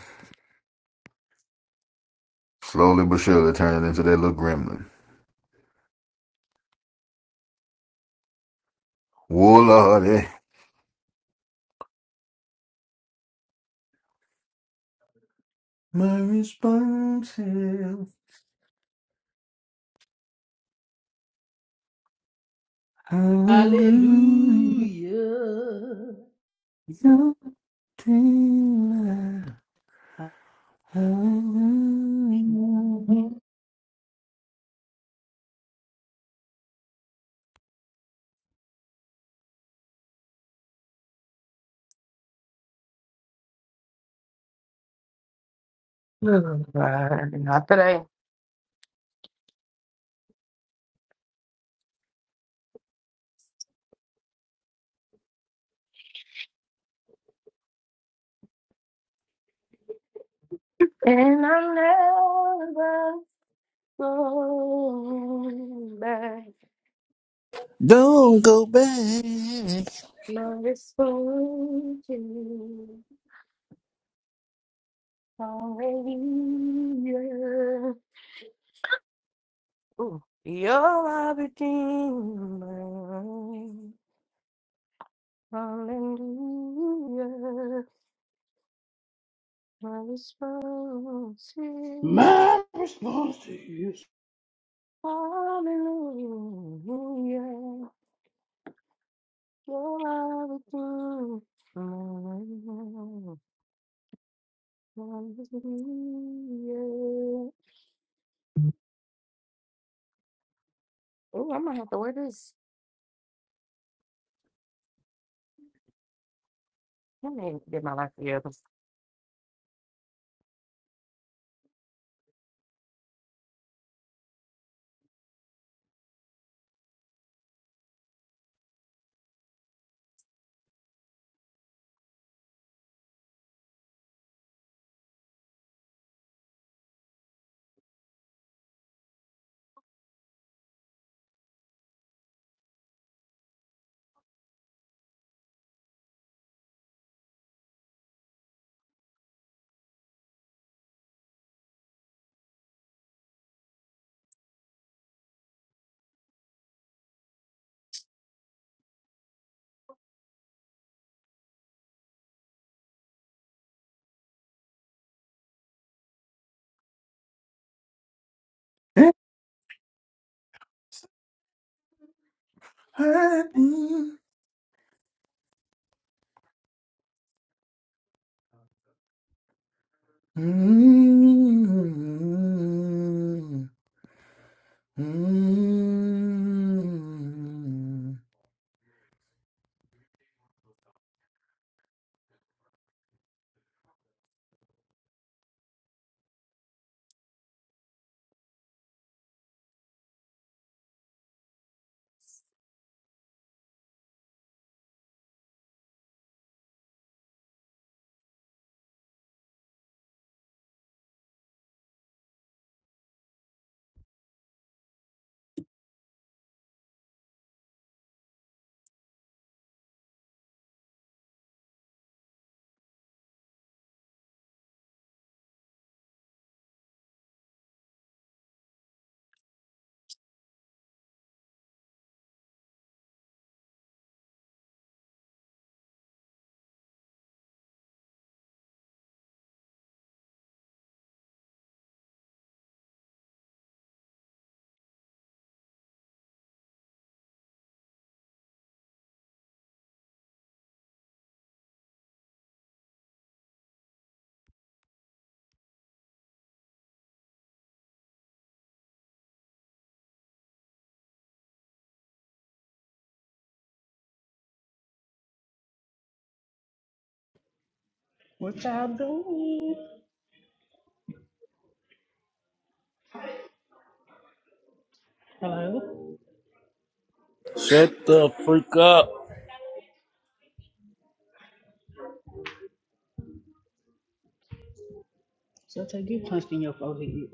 Speaker 12: slowly but surely turning into that little gremlin. Warlord,
Speaker 4: Hallelujah.
Speaker 15: Don't go back.
Speaker 4: My response to you is,
Speaker 12: eh? Mm, mm,
Speaker 4: what y'all doing? Hello?
Speaker 5: Shut the freak up.
Speaker 4: So take you punched in your forehead.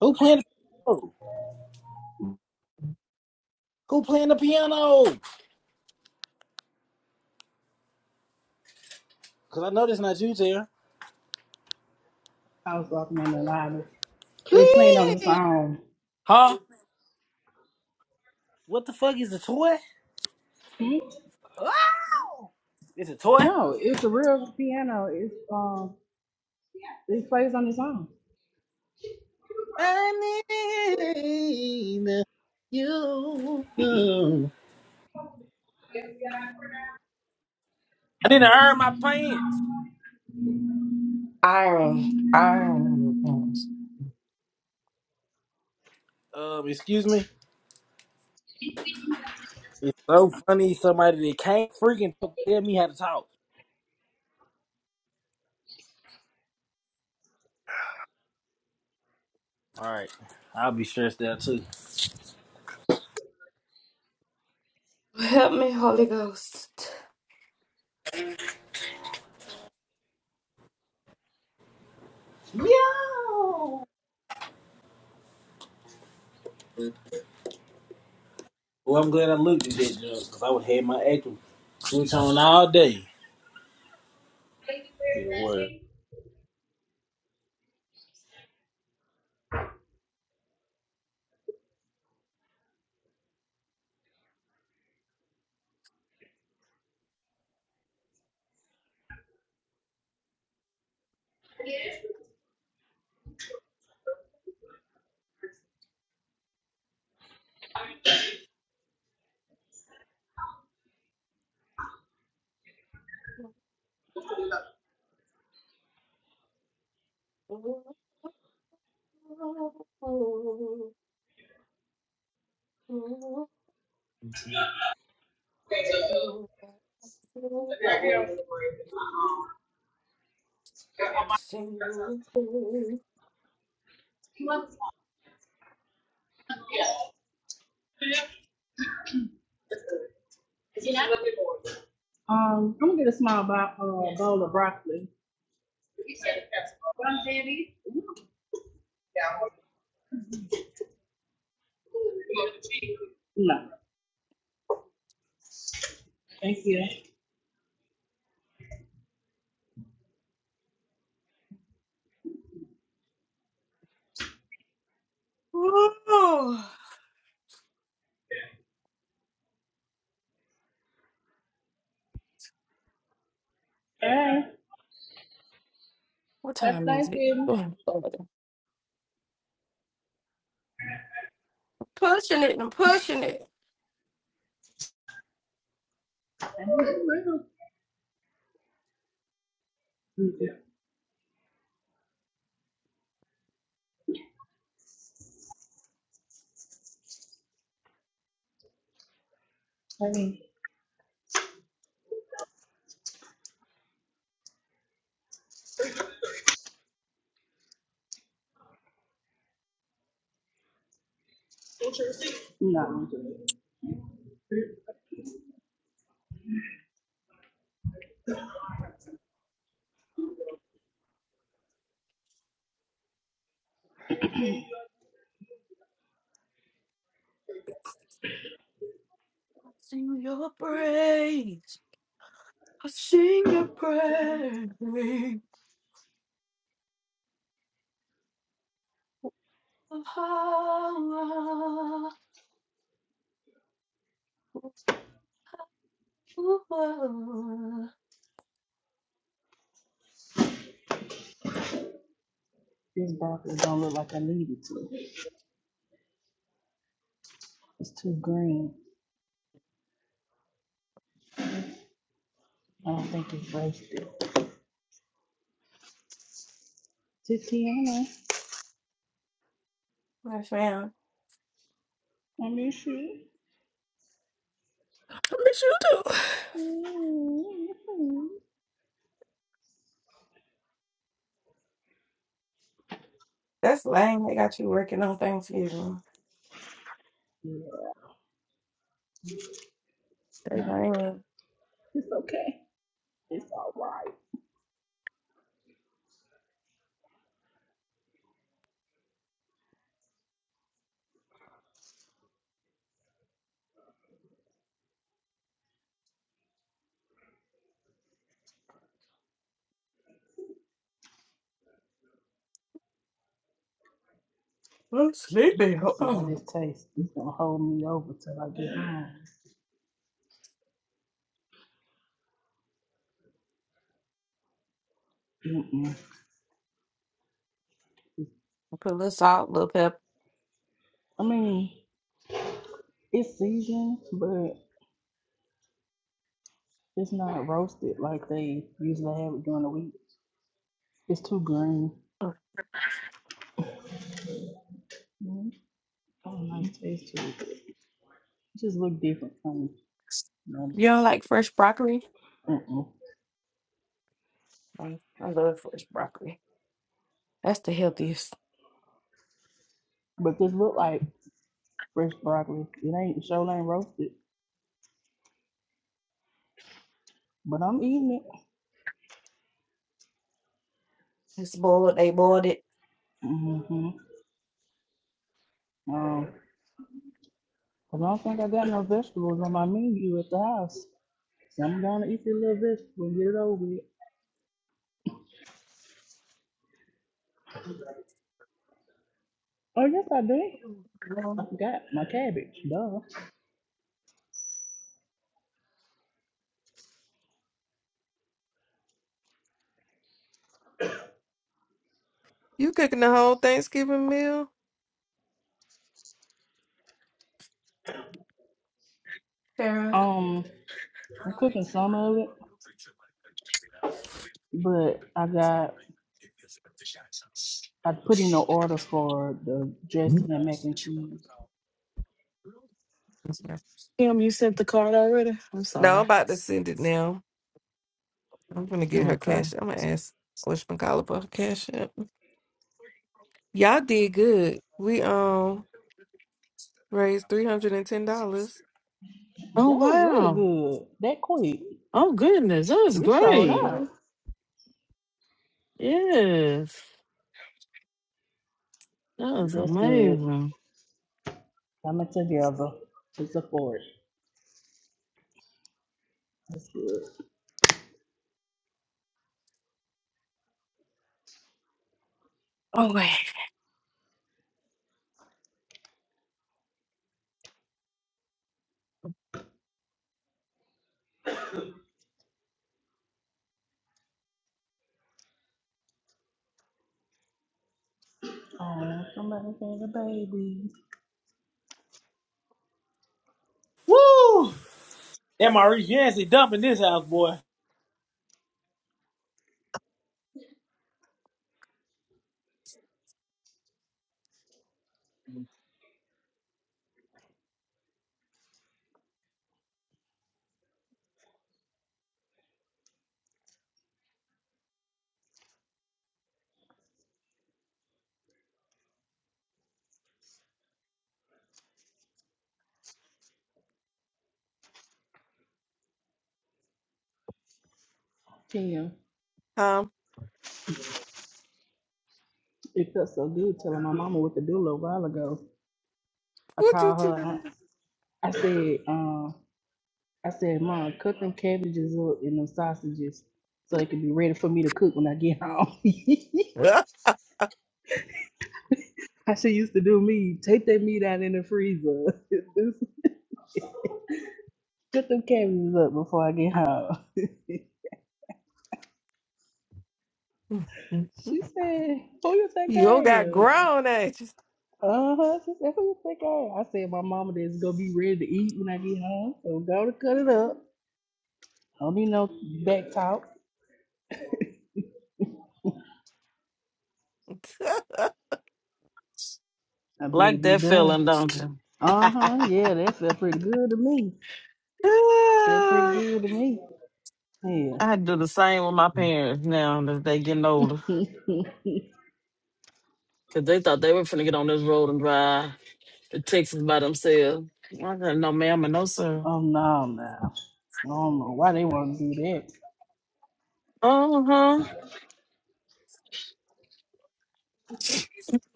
Speaker 5: Who playing the piano? Who playing the piano? Cause I know this not you, Tara.
Speaker 4: I was walking in the library. It was playing on the
Speaker 5: Please.
Speaker 4: song.
Speaker 5: Huh? What the fuck is a toy?
Speaker 4: Hmm?
Speaker 5: Wow. It's a toy?
Speaker 4: No, it's a real piano. It's um, it plays on the song.
Speaker 5: I need you. I didn't earn my pants. Um, excuse me. It's so funny somebody that can't freaking talk, tell me how to talk. Alright. I'll be stressed out too. Yo Well I'm glad I looked at that job because I would have had my actual switch on all day. Be the word.
Speaker 4: Um, I'm gonna get a small bo- uh, bowl of broccoli. No, thank you. Hey, that's Thanksgiving. I need some broccoli. Mm-mm. I mean, no, I'm good. This broccoli don't look like I need it to. It's too green. I don't think it's roasted. Tatiana, I miss you. Yeah, it's okay. It's all right. Let's see how this tastes. It's gonna hold me over till I get home. Mm-mm. I mean, it's seasoned, but it's not roasted like they usually have it during the week. It's too green. Mm, Got a nice taste to it. It just look different from you know, But this look like fresh broccoli. It ain't sure ain't roasted, but I'm eating it. hmm Um, 'cause I don't think I got no vegetables on my menu at the house. So I'm gonna eat your little vegetable and get it over with. Oh yes I did. I forgot my cabbage. Duh.
Speaker 17: You cooking the whole Thanksgiving meal?
Speaker 4: Um I'm cooking some of it, but I got I put in an order for the dressing and mac and cheese.
Speaker 7: Kim, you sent the card already? I'm
Speaker 17: No, I'm
Speaker 7: sorry.
Speaker 17: about to send it now. I'm gonna get her
Speaker 7: Okay.
Speaker 17: cash. I'm gonna ask whatchamacallit for her cash up. Y'all did good. We um raised three hundred and ten dollars.
Speaker 7: Oh,
Speaker 4: That was really
Speaker 7: wow.
Speaker 4: good. That quick.
Speaker 7: Oh, goodness. That was
Speaker 4: We sold
Speaker 7: great.
Speaker 17: Mm-hmm.
Speaker 4: out.
Speaker 7: Yes. That was
Speaker 4: That's good.
Speaker 7: amazing.
Speaker 4: Coming together to support. That's good. Oh, somebody had a baby.
Speaker 5: Woo! MRE Yancey dumping this house, boy.
Speaker 4: Tim.
Speaker 17: Um,
Speaker 4: It felt so good telling my mama what to do a little while ago. I
Speaker 17: what you
Speaker 4: called her and
Speaker 17: do?
Speaker 4: I, I said, um, I said, Mom, cut them cabbages up and them sausages so they can be ready for me to cook when I get home. I she used to do me, take that meat out in the freezer. cut them cabbages up before I get home. She said, Who you think I
Speaker 17: you got
Speaker 4: am?
Speaker 17: grown at you.
Speaker 4: Uh huh. She said, Who you think I am? I said, My mama that's gonna be ready to eat when I get home. So go to cut it up. Don't need no back talk. I bet
Speaker 7: Like
Speaker 4: it be
Speaker 7: that
Speaker 4: done.
Speaker 7: feeling, don't you?
Speaker 4: Uh huh. Yeah, that felt pretty good to me. Felt pretty good to me. Yeah.
Speaker 7: Ah, I do the same with my parents now that they getting older. Cause they thought they were finna get on this road and drive to Texas by themselves. I said, no ma'am and no sir.
Speaker 4: oh no, no. I don't know why they want to do that.
Speaker 7: Uh-huh.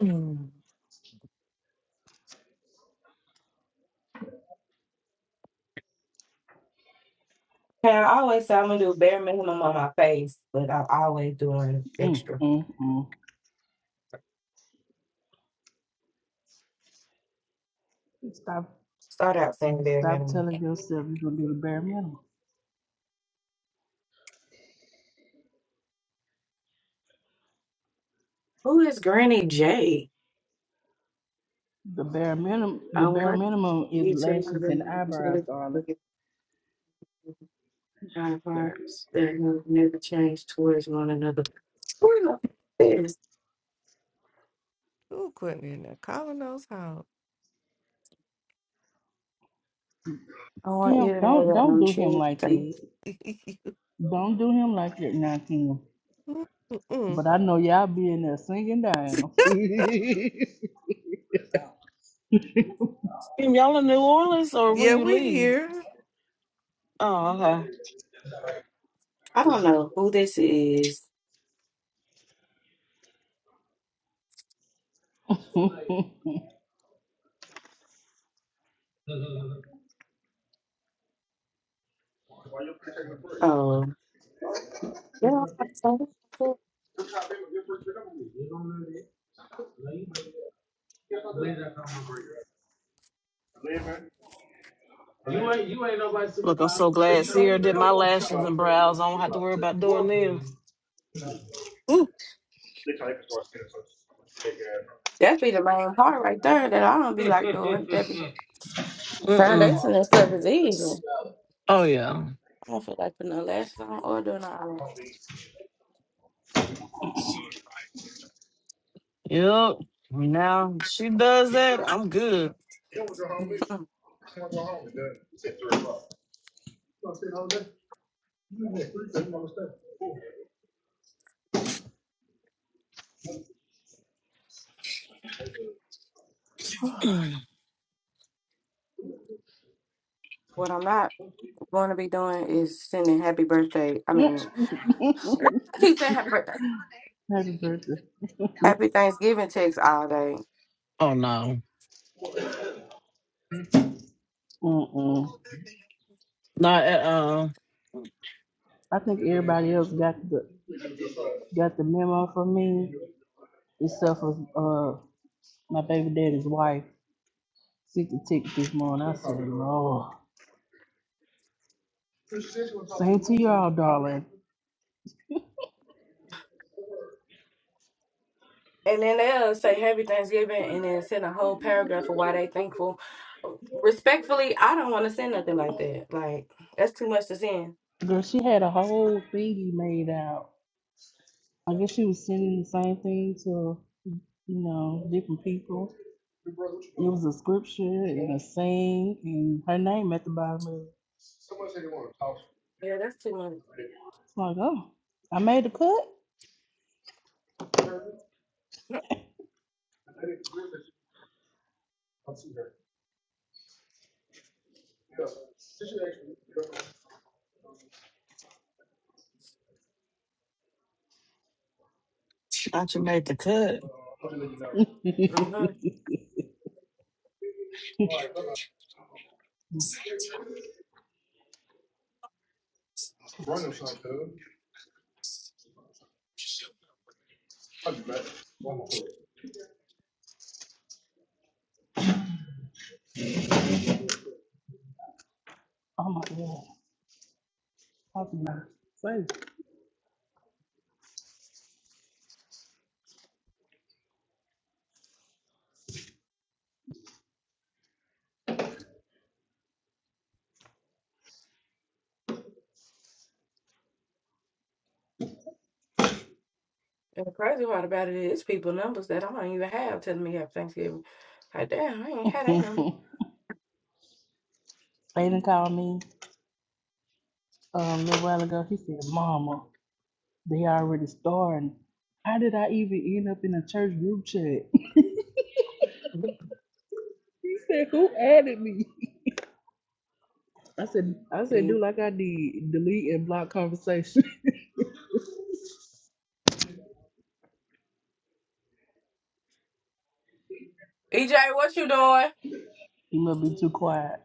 Speaker 7: Mm.
Speaker 4: Mm, mm, mm. Stop, stop telling yourself you're gonna do the bare minimum. The bare minimum, the bare minimum is lashes and eyebrows, darling.
Speaker 17: Who couldn't in there calling those hoes?
Speaker 4: Kim, don't don't do him like that. Don't do him like that, now, Kim.
Speaker 17: Mm-mm.
Speaker 4: But I know y'all be in there singing down.
Speaker 7: And y'all in New Orleans or when
Speaker 17: yeah,
Speaker 7: you
Speaker 17: we
Speaker 7: leave?
Speaker 17: here.
Speaker 7: Oh, okay. Look, I'm so glad Sierra did my lashes and brows. I don't have to worry about doing them. Ooh. Mm-mm. Oh yeah. Yep. Now she does that, I'm good.
Speaker 4: Happy birthday.
Speaker 7: Oh no.
Speaker 4: Mm-mm.
Speaker 7: Not at all.
Speaker 4: I think everybody else got the got the memo from me, except for uh my baby daddy's wife. She could tick this morning. I said, Lord. Same to y'all, darling. Girl, she had a whole thingy made out. I guess she was sending the same thing to, you know, different people. It was a scripture and a saying and her name at the bottom of it. It's like, oh, I made the cut.
Speaker 7: I should make the cut.
Speaker 4: oh my god. talking about Satan. Satan called me um, a little while ago. He said, Mama, they already starting. How did I even end up in a church group chat? he said, Who added me? I said, I said, do like I did, delete and block conversation. a little bit too quiet.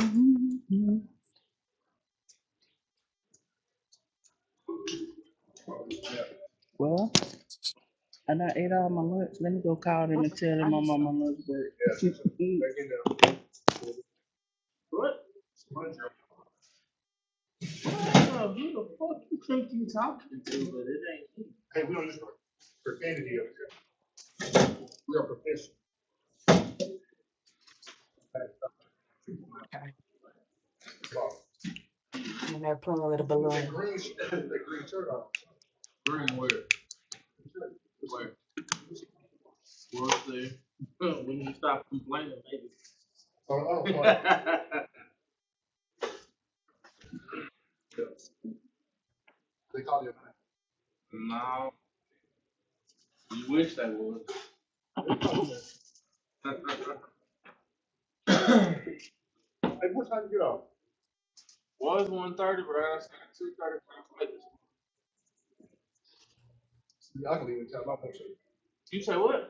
Speaker 4: Mhm. Well, and I ate all my lunch. Let me go call them and tell them I'm on my lunch break. Yeah, check it out. Well, see, when you stop complaining, maybe. No, you wish they would. Was one thirty, but I said two thirty. You say what?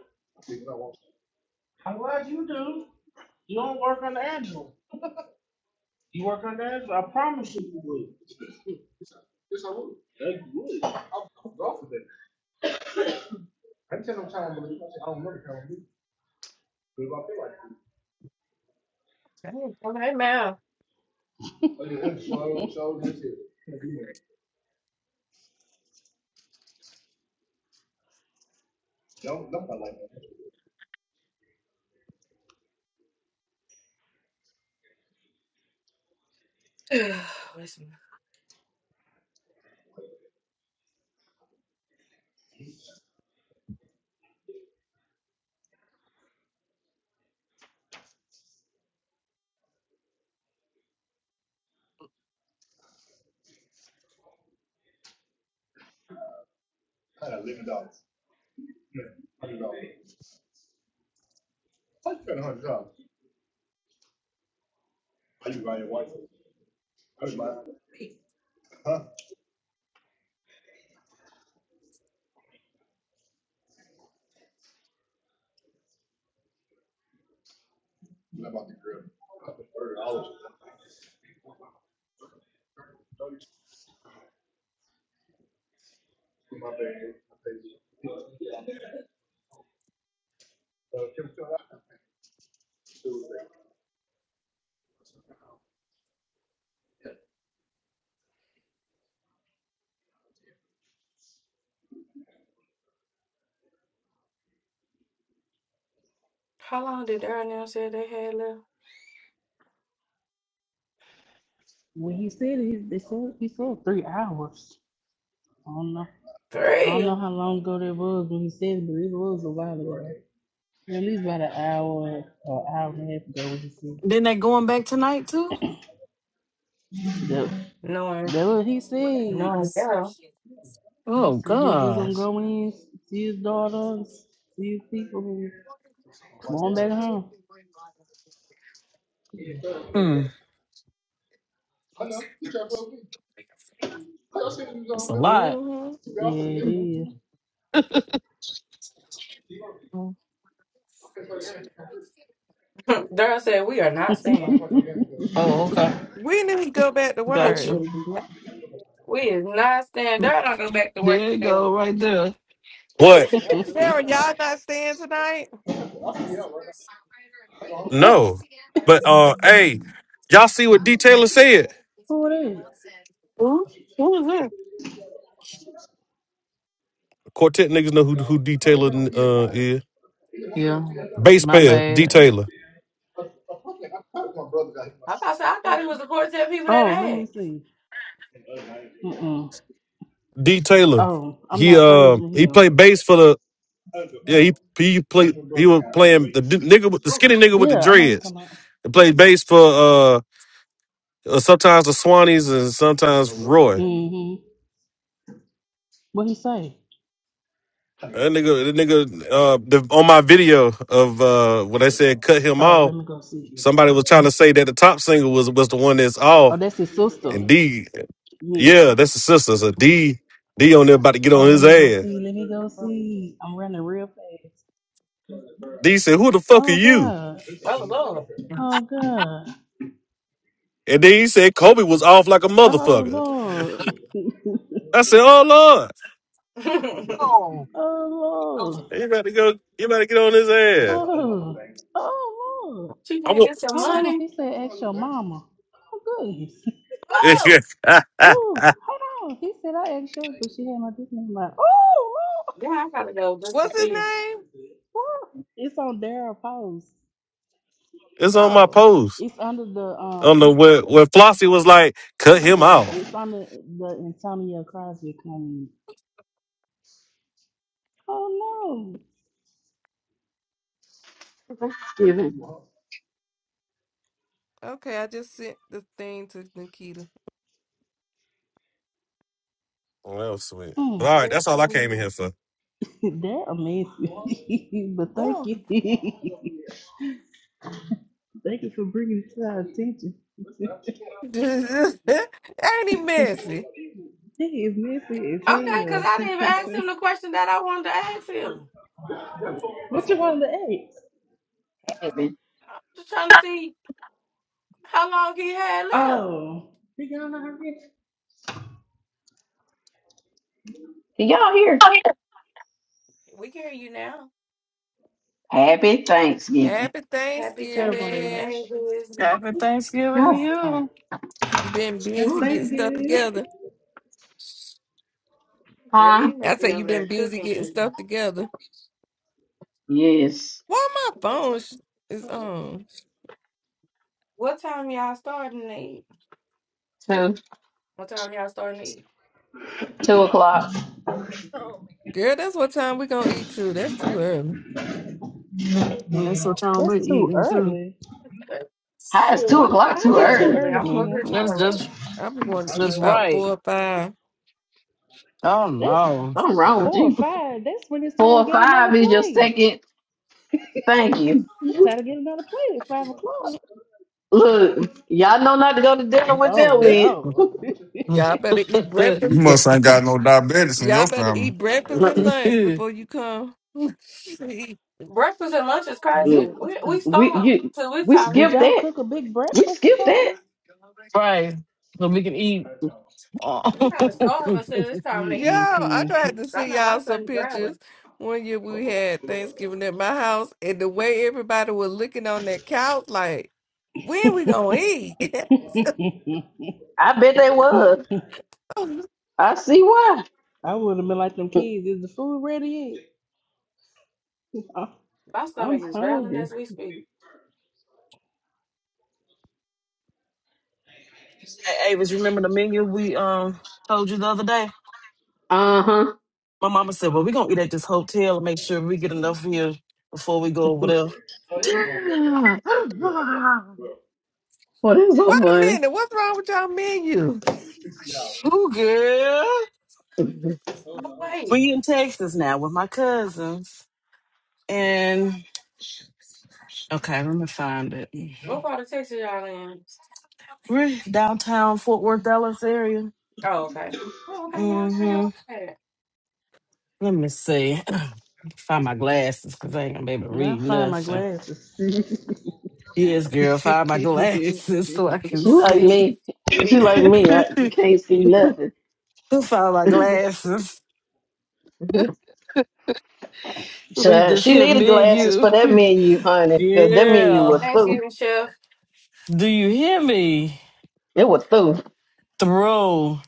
Speaker 4: When he said it, he they said he said three hours. I don't know. I don't know how long ago that was when he said it, but it was a while ago. At least about an hour or hour and a half ago when he said
Speaker 7: Then they going back tonight too?
Speaker 4: that. That what he said. He
Speaker 7: Oh
Speaker 4: said he was just gonna
Speaker 7: gosh.
Speaker 4: go in, see his daughters, see his people, and come on back home.
Speaker 7: Hmm. That's a lot.
Speaker 17: hmm
Speaker 4: Yeah, it is.
Speaker 7: Oh, okay.
Speaker 17: We need to go back to work.
Speaker 7: Gotcha. There you go, right there.
Speaker 1: What?
Speaker 17: Sarah, y'all not staying tonight?
Speaker 1: No. But uh hey, y'all see what D Taylor said?
Speaker 4: Who it is?
Speaker 7: Who? Who was that?
Speaker 1: Quartet niggas know who who D Taylor uh is.
Speaker 7: Yeah.
Speaker 1: Bass
Speaker 7: My
Speaker 1: player, D
Speaker 7: bad.
Speaker 1: Taylor.
Speaker 4: Oh, let me see. Mm-mm.
Speaker 1: D Taylor.
Speaker 4: Oh, I'm
Speaker 1: He
Speaker 4: not friends
Speaker 1: uh
Speaker 4: with
Speaker 1: he
Speaker 4: him.
Speaker 1: played bass for the yeah, he he played he was playing the d- nigga with the skinny nigga with the
Speaker 4: Yeah, I know you're
Speaker 1: dreads.
Speaker 4: talking
Speaker 1: He played bass for uh uh, sometimes the Swannies and sometimes
Speaker 4: about.
Speaker 1: Roy.
Speaker 4: Mm-hmm. What he say?
Speaker 1: That nigga, that nigga, uh, the, on my video of uh, when they said cut him
Speaker 4: Oh,
Speaker 1: off,
Speaker 4: let me go see.
Speaker 1: Somebody was trying to say that the top single was was the one that's off,
Speaker 4: Oh, that's his sister.
Speaker 1: and D, yeah,
Speaker 4: Yeah.
Speaker 1: that's the sister. So D, D on there about to get
Speaker 4: Oh,
Speaker 1: on
Speaker 4: let
Speaker 1: his
Speaker 4: me go
Speaker 1: ass.
Speaker 4: see. Let me go see. I'm running real fast.
Speaker 1: D said, "Who the fuck are
Speaker 4: Oh
Speaker 1: you?"
Speaker 4: God. Oh God.
Speaker 1: And then he said, "Kobe was off like a
Speaker 4: Oh
Speaker 1: motherfucker."
Speaker 4: Lord.
Speaker 1: I said, "Oh Lord,
Speaker 4: Oh Lord.
Speaker 1: you better go, you better get on his ass."
Speaker 4: Oh. Oh Lord.
Speaker 1: I want,
Speaker 4: Hold on. He said, "Ask your mama." Oh goodness. Ooh, hold on. He said I asked you, but she had my dick name out. Ooh, look,
Speaker 17: What's his name?
Speaker 4: look. It's on Daryl Post.
Speaker 1: it's on my
Speaker 17: Oh,
Speaker 1: post.
Speaker 4: It's under the
Speaker 1: I
Speaker 4: uh,
Speaker 1: don't know where where Flossie was like, "Cut
Speaker 4: it's,
Speaker 1: him
Speaker 4: yeah,
Speaker 1: off."
Speaker 4: it's under the Antonio Crosby claim. Oh
Speaker 3: Thanksgiving.
Speaker 17: okay. I just sent the thing to Nikita.
Speaker 1: Well, sweet.
Speaker 4: no,
Speaker 1: But
Speaker 4: mm.
Speaker 1: all right, that's all I came in here for.
Speaker 4: they're amazing. but thank
Speaker 17: Oh,
Speaker 4: you, thank you for bringing it to our attention.
Speaker 17: ain't he messy?
Speaker 4: he is messy as hell. what you want to eat? Oh, we got a lot of rich.
Speaker 3: Can y'all hear? Happy Thanksgiving.
Speaker 17: Happy
Speaker 4: Terrible on the
Speaker 17: Thanksgiving.
Speaker 4: lunch.
Speaker 7: Happy Thanksgiving to
Speaker 3: God.
Speaker 4: All right.
Speaker 7: you.
Speaker 17: You been
Speaker 4: Happy
Speaker 17: busy
Speaker 3: Lord.
Speaker 17: getting stuff
Speaker 4: Thanksgiving.
Speaker 17: together.
Speaker 3: Huh?
Speaker 17: I say you been busy getting stuff together.
Speaker 3: Yes.
Speaker 17: Why my phone sh- is on?
Speaker 3: Two. Two o'clock.
Speaker 17: Girl, that's what time we gonna eat too. That's too early.
Speaker 7: And that's what y'all be
Speaker 4: That's too
Speaker 7: eating too.
Speaker 4: early.
Speaker 3: How
Speaker 4: How
Speaker 3: is two o'clock
Speaker 4: is
Speaker 3: too
Speaker 4: that too
Speaker 3: early?
Speaker 4: early,
Speaker 7: Mm,
Speaker 4: Kim?
Speaker 7: That's just
Speaker 17: I'm going to eat
Speaker 7: just
Speaker 17: about
Speaker 7: right.
Speaker 17: four or five.
Speaker 7: Oh
Speaker 4: That's
Speaker 7: no.
Speaker 3: Something wrong with
Speaker 4: four or
Speaker 3: you.
Speaker 4: five. That's when it's time to
Speaker 3: Four or
Speaker 4: get another
Speaker 3: five is your
Speaker 4: plate.
Speaker 3: second. Thank you.
Speaker 4: It's time to get another plate at five o'clock.
Speaker 3: Look, y'all know not to go to dinner with
Speaker 4: Oh
Speaker 3: them. We,
Speaker 4: no.
Speaker 17: Y'all better eat
Speaker 27: You
Speaker 17: breakfast.
Speaker 27: must ain't got no diabetes in
Speaker 17: Y'all
Speaker 27: your
Speaker 17: better
Speaker 27: family.
Speaker 17: eat breakfast and lunch before you come.
Speaker 4: you
Speaker 3: we, you, we
Speaker 4: did
Speaker 3: skipped
Speaker 4: y'all
Speaker 3: that.
Speaker 4: cook a big
Speaker 3: We
Speaker 4: breakfast or
Speaker 3: skipped that.
Speaker 4: something?
Speaker 7: right. So we can eat.
Speaker 4: Mm-mm,
Speaker 17: Yeah, I
Speaker 4: Kim.
Speaker 17: tried to see y'all some pictures one year we had Thanksgiving at my house, and the way everybody was looking on that couch, like, when we gonna eat? Wait
Speaker 3: I bet they was. I see why.
Speaker 4: I would have been like them kids. Is the food ready yet? I, I'm hungry.
Speaker 7: Hey, Avis, remember the menu we um told you the other day?
Speaker 3: Uh huh.
Speaker 7: My mama said, "Well, we're gonna eat at this hotel and make sure we get enough meals before we go over there."
Speaker 3: Well, that's so
Speaker 17: a
Speaker 3: funny.
Speaker 17: minute, what's wrong with y'all menu?
Speaker 7: Ooh, girl, we in Texas now with my cousins, and okay, let me find it. We're in downtown Fort Worth, Dallas area. Mm-hmm. Let me see. find my glasses because I ain't gonna be able to
Speaker 4: Now I
Speaker 7: read
Speaker 4: find my
Speaker 7: nothing.
Speaker 4: glasses.
Speaker 7: Yes, girl, find my glasses so I can
Speaker 3: She like
Speaker 7: see.
Speaker 3: me. She like me. I can't see
Speaker 7: find
Speaker 3: nothing.
Speaker 7: my glasses. Read
Speaker 3: Child,
Speaker 7: this
Speaker 3: she
Speaker 7: here,
Speaker 3: needed
Speaker 7: me and
Speaker 3: glasses
Speaker 7: you.
Speaker 3: for that menu, honey, because that menu was
Speaker 7: yeah.
Speaker 3: through.
Speaker 7: Do you hear me?
Speaker 3: It was through.
Speaker 7: Throw.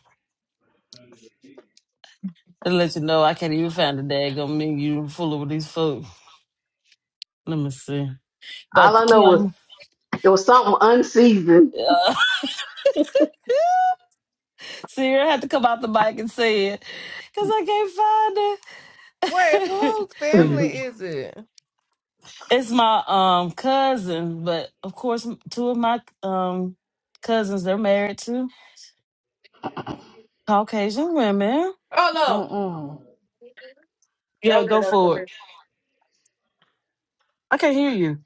Speaker 7: And let you know I can't even find a daggone menu full of these folks. Let me see.
Speaker 3: All
Speaker 7: But
Speaker 3: I know was
Speaker 7: Kim,
Speaker 3: it was something unseasoned.
Speaker 7: uh, Sierra had to come out the mic and say it because I can't find
Speaker 17: Wait,
Speaker 7: it.
Speaker 17: whose family is it?
Speaker 7: it's my um cousin, but of course, two of my um cousins they're married to Caucasian women.
Speaker 4: uh-uh.
Speaker 7: Yeah, go for it. I can't hear you.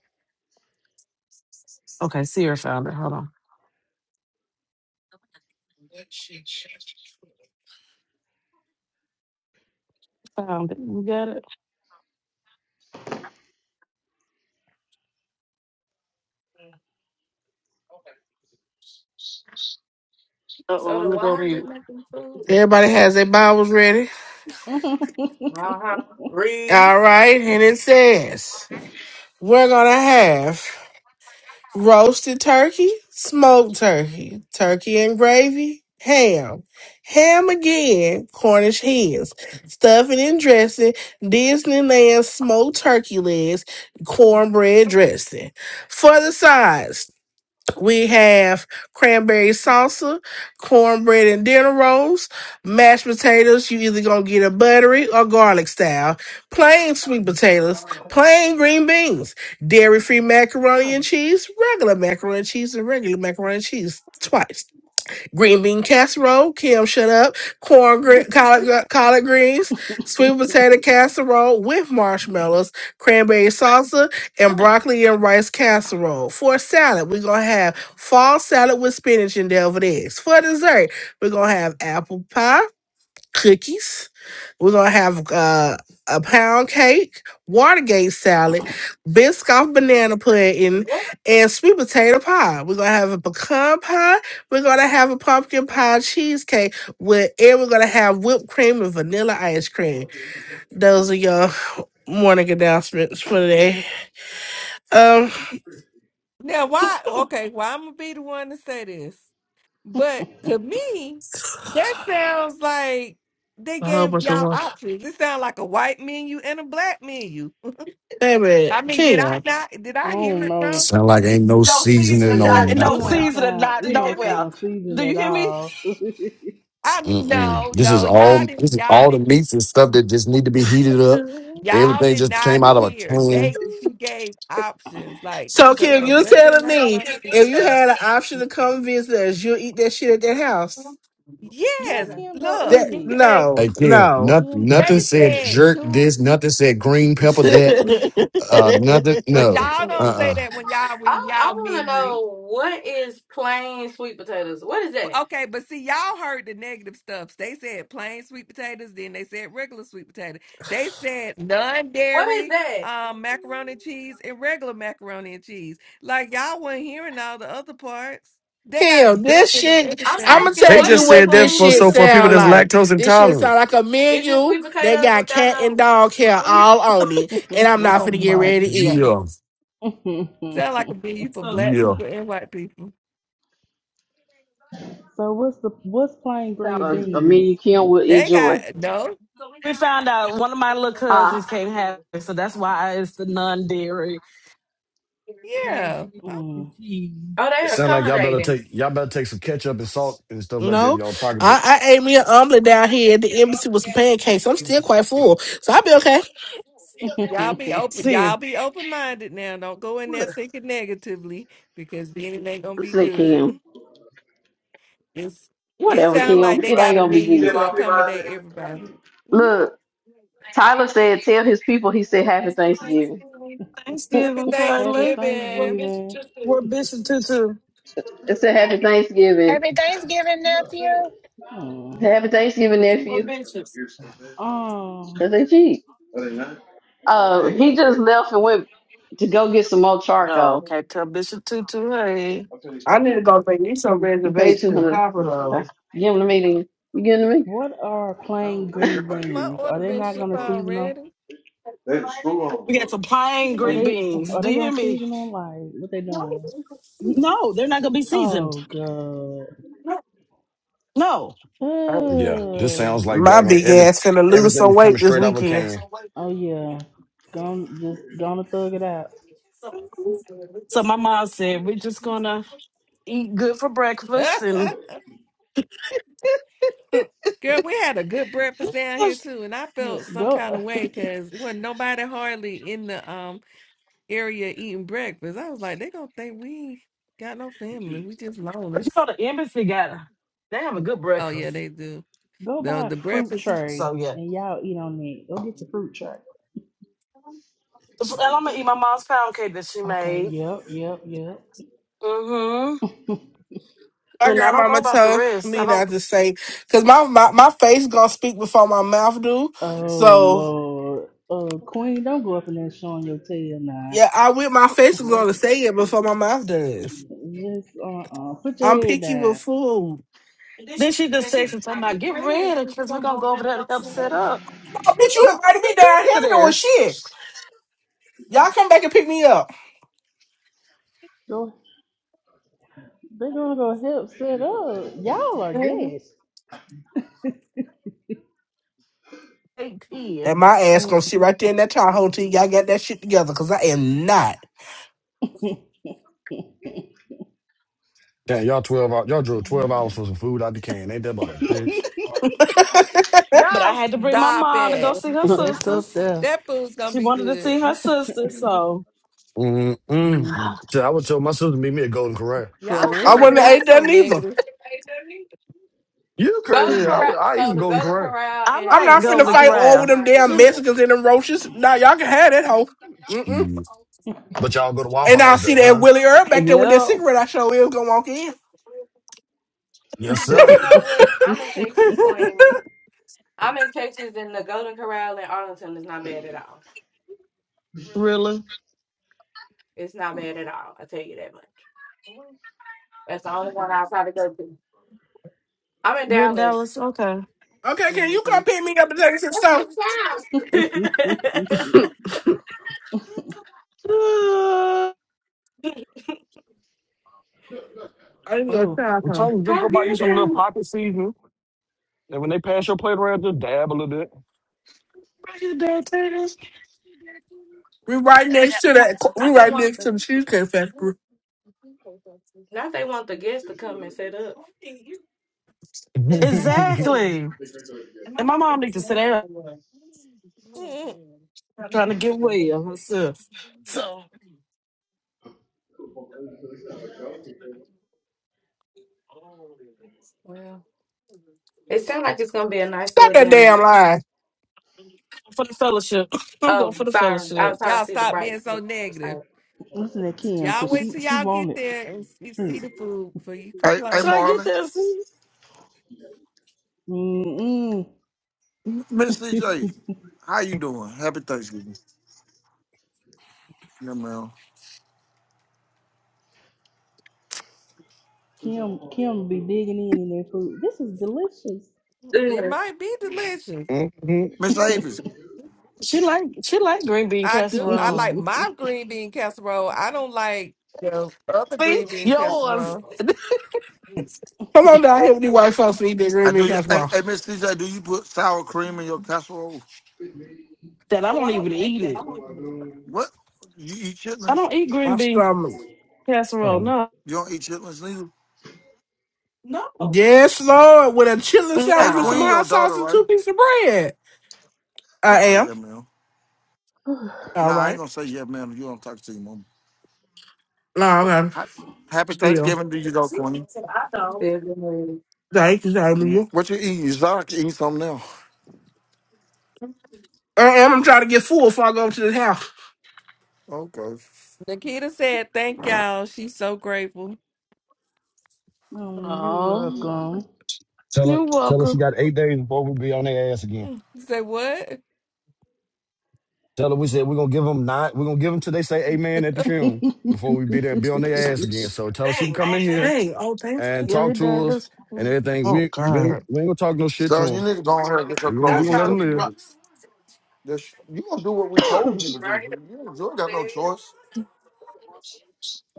Speaker 7: Okay, Sierra found it. Hold on. Found it. You got it? Uh oh, let me go mute.
Speaker 11: Everybody has their Bibles ready.
Speaker 4: I
Speaker 11: All right, and it says, We're gonna have roasted turkey, smoked turkey, turkey and gravy, ham, ham again, Cornish hens, stuffing and dressing, Disneyland smoked turkey legs, cornbread dressing. For the sides, we have cranberry salsa, cornbread and dinner rolls, mashed potatoes. You either gonna get a buttery or garlic style, plain sweet potatoes, plain green beans, dairy free macaroni and cheese, regular macaroni and cheese, and regular macaroni and cheese twice green bean casserole. Kim, shut up. Corn, gre- collard, gre- collard greens, sweet potato casserole with marshmallows, cranberry salsa, and broccoli and rice casserole. For salad, we're gonna have fall salad with spinach and deviled eggs. For dessert, we're gonna have apple pie cookies. We're gonna have uh, a pound cake, Watergate salad, Biscoff banana pudding, and sweet potato pie. We're gonna have a pecan pie. We're gonna have a pumpkin pie cheesecake with, and we're gonna have whipped cream and vanilla ice cream. Those are your morning announcements for today. Um,
Speaker 17: Now, why? Okay, well, I'm gonna be the one to say this, but to me, that sounds like they
Speaker 11: a whole
Speaker 17: gave
Speaker 11: bunch of
Speaker 17: y'all
Speaker 11: work.
Speaker 17: options. It sounds like a white menu and a black menu.
Speaker 11: Baby,
Speaker 17: I mean, did I
Speaker 11: Kenya.
Speaker 17: not? Did I hear
Speaker 4: don't
Speaker 17: it wrong?
Speaker 4: know.
Speaker 14: Sound like ain't no seasoning
Speaker 7: Uh,
Speaker 14: on
Speaker 4: Yeah, it
Speaker 7: no
Speaker 14: nothing.
Speaker 4: don't
Speaker 7: season and
Speaker 4: sound
Speaker 7: not
Speaker 4: it don't
Speaker 7: nowhere.
Speaker 4: sound seasoned
Speaker 7: Do you
Speaker 4: at
Speaker 7: hear me?
Speaker 4: all.
Speaker 17: I mean,
Speaker 14: Mm-mm.
Speaker 17: no,
Speaker 14: This is
Speaker 17: no, y'all
Speaker 14: all.
Speaker 17: didn't,
Speaker 14: This is
Speaker 17: y'all
Speaker 14: all the
Speaker 17: didn't,
Speaker 14: meats and stuff that just need to be heated up.
Speaker 17: y'all
Speaker 14: Everything
Speaker 17: did
Speaker 14: just came
Speaker 17: not
Speaker 14: out of a
Speaker 17: hear.
Speaker 14: can.
Speaker 17: They she gave options like
Speaker 11: So Kim,
Speaker 17: the
Speaker 11: you're telling
Speaker 17: regular
Speaker 11: me
Speaker 17: rate.
Speaker 11: if you had an option to come visit us, you'll eat that shit at that house.
Speaker 4: yeah,
Speaker 17: Yes,
Speaker 4: Kim, go
Speaker 17: look,
Speaker 4: eat
Speaker 11: That
Speaker 4: it.
Speaker 17: because
Speaker 11: no,
Speaker 14: Again,
Speaker 11: no.
Speaker 14: nothing.
Speaker 4: Kim, go
Speaker 14: Nothing
Speaker 17: they
Speaker 4: eat
Speaker 14: said
Speaker 17: said
Speaker 14: jerk
Speaker 17: two,
Speaker 14: this. Nothing said green pepper that. Uh, nothing.
Speaker 17: but
Speaker 14: No.
Speaker 17: y'all
Speaker 14: Uh.
Speaker 17: don't say
Speaker 14: uh
Speaker 17: that when y'all read y'all menu. But- Okay, but see, y'all heard the negative stuff. They said plain sweet potatoes, then they said regular sweet potato. They said non-dairy um, macaroni and cheese and regular macaroni and cheese. Like y'all weren't hearing all the other parts. They got
Speaker 11: Kill this
Speaker 17: double of
Speaker 11: shit. I'ma
Speaker 17: everything.
Speaker 14: They
Speaker 11: tell you
Speaker 14: just
Speaker 11: what
Speaker 14: said that
Speaker 11: this
Speaker 14: for
Speaker 11: shit
Speaker 14: so for people
Speaker 11: sound
Speaker 14: that's
Speaker 11: like.
Speaker 14: lactose
Speaker 11: This shit
Speaker 14: intolerant.
Speaker 11: sound like a menu that got cat and dog hair all on it,
Speaker 4: that.
Speaker 11: and I'm not
Speaker 17: Oh
Speaker 11: finna get
Speaker 17: my
Speaker 11: ready to
Speaker 17: god!
Speaker 11: eat.
Speaker 14: Yeah.
Speaker 17: Sound like a venue for black
Speaker 14: Yeah.
Speaker 17: people and white people.
Speaker 4: so what's the what's plain green
Speaker 3: A uh, me
Speaker 4: beans?
Speaker 3: Kim would
Speaker 17: They
Speaker 3: enjoy.
Speaker 17: got no,
Speaker 7: We found out one of my little
Speaker 3: Ah,
Speaker 7: cousins can't have it, so that's why it's the non dairy, dairy
Speaker 17: yeah.
Speaker 7: free
Speaker 17: Oh,
Speaker 4: Mm.
Speaker 7: cheese.
Speaker 14: It sounds like y'all better take y'all better take some ketchup and salt and stuff like that in
Speaker 11: No,
Speaker 14: y'all pocketbook.
Speaker 11: I, I ate me an omelet down here at the embassy with some pancakes. I'm still quite full, so I'll be okay.
Speaker 17: Y'all be open.
Speaker 7: See, you.
Speaker 17: Y'all be open-minded now. Don't go in there
Speaker 11: What?
Speaker 17: thinking negatively because then it ain't gonna be
Speaker 3: say
Speaker 17: good.
Speaker 3: Kim.
Speaker 17: It's, it
Speaker 3: Whatever,
Speaker 17: sounds
Speaker 3: Kim.
Speaker 17: like they
Speaker 3: It
Speaker 17: got
Speaker 3: ain't
Speaker 17: a
Speaker 3: gonna be
Speaker 17: menu
Speaker 3: good.
Speaker 17: to accommodate everybody. Mhm.
Speaker 3: Look, Tyler said, tell his people he said happy Thanksgiving.
Speaker 17: Happy
Speaker 7: Thanksgiving,
Speaker 4: Happy
Speaker 7: Kylie.
Speaker 17: Thanksgiving.
Speaker 4: Thanksgiving.
Speaker 7: we're Bishop Tutu.
Speaker 3: It said happy Thanksgiving.
Speaker 6: Happy Thanksgiving, nephew.
Speaker 4: Mm.
Speaker 3: Happy Thanksgiving, nephew.
Speaker 4: Um,
Speaker 3: Cause they cheap. Uh, he just left and went to go get some more
Speaker 7: Oh,
Speaker 3: charcoal.
Speaker 7: okay. Tell Bishop Tutu, hey.
Speaker 3: You paid two hundred. Okay, give him to me. Then. You give him
Speaker 4: what are plain green
Speaker 17: Oh, my
Speaker 4: beans? Are
Speaker 17: order
Speaker 4: they
Speaker 17: been
Speaker 4: not
Speaker 17: shipped
Speaker 4: gonna season them?
Speaker 17: already.
Speaker 7: We got some plain
Speaker 4: Are
Speaker 7: green
Speaker 4: they
Speaker 7: beans.
Speaker 4: are
Speaker 7: Do
Speaker 4: they
Speaker 7: you hear
Speaker 4: gonna
Speaker 7: me?
Speaker 4: season them? Like what they doing?
Speaker 7: No, they're not gonna be seasoned.
Speaker 4: Oh god.
Speaker 7: No.
Speaker 14: Yeah, this sounds
Speaker 4: Ugh.
Speaker 14: like
Speaker 11: My
Speaker 14: that. Like
Speaker 11: big
Speaker 14: Every
Speaker 11: ass finna lose some
Speaker 14: everything's coming
Speaker 11: weight this
Speaker 14: straight out of a
Speaker 11: weekend.
Speaker 14: can.
Speaker 4: Oh yeah. Gonna just gonna thug it out.
Speaker 7: So my mom said we're just gonna eat good for breakfast and
Speaker 17: Girl, we had a good breakfast down here too, and I felt some kind
Speaker 4: Go
Speaker 17: of way because wasn't nobody hardly in the um area eating breakfast. I was like, they gonna think we ain't got no family. We just
Speaker 7: But you
Speaker 17: loners.
Speaker 7: know the embassy got they have a good
Speaker 17: Oh yeah,
Speaker 7: breakfast.
Speaker 17: they do.
Speaker 4: go
Speaker 17: The
Speaker 4: buy a
Speaker 17: the
Speaker 4: fruit
Speaker 17: breakfast is-
Speaker 4: tray
Speaker 7: So yeah,
Speaker 4: and y'all eat on it. Go get the fruit tray.
Speaker 7: and I'm gonna eat my mom's pound cake that she
Speaker 4: Okay,
Speaker 7: made.
Speaker 4: yep, yep, yep.
Speaker 7: Mm-hmm.
Speaker 11: My
Speaker 7: And I don't know
Speaker 11: grandmama
Speaker 7: about the
Speaker 11: told
Speaker 7: rest. I
Speaker 11: me
Speaker 7: don't.
Speaker 11: not to say, cause my, my my face gonna speak before my mouth do.
Speaker 4: Oh
Speaker 11: So
Speaker 4: Lord. Uh Queen, don't go up in there showing your tail now.
Speaker 11: yeah, I with my face is gonna say it before my mouth does.
Speaker 4: Just uh uh put your
Speaker 11: I'm
Speaker 4: head
Speaker 11: picky with
Speaker 4: down.
Speaker 11: food.
Speaker 7: Then she just texted talking about get ready because we're gonna go over there to help set up.
Speaker 11: Oh, bitch, you invited
Speaker 7: I
Speaker 11: me down here
Speaker 7: visited
Speaker 11: doing
Speaker 7: there
Speaker 11: shit. Y'all come back and pick me up.
Speaker 4: Go they're gonna go help set up. Y'all are guests.
Speaker 7: eight ten,
Speaker 11: And my ass
Speaker 4: Mm.
Speaker 11: gonna sit right there in that child hole till y'all get that shit together, cause I am not.
Speaker 14: Damn, y'all twelve hours. Y'all drove twelve hours for some food out the can. Ain't that about a bitch?
Speaker 7: but I
Speaker 17: Y'all
Speaker 7: had to bring my
Speaker 17: stop
Speaker 7: mom to go
Speaker 17: it.
Speaker 7: see her
Speaker 3: to me.
Speaker 4: That's tough
Speaker 7: sisters.
Speaker 4: there.
Speaker 17: That food's gonna
Speaker 7: She
Speaker 17: be
Speaker 7: wanted to see her
Speaker 17: good.
Speaker 7: sisters, so
Speaker 14: Mm-mm. So I would tell my sister to meet me at Golden Corral.
Speaker 4: For
Speaker 17: Y'all
Speaker 11: I
Speaker 17: so
Speaker 11: wouldn't have
Speaker 4: real.
Speaker 17: y'all
Speaker 11: ate that
Speaker 17: so
Speaker 11: neither.
Speaker 17: negative.
Speaker 14: You crazy? I would. I eat some Golden Corral.
Speaker 7: I
Speaker 11: I'm
Speaker 7: like
Speaker 11: not finna
Speaker 7: Golden
Speaker 11: fight over
Speaker 7: Corral.
Speaker 11: them damn
Speaker 7: She,
Speaker 11: Mexicans and them roaches. Nah, y'all can have that hoe. Mm-mm.
Speaker 14: Shit. But y'all go to Waffle
Speaker 11: And I'll
Speaker 14: House
Speaker 11: see
Speaker 14: though,
Speaker 11: that
Speaker 14: huh?
Speaker 11: Willie Earl back there with that
Speaker 7: yep,
Speaker 11: cigarette I show is gonna walk in.
Speaker 14: Yes, sir.
Speaker 7: really. You're in Dallas, okay?
Speaker 11: Okay, can you come pick me up and take us to the store? I-
Speaker 4: oh,
Speaker 14: I'm telling you, just go buy you some little pocket seasoning. And when they pass your plate around, just dab a little
Speaker 7: Uh, right here, downtown.
Speaker 11: we right next to that. We right next to the Cheesecake Factory.
Speaker 14: bit.
Speaker 7: Exactly. And my mom need to sit down trying to get well herself. So
Speaker 11: Stop that damn lie.
Speaker 7: for the fellowship. I'm going for the fellowship.
Speaker 17: Y'all stop being so negative.
Speaker 4: listen to Kim,
Speaker 17: Y'all
Speaker 4: cause
Speaker 17: wait
Speaker 4: she
Speaker 17: till
Speaker 4: she
Speaker 17: y'all get
Speaker 4: wanted.
Speaker 17: there and see, see the food before you
Speaker 16: Hey, hey,
Speaker 7: Should
Speaker 17: complain.
Speaker 7: I get
Speaker 16: Marlon.
Speaker 7: this?
Speaker 4: Mm-mm.
Speaker 16: Miss CJ, how you doing? Happy Thanksgiving. Yeah, man.
Speaker 4: Kim Kim be digging in in their food. This is delicious.
Speaker 17: It might be delicious.
Speaker 16: Miss Avis,
Speaker 7: She like she like green bean
Speaker 17: I do. I like
Speaker 7: casserole.
Speaker 17: my green bean casserole. I don't like the other
Speaker 7: See?
Speaker 17: green bean
Speaker 7: Yours.
Speaker 17: casserole.
Speaker 11: Come on down here with these white folks and eat that
Speaker 16: I
Speaker 11: green bean
Speaker 16: do. You, hey,
Speaker 11: casserole.
Speaker 16: hey, Miss CJ, do you put sour cream in your casserole?
Speaker 7: that I don't even eat it.
Speaker 16: What? You eat
Speaker 7: I
Speaker 16: chitlins?
Speaker 7: don't eat
Speaker 11: My
Speaker 7: green bean
Speaker 11: stomach.
Speaker 7: casserole, no.
Speaker 16: You don't eat chitlins neither.
Speaker 11: Yes, Lord, with a chitlin
Speaker 16: Hey,
Speaker 11: sandwich with some
Speaker 16: Queen, your
Speaker 11: hot sauce
Speaker 16: daughter,
Speaker 11: and
Speaker 16: right?
Speaker 11: two pieces of bread. I
Speaker 16: Okay,
Speaker 11: am.
Speaker 16: yeah, ma'am.
Speaker 11: All
Speaker 16: Nah, I ain't
Speaker 11: right.
Speaker 16: gonna say yeah, ma'am. You don't talk to your mom.
Speaker 11: No, okay.
Speaker 16: Ha- Happy
Speaker 11: Still.
Speaker 16: Thanksgiving to you, though, Queen.
Speaker 11: Thank you, thank
Speaker 16: Mm.
Speaker 11: you.
Speaker 16: What you eating? You eating something now?
Speaker 11: I am. I'm trying to get full before I go to the house.
Speaker 16: Okay.
Speaker 17: Nikita said, "Thank y'all. She's so grateful."
Speaker 4: oh, you
Speaker 7: Oh,
Speaker 4: welcome.
Speaker 14: Tell her,
Speaker 7: you're
Speaker 14: tell her she
Speaker 7: welcome.
Speaker 14: got eight days before we be on their ass again.
Speaker 17: Mm. Say what?
Speaker 14: Tell her we said we're gonna give them nine. We're gonna give them till they say amen at the funeral before we be there and be on their ass again. So tell her she can come in here
Speaker 11: Dang. Oh, thanks.
Speaker 14: and
Speaker 7: Yeah, he
Speaker 14: talk
Speaker 7: died
Speaker 14: to us
Speaker 7: this.
Speaker 14: and everything.
Speaker 11: Oh,
Speaker 14: We we,
Speaker 11: God.
Speaker 14: we ain't gonna talk no shit to
Speaker 16: Son, you
Speaker 14: them.
Speaker 16: need to go in here and get your
Speaker 14: We gonna we
Speaker 16: clothes
Speaker 14: gonna
Speaker 16: and
Speaker 14: let them
Speaker 16: stuff
Speaker 14: live.
Speaker 16: together. This, you gonna do what we told you to do. You, don't- you ain't got no choice.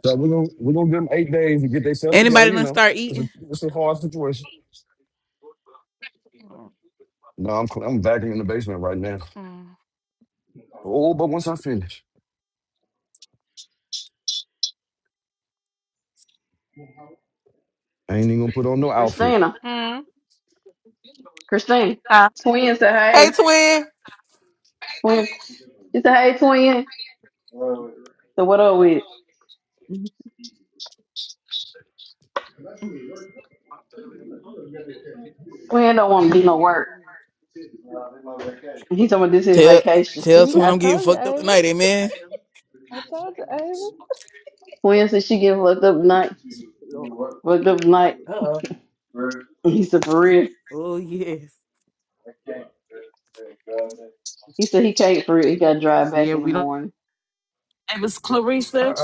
Speaker 14: So we gonna we gonna give them eight days to get themselves together.
Speaker 18: Anybody
Speaker 14: You
Speaker 18: done
Speaker 14: know,
Speaker 18: start
Speaker 14: it's
Speaker 18: eating?
Speaker 14: a it's a hard situation. No, I'm cl- I'm vacuuming in the basement right now. Oh, but once I finish, I ain't even gonna put on no outfit.
Speaker 3: Christina, Christina, twin said
Speaker 18: Hey,
Speaker 3: hey.
Speaker 18: twin.
Speaker 3: Twin, she said hey, twin. So what are we? it? Quinn don't want to do no work. And He talking about this is
Speaker 18: Tell
Speaker 3: vacation.
Speaker 18: tell
Speaker 4: See,
Speaker 18: twin
Speaker 4: I
Speaker 18: I'm getting
Speaker 4: told you,
Speaker 18: fucked up
Speaker 4: Avis.
Speaker 18: tonight, amen.
Speaker 4: I told you, Avis.
Speaker 3: Quinn said she get fucked up night. Yeah, what? Fucked up night. He said for real.
Speaker 18: Oh yes.
Speaker 3: He said he can't for real. He got to drive back
Speaker 18: Yeah,
Speaker 3: in the
Speaker 18: we don't.
Speaker 3: morning.
Speaker 7: Avis Clarice there?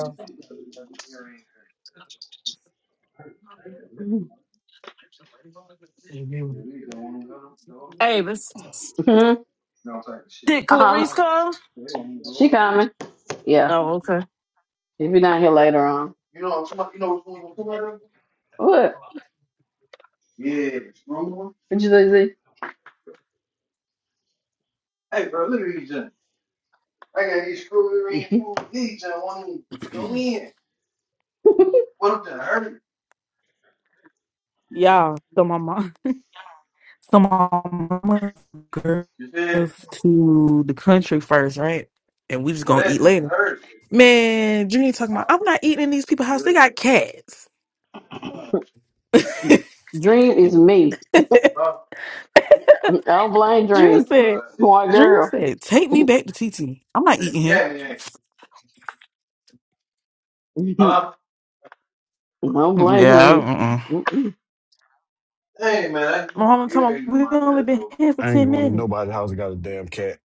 Speaker 7: Avis. Did
Speaker 3: uh-huh.
Speaker 7: Clarice call?
Speaker 3: She coming. Yeah.
Speaker 7: Oh, okay.
Speaker 3: If you're not here later on. What? What you say? Z? I got these screwy red food needs I want to eat.
Speaker 18: Y'all, so my mom, so my mama girls to the country first, right? And we just gonna eat later. Man, Dream talking about I'm not eating in these people's house. They got cats.
Speaker 3: Dream is me.
Speaker 18: Dream
Speaker 3: I don't blame Dream.
Speaker 18: said,
Speaker 3: Uh, Smart
Speaker 18: Dream
Speaker 3: girl.
Speaker 18: said, take me back to TT. I'm not eating here.
Speaker 3: Huh? I don't blame Dream.
Speaker 18: Yeah.
Speaker 3: Mm-mm.
Speaker 18: My mama told me we only been here for
Speaker 14: I ain't
Speaker 18: ten
Speaker 14: going to
Speaker 18: minutes.
Speaker 14: nobody's house that got a damn cat.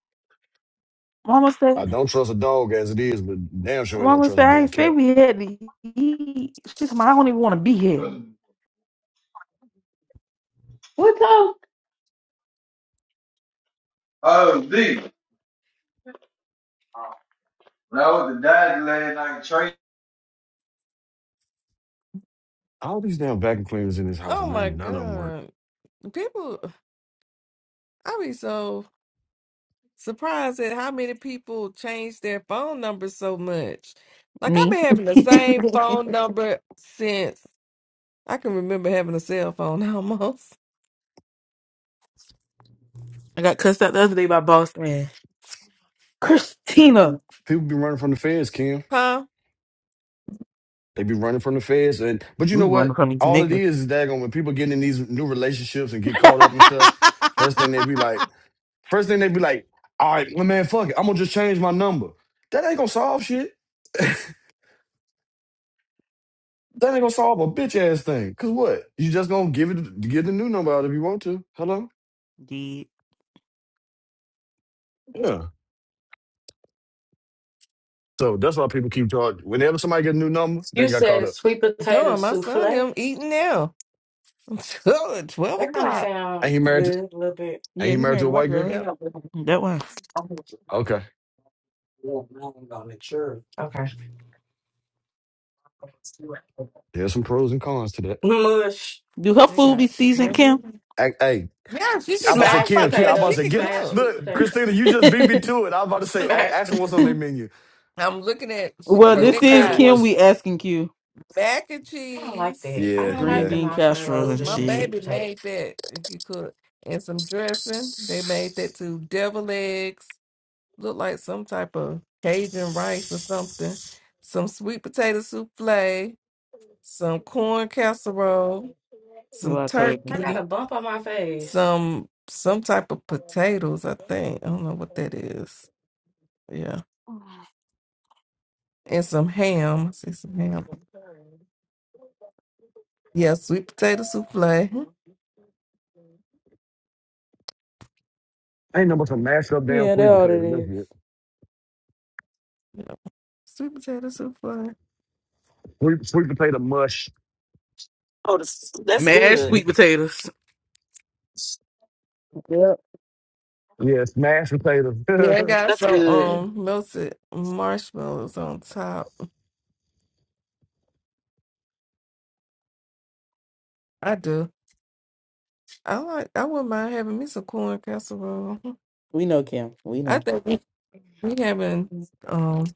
Speaker 18: Mama
Speaker 14: I
Speaker 18: said,
Speaker 14: don't trust a dog as it is, but damn sure ain't gonna
Speaker 18: Mama
Speaker 14: trust
Speaker 18: said
Speaker 14: a
Speaker 18: I
Speaker 14: damn
Speaker 18: ain't say
Speaker 14: cat.
Speaker 18: we had to eat. She told me I don't even want to be here.
Speaker 3: What time?
Speaker 14: All these damn vacuum cleaners in this house,
Speaker 17: Oh
Speaker 14: and
Speaker 17: my
Speaker 14: none, none of them work.
Speaker 17: god, people! I be so. surprised at how many people change their phone number so much. Like I've
Speaker 18: Me,
Speaker 17: been having the same
Speaker 18: I
Speaker 17: phone number since I can remember having a cell phone almost.
Speaker 18: got cussed out the other day by boss man Christina.
Speaker 14: People be running from the feds, Kim.
Speaker 17: Huh?
Speaker 14: They be running from the feds, and but you
Speaker 18: We
Speaker 14: know
Speaker 18: running
Speaker 14: what?
Speaker 18: from these
Speaker 14: All it
Speaker 18: niggas.
Speaker 14: is is daggone when people get in these new relationships and get caught up and stuff. First thing they be like, first thing they be like, all right, well, man, fuck it, I'm gonna just change my number. That ain't gonna solve shit. That ain't gonna solve a bitch ass thing. Cause what? You just gonna give it, get the new number out if you want to. Hello.
Speaker 18: Did.
Speaker 14: Yeah. So that's why people keep charging. Whenever somebody get a new number, they got caught up.
Speaker 17: Darn, my son them eating now. Twelve o'clock.
Speaker 14: Ain't he married? To, ain't
Speaker 18: Yeah,
Speaker 14: he
Speaker 18: he
Speaker 14: married to
Speaker 18: married
Speaker 14: a
Speaker 18: a white
Speaker 14: white girl?
Speaker 18: girl.
Speaker 17: Yep,
Speaker 18: ain't That one.
Speaker 14: Okay, there's some pros and cons to that.
Speaker 18: Do her
Speaker 17: they
Speaker 18: food be
Speaker 17: got.
Speaker 18: seasoned, Kim?
Speaker 17: Yeah,
Speaker 14: Hey, hey,
Speaker 17: she
Speaker 14: I
Speaker 17: could.
Speaker 14: about to
Speaker 17: I
Speaker 14: say
Speaker 17: was about
Speaker 14: Kim,
Speaker 17: to
Speaker 14: Kim. I
Speaker 17: say
Speaker 14: about to
Speaker 17: she
Speaker 14: say
Speaker 17: could
Speaker 14: get
Speaker 17: cook.
Speaker 14: look, Christina. You just
Speaker 18: he?
Speaker 14: beat me to it. I was about to say, hey, ask them what's on their menu,
Speaker 17: I'm looking at. She,
Speaker 14: and
Speaker 18: Well,
Speaker 14: we
Speaker 17: so
Speaker 14: gonna
Speaker 18: this
Speaker 17: they
Speaker 14: compare
Speaker 18: is
Speaker 14: the
Speaker 17: got
Speaker 18: Kim.
Speaker 14: ones.
Speaker 18: We asking Q
Speaker 17: mac and cheese,
Speaker 14: Yeah,
Speaker 18: green
Speaker 14: yeah.
Speaker 18: bean casserole
Speaker 17: which
Speaker 18: and
Speaker 17: my
Speaker 18: shit.
Speaker 17: baby made that. If you could and some dressing, they made that too. Devil eggs Look like some type of Cajun rice or something. Some sweet potato souffle, some corn casserole,
Speaker 18: You know
Speaker 17: some
Speaker 18: I told you.
Speaker 17: turkey, some some type of potatoes, I think. I don't know what that is. Yeah. And some ham. I see some ham. Yeah, sweet potato souffle. Hmm.
Speaker 18: yeah, that all it is.
Speaker 17: Yeah, sweet potato souffle.
Speaker 7: Oh, that's, that's
Speaker 18: Mashed
Speaker 7: good.
Speaker 18: sweet potatoes. Yep.
Speaker 17: Yeah, I got
Speaker 7: That's
Speaker 17: some
Speaker 7: good.
Speaker 17: um melted marshmallows on top. I do. I like I wouldn't mind having me some corn casserole.
Speaker 18: We know Kim. We
Speaker 17: I
Speaker 18: know.
Speaker 17: think We having um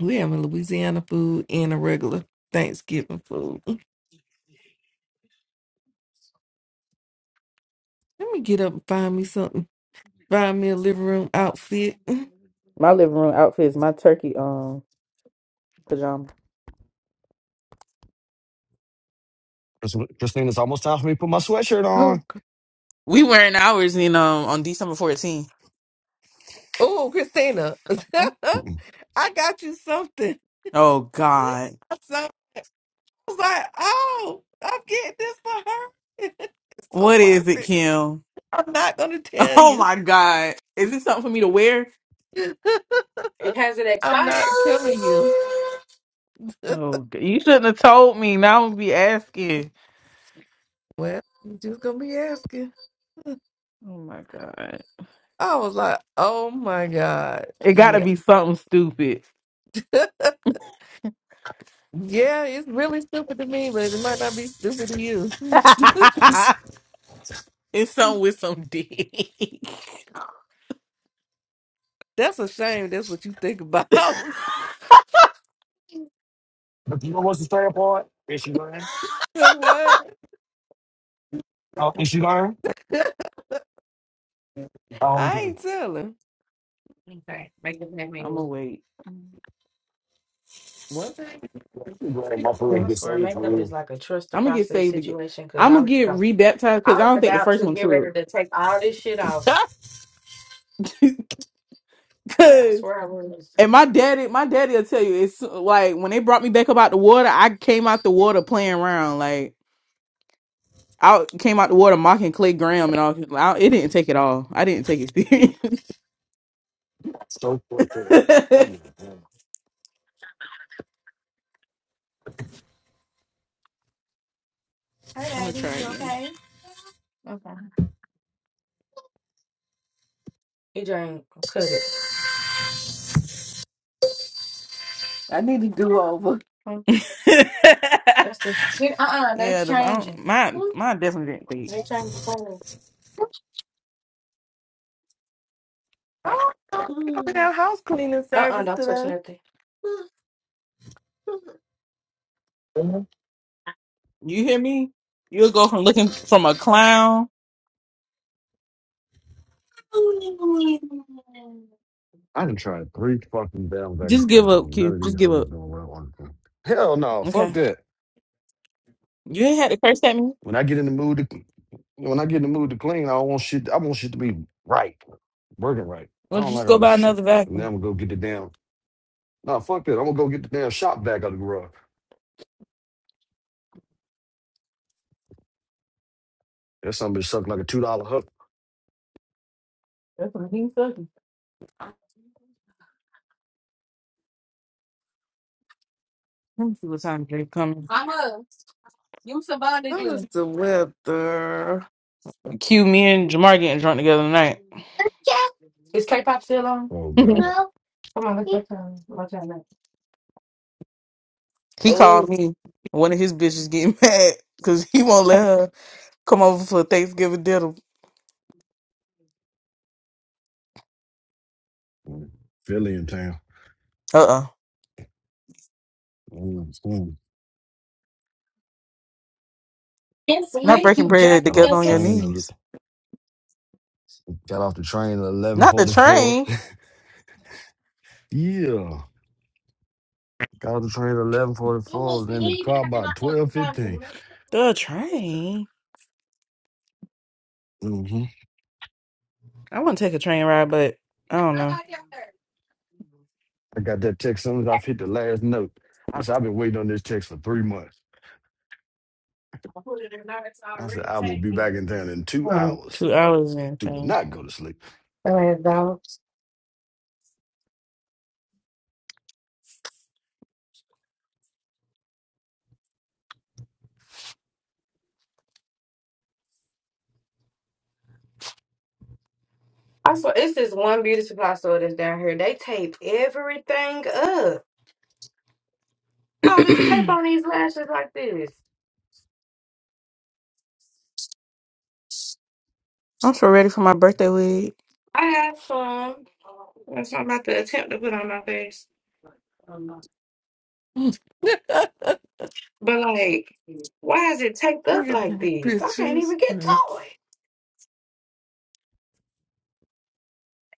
Speaker 17: we having Louisiana food and a regular Thanksgiving food. Mm, Let me get up and find me something. Find me a living room outfit.
Speaker 18: My living room outfit is my turkey um pajama.
Speaker 14: Chris- Christina, it's almost time for me to put my sweatshirt
Speaker 17: Oh,
Speaker 14: on.
Speaker 17: c-
Speaker 18: We wearing ours in um on December 14th.
Speaker 17: oh, Christina, I got you something.
Speaker 18: Oh God.
Speaker 17: So I was like, oh, I'm getting this for her. It's so
Speaker 18: What is it,
Speaker 17: perfect.
Speaker 18: Kim?
Speaker 17: I'm not gonna tell
Speaker 18: Oh
Speaker 17: you.
Speaker 18: my God. Is it something for me to wear?
Speaker 17: I'm not telling you.
Speaker 18: Oh, d- you shouldn't have told me. Now I'm gonna be asking.
Speaker 17: Well, you just gonna be asking.
Speaker 18: Oh my god,
Speaker 17: I was like, oh my God.
Speaker 18: it got to
Speaker 17: Yeah.
Speaker 18: be something stupid.
Speaker 17: Yeah, it's really stupid to me, but it might not be stupid to you.
Speaker 18: it's something with some dick.
Speaker 17: That's a shame. That's what you think about. what? I ain't telling.
Speaker 18: I'm gonna wait.
Speaker 17: One thing.
Speaker 18: I'm gonna get saved again. I'm gonna get rebaptized because I don't think the first one took. Cause and my daddy, my daddy will tell you it's like when they brought me back up out the water, I came out the water playing around. Like I came out the water mocking Clay Graham and all. I, it didn't take it all. I didn't take it serious. I'm gonna try again.
Speaker 17: I need to do over.
Speaker 18: yeah, the, I don't, mine, mine definitely didn't leak.
Speaker 17: I don't think we have house cleaning service today.
Speaker 18: You hear me? You'll go from looking from a clown.
Speaker 14: I done tried three fucking down vegan
Speaker 18: Just give
Speaker 14: plans,
Speaker 18: up,
Speaker 14: and none
Speaker 18: Q.
Speaker 14: of
Speaker 18: Just
Speaker 14: these
Speaker 18: give
Speaker 14: hoes
Speaker 18: up.
Speaker 14: doing well on the food. Hell no, fuck
Speaker 18: Okay.
Speaker 14: that.
Speaker 18: You ain't had to curse at me.
Speaker 14: When I get in the mood to, when I get in the mood to clean, I want shit. I want shit to be right, working right. I
Speaker 18: Well,
Speaker 14: don't
Speaker 18: just
Speaker 14: like
Speaker 18: go
Speaker 14: all this
Speaker 18: buy
Speaker 14: shit.
Speaker 18: another
Speaker 14: And then
Speaker 18: vacuum.
Speaker 14: I'm gonna go get the damn Nah, fuck that. I'm gonna go get the damn shop back out of the garage. That something bitch sucking like a two dollar hook.
Speaker 18: That's what he's sucking. Let me see what time Jay coming.
Speaker 17: How's the weather?
Speaker 18: Q, me and Jamar getting drunk together tonight.
Speaker 14: Oh god,
Speaker 18: he
Speaker 17: Oh,
Speaker 18: called me. One of his bitches getting mad because he won't let her come over for Thanksgiving dinner.
Speaker 14: Mm. Philly in town.
Speaker 18: Uh-uh.
Speaker 14: Mm, mm.
Speaker 18: Not breaking bread
Speaker 14: Got off
Speaker 18: together
Speaker 14: the
Speaker 18: on your
Speaker 14: train.
Speaker 18: knees.
Speaker 14: at- Got off the train at eleven
Speaker 18: Not the
Speaker 14: forty four.
Speaker 18: train.
Speaker 14: Yeah, got off the train at eleven forty four. Was in the car by twelve fifteen.
Speaker 18: The train.
Speaker 14: Mm-hmm.
Speaker 18: I want to take a train ride, but I don't know.
Speaker 14: I got that text as soon as I hit the last note. I said I've been waiting on this text for three months. I said I will be back in town in two hours.
Speaker 18: Two hours and
Speaker 14: Do
Speaker 18: things.
Speaker 14: not go to sleep.
Speaker 18: I'm so ready for my birthday wig.
Speaker 17: look at that picture. It's funny.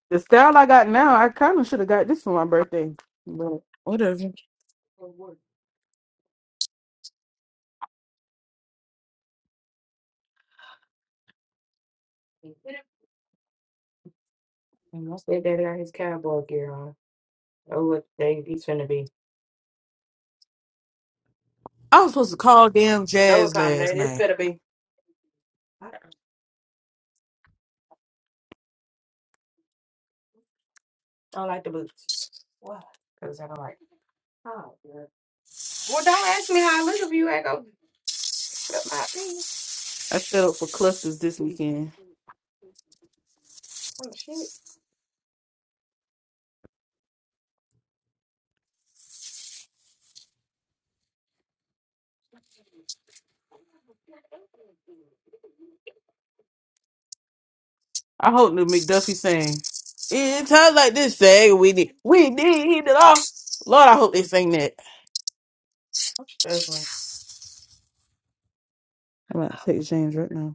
Speaker 18: The style I got now, I kind of should have got this for my birthday. But whatever. I was supposed to call damn Jazz last night. I set up for clusters this weekend. I hope the McDuffie sang. In times like this, say we need, we need it all. Lord, I hope they sing that. I'm about to take James right now.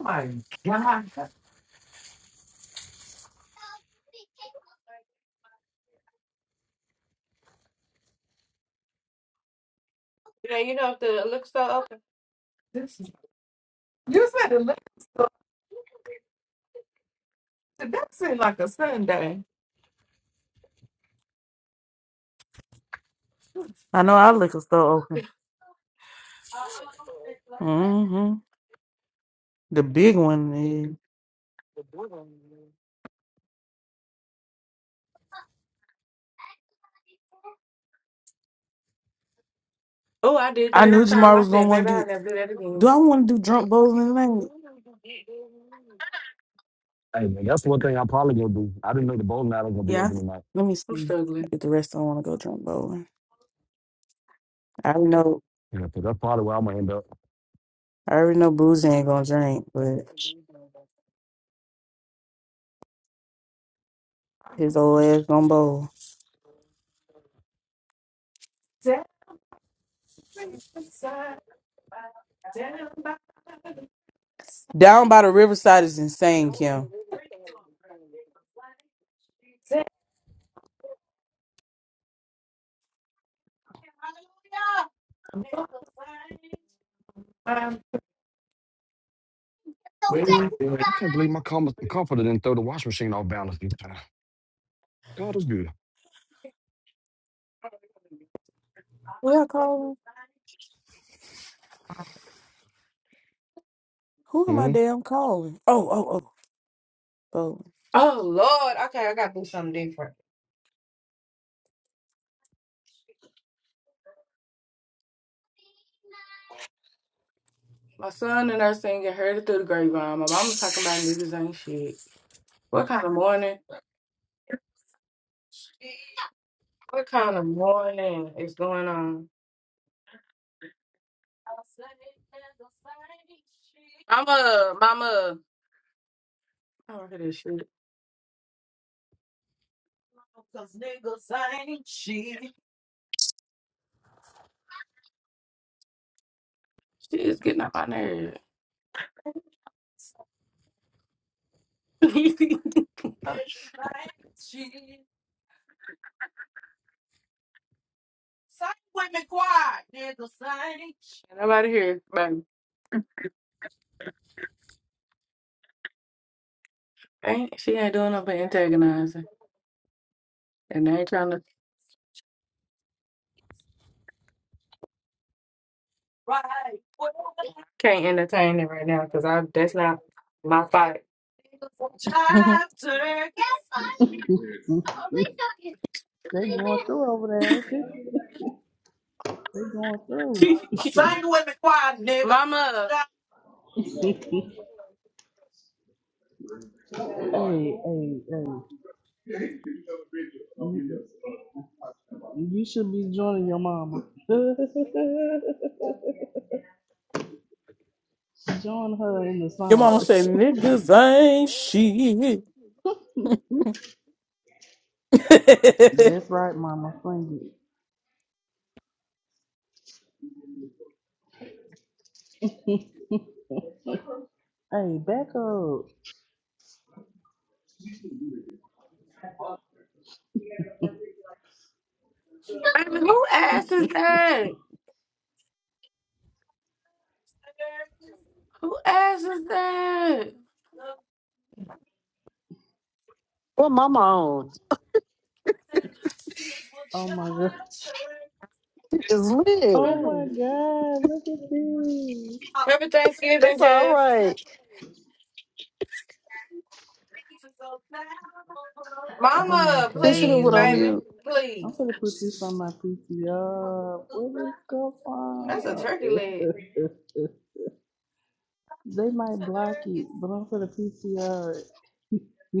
Speaker 17: Oh my god, this is. You said eleven. so That seemed like a Sunday.
Speaker 18: I know our liquor store open. hmm The big one. is- I knew Jamar was gonna want to do. Do I want to do drunk bowling tonight? Yeah. I th- let me see if the rest don't want to go drunk bowling. I already know. I already know Boozy ain't gonna drink, but his old ass gonna bowl. Down by the riverside is insane, Kim.
Speaker 14: I can't believe my com- comforter didn't throw the washing machine off balance this time. God is good.
Speaker 18: What I calling? Who am I
Speaker 14: hmm
Speaker 18: damn calling? Oh, oh, oh, bowling.
Speaker 4: They going through over there, ain't they? They going through. hey, hey, hey. You should be joining your mama. Join her in the
Speaker 18: Your mama
Speaker 4: song.
Speaker 18: say niggas ain't shit.
Speaker 4: That's right, mama. Sing it. hey, back up.
Speaker 7: Well, mama on?
Speaker 4: Oh my god.
Speaker 7: You just lit.
Speaker 4: Oh my god. Look at this.
Speaker 7: That's all right.
Speaker 4: Oh my
Speaker 7: They should have went on
Speaker 4: god.
Speaker 7: mute.
Speaker 4: I'm gonna put this on my PTR. Where did it go from? they might block it, but I'm gonna PTR.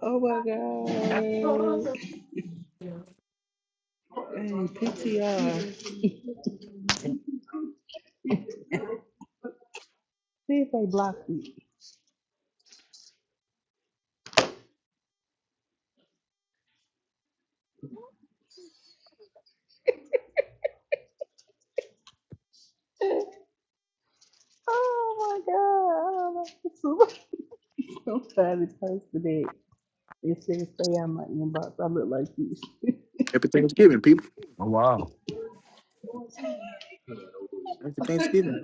Speaker 4: Oh my god. Hey, PTR. See if they block me. Oh my god. I don't I'm tired of posting it. It says stay out my inbox. I look like you."
Speaker 2: Happy Thanksgiving, people. Happy Thanksgiving.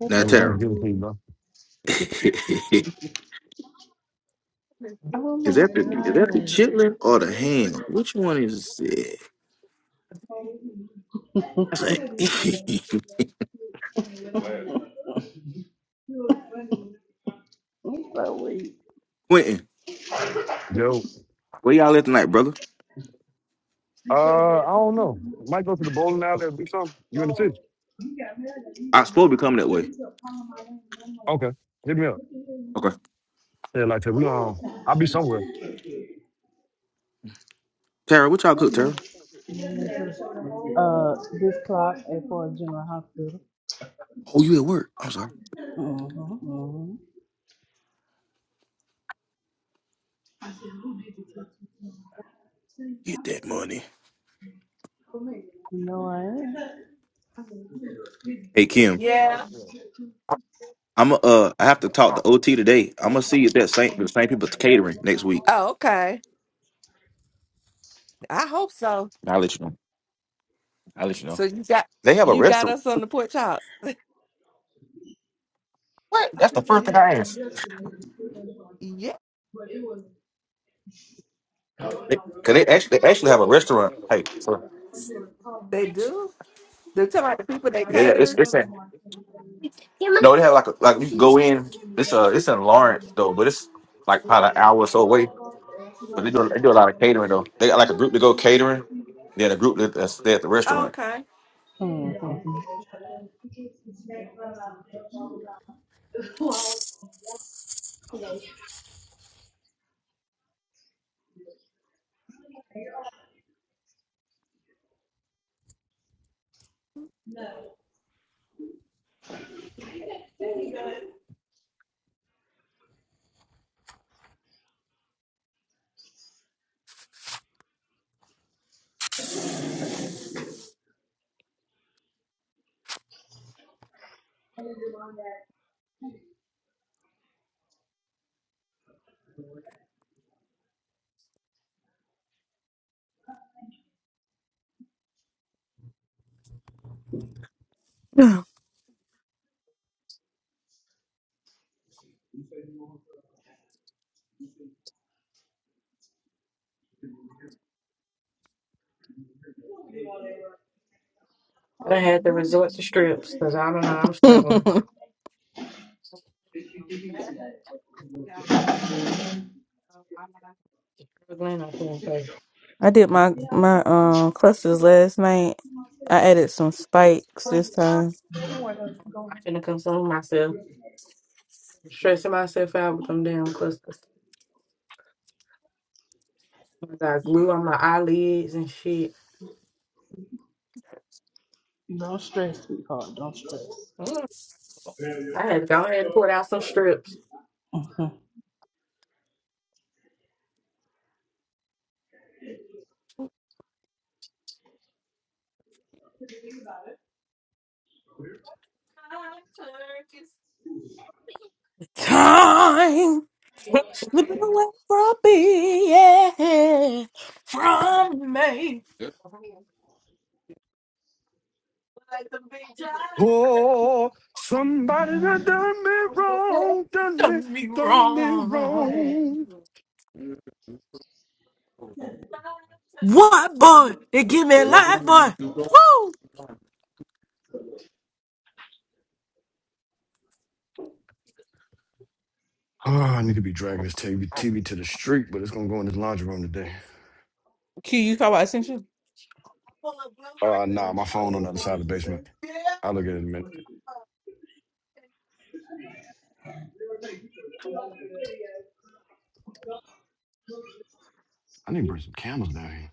Speaker 4: That's the
Speaker 2: Now, Tara,
Speaker 4: thing, baby.
Speaker 2: is
Speaker 4: Oh my
Speaker 2: that the is that the
Speaker 4: god.
Speaker 2: chitlin or the ham? Which one is it? That's like-
Speaker 4: I'm so weak.
Speaker 2: Quentin, where y'all at tonight, brother?
Speaker 14: Uh, I don't be so you know.
Speaker 2: I supposed to be coming that way. Okay,
Speaker 4: What?
Speaker 2: Tara, what y'all cook, Tara?
Speaker 4: Goodness. Uh, this clock is for a general hospital.
Speaker 2: Oh, you at work? I'm sorry.
Speaker 4: Mm-hmm, mm-hmm.
Speaker 2: Get that money.
Speaker 4: No, I am.
Speaker 2: Hey Kim,
Speaker 17: Yeah.
Speaker 2: I'm going to uh, I have to talk to OT today. I'm gonna see if that same the same people catering next week.
Speaker 17: Oh, okay. I hope so.
Speaker 2: I'll let you know. I'll let you
Speaker 17: So
Speaker 2: know.
Speaker 17: you got
Speaker 2: They have a
Speaker 17: you got
Speaker 2: restaurant.
Speaker 17: us on the porch house.
Speaker 2: What? That's the first thing I asked.
Speaker 17: Yeah,
Speaker 2: They, Cause they actually they actually have a restaurant. Hey, sir.
Speaker 17: they do. They're talking about the people they
Speaker 2: Yeah, it's
Speaker 17: cater.
Speaker 2: it's in. No, they have like a, like you can go in. It's uh it's in Lawrence though, but it's like probably an hour or so away. But they do they do a lot of catering though. They got like a group to go catering, then a group that that stay at the restaurant.
Speaker 17: Okay.
Speaker 4: Mhm.
Speaker 18: I did my my um clusters last night. I added some spikes this time.
Speaker 4: Don't stress, sweetheart. Don't stress. Mhm.
Speaker 18: Time. Slipping away from me, yeah. From me,
Speaker 14: Oh, somebody that done me wrong, done me,
Speaker 18: done me
Speaker 14: done me
Speaker 18: wrong.
Speaker 14: wrong.
Speaker 18: What boy? They give me a life, boy. Woo!
Speaker 14: Oh, I need to be dragging this TV, TV to the street, but it's gonna go in this laundry room today.
Speaker 18: Q, you saw what I sent you?
Speaker 14: Uh, nah, my phone on the other side of the basement. I'll look at it in a minute. I need to bring some candles down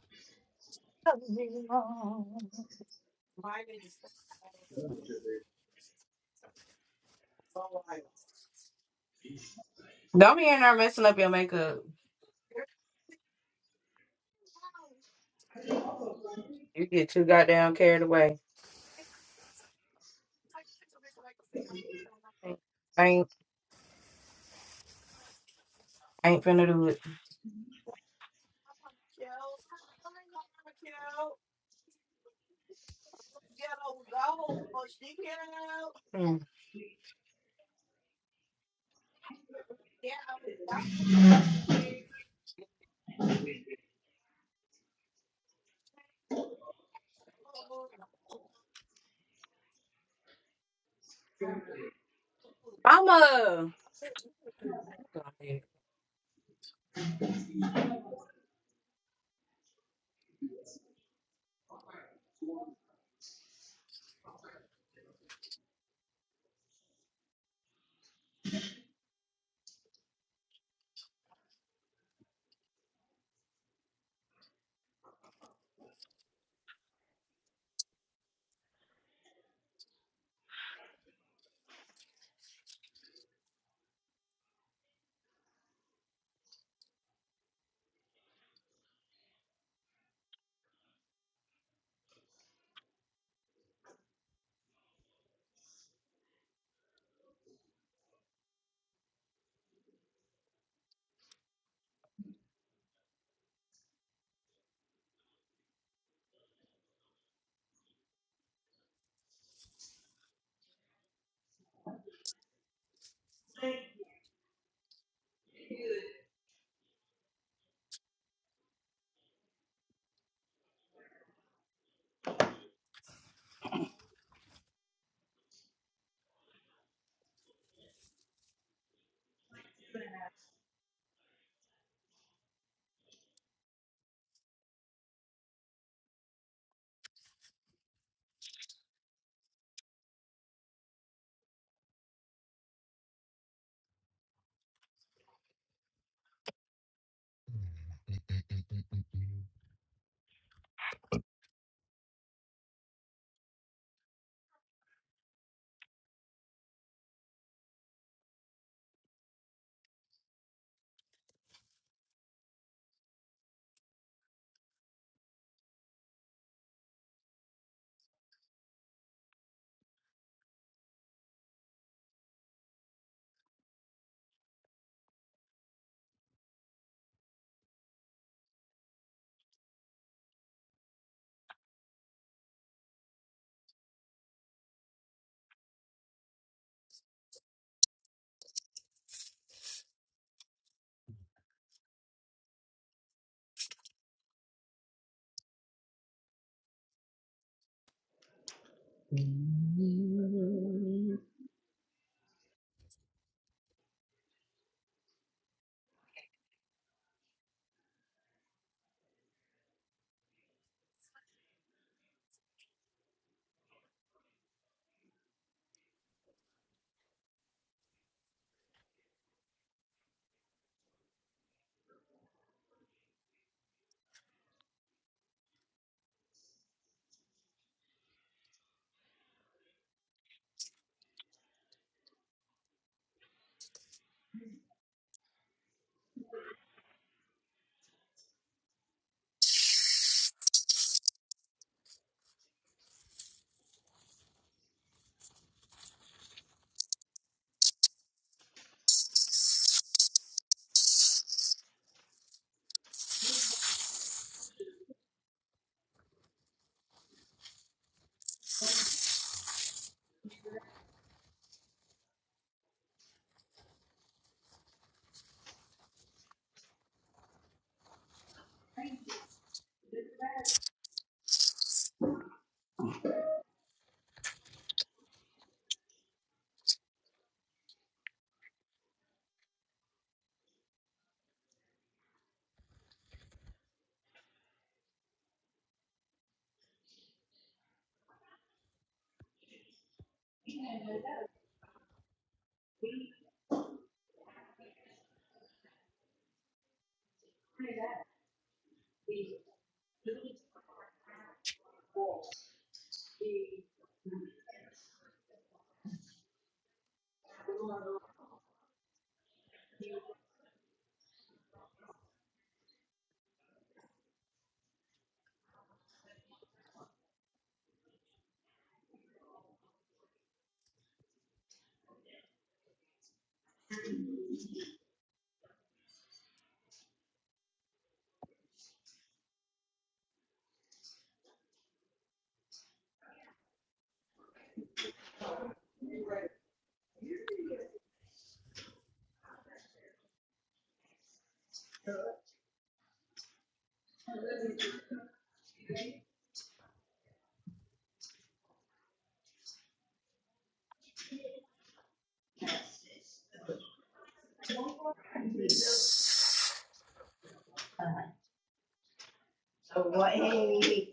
Speaker 4: What is it,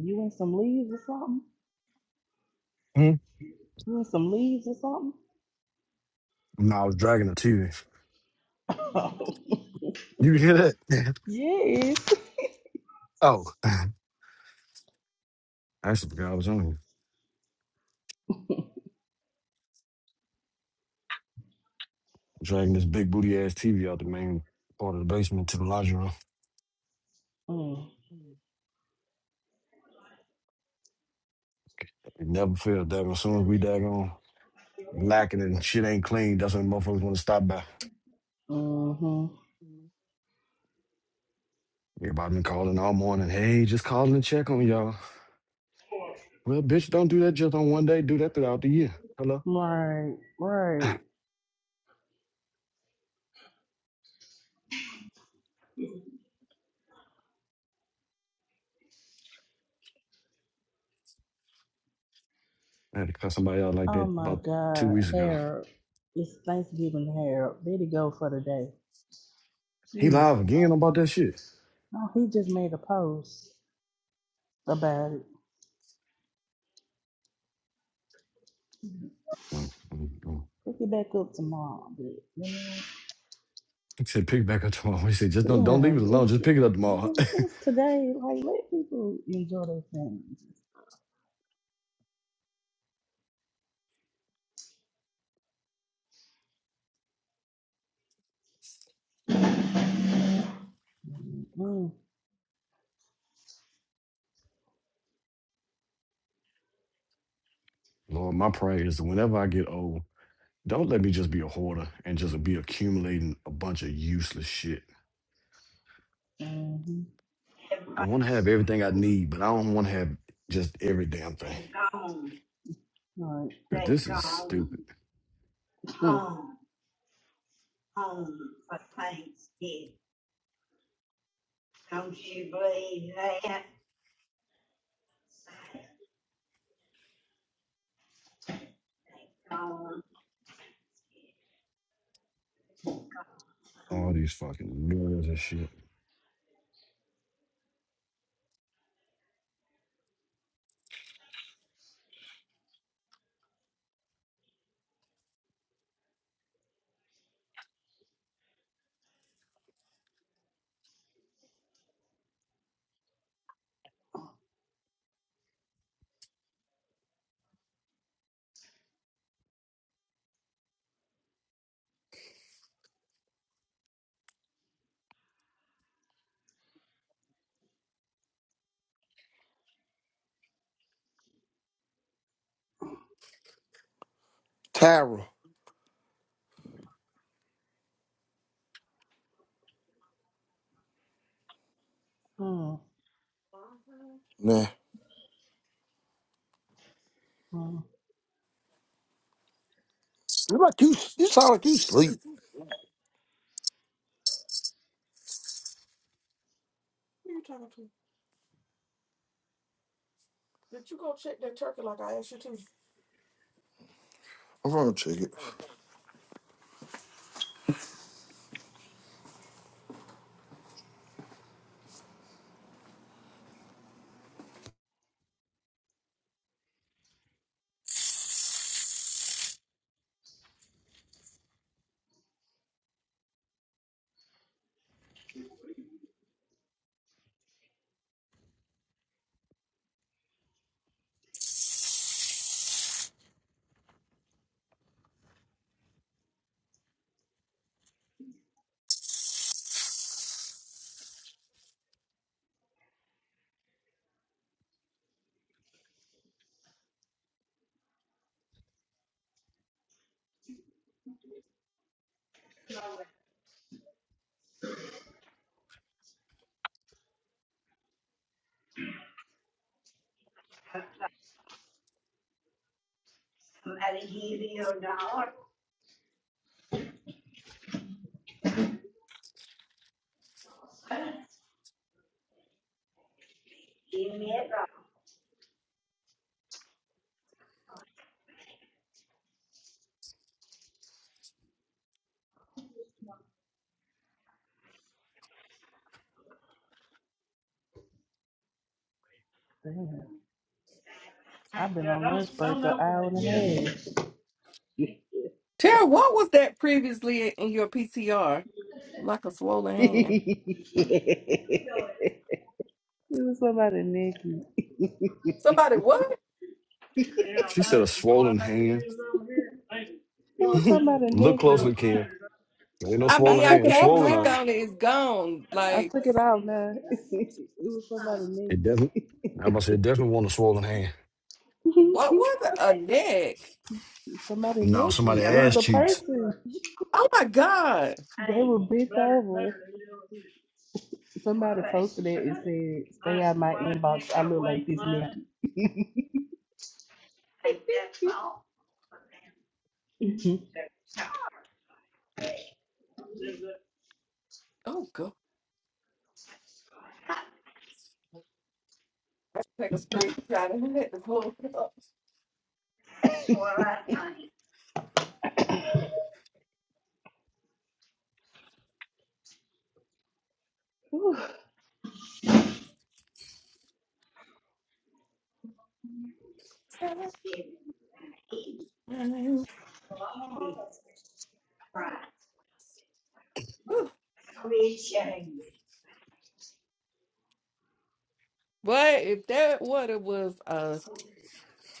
Speaker 4: You want some leaves or something?
Speaker 14: here.
Speaker 4: You want some leaves or
Speaker 14: Hmm? Nah, I was dragging the TV.
Speaker 4: something?
Speaker 14: You hear that?
Speaker 4: yes.
Speaker 14: oh, I actually forgot I was on here. Dragging this big booty ass TV out the main part of the basement to the laundry room. It never fails, Devin. As soon as we daggone lacking and shit ain't clean. That's when motherfuckers want to stop by.
Speaker 4: hmm
Speaker 14: Everybody been calling all morning. Hey, just calling to check on y'all. Well, bitch, don't do that just on one day. Do that throughout the year. Hello?
Speaker 4: Right, right.
Speaker 14: I had to cut somebody out like
Speaker 4: Oh
Speaker 14: that
Speaker 4: my
Speaker 14: about two
Speaker 4: God,
Speaker 14: weeks ago.
Speaker 4: Harold. It's Thanksgiving, Harold. Let it go for the day.
Speaker 14: He live
Speaker 4: Jesus.
Speaker 14: again about that shit.
Speaker 4: No, he just made a post about it.
Speaker 14: Mm-mm.
Speaker 4: Pick it back up tomorrow. But, you
Speaker 14: He said, pick it back up tomorrow. He said, just don't, don't
Speaker 4: yeah,
Speaker 14: leave it alone.
Speaker 4: just
Speaker 14: Just pick it up tomorrow.
Speaker 4: just today. Like, let people enjoy their family. Mm,
Speaker 14: Lord, my prayer is that whenever I get old, don't let me just be a hoarder and just be accumulating a bunch of useless shit.
Speaker 4: mm-hmm.
Speaker 14: I want to have everything I need, but I don't want to have just every damn thing.
Speaker 4: Right.
Speaker 14: But this is stupid.
Speaker 4: Mm,
Speaker 14: All these fucking mirrors and shit.
Speaker 16: Tara,
Speaker 4: mm,
Speaker 16: nah. You like you you sound like you sleep. I'm gonna check it.
Speaker 4: mm. Damn. I've been on lunch break an hour and a half.
Speaker 17: Tara, what was that previously in your PTR? Like a swollen hand.
Speaker 4: it was somebody Nikki.
Speaker 17: Somebody, what?
Speaker 14: She said a swollen hand.
Speaker 4: It was somebody
Speaker 14: Look
Speaker 4: Nikki.
Speaker 14: closely, Kim. There ain't no
Speaker 17: I
Speaker 4: I
Speaker 14: swollen
Speaker 17: mean, I
Speaker 4: took
Speaker 14: hand.
Speaker 4: it
Speaker 14: It's
Speaker 4: out
Speaker 17: can't
Speaker 14: swollen
Speaker 17: click
Speaker 14: eye.
Speaker 4: now.
Speaker 17: on it. It's gone.
Speaker 4: I
Speaker 17: Like,
Speaker 4: took it out now. it was somebody
Speaker 14: It doesn't. I'm about to say it definitely want a swollen hand.
Speaker 17: what
Speaker 4: Nikki.
Speaker 17: was it? A neck.
Speaker 4: somebody
Speaker 14: No,
Speaker 4: Nikki.
Speaker 14: somebody
Speaker 4: It was
Speaker 14: ass
Speaker 4: a
Speaker 14: cheeks.
Speaker 4: person.
Speaker 17: Oh my God.
Speaker 4: They were bent over. Somebody posted it and said, "Stay out my inbox. I look like this Nikki."
Speaker 17: Oh, God. Take a screenshot and hit the floor. Man,
Speaker 4: Ooh. Right.
Speaker 17: Whew.
Speaker 4: i sharing.
Speaker 17: Boy, if that water was a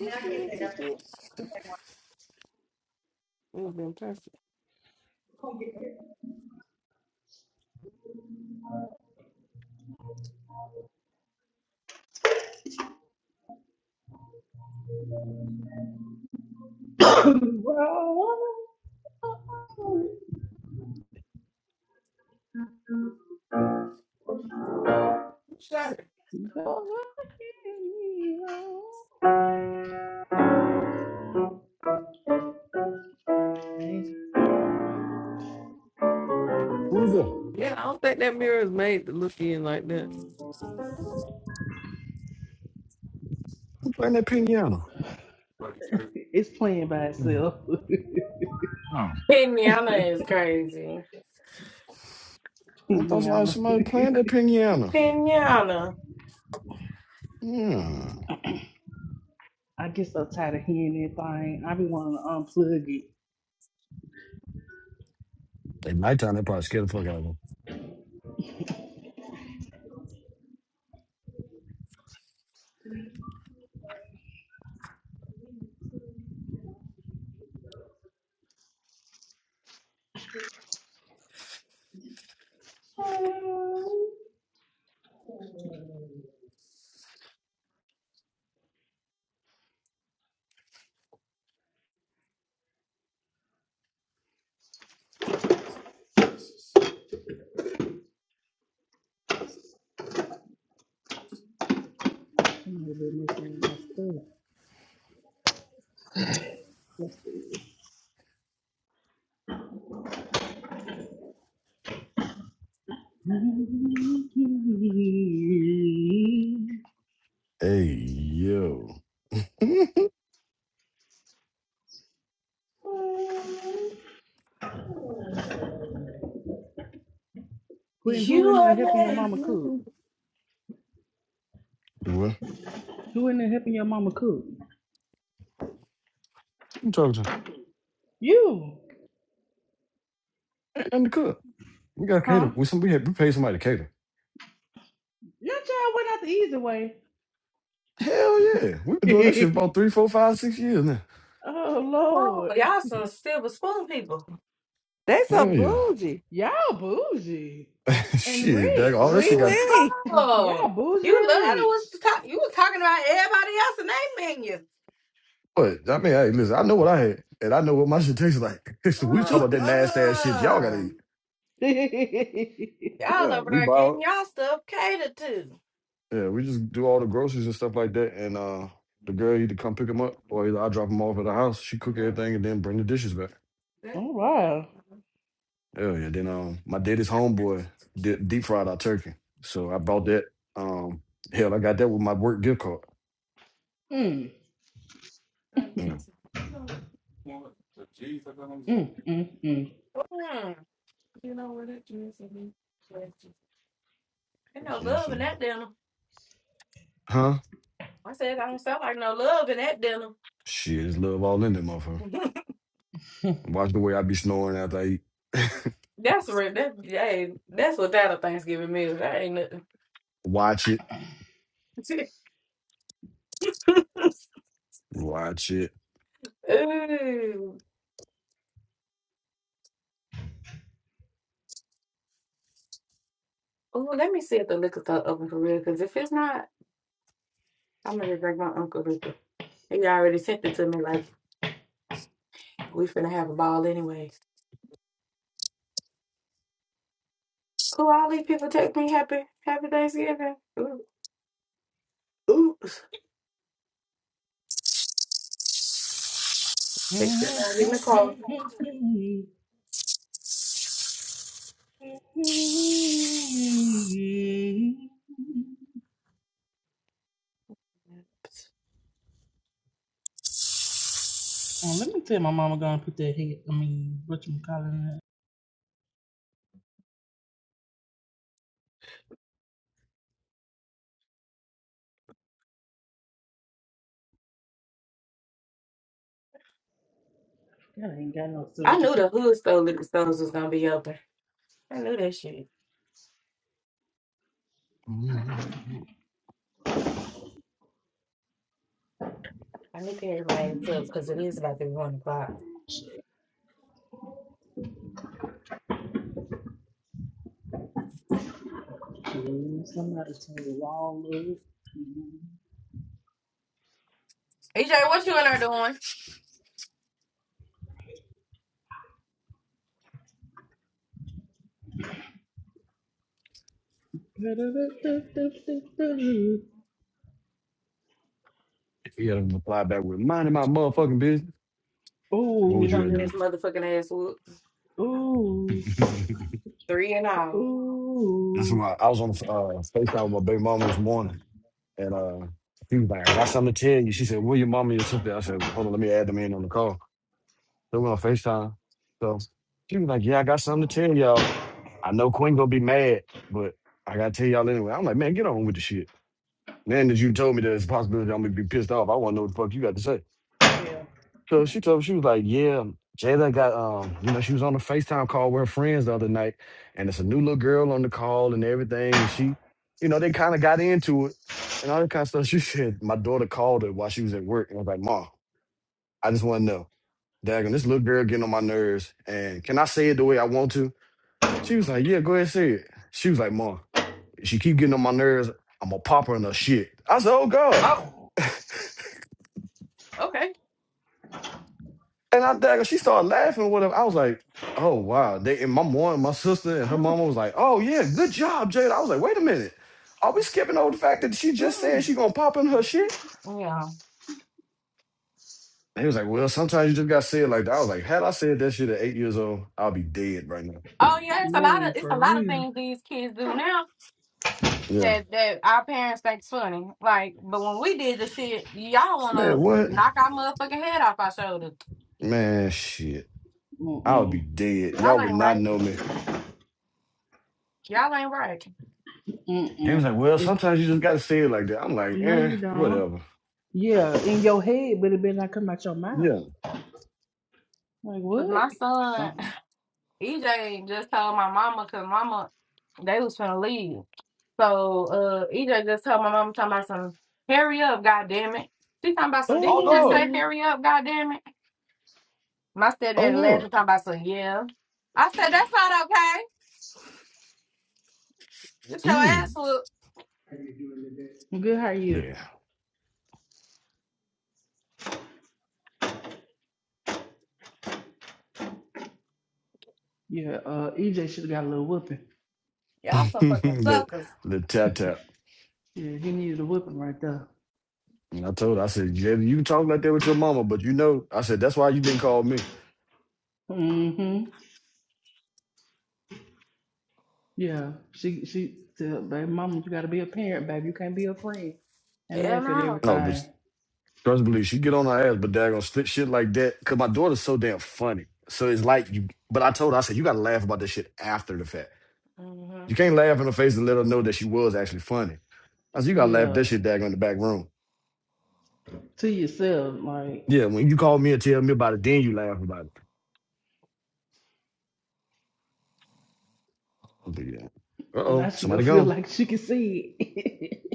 Speaker 4: Now get that
Speaker 17: witsy
Speaker 4: up.
Speaker 17: bit, it would have been perfect. Sure.
Speaker 14: Who's that?
Speaker 17: Yeah, I don't think that mirror is made to look in like that.
Speaker 14: Who playing that piano?
Speaker 4: It's playing by
Speaker 17: Mhm.
Speaker 4: itself,
Speaker 14: Oh, I thought somebody,
Speaker 4: piano.
Speaker 14: somebody playing that piano. Yeah,
Speaker 4: I get so tired of hearing that thing. I be wanting to unplug it.
Speaker 14: At nighttime, they probably scared the fuck out of them.
Speaker 4: You know, been messing with my stuff. That's the-
Speaker 14: Hey, yo.
Speaker 4: Quinn, who in there helping your mama cook?
Speaker 14: Do what?
Speaker 4: Who in there helping your mama cook?
Speaker 14: You talking to?
Speaker 4: You.
Speaker 14: Ain't nothing to cook. We got to
Speaker 4: Huh?
Speaker 14: cater. We, some, we, had, we paid somebody to cater.
Speaker 4: Your child went out the easy way.
Speaker 14: Hell yeah. We've been doing that shit for about three, four, five, six years now.
Speaker 4: Oh Lord.
Speaker 17: They so
Speaker 14: Hell yeah.
Speaker 17: bougie.
Speaker 4: Y'all bougie and
Speaker 14: shit, that all
Speaker 4: rich.
Speaker 14: that
Speaker 17: Wee
Speaker 14: shit got
Speaker 17: wee.
Speaker 4: Y'all bougie and rich.
Speaker 14: but I mean, hey, listen, I know what I had and I know what my shit tastes like. so we talking about that nasty ass shit y'all gotta eat. Yeah, we buy out. Yeah, we just do all the groceries and stuff like that. And uh the girl either come pick them up or either I drop them off at the house. She cook everything
Speaker 17: That-
Speaker 14: and then bring the dishes back.
Speaker 17: that-
Speaker 4: All right.
Speaker 14: Hell yeah. Then um my daddy's homeboy did deep fried our turkey. So I bought that. Um hell I got that with my work gift card.
Speaker 4: Mm,
Speaker 14: Yeah.
Speaker 4: mm, mm,
Speaker 17: You know where that dress is?
Speaker 14: Yeah, so huh? Shit, it's love all in that motherfucker. Watch the way I be snoring after I eat. Watch it. Watch it.
Speaker 4: mm. Well, let me tell my mama gonna put that head. I mean, what you calling that? God I ain't got no service. Somebody turn the wall up. Oh oh ooh.
Speaker 14: And she like, I got something to tell you. She said, what you said, well, call the next time. So he's like, yeah, I got something to tell y'all. know Queen go. I got to go off. I was- like, yeah, they got um, you know, she was and it's all and everything, and she, you know, they kind of got into it and all that kind of stuff. She said my daughter called her while she was at work, and I was like, Mom, I just want to know, Dagon, this little girl getting on my nerves, and can I say it the way I want to? She was like, yeah, go ahead and say it. She was like, Mom, she keep getting on my nerves. I'm gonna pop her in her shit. I said, oh God. And I dagger, she started laughing or whatever. I was like, oh wow. They and my mom, my sister, and her
Speaker 4: Oh,
Speaker 14: mama was like, oh yeah, good job, Jada. I was like, wait a minute. Are we skipping over the fact that she just
Speaker 4: oh.
Speaker 14: said she gonna pop in her shit? And he was like, well, sometimes you just gotta say it like that. I was like, had I said that shit at eight years old, I'll be dead right now.
Speaker 4: Man, for real.
Speaker 14: Yeah. Man, what? Man, shit. I would
Speaker 4: Mm-mm,
Speaker 14: be dead. Y'all would not know me. They was
Speaker 4: mm-mm.
Speaker 14: like, well,
Speaker 4: Eh,
Speaker 14: sometimes you just gotta say it like that. I'm like,
Speaker 4: no,
Speaker 14: eh,
Speaker 4: you don't.
Speaker 14: whatever.
Speaker 4: Yeah, in your head, but it better not come out your mouth.
Speaker 14: Yeah.
Speaker 4: Like, what? Something.
Speaker 14: Oh Lord.
Speaker 4: Ooh.
Speaker 14: Oh Lord. Mm.
Speaker 4: I'm good, how are you?
Speaker 14: Yeah.
Speaker 4: Yeah, uh, EJ should have got a little whooping.
Speaker 14: let let tap tap.
Speaker 4: Yeah, he needed a whooping right there.
Speaker 14: And I told her, I said, yeah, you can talk like that with your mama, but you know, I said, that's why you didn't call me.
Speaker 4: Mm Yeah, she she said, "Baby, mama, you gotta be a parent, baby. You can't be a friend and laugh at
Speaker 14: No, but
Speaker 4: everything.
Speaker 14: trust me, believe she get on her ass, but they're gonna slip shit like that. Cause my daughter's so damn funny. So it's like you but I told her, I said, you gotta laugh about this shit after the fact. You can't laugh in her face and let her know that she was actually funny. I said, you gotta laugh
Speaker 4: Yeah,
Speaker 14: that shit daggone in the back room.
Speaker 4: to yourself. Like
Speaker 14: Yeah, when you call me and tell me about it, then you laugh about it. But yeah. Uh
Speaker 4: now,
Speaker 14: oh,
Speaker 4: she gonna
Speaker 14: somebody
Speaker 4: feel
Speaker 14: gone.
Speaker 4: like she can see it.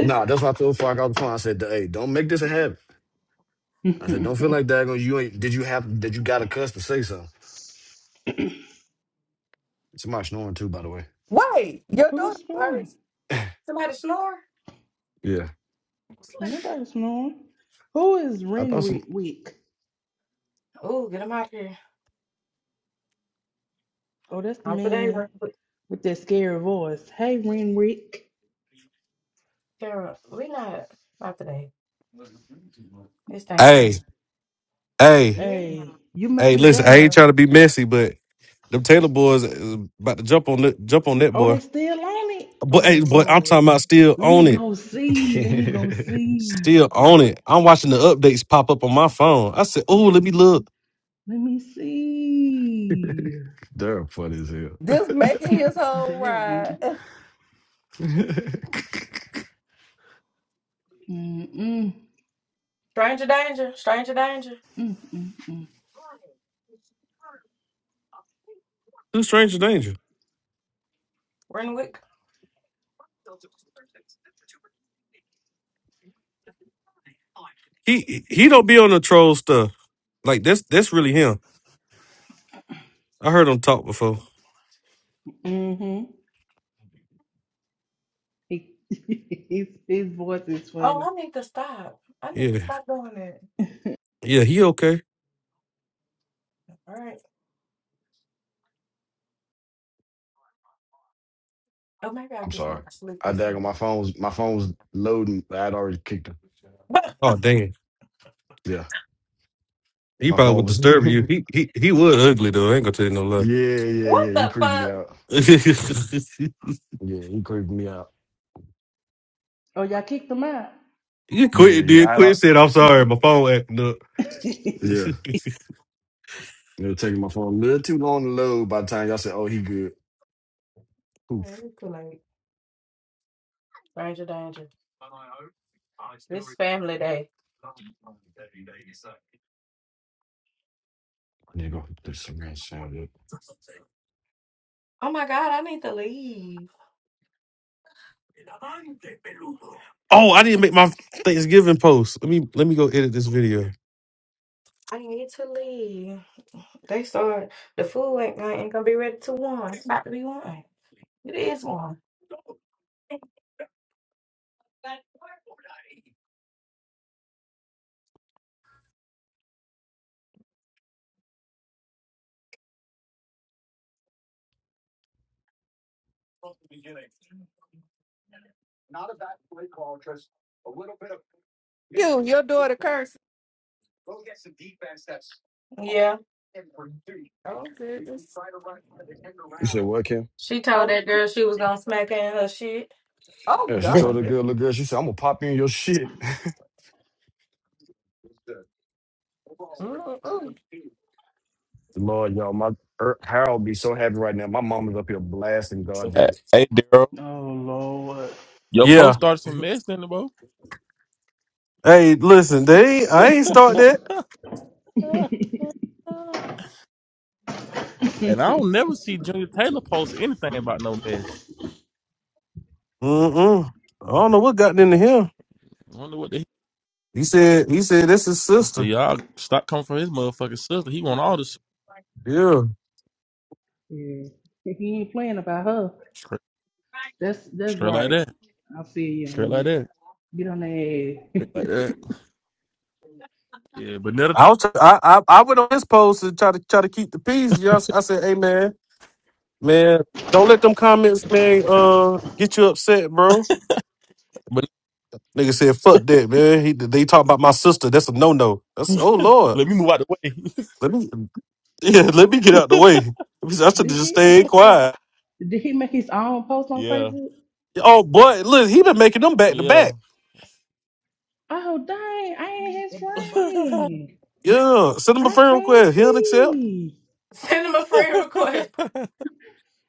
Speaker 14: Nah, that's why I told Fark out the phone. I said, hey, don't make this a habit. I said, don't feel like that. You ain't did you have did you got a cuss to say something? Somebody snoring too, by the way.
Speaker 17: Wait, your
Speaker 4: Who's
Speaker 17: daughter's
Speaker 4: snoring?
Speaker 17: purse?
Speaker 14: Yeah.
Speaker 4: Nobody's snoring. Who is
Speaker 14: I thought some
Speaker 4: Renrick Wick? Oh, that's the man with that scary voice. Hey, Renrick.
Speaker 1: Hey, hey.
Speaker 17: Yeah.
Speaker 4: Hey, you
Speaker 1: Hey,
Speaker 4: made it
Speaker 1: listen, I ain't
Speaker 4: there.
Speaker 1: trying to be messy, but them Taylor boys is about to jump on that jump on that
Speaker 4: Oh,
Speaker 1: boy.
Speaker 4: they still on it. Oh
Speaker 1: But hey, boy, I'm
Speaker 4: Lord,
Speaker 1: talking about still
Speaker 4: let me
Speaker 1: on it.
Speaker 4: go see. Let me go see.
Speaker 1: Still on it. I'm watching the updates pop up on my phone. I said, oh, let me look.
Speaker 4: Let me see.
Speaker 14: they're funny as hell.
Speaker 17: This making his whole
Speaker 4: there.
Speaker 17: ride.
Speaker 4: Mm, mm, mm, mm, mm.
Speaker 1: Who's Stranger Danger? He he don't be on the troll stuff. Like that's that's really him. I heard him talk before.
Speaker 4: Mm-hmm. his, his voice is funny.
Speaker 1: Yeah. Yeah, he okay.
Speaker 14: I'm sorry. I daggone my phone was my phone was loading. I had already kicked him.
Speaker 1: Oh dang.
Speaker 14: Yeah.
Speaker 1: He
Speaker 14: My
Speaker 1: probably
Speaker 14: phone
Speaker 1: would
Speaker 14: was
Speaker 1: disturb
Speaker 14: Yeah,
Speaker 1: you. He he he was ugly though. I ain't gonna tell you no lie.
Speaker 14: yeah, yeah. He creeped me out. Yeah, he creeped me out.
Speaker 4: Oh, y'all kicked him out.
Speaker 1: you
Speaker 14: Yeah,
Speaker 1: quit,
Speaker 14: yeah.
Speaker 1: dude.
Speaker 14: I
Speaker 1: Quit
Speaker 14: don't
Speaker 1: said, I'm sorry, my phone acting up.
Speaker 14: yeah. It'll take my phone a little too long to load by the time y'all say, oh, he good. Poof. I need to go do some real sound. up.
Speaker 1: Oh, I didn't make my Thanksgiving post. Let me let me go edit this video.
Speaker 17: You, your daughter cursing. Oh, goodness.
Speaker 14: You said, what, Kim?
Speaker 17: Oh, oh
Speaker 14: Yeah, she told the
Speaker 17: God.
Speaker 14: girl, little girl, she said, I'm going to pop in your shit.
Speaker 17: Mm-mm.
Speaker 14: Lord, y'all, my er, Harold be so happy right now. My mama's up here blasting God
Speaker 19: hey,
Speaker 14: did it.
Speaker 19: hey Daryl,
Speaker 4: oh, Lord.
Speaker 19: your post
Speaker 1: Yeah.
Speaker 19: started some mess, then, bro.
Speaker 1: Hey, listen, they ain't- I ain't start that.
Speaker 19: and I don't never see Junior Taylor post anything about no mess.
Speaker 1: Mm-mm. I don't know what got into him.
Speaker 19: I wonder what the he
Speaker 1: He said he said that's his
Speaker 19: see.
Speaker 1: sister.
Speaker 19: Y'all stop coming from his motherfucking sister. He want all this
Speaker 1: Yeah.
Speaker 4: Yeah. He ain't playing about her.
Speaker 19: straight,
Speaker 4: That's that's
Speaker 19: straight like
Speaker 4: right.
Speaker 19: that,
Speaker 4: I feel you
Speaker 19: straight
Speaker 4: on
Speaker 19: like
Speaker 4: that.
Speaker 19: that,
Speaker 4: Get on that.
Speaker 19: straight like that. Yeah, but never.
Speaker 1: I was I I, I went on his post to try to try to keep the peace. Y'all, s- I said, hey man, man, don't let them comments, man, uh, get you upset, bro.
Speaker 19: But
Speaker 1: Nigga said, fuck that, man. He, they talk about my sister. That's a no no. That's oh lord.
Speaker 19: let me move out the way.
Speaker 1: Let me yeah, let me get out the way. I should have
Speaker 4: did
Speaker 1: just
Speaker 4: he uh,
Speaker 1: stayed quiet.
Speaker 4: did he make his own post on
Speaker 19: yeah,
Speaker 4: Facebook?
Speaker 1: Oh boy, look, he been making them back to
Speaker 19: yeah.
Speaker 1: back.
Speaker 4: Oh dang, I ain't his friend.
Speaker 1: Yeah, send him a
Speaker 4: I
Speaker 1: friend
Speaker 4: can't
Speaker 1: request. He'll accept.
Speaker 4: see.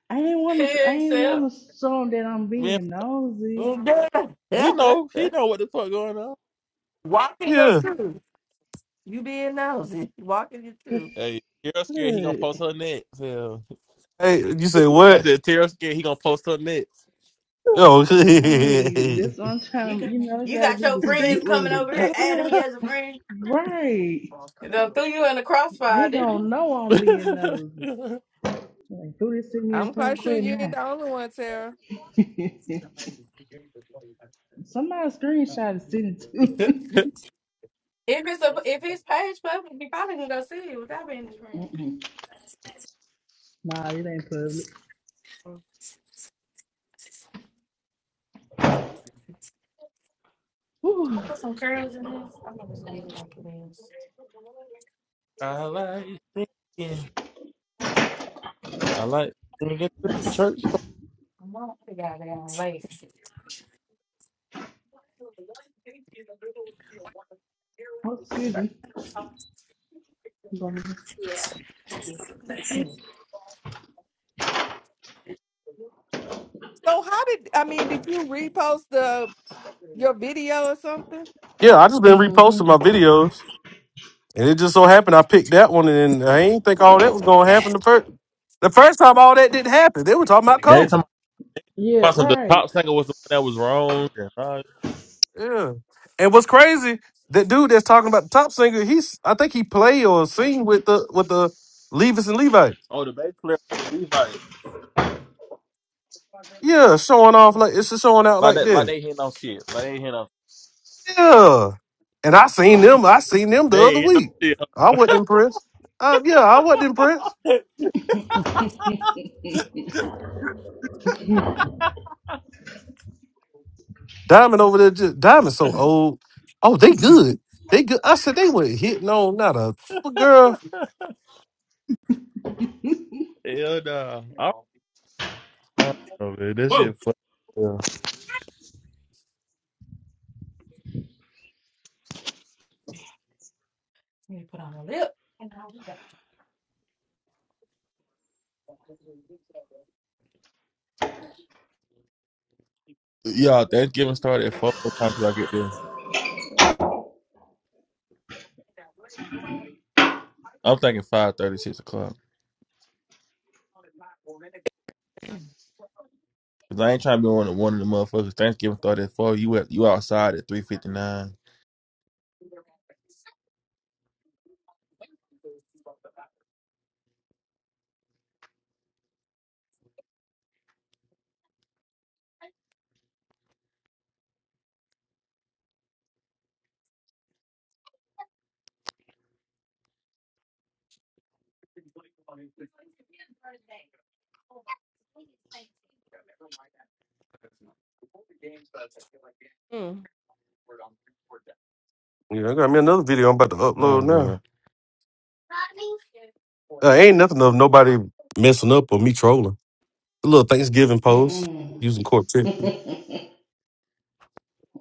Speaker 4: I ain't want to. I ain't want to show 'em that I'm
Speaker 19: Man,
Speaker 4: being nosy.
Speaker 17: Yeah.
Speaker 19: He know, he know what the fuck going on.
Speaker 17: Walk in your
Speaker 1: Yeah.
Speaker 17: truth. You being nosy. Walk in your truth.
Speaker 19: Hey, Tara scared he gonna
Speaker 4: Look,
Speaker 19: post her next. Yeah.
Speaker 1: Hey, you say
Speaker 19: I
Speaker 1: what?
Speaker 19: said Tara scared he gonna post her next.
Speaker 1: Oh,
Speaker 4: hey, that's what I'm trying to. You know, you got to be discreet with it, right? They gonna know I'm being nosy. Like, who this send me a
Speaker 17: I'm quite
Speaker 4: friend
Speaker 17: sure
Speaker 4: quit
Speaker 17: you ain't
Speaker 4: now?
Speaker 17: the only one, Tara.
Speaker 4: Somebody screenshot and send it to me. Mm-mm. Nah, it ain't public. Whew.
Speaker 19: I like it. I like when we get to the church.
Speaker 4: Oh, excuse me.
Speaker 17: So how did I mean? Did you repost the your video or something?
Speaker 1: yeah. I just been
Speaker 4: Mm-hmm.
Speaker 1: reposting my videos, and it just so happened I picked that one, and I ain't think all that was gonna happen the first. The first time all that didn't happen, they were talking about
Speaker 19: Every time
Speaker 1: COVID.
Speaker 19: I
Speaker 4: Yeah,
Speaker 19: about some, the
Speaker 4: right.
Speaker 19: top singer was the one that was wrong. and all-
Speaker 1: Yeah. And what's crazy, that dude that's talking about the top singer, he's I think he played or sing with the with the Levis and Levi.
Speaker 19: oh, the bass player for the Levites.
Speaker 1: Yeah, showing off like it's just showing out
Speaker 19: Like
Speaker 1: like
Speaker 19: that, like
Speaker 1: that.
Speaker 19: they hitting on shit. Like they ain't hitting on. No,
Speaker 1: Yeah. And I seen them, I seen them
Speaker 19: they
Speaker 1: the other
Speaker 19: ain't
Speaker 1: week.
Speaker 19: hitting on
Speaker 1: I wasn't impressed. Uh, yeah, I wasn't impressed.
Speaker 19: shit.
Speaker 1: Diamond over there just Diamond's so old. Oh, they good. They good. I said they went hitting on not a but girl.
Speaker 19: Hell nah. I'm, I do not know, man. That shit. Fun. Yeah, Thanksgiving started at four. What time should I get there? I'm thinking five thirty, six o'clock. Cause I ain't trying to be one of one of the motherfuckers. Thanksgiving started at four. You at you outside at three fifty nine.
Speaker 17: Mm.
Speaker 1: Yeah, I got me another video I'm about to
Speaker 19: Oh
Speaker 1: upload now.
Speaker 19: lord.
Speaker 1: Uh, ain't nothing of nobody messing up or me trolling. A little Thanksgiving post
Speaker 4: Mm-mm.
Speaker 1: using Quartet.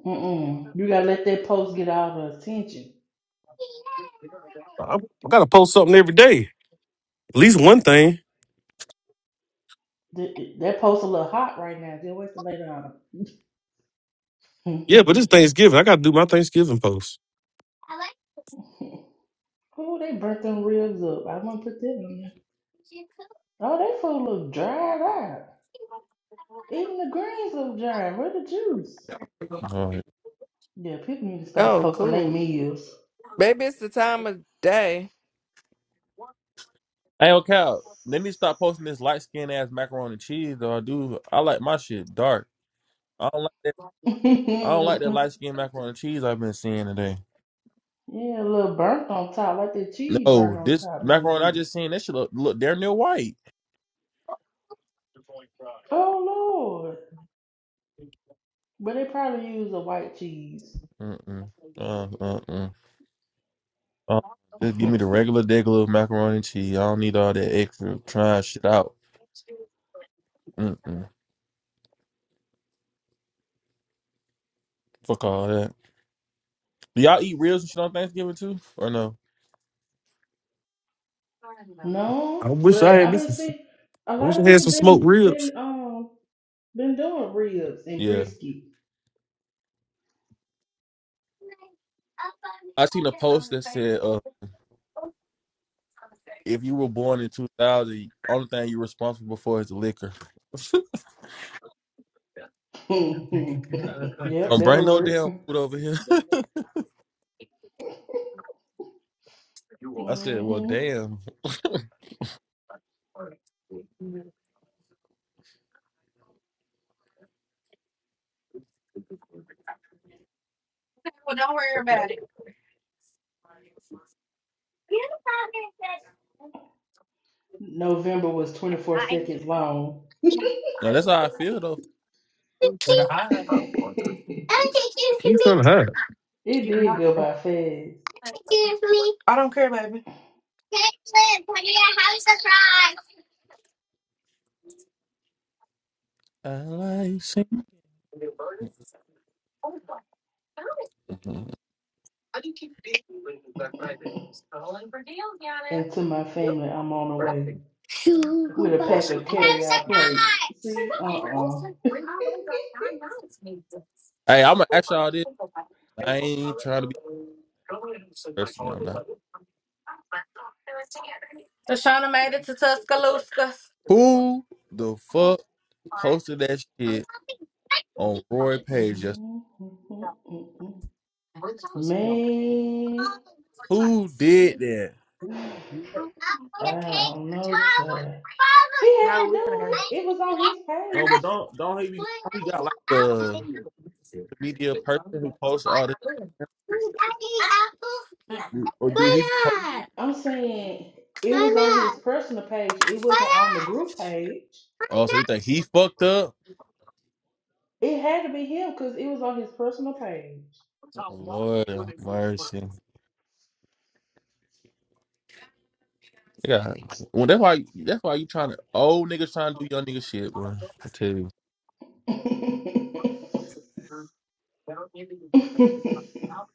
Speaker 4: Mm-mm. You gotta let that post get all the attention.
Speaker 1: I, I gotta post something every day. At least one thing.
Speaker 4: Th- That post a little hot right now. Just wait the later
Speaker 1: Yeah,
Speaker 4: on.
Speaker 1: but it's Thanksgiving. I gotta do my Thanksgiving post.
Speaker 4: oh, they burnt them ribs up. I wouldn't put that on there. Oh, they food look dried out. Even the greens look dried. Where the juice?
Speaker 19: Lord.
Speaker 4: Yeah, people need to start
Speaker 17: Oh,
Speaker 4: posting their
Speaker 17: cool.
Speaker 4: meals.
Speaker 17: Maybe it's the time of day.
Speaker 19: Hey, okay. Let me stop posting this light skin ass macaroni and cheese. Though I do, I like my shit dark. I don't like that.
Speaker 4: yeah,
Speaker 19: I don't like that
Speaker 4: a
Speaker 19: light skin macaroni and cheese I've been seeing today.
Speaker 4: little burnt on top, like that cheese burnt
Speaker 19: No,
Speaker 4: on
Speaker 19: this
Speaker 4: top a little
Speaker 19: macaroni I
Speaker 4: bit.
Speaker 19: just seen that shit look, look damn near white.
Speaker 4: Oh Lord. But they probably use a white cheese.
Speaker 19: Mm mm. Uh, uh, uh. Um, just give me the regular degular macaroni and cheese. I don't need all that extra trying shit out. Mm-mm. Fuck all that. Do y'all eat ribs and shit on Thanksgiving too, or no?
Speaker 4: No,
Speaker 1: I wish I
Speaker 4: but
Speaker 1: had
Speaker 4: I've
Speaker 1: me
Speaker 4: been
Speaker 1: some.
Speaker 4: see a
Speaker 1: I
Speaker 4: lot
Speaker 1: wish
Speaker 4: of
Speaker 1: I had
Speaker 4: people
Speaker 1: some smoked
Speaker 4: been
Speaker 1: ribs.
Speaker 4: been um been doing ribs and
Speaker 19: Yeah,
Speaker 4: brisket.
Speaker 19: I seen a post that said, uh, "If you were born in 2000, only thing you're responsible for is the liquor."
Speaker 4: yep,
Speaker 19: Don't
Speaker 4: that'll
Speaker 19: bring no
Speaker 4: work.
Speaker 19: damn food over here. I said, "Well,
Speaker 4: hmm
Speaker 19: damn."
Speaker 1: What
Speaker 4: November was 24 seconds long.
Speaker 19: Now, that's how I feel though.
Speaker 4: it
Speaker 1: are you trying to
Speaker 4: did go by fast.
Speaker 19: I like sing- Mhm.
Speaker 4: And to my family, I'm on the way with a pack of carry-out plates. See, uh-uh.
Speaker 19: Hey, I'm gonna ask y'all this. I ain't trying to be thirsty. I'm not. Who the fuck posted that shit? on Roy Page just Who
Speaker 1: hide?
Speaker 19: did that?
Speaker 4: Man. I don't know, child. He had to do it. It was on his
Speaker 19: No,
Speaker 4: page.
Speaker 19: but don't don't he be don't he got like The, media person who posts all this, or do he? Be po-
Speaker 4: I'm saying it was on his personal page. It wasn't on the group page.
Speaker 19: oh, so you think he fucked up?
Speaker 4: It had to be him because it was on his personal page.
Speaker 19: Oh, Lord have mercy. Yeah, well that's why that's why you trying to old niggas trying to do young nigga shit, bro. I tell you,
Speaker 4: it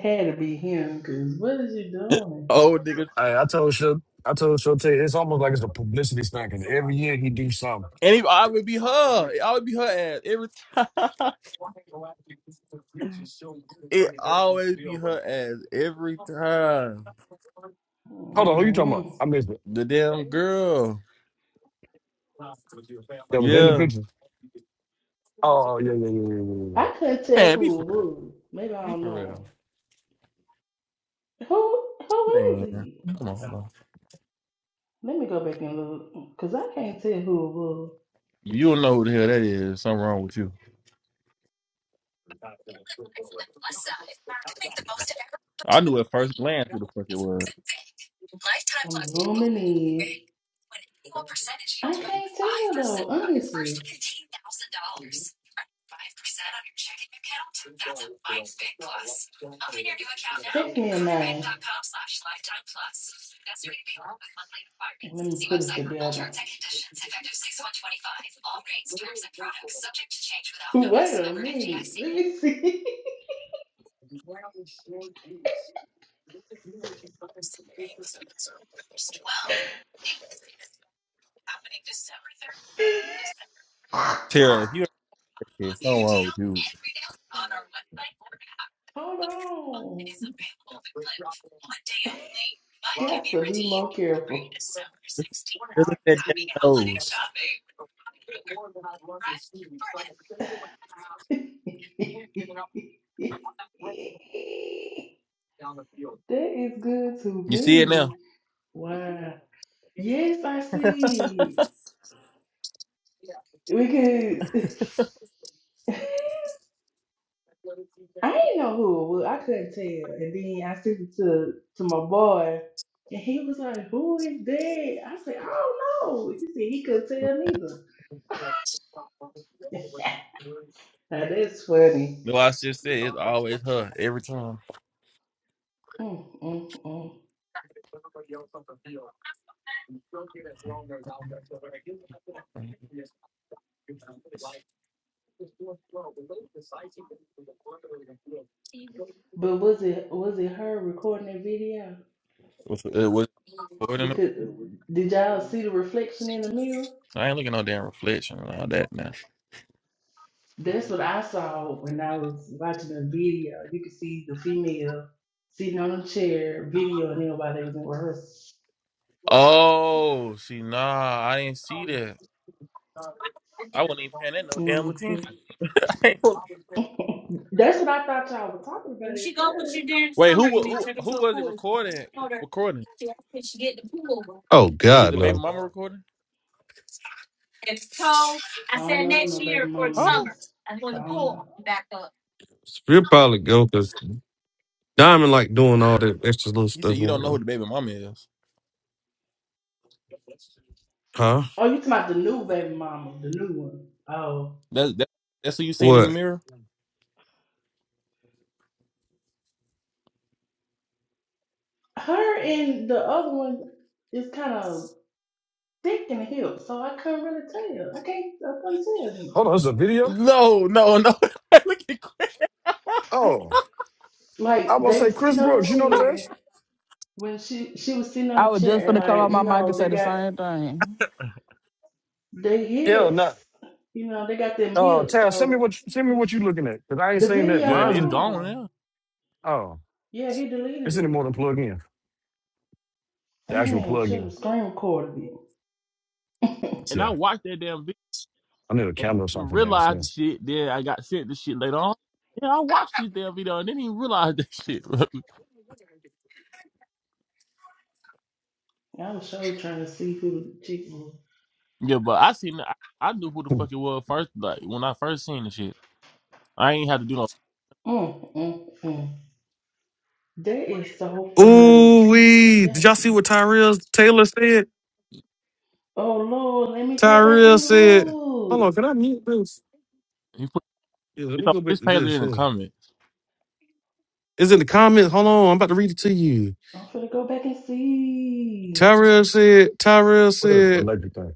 Speaker 4: had to be him because what is he doing?
Speaker 19: old niggas,
Speaker 14: I, I told Shil, I told Shil, it's almost like it's a publicity stunt because every year he do something.
Speaker 19: and it always be her. It always be her ass every time. It always be her ass every time.
Speaker 4: Mm.
Speaker 19: The damn girl. Yeah,
Speaker 4: I couldn't tell
Speaker 19: man, be
Speaker 4: who
Speaker 19: for
Speaker 4: it
Speaker 19: real.
Speaker 4: was. Maybe I
Speaker 19: Be
Speaker 4: don't
Speaker 19: for real.
Speaker 4: know him. Who who is
Speaker 19: Man,
Speaker 4: he?
Speaker 19: come on, bro.
Speaker 4: Let me go back and look because I can't tell who it was.
Speaker 19: You don't know who the hell that is. Something wrong with you. I knew at first glance who the fuck it was.
Speaker 4: I'm zooming in. I can't tell though, honestly. Text me a name. Let me put it together. Wait a minute. Let me see.
Speaker 19: Tara, if you okay, something wrong with you.
Speaker 4: Hold on. Got to be more careful.
Speaker 19: Look at that damn nose.
Speaker 4: that is good to
Speaker 19: You see it
Speaker 4: me.
Speaker 19: now?
Speaker 4: Wow. Yes, I see. We could. I ain't know who it was. I couldn't tell. And then I sent it to to my boy, and he was like, "Who is that?" I said, "I don't know." He said he couldn't tell neither. now that's funny.
Speaker 19: No, I just said it's always her every time.
Speaker 4: Mm, mm, mm. But was it was it her recording that video?
Speaker 19: What's uh, what? recording?
Speaker 4: Because did y'all see the reflection in the mirror?
Speaker 19: I ain't looking at no damn reflection and all that now.
Speaker 4: That's what I saw when I was watching the video. You could see the female sitting on a chair, videoing everybody was
Speaker 19: Oh, see, nah, I didn't see that. I wasn't even paying that no
Speaker 4: in
Speaker 19: damn
Speaker 4: rehearsal.
Speaker 19: attention. Wait, who
Speaker 4: That's what I thought y'all were talking about
Speaker 1: When she
Speaker 4: at
Speaker 1: go with you
Speaker 4: first.
Speaker 1: during the summer, you
Speaker 19: wa-
Speaker 1: need to
Speaker 19: who
Speaker 1: take her
Speaker 19: who
Speaker 1: to a
Speaker 19: was it
Speaker 1: pool. I
Speaker 19: recording?
Speaker 1: told her
Speaker 19: Recording?
Speaker 1: she she should get the pool. Oh
Speaker 19: Was it
Speaker 1: God,
Speaker 19: the
Speaker 1: no.
Speaker 19: baby
Speaker 1: And
Speaker 19: mama recording?
Speaker 1: it's cold.
Speaker 4: I
Speaker 1: I
Speaker 4: don't
Speaker 1: said
Speaker 4: know who
Speaker 1: next
Speaker 4: no baby
Speaker 1: year for the
Speaker 4: mama
Speaker 19: Huh?
Speaker 1: summer.
Speaker 4: is.
Speaker 1: That's when
Speaker 4: I
Speaker 1: the
Speaker 4: don't
Speaker 1: pool
Speaker 4: know.
Speaker 1: will be back up. we will probably go because Diamond like doing all that extra little
Speaker 19: You said
Speaker 1: stuff.
Speaker 19: you don't
Speaker 1: on
Speaker 19: know who
Speaker 1: her.
Speaker 19: the baby mama is.
Speaker 1: Huh?
Speaker 4: Oh, you talking about the new baby mama, the new one. Oh.
Speaker 19: That's that, that's who you seen in the
Speaker 1: What?
Speaker 19: mirror.
Speaker 4: Her and the other one is kind of thick in the hips, so I couldn't really tell. I can't I couldn't tell them.
Speaker 14: Hold on, it's a video?
Speaker 19: No, no, no. Look at Chris.
Speaker 14: Oh, I was
Speaker 4: Like
Speaker 14: going to
Speaker 4: they were
Speaker 14: say, Chris
Speaker 4: sitting on a
Speaker 14: Brooks, you know the
Speaker 4: chair
Speaker 14: rest?
Speaker 4: when she she was sitting on
Speaker 21: I
Speaker 4: a
Speaker 21: was just
Speaker 4: chair and
Speaker 21: gonna come
Speaker 4: like,
Speaker 21: out my
Speaker 4: you
Speaker 21: mic and
Speaker 4: know,
Speaker 21: say
Speaker 4: they
Speaker 21: the
Speaker 4: got
Speaker 21: same thing.
Speaker 4: their
Speaker 14: Yeah,
Speaker 4: hips.
Speaker 14: not.
Speaker 4: You know, they got them
Speaker 14: Uh,
Speaker 4: hips,
Speaker 14: Tara, send me
Speaker 4: so
Speaker 14: what you- send me what you looking at because I ain't
Speaker 4: the
Speaker 14: seen that.
Speaker 4: video
Speaker 19: Johnny, it's
Speaker 14: Mine's,
Speaker 19: gone
Speaker 4: gone.
Speaker 19: now.
Speaker 14: oh,
Speaker 4: Yeah, he deleted
Speaker 14: it's in the
Speaker 4: it.
Speaker 14: morning plug in. the actual
Speaker 4: Damn, should
Speaker 14: plug-in.
Speaker 4: have screen recorded it.
Speaker 19: And
Speaker 14: So
Speaker 19: I watched that damn video
Speaker 14: I need a
Speaker 19: and didn't
Speaker 14: camera or
Speaker 19: even
Speaker 14: something
Speaker 19: realize the
Speaker 14: downstairs.
Speaker 19: shit. Then I got sent the shit later on. Yeah, I watched this damn video and didn't even realize that shit.
Speaker 4: I was so trying to see who the chick was.
Speaker 19: yeah, but I seen I, I knew who the fuck it was first. Like when I first seen the shit, I ain't had to do no.
Speaker 4: Mm, mm, mm. That is so funny.
Speaker 1: Ooh wee! Did
Speaker 4: That's
Speaker 1: y'all
Speaker 4: to
Speaker 1: see what
Speaker 4: be.
Speaker 1: Tyrell Taylor said?
Speaker 4: Oh Lord, let me go back
Speaker 1: Tyrell
Speaker 4: and
Speaker 1: said, "Hold
Speaker 4: look.
Speaker 1: on, can I mute this?
Speaker 19: He put
Speaker 1: Yeah, let
Speaker 19: it's
Speaker 1: me
Speaker 19: on
Speaker 1: go back
Speaker 19: his
Speaker 1: to
Speaker 19: page
Speaker 1: this.
Speaker 19: in the
Speaker 1: Yeah,
Speaker 19: comments.
Speaker 1: it's in the comments. Hold on, I'm about to read it to you."
Speaker 4: I'm finna go back and see.
Speaker 1: Tyrell said, "Tyrell
Speaker 14: What an
Speaker 1: said,
Speaker 14: electric thing.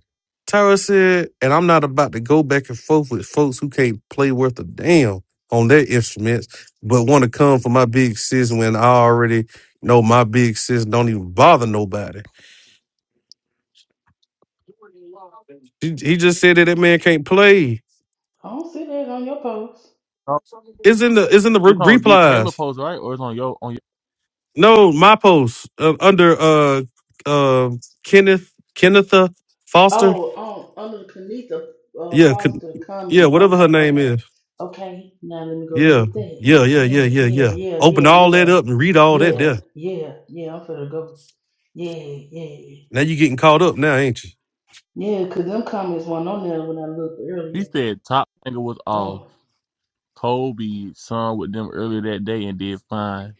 Speaker 1: Tyrell said, and I'm not about to go back and forth with folks who can't play worth a damn on their instruments, but want to come for my big sis when I already know my big sis don't even bother nobody." He, he just said that that man can't play.
Speaker 4: I don't see that on your post.
Speaker 1: It's in the it's in the
Speaker 19: It's
Speaker 1: re-
Speaker 19: on D Taylor
Speaker 1: replies.
Speaker 19: post right, or it's on your on. Your,
Speaker 1: No, my post uh, under uh uh Kenneth Kennetha Foster.
Speaker 4: Oh, um, under the Kanita uh,
Speaker 1: Yeah, Ken-
Speaker 4: Foster
Speaker 1: yeah,
Speaker 4: comment.
Speaker 1: whatever her
Speaker 4: Okay,
Speaker 1: name
Speaker 4: okay,
Speaker 1: is.
Speaker 4: okay. Now let me go look
Speaker 1: Yeah,
Speaker 4: at that.
Speaker 1: yeah, yeah, yeah,
Speaker 4: Yeah,
Speaker 1: yeah,
Speaker 4: yeah,
Speaker 1: yeah.
Speaker 4: yeah,
Speaker 1: Open
Speaker 4: yeah,
Speaker 1: all that
Speaker 4: yeah,
Speaker 1: up and read all that
Speaker 4: yeah,
Speaker 1: there.
Speaker 4: yeah, yeah. I'm finna go. Yeah, yeah.
Speaker 1: Now you getting caught up now, ain't you?
Speaker 4: Yeah, because them comments weren't on there when I looked
Speaker 19: he
Speaker 4: earlier.
Speaker 19: said top nigga was off.
Speaker 4: Oh.
Speaker 19: Colby sung with them earlier that day and did fine.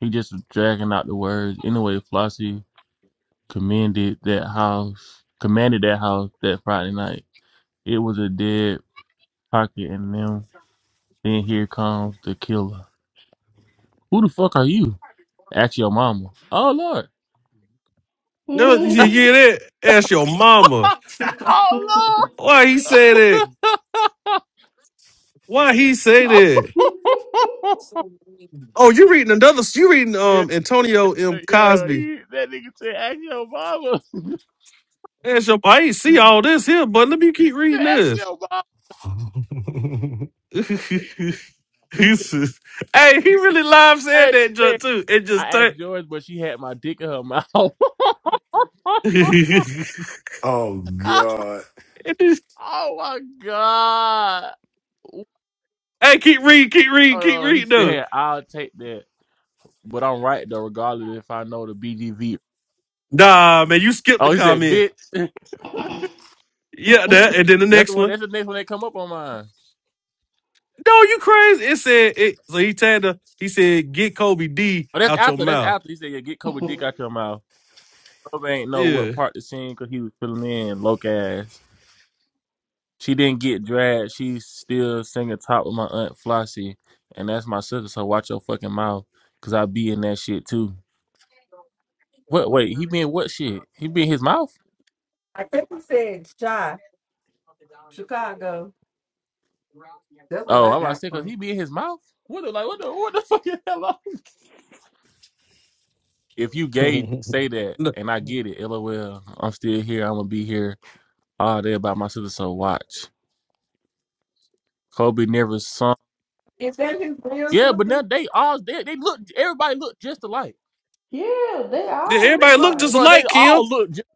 Speaker 19: He just was dragging out the words. Anyway, Flossie commended that house, commanded that house that Friday night. It was a dead pocket and them. Then here comes the killer. Who the fuck are you? Ask your mama. Oh Lord.
Speaker 1: No, you hear that? Ask your mama.
Speaker 19: oh
Speaker 1: Why he said that? Why he say that?
Speaker 19: Lord.
Speaker 1: Oh, you reading another? You reading
Speaker 19: yeah,
Speaker 1: um Antonio M
Speaker 19: yeah.
Speaker 1: Cosby?
Speaker 19: He, that nigga said, ask your mama.
Speaker 1: Ask your. I ain't see all this here, but let me keep reading
Speaker 19: ask
Speaker 1: this.
Speaker 19: your mama. He
Speaker 1: he says, hey, he really live said
Speaker 19: said,
Speaker 1: that
Speaker 19: hey.
Speaker 1: junk too. It just
Speaker 19: I asked
Speaker 1: turned.
Speaker 19: George, but she had my dick in her mouth. oh
Speaker 14: Oh God.
Speaker 1: It just-
Speaker 19: my god!
Speaker 1: hey, keep reading, keep reading, keep
Speaker 19: Oh, he
Speaker 1: reading
Speaker 19: said,
Speaker 1: though.
Speaker 19: I'll take that, but I'm right though. Regardless, if I know the BGV.
Speaker 1: Nah, man, you skipped the
Speaker 19: Oh, he said,
Speaker 1: comment.
Speaker 19: "Bitch."
Speaker 1: Yeah, that and then the
Speaker 19: that's the
Speaker 1: next
Speaker 19: one.
Speaker 1: one.
Speaker 19: That's the next one that come up on mine.
Speaker 1: No, you crazy. It said it so he tagged her, he said, get Kobe D
Speaker 19: Oh, that's
Speaker 1: out your
Speaker 19: after. That's
Speaker 1: mouth.
Speaker 19: after. He said, "Yeah, get Kobe dick out your mouth." Kobe ain't know
Speaker 1: Yeah.
Speaker 19: what part to sing because he was filling in. Loke ass. She didn't get dragged. She's still singing top with my aunt Flossie, and that's my sister. So watch your fucking mouth, cause I be in that shit too. What? Wait, he been what shit? He been his mouth?
Speaker 17: I think he said shy Chicago. That's what
Speaker 19: Oh,
Speaker 17: I
Speaker 19: I'm about to
Speaker 17: got
Speaker 19: say
Speaker 17: from.
Speaker 19: because
Speaker 17: him.
Speaker 19: he been his mouth. What the like? What the what the fuck is that? Like? If you gay, say that,
Speaker 1: Look,
Speaker 19: and I get it. LOL. I'm still here. I'm gonna be here all day about my sister. So watch. Kobe never sung.
Speaker 17: Is that his real
Speaker 19: Yeah, but
Speaker 17: sister?
Speaker 19: now they all they they look. Everybody look just alike.
Speaker 4: yeah, they
Speaker 1: yeah,
Speaker 4: all
Speaker 19: They
Speaker 4: look
Speaker 1: Everybody
Speaker 19: look,
Speaker 1: look just
Speaker 4: alike.
Speaker 19: bro. They
Speaker 1: alike, Kim.
Speaker 19: all look. Just,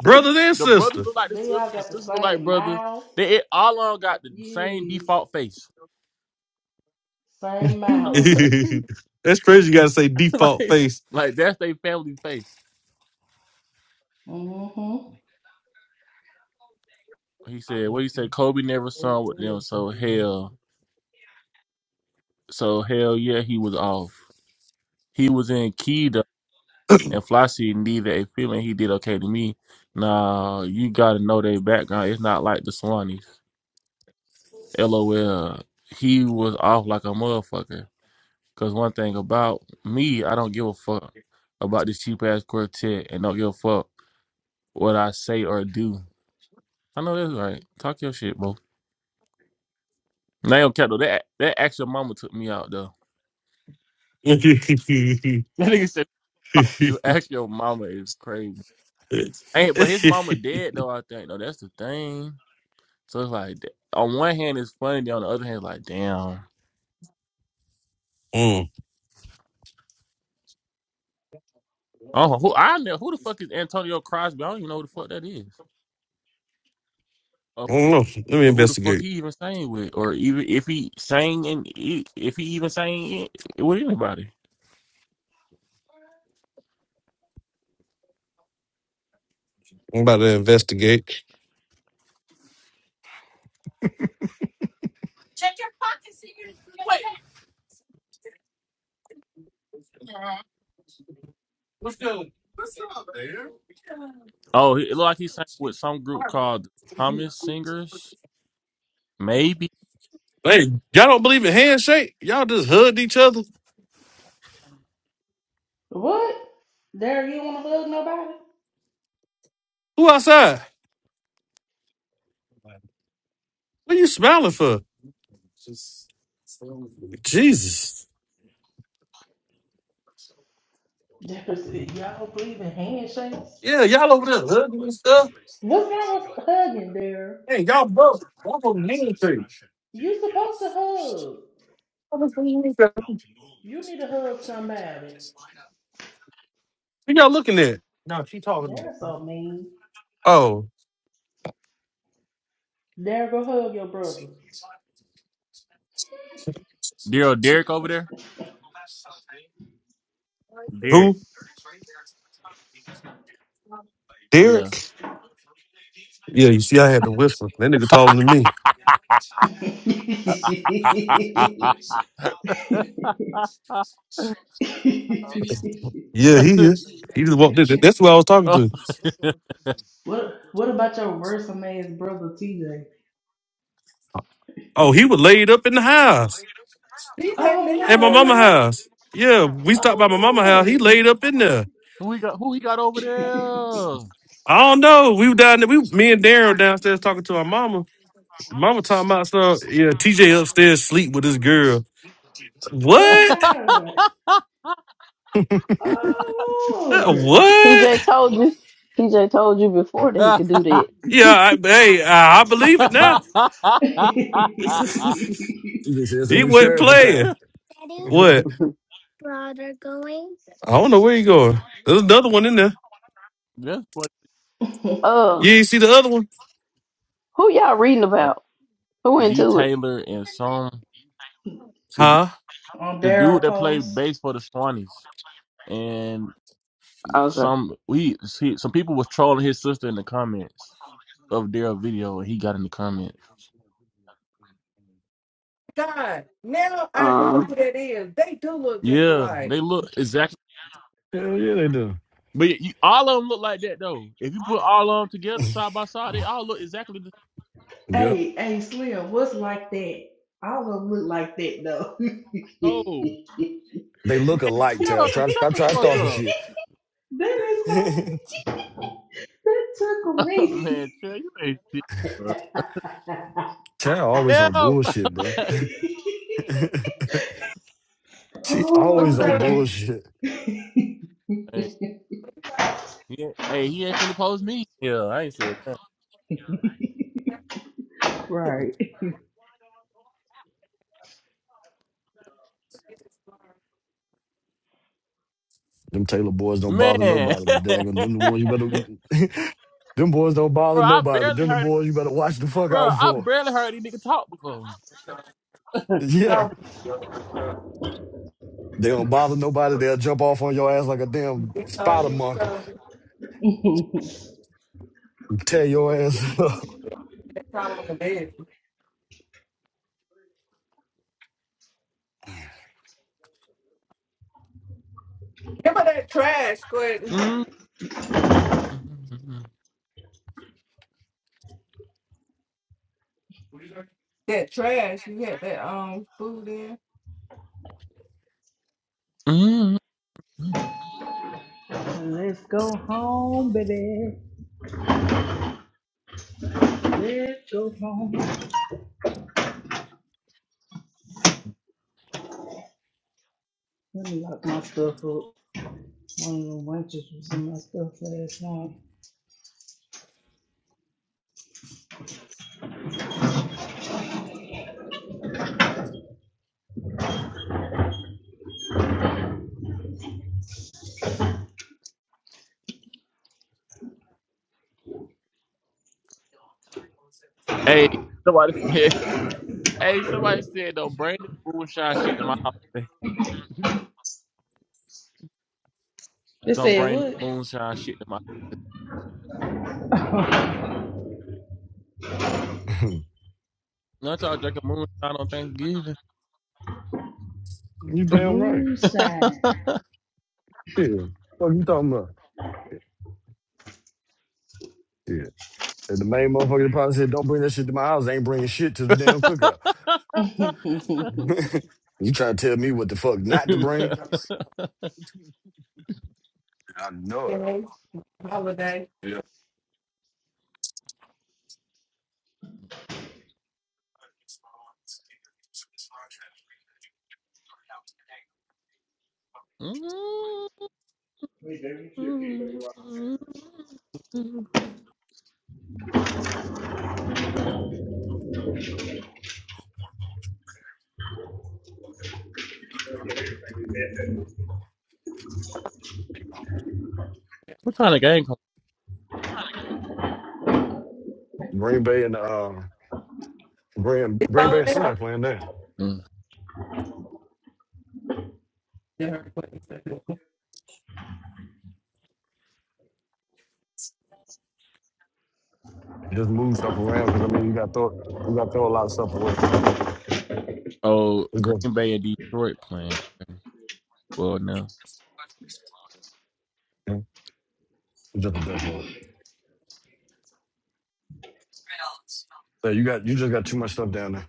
Speaker 1: Brothers and
Speaker 19: the brothers
Speaker 1: sister.
Speaker 19: look like the
Speaker 4: They all
Speaker 19: sisters. The
Speaker 4: got the
Speaker 19: sisters look like
Speaker 4: same
Speaker 19: brothers.
Speaker 4: mouth.
Speaker 19: They it, all on got the same
Speaker 4: Yes.
Speaker 19: default face.
Speaker 4: Same mouth.
Speaker 1: That's crazy you gotta say default
Speaker 19: like
Speaker 1: face.
Speaker 19: like that's their family face.
Speaker 4: Mm-hmm.
Speaker 19: He said, "What he said? Kobe never sung with them, so hell, so hell yeah, he was off. He was in Keeda and Flossie needed a feeling. He did okay to me. Nah, you gotta know their background. It's not like the Swannies. LOL. He was off like a motherfucker. Cause one thing about me, I don't give a fuck about this cheap ass quartet, and don't give a fuck what I say or do. I know that's right. Talk your shit, bro. Now, Kettle, that that actual mama took me out though. That nigga said, "Fuck "You ask your mama is crazy." Ain't
Speaker 1: mm,
Speaker 19: but his mama dead though. I think though that's the thing. So it's like th- on one hand it's funny, then on the other hand it's like damn.
Speaker 1: I
Speaker 19: Oh, who I know who the fuck is Antonio Crosby? I don't even know who the fuck that is. Or
Speaker 1: don't know. Let me
Speaker 19: who the fuck
Speaker 1: investigate.
Speaker 19: he even sang with, or even if he sang and if he even sang it with anybody.
Speaker 1: I'm about to investigate.
Speaker 19: Oh, it looked like he sang with some group called Thomas Singers, maybe.
Speaker 1: Hey, y'all don't believe in handshake? Y'all just hugged each other?
Speaker 4: What? There you wanna hug nobody?
Speaker 1: Who outside? What you smiling for? Jesus.
Speaker 4: Dare said, y'all believe in handshakes?
Speaker 1: Yeah, y'all over there hugging and stuff.
Speaker 4: What's wrong with hugging there? You supposed to hug. You need to hug somebody.
Speaker 1: Who y'all looking at?
Speaker 4: They're so mean.
Speaker 1: Oh,
Speaker 4: There go hug your brother.
Speaker 19: Daryl Derek over there. Derek,
Speaker 1: who?
Speaker 19: yeah.
Speaker 1: Derek? Yeah, you see, I had to whisper. That nigga taller than me. Yeah, he here. He just walked in. That's who I was talking
Speaker 19: Oh,
Speaker 1: to.
Speaker 4: What What about your worrisome ass brother TJ?
Speaker 1: Oh, he was laid up in the house.
Speaker 17: DJ
Speaker 4: Oh
Speaker 17: Lynn
Speaker 1: At my
Speaker 17: there.
Speaker 4: no,
Speaker 17: oh my
Speaker 1: mama
Speaker 4: man!
Speaker 1: house. Yeah, we stopped by my mama house.
Speaker 4: Oh
Speaker 1: He
Speaker 4: Lord!
Speaker 1: laid up in there.
Speaker 19: who we got? Who we got over there?
Speaker 1: I don't know. We were down there. We, me and Darren were downstairs talking to our mama. Mama talking about stuff. Yeah, TJ upstairs sleep with this girl.
Speaker 4: oh
Speaker 1: What?
Speaker 4: God! Oh
Speaker 1: Uh,
Speaker 4: Lord!
Speaker 1: What?
Speaker 3: TJ told you. TJ told you before that he could do that.
Speaker 1: Yeah, I, hey, I, I believe it now.
Speaker 14: She just says a
Speaker 1: he
Speaker 14: new
Speaker 1: went
Speaker 14: sheriff in
Speaker 1: playing.
Speaker 14: town. Hell
Speaker 1: What? I don't know where he going. There's another one in there.
Speaker 19: That's what
Speaker 3: Uh,
Speaker 1: You ain't see the other one?
Speaker 3: who y'all reading
Speaker 19: uh,
Speaker 3: about? Who
Speaker 19: D
Speaker 3: into it?
Speaker 19: Taylor and some the du-
Speaker 1: Huh?
Speaker 4: On
Speaker 19: the
Speaker 4: Daryl
Speaker 19: dude that played
Speaker 4: post.
Speaker 19: bass for the Swannies and
Speaker 3: Okay.
Speaker 19: some we see some people was trolling his sister in the comments of their video and he got in the comments.
Speaker 17: God, now I know
Speaker 3: Um.
Speaker 17: who that is. They do look just
Speaker 19: Yeah,
Speaker 17: alike.
Speaker 19: they look exactly
Speaker 14: yeah, they do.
Speaker 19: But you, all of them look like that though. If you put all of them together side by side, they all look exactly the
Speaker 14: Yep.
Speaker 4: Hey, hey, Slim, what's like that? I don't look like that though.
Speaker 19: Oh
Speaker 14: They look
Speaker 19: man,
Speaker 14: alike, Tal.
Speaker 19: Tara,
Speaker 14: Try to
Speaker 19: shut
Speaker 14: stop
Speaker 19: the
Speaker 14: trying to
Speaker 19: fuck
Speaker 14: start some shit.
Speaker 19: up,
Speaker 4: that is so That took a
Speaker 19: man. Tara, you ain't shit, bro.
Speaker 14: Tal always
Speaker 19: Yeah,
Speaker 14: on
Speaker 19: bro.
Speaker 14: bullshit, bro. she
Speaker 17: What
Speaker 14: always
Speaker 17: you
Speaker 4: Oh,
Speaker 14: on
Speaker 17: say?
Speaker 14: bullshit.
Speaker 19: hey, he ain't, hey, he ain't finna post me. Yeah, I ain't said that.
Speaker 4: right.
Speaker 14: Them Taylor boys don't bother
Speaker 19: man.
Speaker 14: nobody, but daggone them the ones you better them boys don't bother
Speaker 19: bro, I
Speaker 14: nobody, but
Speaker 19: barely
Speaker 14: them the
Speaker 19: heard it.
Speaker 14: boys you better watch the fuck out
Speaker 19: Bro, I
Speaker 14: for.
Speaker 19: barely heard these nigga talk before.
Speaker 14: Yeah.
Speaker 17: Oh.
Speaker 14: They don't bother nobody. They'll jump off on your ass like a damn
Speaker 17: It's all
Speaker 14: spider
Speaker 17: these
Speaker 14: monkey
Speaker 17: covers
Speaker 14: and tear your ass up.
Speaker 17: that's all on the bed. Remember that trash, Quentin?
Speaker 19: Mm, mm, mm, mm, mm.
Speaker 17: That trash you had that um food in.
Speaker 19: mm.
Speaker 4: Let's go home, baby. Let's go home. Let me lock my stuff up. One of the waitresses was in my stuff last night.
Speaker 19: Hey, somebody said. Hey, somebody said though, bring that moonshine shit to my house.
Speaker 4: They
Speaker 19: Don't
Speaker 4: said
Speaker 19: bring that
Speaker 4: what?
Speaker 19: moonshine shit to my. Not y'all drinking moonshine on Thanksgiving.
Speaker 14: you damn right.
Speaker 4: Moonshine.
Speaker 14: Yeah. What you talking about? Yeah. And the main motherfucker that probably said, don't bring that shit to my house. ain't bringing shit to the damn cookout.
Speaker 4: sign.
Speaker 19: what
Speaker 4: EBS
Speaker 14: you trying to tell me what the fuck not to bring? I know it.
Speaker 17: Holiday, holiday.
Speaker 19: kind of game? Come-
Speaker 14: Green Bay and, uh, Green,
Speaker 17: It's
Speaker 14: Green Bay
Speaker 17: all
Speaker 14: and
Speaker 17: now.
Speaker 14: somebody playing that.
Speaker 19: Mm.
Speaker 17: You heard what he said.
Speaker 14: Just move stuff around because, I mean, you got to throw, you got to throw a lot of stuff away.
Speaker 19: Oh,
Speaker 14: It's just,
Speaker 19: Green Bay and Detroit playing. Well, no,
Speaker 14: yeah, it's just a death row. So you got, you just got too much stuff down there.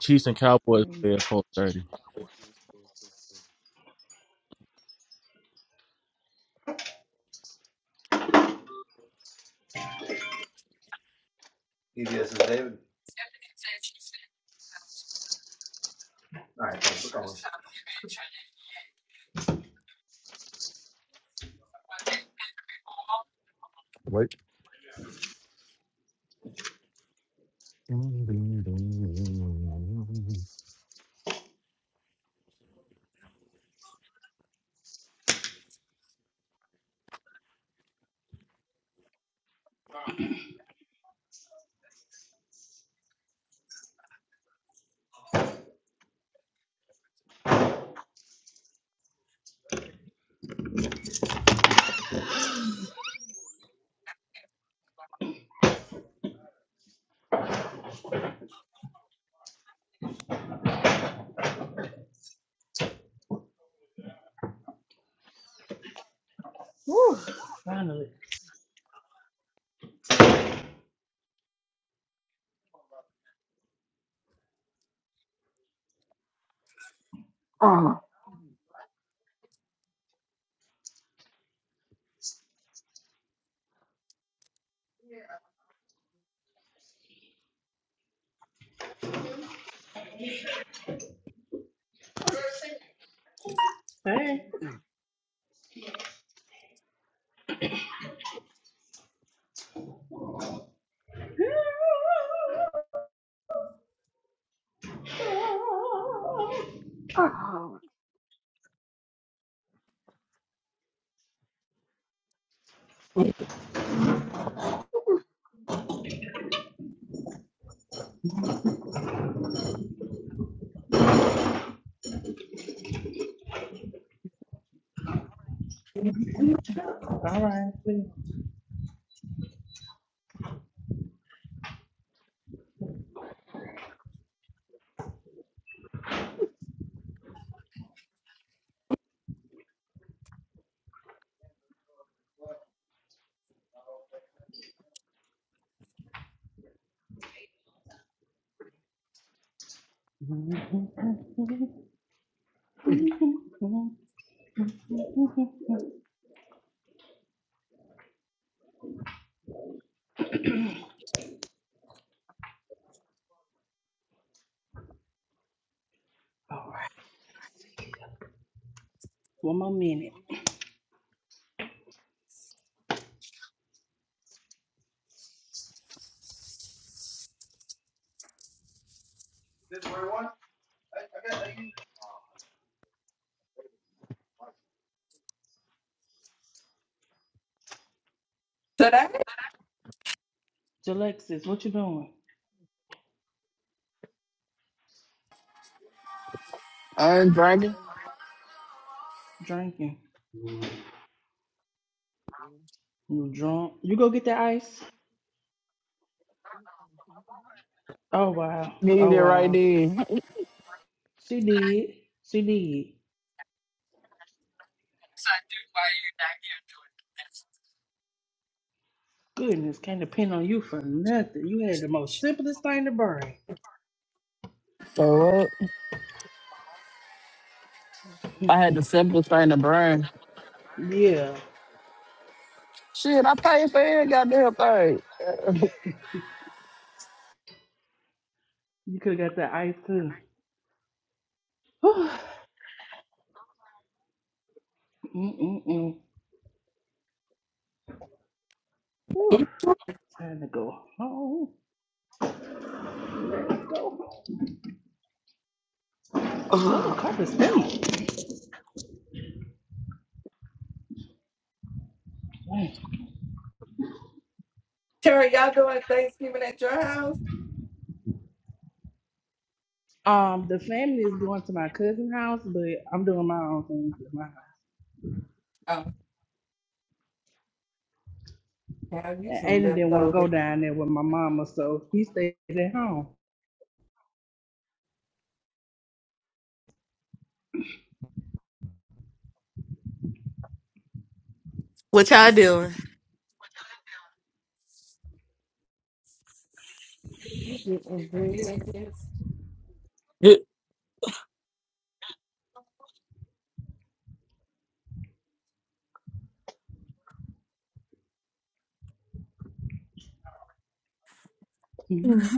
Speaker 19: Chiefs and Cowboys play at four thirty.
Speaker 4: is David. All right.
Speaker 14: Wait.
Speaker 3: Oh,
Speaker 4: hey,
Speaker 3: oh,
Speaker 4: all right. All right. One more minute.
Speaker 17: Today?
Speaker 4: Alexis, what you doing?
Speaker 21: I ain't drinking.
Speaker 4: Drinking. You drunk? You go get that ice? Oh wow.
Speaker 21: Needed
Speaker 4: Oh
Speaker 21: it right
Speaker 4: wow.
Speaker 21: then.
Speaker 4: She did. She did. Goodness, can't depend on you for nothing. You had the most simplest thing to bring.
Speaker 21: So what? I had the simplest thing to burn.
Speaker 4: yeah,
Speaker 21: Shit, I paid for every goddamn thing.
Speaker 4: you could have got that ice too. Whew. Mm-mm-mm. Whew. Time to go home. Oh, the
Speaker 3: oh.
Speaker 4: carpet smells.
Speaker 17: Terry, y'all doing Thanksgiving at your house?
Speaker 4: Um, the family is going to my cousin's house, but I'm doing my own thing at my house.
Speaker 17: Oh. Have you
Speaker 4: And
Speaker 17: some
Speaker 4: Aiden didn't want to go
Speaker 17: leftovers?
Speaker 4: down there with my mama, so he stayed at home.
Speaker 18: Which one?
Speaker 17: You get ingredients.
Speaker 18: Good.
Speaker 4: Mm-hmm.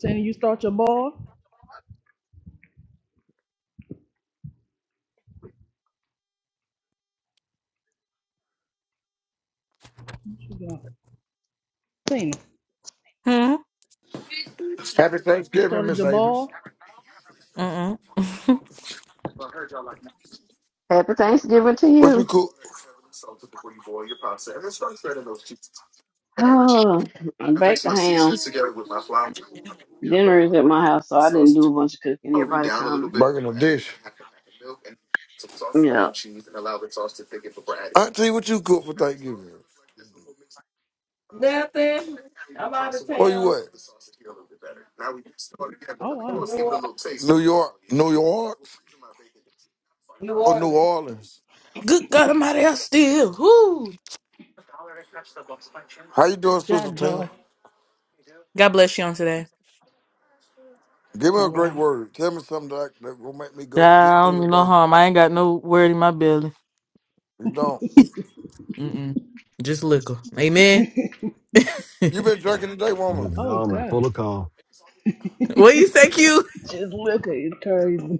Speaker 4: Tina, you start your ball. What you got? Tina,
Speaker 18: Hmm?
Speaker 16: Happy
Speaker 4: you
Speaker 16: Thanksgiving,
Speaker 4: started
Speaker 16: Miss
Speaker 4: your
Speaker 16: Davis.
Speaker 4: ball.
Speaker 18: Mm-mm.
Speaker 3: Happy Thanksgiving to
Speaker 16: What you
Speaker 3: you.
Speaker 16: cook?
Speaker 3: Oh, I'm back to ham. Dinner is at my house, so I didn't do a bunch of cooking. Everybody come.
Speaker 16: Burger and a dish.
Speaker 3: Yeah.
Speaker 16: Auntie, what you cook for Thanksgiving?
Speaker 17: Nothing. I'm out of
Speaker 16: Where you
Speaker 17: town.
Speaker 16: at?
Speaker 4: Oh
Speaker 17: In
Speaker 4: wow.
Speaker 17: New Orleans.
Speaker 16: New York, New York,
Speaker 17: New
Speaker 16: or New
Speaker 17: Orleans.
Speaker 16: Orleans?
Speaker 18: Good God Almighty, I still. Woo!
Speaker 16: How you doing, Sister
Speaker 4: God
Speaker 16: Tina?
Speaker 4: joy.
Speaker 18: God bless you on today.
Speaker 16: Give me a
Speaker 4: Oh
Speaker 16: great
Speaker 4: wow.
Speaker 16: word. Tell me something that, that will make me go
Speaker 18: Child,
Speaker 16: get
Speaker 18: I don't
Speaker 16: through
Speaker 18: do
Speaker 16: the
Speaker 18: no
Speaker 16: day.
Speaker 18: harm. I ain't got no word in my belly.
Speaker 16: You don't.
Speaker 18: Mm-mm. Just liquor. Amen.
Speaker 16: You been drinking today,
Speaker 14: You're
Speaker 16: woman?
Speaker 14: just
Speaker 4: Oh
Speaker 14: dumb and
Speaker 4: God.
Speaker 14: full of cum.
Speaker 18: what you say, Q?
Speaker 4: Just look at it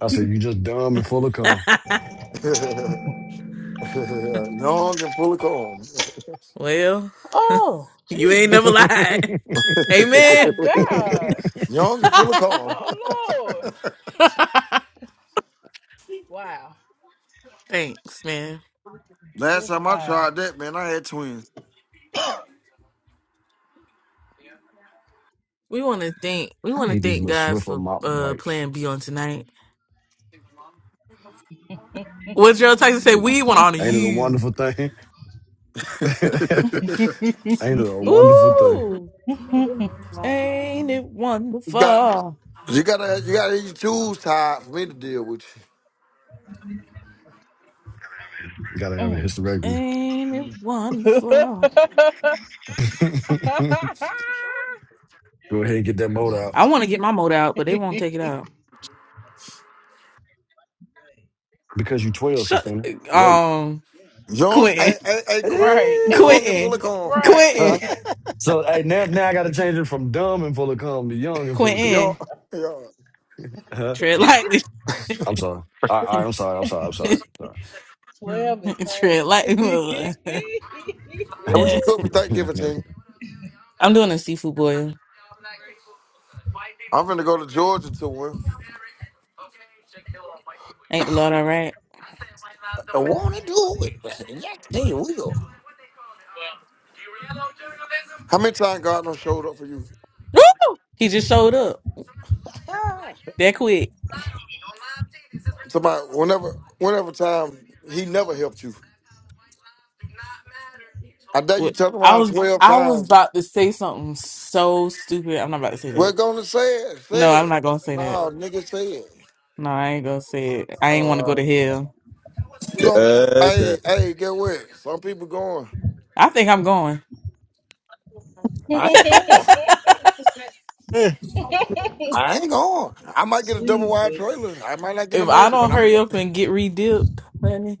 Speaker 14: I said, you just dumb and full of cum.
Speaker 16: Young and full of calm.
Speaker 18: well,
Speaker 4: Oh
Speaker 18: you ain't never
Speaker 4: Jesus.
Speaker 18: lied. Amen.
Speaker 4: My God.
Speaker 16: Young and full of calm.
Speaker 4: Oh Lord. Wow.
Speaker 18: Thanks, man.
Speaker 16: Last
Speaker 4: Just
Speaker 16: time I
Speaker 4: wow.
Speaker 16: tried that, man, I had twins.
Speaker 18: We want to thank we
Speaker 14: I
Speaker 18: want to
Speaker 14: hate these
Speaker 18: thank
Speaker 14: little
Speaker 18: God
Speaker 14: Swiffer
Speaker 18: for
Speaker 14: mop
Speaker 18: uh
Speaker 14: wipes.
Speaker 18: playing B on tonight. What Gerald Tyson say? We want to honor
Speaker 14: Ain't it a
Speaker 18: you.
Speaker 14: wonderful thing? Ain't it a wonderful thing?
Speaker 18: Ooh, ain't it
Speaker 16: You got
Speaker 18: wonderful?
Speaker 16: you gotta you gotta have your tools tied for me to deal with
Speaker 14: Gotta have a hysterectomy.
Speaker 18: Ain't it wonderful?
Speaker 14: Go ahead and get that mold out.
Speaker 18: I want to get my motor out, but they won't take it out.
Speaker 14: Because you 12,
Speaker 18: Shut
Speaker 14: Christina. Wait.
Speaker 18: um
Speaker 16: Young,
Speaker 18: Quentin.
Speaker 16: hey, hey, hey, Quinn, young and
Speaker 4: right.
Speaker 16: full of
Speaker 18: Quentin.
Speaker 16: corn.
Speaker 4: right.
Speaker 14: Eh,
Speaker 18: Quentin.
Speaker 14: huh? So, hey, now, now I gotta change it from dumb and full of cum to young and full of cum.
Speaker 16: young,
Speaker 18: Quentin.
Speaker 16: young.
Speaker 14: Huh?
Speaker 18: Tread lightly.
Speaker 14: I'm sorry. All right, all right, I'm sorry. I'm sorry. I'm sorry.
Speaker 4: Twelve is
Speaker 18: Tread
Speaker 4: crazy.
Speaker 18: lightly.
Speaker 16: Hey, what you cook for Thanksgiving, team?
Speaker 18: I'm doing a seafood boil.
Speaker 16: I'm finna go to Georgia to one.
Speaker 18: Ain't the Lord all right?
Speaker 16: I wanna do it. Yeah, they will. How many times God Gardner showed up for you?
Speaker 18: Woo! He just showed up that quick.
Speaker 16: Somebody, whenever, whenever time he never helped you. I dare you
Speaker 18: What-
Speaker 16: turn
Speaker 18: I
Speaker 16: around
Speaker 18: was
Speaker 16: twelve
Speaker 18: I was
Speaker 16: times.
Speaker 18: about to say something so stupid. I'm not about to say
Speaker 16: We're
Speaker 18: that.
Speaker 16: gonna say it.
Speaker 18: No,
Speaker 16: Say
Speaker 18: I'm
Speaker 16: it.
Speaker 18: not gonna say that.
Speaker 16: No, nigga, say
Speaker 18: No, I ain't gonna say it. I ain't want to go
Speaker 16: it.
Speaker 18: to hell.
Speaker 16: You gonna
Speaker 15: Got
Speaker 16: hey,
Speaker 15: that.
Speaker 16: hey, get what? Some people going.
Speaker 18: I think I'm going.
Speaker 16: I ain't going. I ain't going. I might get a double wide trailer.
Speaker 4: Jesus.
Speaker 16: I might not get a
Speaker 18: If I
Speaker 16: mansion, but
Speaker 18: don't
Speaker 16: I'm gonna
Speaker 18: hurry
Speaker 16: get
Speaker 18: up and get reduped, honey,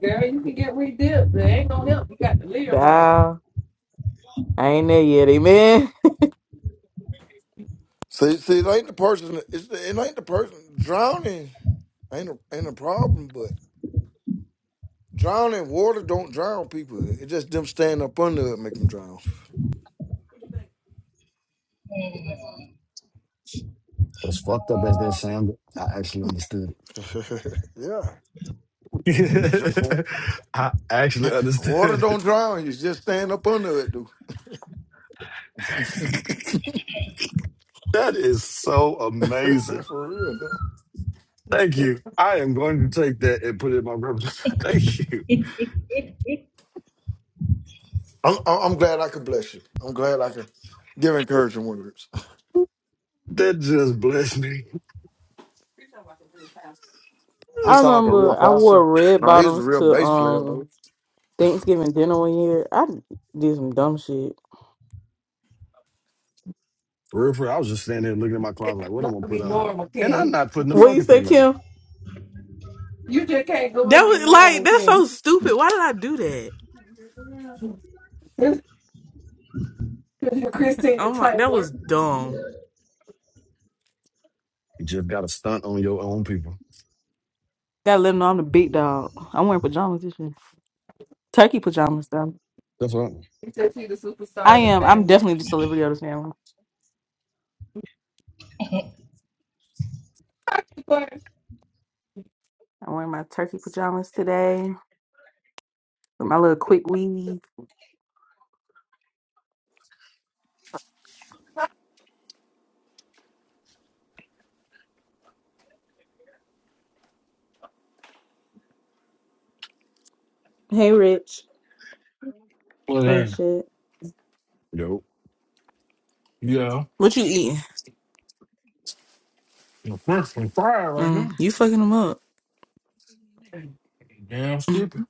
Speaker 17: Girl, you can get redipped. It ain't gonna help. You got to live right.
Speaker 18: child, I ain't there yet, amen.
Speaker 16: See see it ain't the person it's the, it ain't the person drowning ain't a ain't a problem, but drowning water don't drown people. It just them standing up under it make them drown. yeah. Dr-
Speaker 14: Sorry. I actually
Speaker 16: Water
Speaker 14: understood.
Speaker 16: don't drown you, just stand up under it, dude.
Speaker 14: That is so amazing.
Speaker 16: For real, no.
Speaker 14: Thank you. I am going to take that and put it in my repertoire. Thank you.
Speaker 16: I'm, I'm I'm glad I could bless you. I'm glad I could give encouraging words.
Speaker 14: That just blessed me.
Speaker 16: He
Speaker 18: I
Speaker 16: sound like a real
Speaker 18: remember I
Speaker 16: pastor.
Speaker 18: wore red
Speaker 16: No, he's a
Speaker 18: bottoms
Speaker 16: real
Speaker 18: to
Speaker 16: bass player
Speaker 18: um
Speaker 16: though.
Speaker 18: Thanksgiving dinner one year. I did some dumb shit.
Speaker 14: For real, for real, I was just standing there looking at my closet like, what am I gonna
Speaker 17: Gotta
Speaker 14: put
Speaker 17: be
Speaker 14: on?
Speaker 17: normal,
Speaker 14: And I'm
Speaker 17: King.
Speaker 14: not putting the
Speaker 18: What you
Speaker 14: fucking
Speaker 18: say,
Speaker 14: thing on.
Speaker 18: Kim?
Speaker 17: You just can't go
Speaker 18: That
Speaker 17: and be
Speaker 18: was like
Speaker 17: normal,
Speaker 18: that's
Speaker 17: King.
Speaker 18: so stupid. Why did I do that?
Speaker 17: Because you're Christina
Speaker 18: Oh my, that was
Speaker 17: Taylor.
Speaker 18: dumb.
Speaker 14: You just got to stunt on your own people.
Speaker 18: Gotta let them know I'm the big dog. I'm wearing pajamas this year. Turkey pajamas though.
Speaker 14: That's all.
Speaker 17: You said she's the superstar
Speaker 18: I
Speaker 17: of the
Speaker 18: am. I'm
Speaker 17: family.
Speaker 18: definitely the celebrity of the family.
Speaker 17: Christmas
Speaker 18: I'm wearing my turkey pajamas today with my little quick weave. Hey, Rich.
Speaker 31: Well,
Speaker 18: and
Speaker 31: then,
Speaker 18: shit.
Speaker 14: Yo.
Speaker 31: yeah.
Speaker 18: What you eating?
Speaker 31: The French was fried right
Speaker 18: Mm,
Speaker 31: now.
Speaker 18: you fucking them up.
Speaker 31: Damn skippy.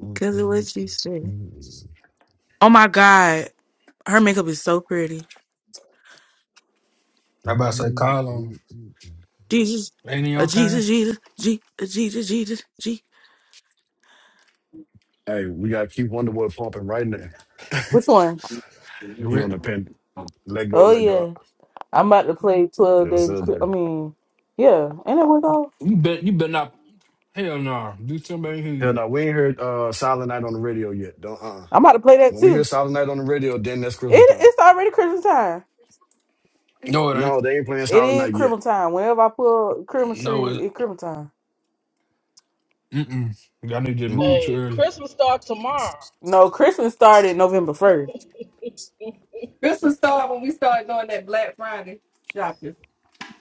Speaker 18: Because of what you say. Oh my God. Her makeup is so pretty.
Speaker 31: I about to say call on him.
Speaker 18: Jesus.
Speaker 31: Ain't he
Speaker 18: A
Speaker 31: on time?
Speaker 18: Jesus, Jesus, G, a Jesus, Jesus, G.
Speaker 14: Hey, we got to keep Wonderboy pumping right now.
Speaker 18: Which one?
Speaker 31: You
Speaker 14: he
Speaker 31: re-
Speaker 14: on the pen. Let go,
Speaker 18: Oh,
Speaker 14: let go.
Speaker 18: yeah. I'm about to play 12
Speaker 14: Yes,
Speaker 18: Days. of Cri-
Speaker 14: sir.
Speaker 18: I mean, yeah. Ain't that what it's called?
Speaker 31: You bet you better not hell no. Do somebody here
Speaker 14: Hell no,
Speaker 31: yet.
Speaker 14: we ain't heard uh, Silent Night on the radio yet. Don't uh.
Speaker 18: I'm about to play that
Speaker 14: When we hear
Speaker 18: too.
Speaker 14: Silent Night on the radio, then that's
Speaker 18: It
Speaker 14: Christmas time.
Speaker 18: it's already Christmas time.
Speaker 31: No, it
Speaker 14: No,
Speaker 31: ain't.
Speaker 14: they ain't playing
Speaker 18: It
Speaker 14: Silent
Speaker 18: is
Speaker 14: Night yet.
Speaker 18: Christmas time. Whenever I pull Christmas
Speaker 31: No, it
Speaker 18: tree, it's Christmas time.
Speaker 31: mm mm. I need to move
Speaker 14: Mm-mm.
Speaker 31: too
Speaker 4: Hey,
Speaker 31: early.
Speaker 4: Christmas start tomorrow.
Speaker 18: No, Christmas started November first.
Speaker 17: This started when we started doing that Black Friday shopping.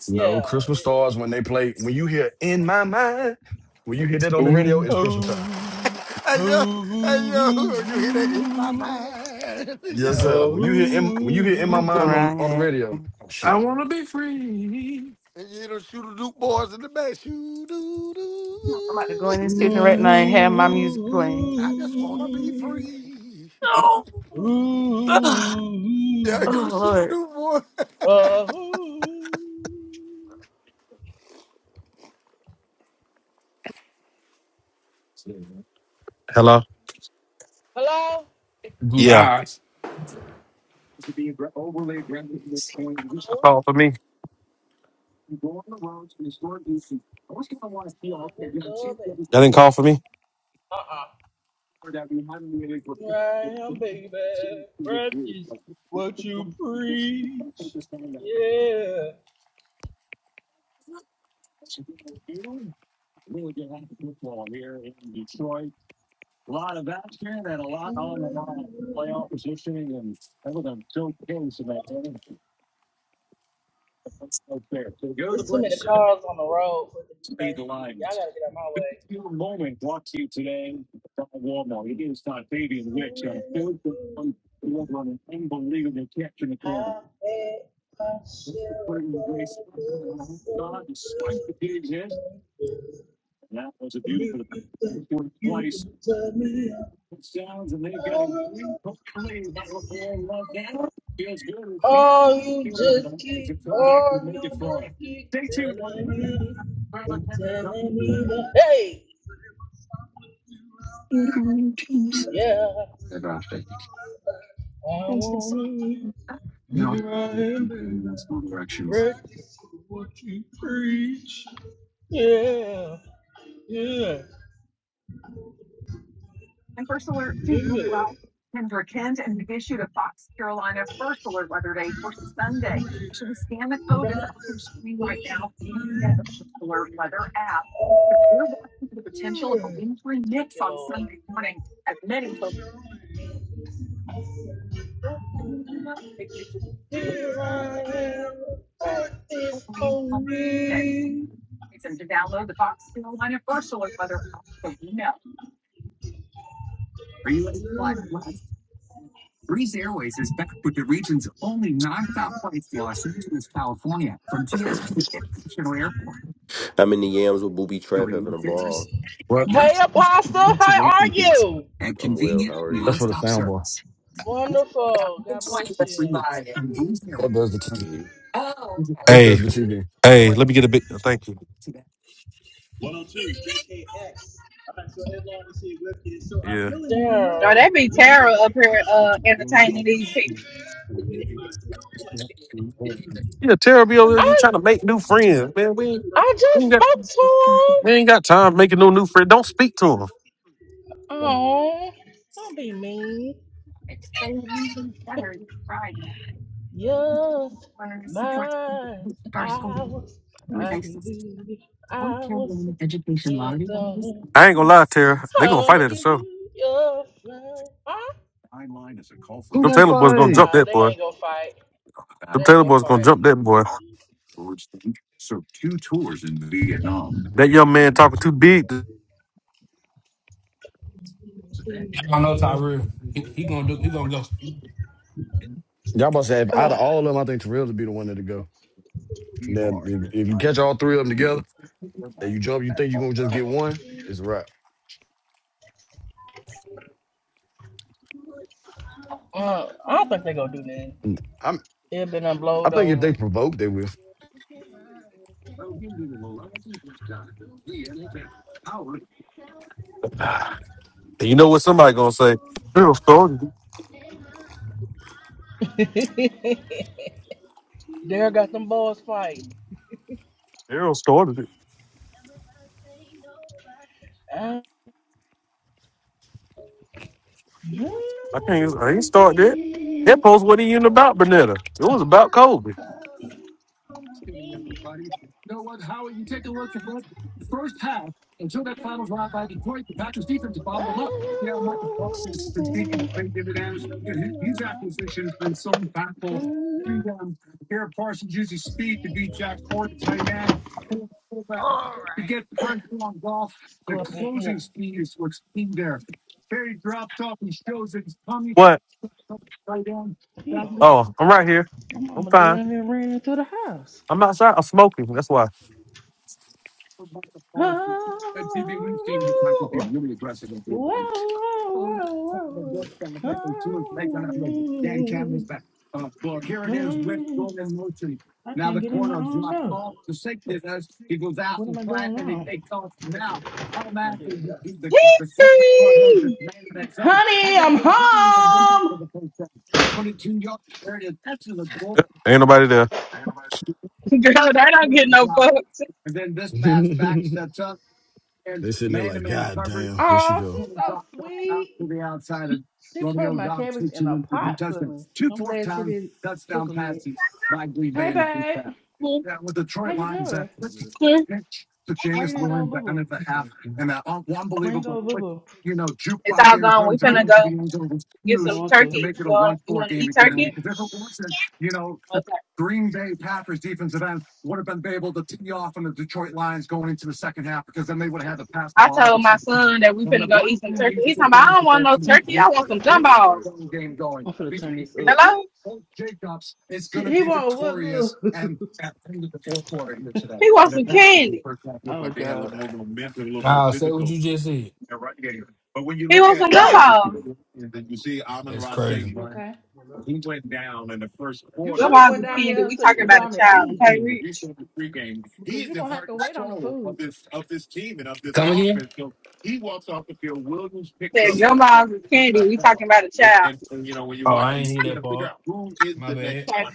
Speaker 14: No,
Speaker 4: Yeah.
Speaker 14: Christmas stars
Speaker 4: eh,
Speaker 14: when they play. When you hear "In My Mind," when you hear that on the radio,
Speaker 31: Ooh,
Speaker 14: it's Christmas time.
Speaker 4: Oh,
Speaker 16: Hey
Speaker 4: oh,
Speaker 16: yo, hey yo, you hear that in my
Speaker 4: oh,
Speaker 16: mind?
Speaker 14: Yes,
Speaker 16: yo.
Speaker 4: oh, oh,
Speaker 14: sir. When you hear in, when you hear "In My
Speaker 18: I'm Go
Speaker 14: Mind"
Speaker 4: oh,
Speaker 14: on
Speaker 18: around
Speaker 14: on the
Speaker 18: here.
Speaker 14: radio, oh
Speaker 31: I
Speaker 14: shit.
Speaker 31: wanna be free.
Speaker 16: And you hear those shooter Duke boys in the back. Shoo doo
Speaker 18: I'm
Speaker 16: doo.
Speaker 18: about to go in this kitchen
Speaker 16: Yeah,
Speaker 18: right now
Speaker 16: it's
Speaker 18: and
Speaker 16: all,
Speaker 18: have my music playing.
Speaker 16: I just wanna be free.
Speaker 18: Oh, God.
Speaker 4: oh,
Speaker 16: Yeah, you hear
Speaker 18: oh
Speaker 16: those shooter
Speaker 18: Lord.
Speaker 16: Duke
Speaker 4: oh.
Speaker 1: Hello.
Speaker 4: Hello?
Speaker 1: Yeah.
Speaker 31: Goodbye.
Speaker 4: Yeah, what's up?
Speaker 1: That didn't call for me.
Speaker 4: Uh-uh. Here I am, baby. Practice what you preach. Yeah. There's too many cars on the road for it to be Thanksgiving. Y'all gotta get out my way. I bet my share of love was so good. And if you think you can tell me i Oh, you just keep, oh, you just keep telling me and telling me that, hey, yeah, I want to be right am, baby. Practice what you preach. Yeah, yeah. Practice what you preach. Here I am. Practice on me.
Speaker 32: I'm in the yams with Booby Trap having a ball.
Speaker 14: What?
Speaker 4: Hey, Apostle. How are you?
Speaker 32: I'm well. How are
Speaker 14: That's
Speaker 32: you?
Speaker 14: for the soundbar.
Speaker 4: Wonderful. God bless you.
Speaker 14: That does the TV.
Speaker 32: Mhm.
Speaker 14: This
Speaker 1: Hey,
Speaker 14: does the TV.
Speaker 1: hey, let me get a big thank you. Yeah,
Speaker 4: Daryl.
Speaker 1: yeah. Tara be over there He
Speaker 4: I
Speaker 1: trying to make new friends, man. We ain't,
Speaker 4: I
Speaker 1: we
Speaker 4: just
Speaker 1: ain't got
Speaker 4: spoke to him.
Speaker 1: we ain't got time making no new friends. Don't speak to
Speaker 4: Oh, don't be mean.
Speaker 1: him.
Speaker 4: Just my hours. I can do it. I was sitting on.
Speaker 1: I ain't gonna lie, Tara. They
Speaker 4: I
Speaker 1: gonna fight
Speaker 4: wanna
Speaker 1: at the
Speaker 4: give
Speaker 1: show.
Speaker 4: you your flight. Huh?
Speaker 14: Who
Speaker 1: Them
Speaker 14: gonna
Speaker 1: Taylor boys gonna
Speaker 14: fight?
Speaker 1: jump
Speaker 4: Nah,
Speaker 1: that
Speaker 4: they
Speaker 1: boy.
Speaker 4: ain't gonna fight. They
Speaker 1: Them
Speaker 4: ain't
Speaker 1: Taylor
Speaker 4: gonna
Speaker 1: boys gonna
Speaker 4: fight.
Speaker 1: jump that boy. That young man talking too big.
Speaker 31: I don't know Tyrell. He, he gonna do he gonna go.
Speaker 14: Y'all must have out of all of them, I think Terrell would be the one that'd go. Now, if, if you catch all three of them together. And you jump, you think you're gonna just get one? It's a wrap.
Speaker 4: Uh, I don't think they gonna do nothing.
Speaker 14: I'm
Speaker 4: It been done
Speaker 14: I
Speaker 4: blowed
Speaker 14: think if they
Speaker 4: over.
Speaker 14: provoke, they will.
Speaker 1: And you know what somebody gonna say? Errol started it.
Speaker 4: Dare got them boys fighting.
Speaker 1: Errol started it.
Speaker 4: Uh,
Speaker 1: I can't. I ain't started it. That
Speaker 4: Let's
Speaker 1: post wasn't even about Bernetta. It was about Kobe.
Speaker 4: go up in here.
Speaker 1: What?
Speaker 4: Damn,
Speaker 1: Oh, I'm right here.
Speaker 4: my
Speaker 1: I'm
Speaker 4: mama
Speaker 1: fine.
Speaker 4: down here ran into the house.
Speaker 1: I'm outside. I'm smoking. That's why.
Speaker 4: Oh, wow, wow, wow, wow. Oh, hmm. I can't get in my own door. What am I doing wrong? Honey, I'm home.
Speaker 1: Ain't nobody there.
Speaker 29: Girl, that don't get no fucks.
Speaker 14: They sitting there like, God damn, here she
Speaker 4: Oh,
Speaker 14: go.
Speaker 4: she's so sweet. She put my cabbage in a pot for me. I'm glad she didn't cook them yet. Hey, babe. How you doing? Why you didn't go boo-boo? Why you didn't go boo-boo?
Speaker 29: It's all gone. We
Speaker 4: Huh?
Speaker 29: finna go get
Speaker 4: You
Speaker 29: some
Speaker 4: want to?
Speaker 29: turkey. You want, you want to eat turkey?
Speaker 4: Mm.
Speaker 29: Okay. I told my son that we finna go eat some turkey. He's talking about, I don't want no
Speaker 4: I'm
Speaker 29: turkey. I want some gumballs.
Speaker 4: finna turn this up.
Speaker 29: Hello?
Speaker 4: See, he won't what good.
Speaker 29: He wants some candy.
Speaker 4: oh God.
Speaker 31: Nah, say what you just said.
Speaker 29: He wants some gumballs.
Speaker 31: That's crazy.
Speaker 4: You okay? You should have
Speaker 29: Gumballs
Speaker 4: went
Speaker 29: and
Speaker 4: down
Speaker 29: candy.
Speaker 4: there
Speaker 29: We
Speaker 4: so you
Speaker 29: talking
Speaker 4: can go
Speaker 29: about a
Speaker 4: on and
Speaker 29: child,
Speaker 4: eat
Speaker 29: okay, Rich?
Speaker 4: because you're gonna have to wait on the food.
Speaker 31: Come again?
Speaker 29: Said gumballs and candy. We talking about a child.
Speaker 31: Oh, I ain't hear that part. My bad.
Speaker 29: Okay.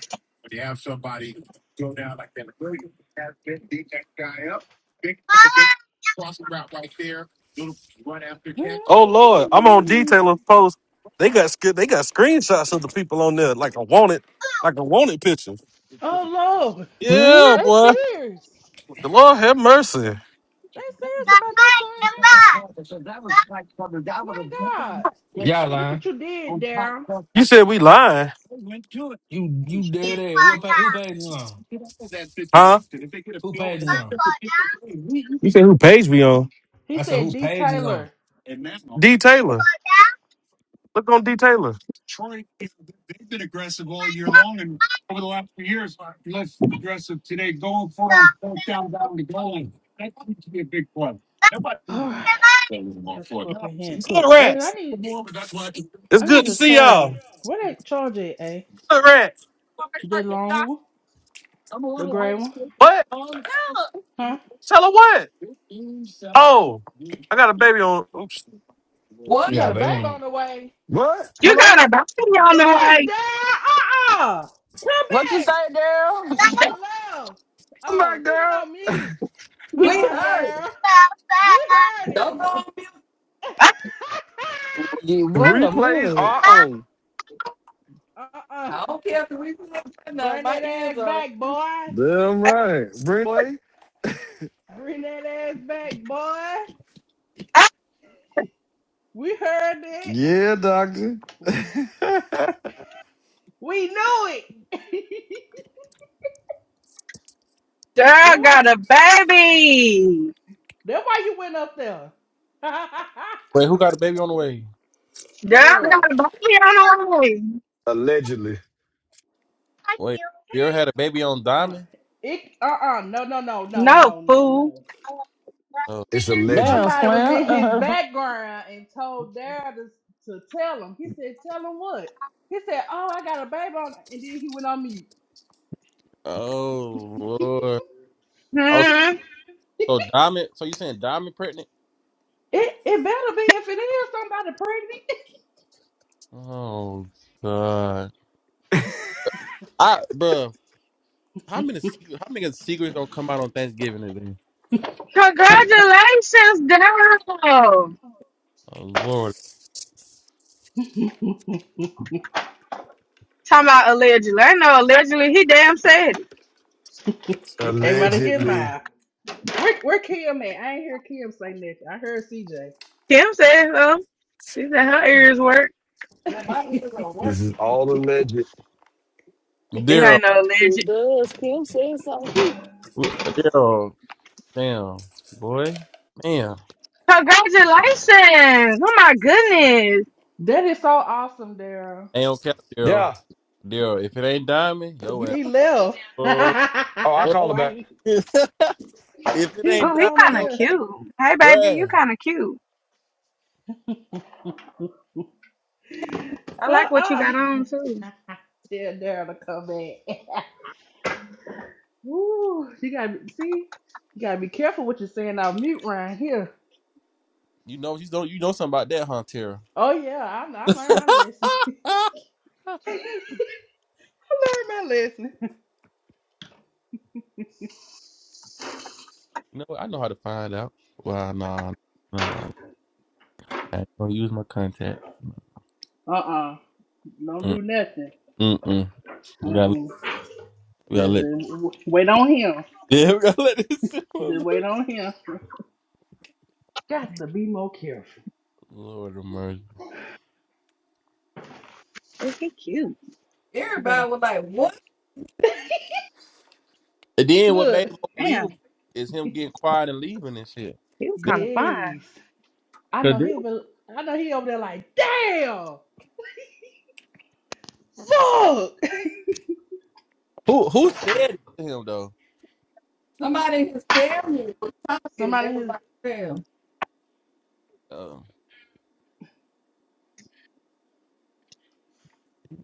Speaker 1: Oh Lord, I'm on detailer post. They got sc- they got screenshots of the people on there, like a wanted, like a wanted picture.
Speaker 4: Oh Lord,
Speaker 1: Yeah,
Speaker 4: they
Speaker 1: boy.
Speaker 4: serious. They
Speaker 1: The Lord have mercy.
Speaker 4: serious about that thing, ain't it? My God,
Speaker 31: Y'all
Speaker 4: look
Speaker 31: lying.
Speaker 4: what you did, Daryl.
Speaker 1: You said we lying,
Speaker 31: You you dead ass. What pa- who page is on?
Speaker 1: huh? You
Speaker 31: Who page is on?
Speaker 1: said who page we on?
Speaker 4: He
Speaker 31: I said
Speaker 4: said,
Speaker 31: who
Speaker 4: "D
Speaker 31: page is on?
Speaker 4: Taylor."
Speaker 1: D Taylor. Look on D Taylor.
Speaker 4: All right, let's go up in here and cook.
Speaker 1: Good
Speaker 4: Hey, I
Speaker 1: rats.
Speaker 4: need,
Speaker 1: It's
Speaker 4: I
Speaker 1: good
Speaker 4: need
Speaker 1: to
Speaker 4: a
Speaker 1: see
Speaker 4: charger.
Speaker 1: y'all.
Speaker 4: Where they charge it, eh?
Speaker 1: Good rats.
Speaker 4: The long one, the gray one,
Speaker 1: What?
Speaker 4: huh?
Speaker 1: Tell her what? Oh, I got a baby on. Oops.
Speaker 17: What?
Speaker 4: You got
Speaker 31: Yeah,
Speaker 4: a
Speaker 31: baby
Speaker 4: baby on
Speaker 31: on.
Speaker 4: the way.
Speaker 14: What?
Speaker 29: You
Speaker 14: Hello?
Speaker 29: got a baby on
Speaker 4: Wait,
Speaker 29: the
Speaker 4: Dad. Uh-uh. Come
Speaker 21: What you
Speaker 4: back.
Speaker 21: say, Daryl?
Speaker 4: He left. Oh, he went on mute.
Speaker 29: way.
Speaker 17: We
Speaker 4: Uh-uh,
Speaker 17: heard it.
Speaker 4: Dad. We heard
Speaker 17: Don't
Speaker 4: it.
Speaker 17: go on
Speaker 7: Yeah, what a
Speaker 4: Don't go
Speaker 7: minute.
Speaker 4: down there. Uh-uh.
Speaker 17: I don't care if the reason. is No,
Speaker 4: Bring
Speaker 17: my
Speaker 4: that
Speaker 17: ears
Speaker 4: ass
Speaker 17: are.
Speaker 4: back, boy. Bring that ass back, boy. We heard
Speaker 14: Yeah,
Speaker 4: it. We knew it.
Speaker 29: Girl
Speaker 4: that why
Speaker 29: got a baby.
Speaker 4: that why you went up there.
Speaker 19: Wait, who got a baby on the way?
Speaker 29: Girl got
Speaker 4: Bruh.
Speaker 29: a baby on the way.
Speaker 14: allegedly.
Speaker 19: Wait, you ever had a baby on
Speaker 4: Uh,
Speaker 19: Diamond?
Speaker 4: it uh-uh. No, no, no, no,
Speaker 29: No,
Speaker 4: no, no,
Speaker 29: fool.
Speaker 4: no.
Speaker 19: Oh,
Speaker 14: It's alleged.
Speaker 21: Damn,
Speaker 4: Somebody was
Speaker 21: Slim.
Speaker 4: in his
Speaker 21: Uh,
Speaker 4: background and told Dad to, to tell him. He said, "Tell him what?" He said, "Oh, I got a baby on," and then he went on mute.
Speaker 19: oh, Lord. Oh, so,
Speaker 29: Hmm.
Speaker 19: so Diamond. So you saying Diamond pregnant?
Speaker 4: It it better be if
Speaker 19: Oh God. I bruh, how many secret, how many secrets gonna come out on Thanksgiving today?
Speaker 29: Congratulations, damn. Talking
Speaker 19: Oh Lord.
Speaker 4: it is somebody pregnant.
Speaker 29: about allegedly. I know allegedly he damn said it.
Speaker 4: it came out of his
Speaker 14: Allegedly.
Speaker 4: mouth. Where, where Kim at? I ain't hear Kim say nothing. I heard CJ.
Speaker 29: Kim said so. She said her ears work.
Speaker 17: Yeah, my ears are
Speaker 14: This is
Speaker 17: working.
Speaker 14: all alleged.
Speaker 29: It
Speaker 19: Daryl
Speaker 29: ain't no
Speaker 7: It
Speaker 29: alleged.
Speaker 7: does. Kim said something.
Speaker 19: w- Daryl. Damn. Boy. Man.
Speaker 29: Congratulations. Oh my goodness.
Speaker 4: that is so awesome, Daryl.
Speaker 19: Ain't okay, Daryl.
Speaker 14: Yeah.
Speaker 19: Daryl, if it ain't diamond, yo
Speaker 17: You
Speaker 19: ass.
Speaker 4: He
Speaker 17: don't tell
Speaker 4: left.
Speaker 19: Oh,
Speaker 14: Oh, I
Speaker 19: oh.
Speaker 14: call it
Speaker 4: Why
Speaker 14: back.
Speaker 4: he,
Speaker 19: if it
Speaker 4: he
Speaker 19: ain't
Speaker 29: Oh,
Speaker 4: went
Speaker 29: he
Speaker 19: diamond,
Speaker 4: on and
Speaker 29: kind of
Speaker 19: yo ass
Speaker 29: cute. Hey, baby, you
Speaker 19: grass.
Speaker 29: kind of cute.
Speaker 4: left. Uh-uh.
Speaker 29: I like what you
Speaker 4: I
Speaker 29: got on too.
Speaker 4: tell Daryl to come back. Ooh, you gotta be, see, you gotta be careful what you're saying out mute right here.
Speaker 19: You know you know you know something about that, huh, Tara?
Speaker 4: Oh yeah, I, I
Speaker 19: you
Speaker 4: learned my lesson. I learned my lesson.
Speaker 19: know what? I know how to find out. Well, nah, nah. nah. I ain't gonna use my contact.
Speaker 4: Uh-uh, don't do nothing.
Speaker 19: Mm-mm-mm. We gotta,
Speaker 4: Uh-uh.
Speaker 19: we gotta
Speaker 4: Just,
Speaker 19: let,
Speaker 4: just w- wait on him.
Speaker 19: yeah, we gotta let this shit go.
Speaker 4: Just wait on him. Got to be more careful.
Speaker 19: Lord of mercy.
Speaker 29: Oh, he cute.
Speaker 17: me,
Speaker 4: We
Speaker 17: everybody
Speaker 4: gotta
Speaker 17: was like, "What?"
Speaker 19: And then what made
Speaker 4: look.
Speaker 19: it more believable
Speaker 29: Damn,
Speaker 19: is him getting quiet and leaving and shit.
Speaker 29: he was
Speaker 19: That-
Speaker 29: kind of fine.
Speaker 4: Yes, I
Speaker 19: Cause
Speaker 4: know
Speaker 19: then-
Speaker 4: he'll be. I know he over there like, damn, fuck.
Speaker 19: who who said it to him though?
Speaker 17: Somebody in his family was talking, and they was
Speaker 4: Somebody,
Speaker 17: like, "Damn,
Speaker 19: Um,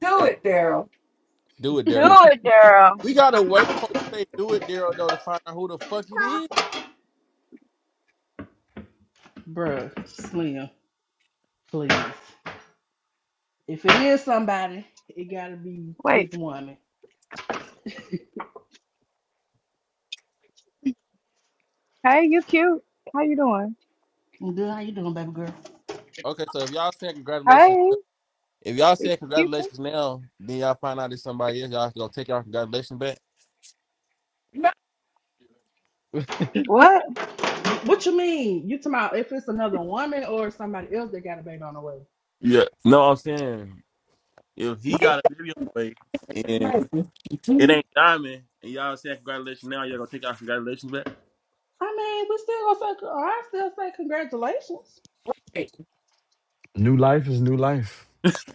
Speaker 17: do
Speaker 19: and
Speaker 17: it, Daryl."
Speaker 19: do it,
Speaker 29: Do
Speaker 4: has-
Speaker 19: Daryl.
Speaker 29: it, girl.
Speaker 19: We gotta wait before we say do it, Daryl, though, to find out who the fuck it is.
Speaker 4: bruh, Slim, please. If it is somebody, it gotta be his
Speaker 29: Wait.
Speaker 4: woman.
Speaker 29: Hey, you cute. How you doing?
Speaker 4: i good. How you doing, baby girl?
Speaker 19: Okay, so if y'all saying congratulations,
Speaker 29: Hey,
Speaker 19: if y'all
Speaker 29: you
Speaker 19: saying
Speaker 29: cute too.
Speaker 19: congratulations now, then y'all find out it's somebody else. Y'all gonna take y'all congratulations back.
Speaker 17: No,
Speaker 29: What?
Speaker 4: What you mean? You talking about if it's another woman or somebody else that got a baby on the way?
Speaker 19: yeah, no, I'm saying if he
Speaker 17: read
Speaker 19: got a video, like,
Speaker 17: the
Speaker 19: It
Speaker 17: message.
Speaker 19: ain't diamond, and y'all saying congratulations now. Y'all gonna take our congratulations back?
Speaker 4: I mean, we still gonna say, or I still say congratulations.
Speaker 14: New life is new life.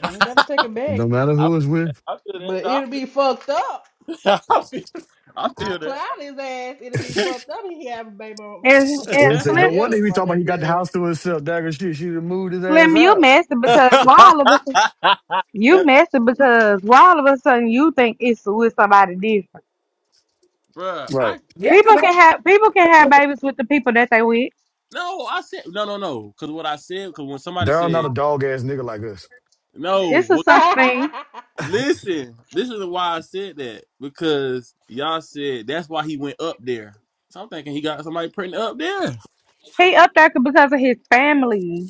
Speaker 4: I ain't gotta take it
Speaker 14: No
Speaker 4: back,
Speaker 14: matter
Speaker 19: I
Speaker 14: who is
Speaker 19: feel that.
Speaker 14: with.
Speaker 19: I feel that.
Speaker 4: but
Speaker 19: No, I
Speaker 4: it'll
Speaker 19: feel.
Speaker 4: be fucked up.
Speaker 19: I feel, I
Speaker 4: I
Speaker 19: feel
Speaker 4: clown his ass. It'll be fucked up if he have a baby on,
Speaker 29: And
Speaker 4: by
Speaker 14: Or
Speaker 29: and
Speaker 14: he say,
Speaker 29: Slim
Speaker 14: no
Speaker 4: somebody
Speaker 14: wonder
Speaker 4: else
Speaker 14: he be
Speaker 4: on
Speaker 14: talking about
Speaker 4: that
Speaker 14: he got the
Speaker 4: girl.
Speaker 14: house to himself. Dagger shit. She done moved his ass
Speaker 29: Slim, you
Speaker 14: out.
Speaker 29: messed it because why all of a sudden
Speaker 19: that.
Speaker 29: you messed it because why all of a sudden you think it's with somebody different.
Speaker 19: Bruh,
Speaker 14: Right.
Speaker 19: I
Speaker 17: Yeah, cause
Speaker 29: People
Speaker 17: they,
Speaker 29: can have people can have babies with the people that they with.
Speaker 19: no. I said no, no, no. Because what I said, because when somebody
Speaker 14: Daryl not
Speaker 19: said
Speaker 14: a dog ass nigga like us.
Speaker 19: no,
Speaker 29: It's a
Speaker 19: what?
Speaker 29: such thing.
Speaker 19: Listen, this is why I said that because y'all said that's why he went up there. So I'm thinking he got somebody printing up there.
Speaker 29: He up there because of his family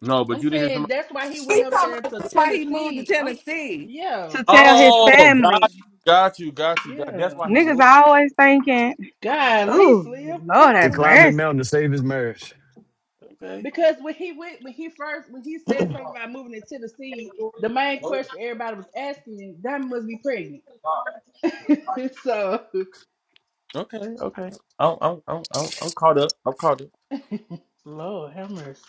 Speaker 19: No, but
Speaker 4: I'm
Speaker 19: you didn't hear
Speaker 4: saying
Speaker 19: somebody.
Speaker 4: that's why he went
Speaker 17: he
Speaker 4: up
Speaker 17: talking
Speaker 4: there
Speaker 17: about
Speaker 4: to
Speaker 17: that's why he moved to
Speaker 4: Tennessee. I'm,
Speaker 17: Tennessee.
Speaker 4: yeah,
Speaker 29: to
Speaker 4: with
Speaker 29: tell
Speaker 4: his
Speaker 29: his
Speaker 19: Oh,
Speaker 4: woman.
Speaker 19: got
Speaker 29: family.
Speaker 19: got you, got you, got. That's
Speaker 4: Yeah.
Speaker 19: why he moved.
Speaker 29: Niggas always thinking,
Speaker 4: God,
Speaker 29: "Ooh,
Speaker 4: Slim, come
Speaker 29: Lord
Speaker 14: He
Speaker 29: have
Speaker 4: on now.
Speaker 14: climbed that
Speaker 29: mercy."
Speaker 14: mountain to save his marriage.
Speaker 19: Okay.
Speaker 4: Because when he went, when he first, when he said something about moving to Tennessee, the main question everybody was asking, that must be pregnant. so,
Speaker 19: Okay. Okay. I'm I'm I'm I'm I'm caught up. I'm caught up.
Speaker 4: Lord have mercy.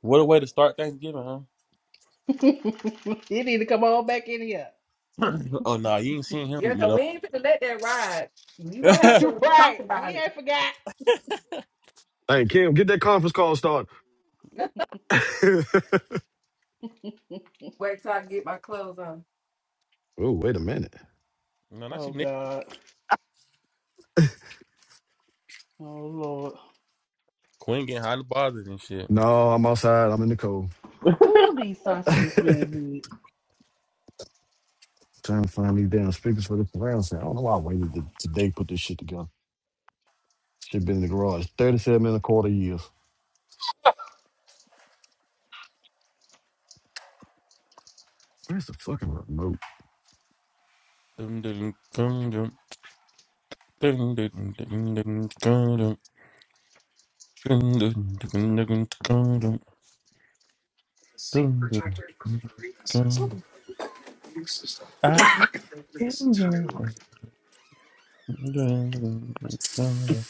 Speaker 19: What a way to start Thanksgiving, huh?
Speaker 4: you need to come on back in here.
Speaker 19: oh no, nah, you ain't seen him.
Speaker 17: Yeah, cause
Speaker 19: No,
Speaker 17: we ain't gonna let that ride. You gonna have
Speaker 19: no,
Speaker 17: to talk
Speaker 4: right,
Speaker 17: about
Speaker 4: we
Speaker 17: it.
Speaker 4: ain't forgot.
Speaker 14: Hey, Kim, get that conference call started. oh,
Speaker 17: Wait till I get my clothes on.
Speaker 14: wait a minute.
Speaker 19: not
Speaker 4: Oh
Speaker 19: you, Nick.
Speaker 4: God, oh Lord.
Speaker 19: Quinn getting hot and bothered and shit.
Speaker 14: No, I'm outside. I'm in the cold.
Speaker 4: Ooh, these sausages smell
Speaker 14: Trying
Speaker 4: good.
Speaker 14: to find these damn speakers for the surround sound. I don't know why I waited to today to put this shit together. Should been in the garage. 37 and a quarter years. Where's the fucking room?
Speaker 19: Dun, dun, dun, dun, dun, dun, dun, dun, dun, dun, dun, dun, dun, dun, dun, dun, dun, dun, dun,
Speaker 17: Oop,
Speaker 19: dun. I like singing. Dun, dun, dun, dun, dun, dun.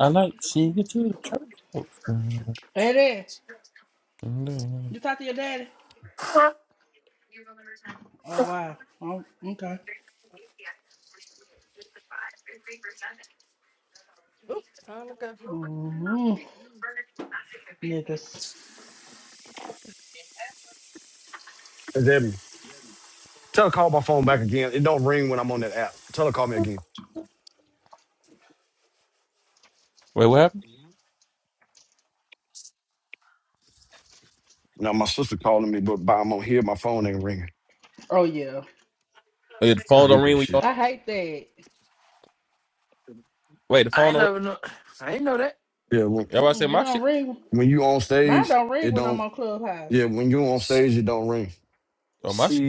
Speaker 19: I like singing to the church folks. Dun, dun,
Speaker 4: Hey there,
Speaker 19: dun, dun.
Speaker 4: you talk to your daddy? Oh wow. Oh, okay.
Speaker 17: oop, time to go.
Speaker 4: hmm Niggas.
Speaker 14: Is that tell her call my phone back again? It don't ring when I'm on that app. Tell her call me again.
Speaker 19: Wait, what happened?
Speaker 14: Now my sister calling me, but by I'm on here, my phone ain't ringing.
Speaker 4: Oh yeah.
Speaker 19: Wait, the
Speaker 14: I
Speaker 19: phone don't
Speaker 14: hate that
Speaker 19: ring when
Speaker 14: shit.
Speaker 19: y'all.
Speaker 4: I hate that.
Speaker 19: Wait, the
Speaker 4: You
Speaker 31: I
Speaker 19: phone
Speaker 31: ain't
Speaker 4: know
Speaker 19: don't ring.
Speaker 31: never know. I ain't know that.
Speaker 14: Yeah, when,
Speaker 19: Y'all about to
Speaker 4: Mm-mm,
Speaker 19: say
Speaker 4: it
Speaker 19: my shit?
Speaker 4: don't ring.
Speaker 14: when you on
Speaker 4: Mine
Speaker 14: stage,
Speaker 4: don't ring
Speaker 14: it
Speaker 4: when I'm
Speaker 14: don't.
Speaker 4: on Clubhouse.
Speaker 14: Yeah, when you on
Speaker 31: She,
Speaker 14: stage, it don't ring.
Speaker 19: Oh, my shit.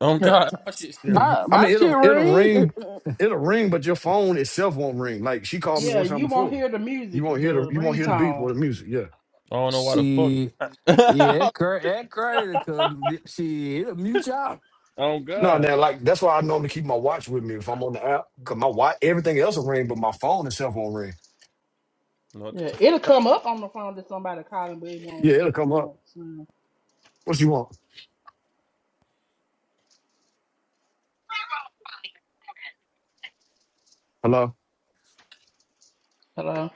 Speaker 19: Oh, God. My shit still ring.
Speaker 21: my
Speaker 14: I
Speaker 21: my
Speaker 14: mean,
Speaker 21: shit
Speaker 14: it'll it'll
Speaker 21: ring.
Speaker 14: ring, it'll ring, but your phone itself won't ring. Like she called me
Speaker 31: she,
Speaker 4: Yeah,
Speaker 14: one time
Speaker 4: you won't
Speaker 14: before.
Speaker 4: hear the
Speaker 14: You
Speaker 4: music,
Speaker 14: won't hear the
Speaker 4: the
Speaker 14: you won't hear the beep
Speaker 4: ringtone.
Speaker 14: or the music. Yeah.
Speaker 19: I don't know why the
Speaker 31: she yeah, that,
Speaker 19: fuck.
Speaker 31: cra- that crazy cause th- she it'll mute y'all.
Speaker 19: oh,
Speaker 14: No,
Speaker 19: God.
Speaker 14: now like that's why I normally keep my watch with me if I'm on the app. Cause my watch, everything else will ring, but my phone itself won't ring.
Speaker 19: No, what
Speaker 4: Yeah,
Speaker 19: the fuck?
Speaker 4: it'll come up on the phone to somebody calling, but it
Speaker 14: Yeah,
Speaker 4: won't
Speaker 14: it'll
Speaker 4: make a
Speaker 14: come up.
Speaker 4: noise. Mm.
Speaker 14: What you want? Hello.
Speaker 4: Hello.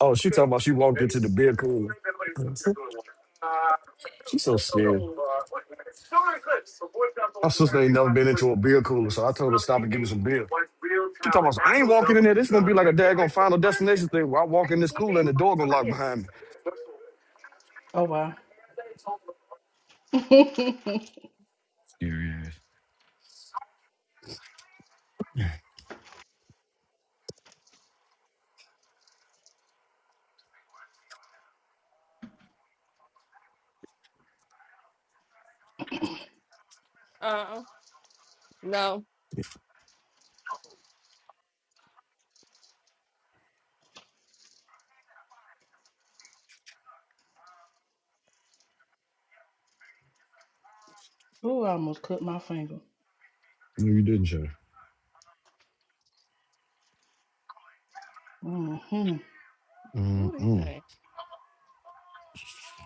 Speaker 14: Oh, she talking about she walked into the beer cooler. She's so scared. My sister ain't never been into a beer cooler, so I told her to stop and give me some beer. She talking about I ain't walking in there. This gonna be like a daggone final destination thing where I walk in this cooler and the door gonna lock behind me.
Speaker 4: Oh wow. Ooh,
Speaker 17: Uh, no.
Speaker 4: I almost cut my finger.
Speaker 14: No, you didn't,
Speaker 4: Mm-hmm.
Speaker 17: What do you
Speaker 14: Mm-mm.
Speaker 17: think?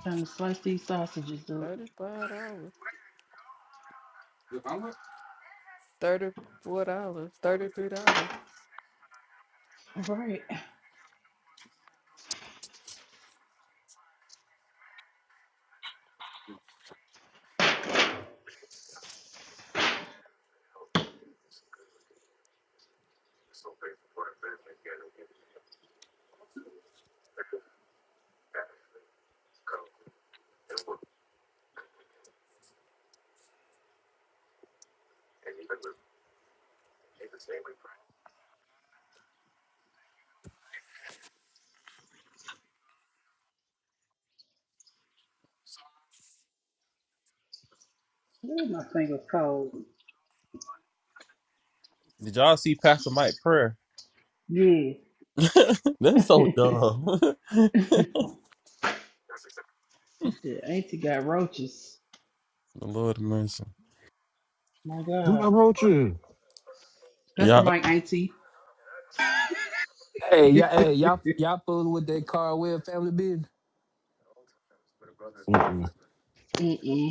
Speaker 4: Trying to slice these sausages up.
Speaker 17: Thirty-five dollars, thirty-four dollars, thirty-three dollars.
Speaker 4: All right. Ooh, my finger's cold.
Speaker 19: Did y'all see Pastor Mike prayer?
Speaker 4: Yeah.
Speaker 19: That's so dumb. the
Speaker 4: she said, "Auntie got roaches."
Speaker 19: Lord have mercy.
Speaker 4: My
Speaker 14: Who
Speaker 4: God.
Speaker 14: got wrote you?
Speaker 4: That's the
Speaker 19: Y'all,
Speaker 4: mic, Auntie.
Speaker 31: Hey, y'all hey, y'all y'all fooling with that Carwell family business.
Speaker 14: Mm-mm.
Speaker 4: Mm-mm.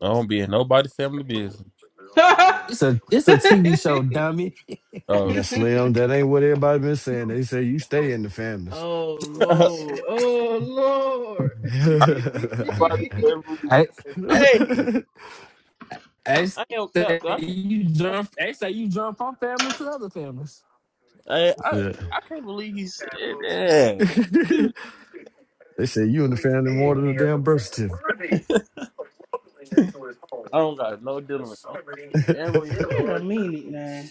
Speaker 19: I don't be in nobody's family business.
Speaker 4: oh
Speaker 31: It's a it's a TV show, dummy.
Speaker 14: And
Speaker 19: Oh.
Speaker 14: that slim, that ain't what everybody been saying. They say you stay in the families.
Speaker 4: Lord. Oh Lord.
Speaker 19: Nobody's family.
Speaker 31: I
Speaker 19: Hey,
Speaker 31: I
Speaker 19: I ain't cap.
Speaker 31: say
Speaker 19: I can't.
Speaker 31: you
Speaker 19: I, can't-
Speaker 31: jump I say you jump from family to other families.
Speaker 19: I, I,
Speaker 14: yeah.
Speaker 19: I can't believe he said that.
Speaker 14: they say you in the family more than a damn birth certificate.
Speaker 19: I don't got no dealing with no family.
Speaker 4: Wait a minute now.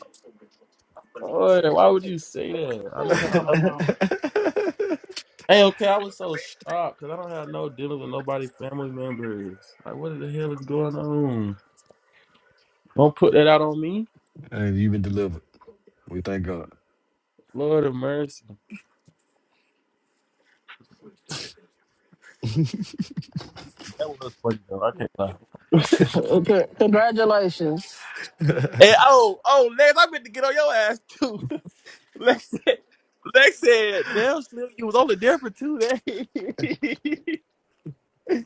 Speaker 19: Boy, why would you say that? I
Speaker 4: Let me
Speaker 19: don't have
Speaker 4: call my
Speaker 19: no.
Speaker 4: mama.
Speaker 19: Hey, okay, I was so shocked because I don't have no dealing with nobody family members. Like, what the hell is going on? Don't put that out on me.
Speaker 14: and you been delivered. We thank God.
Speaker 19: Lord of mercy. That was funny though. I can't lie.
Speaker 21: Okay, Congratulations.
Speaker 19: hey, oh, oh, Lex, I meant to get on your ass too. Lex said, Lex said, damn, Slim, you was only there for two days.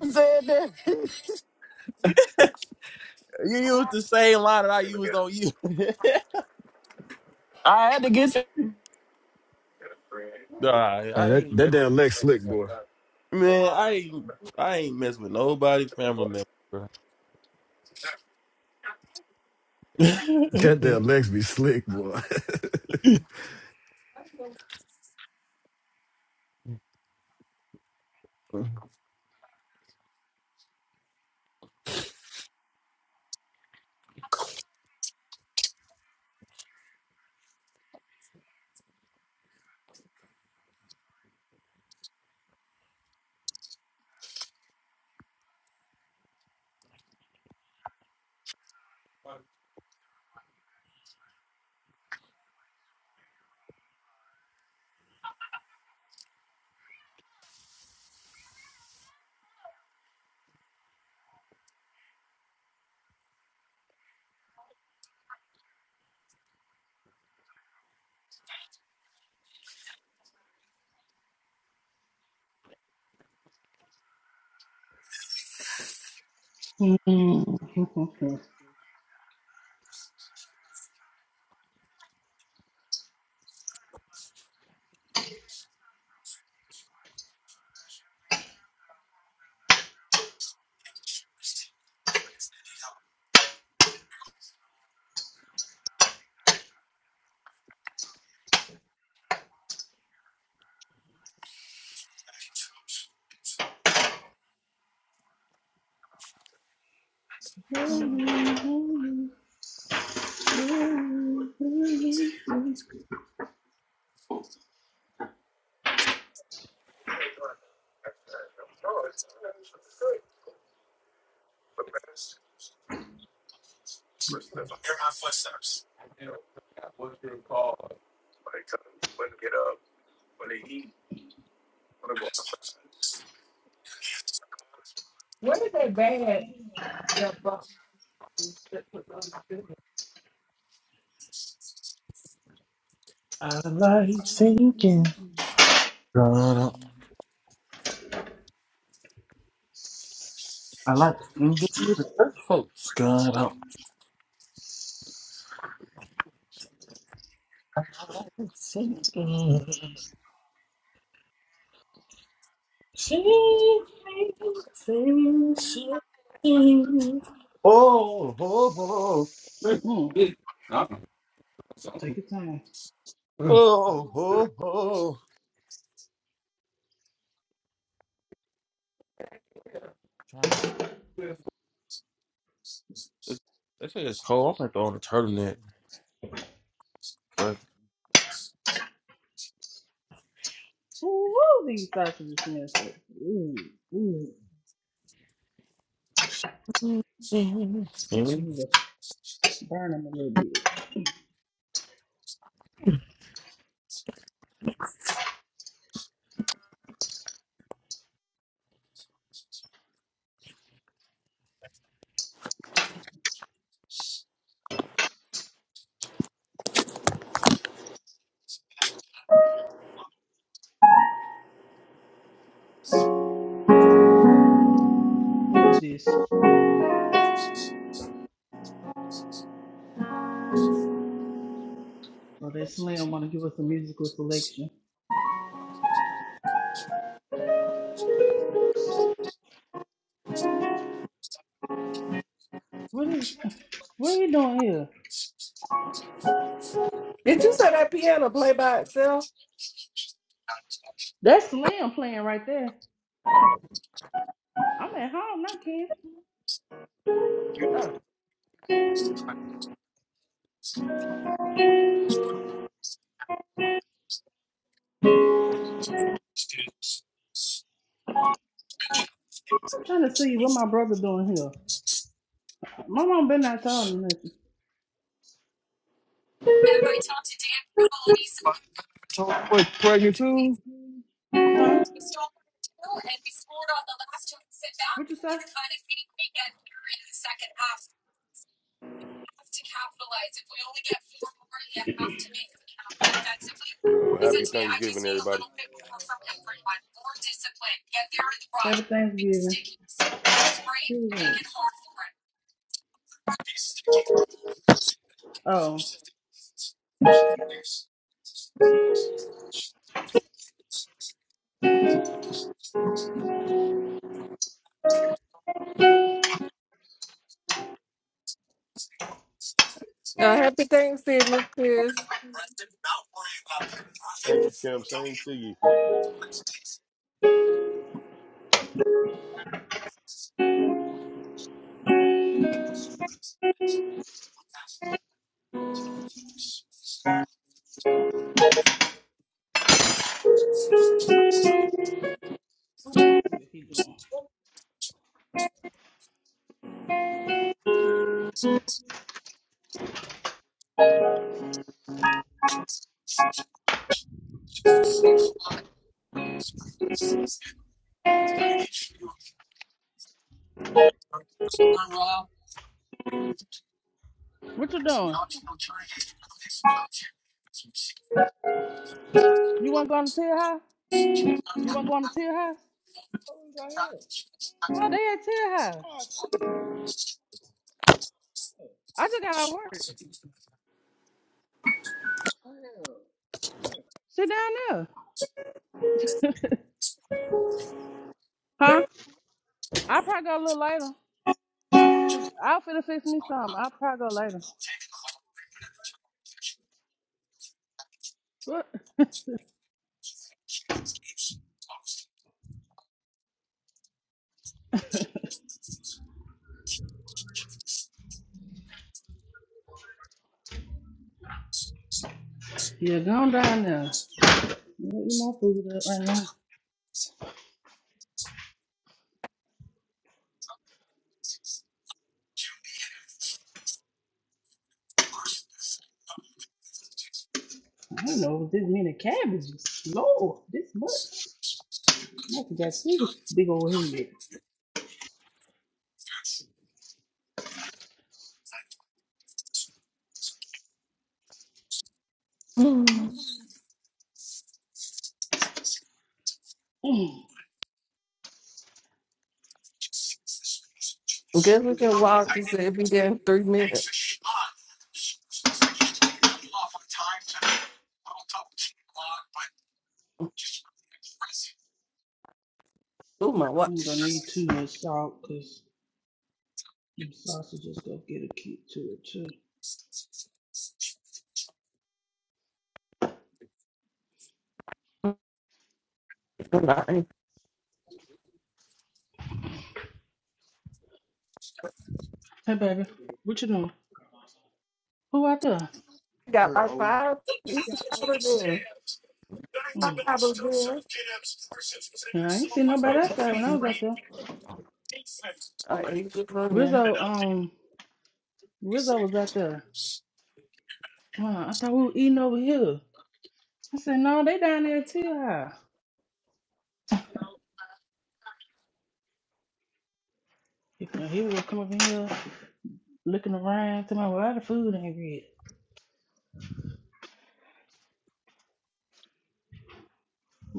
Speaker 21: Said that.
Speaker 19: you used the same line that I used on you.
Speaker 21: I had to get you.
Speaker 19: nah,
Speaker 14: Hey,
Speaker 19: I
Speaker 14: that,
Speaker 19: ain't messing
Speaker 14: that damn Lex slick, boy.
Speaker 19: Man, I ain't I ain't mess with nobody family member, bro.
Speaker 14: That damn Lex be slick, boy.
Speaker 17: What's your call? Where did they ban that box that was on the
Speaker 19: I like singing. God, um, I like singing to the church folks. God, um, I like singing. Sing, sing, sing, sing. Oh, oh, oh,
Speaker 4: Mm,
Speaker 17: business?
Speaker 4: Take your time.
Speaker 19: oh, oh, oh. Gosh, it's, they say it's cold. I'm gonna throw on a turtleneck. Right.
Speaker 4: Ooh, these sausages smell good. Ooh, ooh. I'm gonna burn them a little bit. Who is this? Oh, that slam wanna give us a musical selection. What is what are you doing here?
Speaker 17: Did you say that piano play by itself?
Speaker 4: That's Slim playing right there.
Speaker 17: Oh,
Speaker 4: I'm at home, not Ken.
Speaker 17: oh.
Speaker 4: I'm trying to see what my brother doing here. My mom been not telling me nothing.
Speaker 14: All right,
Speaker 4: Huh? What you say?
Speaker 33: Yo, happy Thanksgiving, everybody.
Speaker 4: Happy Thanksgiving. Who is it? Oh.
Speaker 17: Uh, happy Thanksgiving, Chris.
Speaker 33: Thank you, Kim. Same to you.
Speaker 4: Let's see what he doing. What you doing? You wanna go on the tail house? You wanna go on the tail house? Oh, they at tail house. Oh, shit. I just got out of work. Sit down there. Huh? I'll probably go a little later. Cause I'll finna fix me something. I'll probably go later. What? Yeah, go on down there. You know, eat my food up right now. I don't know this many cabbages. Lord, this much. I also got two big old head. Mm.
Speaker 17: Good looking walk is every damn three minutes. Oh my
Speaker 4: I'm gonna
Speaker 17: watch.
Speaker 4: need too much salt because them sausages gonna get a kick to it too.
Speaker 17: I
Speaker 4: Hey baby, what you doing? Who out there?
Speaker 17: got like five it's five of them.
Speaker 4: Mm.
Speaker 17: Five of them.
Speaker 4: I ain't seen nobody outside when I was out there.
Speaker 17: I ain't just running.
Speaker 4: Rizzo, um, Rizzo was out there. Huh, I thought we were eating over here. I said, no, they down there too high. If now he was coming over here looking around, to my well, the food ain't red.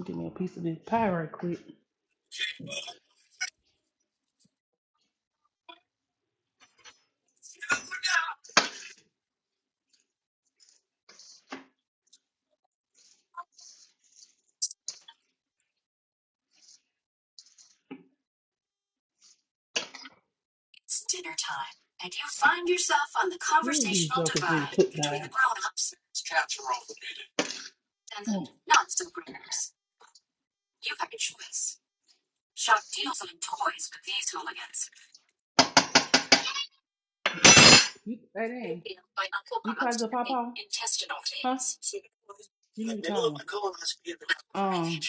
Speaker 4: Give me a piece of this pie right quick. Ooh, these jokers need to cook down. Mm. You, hey, dang. You called the papa? Huh? You need to call him. Um,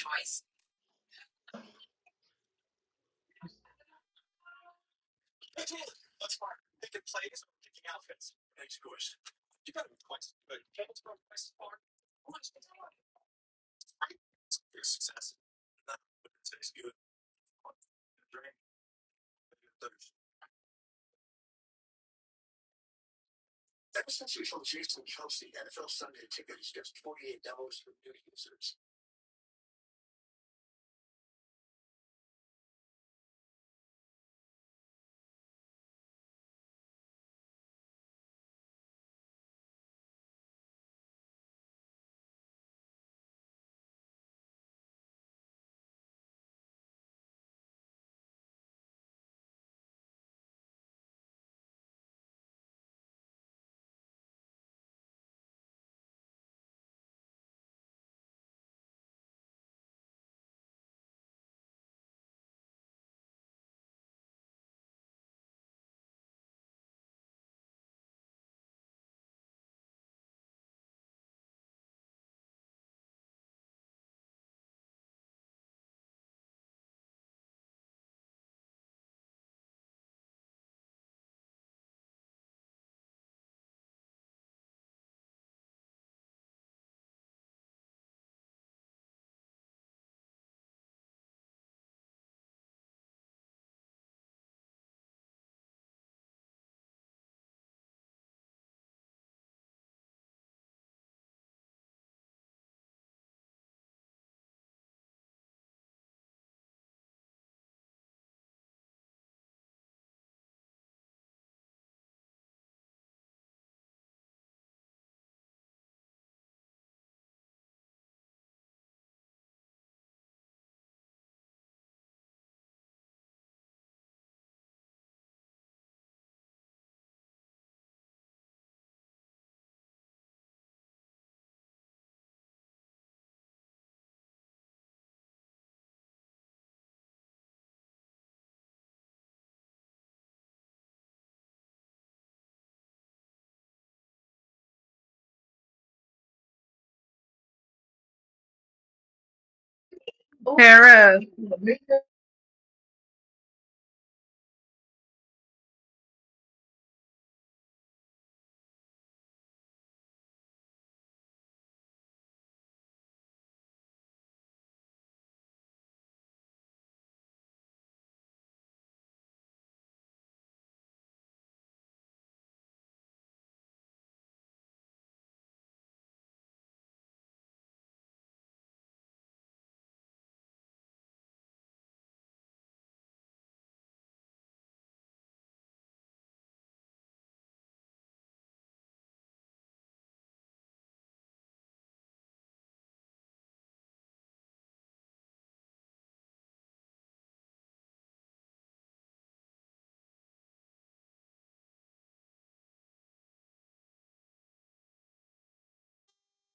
Speaker 29: Tara,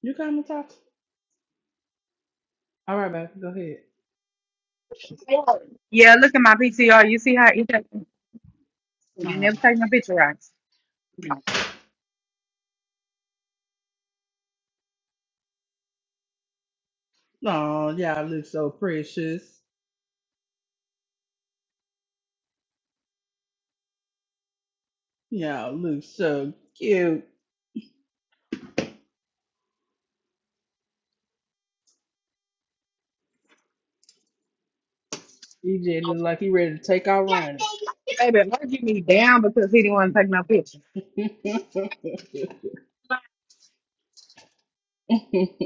Speaker 4: you coming to talk? All right, baby, go ahead.
Speaker 29: yeah, look at my PTR. You see how he took- you
Speaker 4: Um,
Speaker 29: never take no picture, right?
Speaker 4: oh, y'all look so precious. Y'all look so cute. EJ look like he ready to take out running.
Speaker 29: Baby, Mark you me down because he didn't want to take no picture.
Speaker 4: Ooh,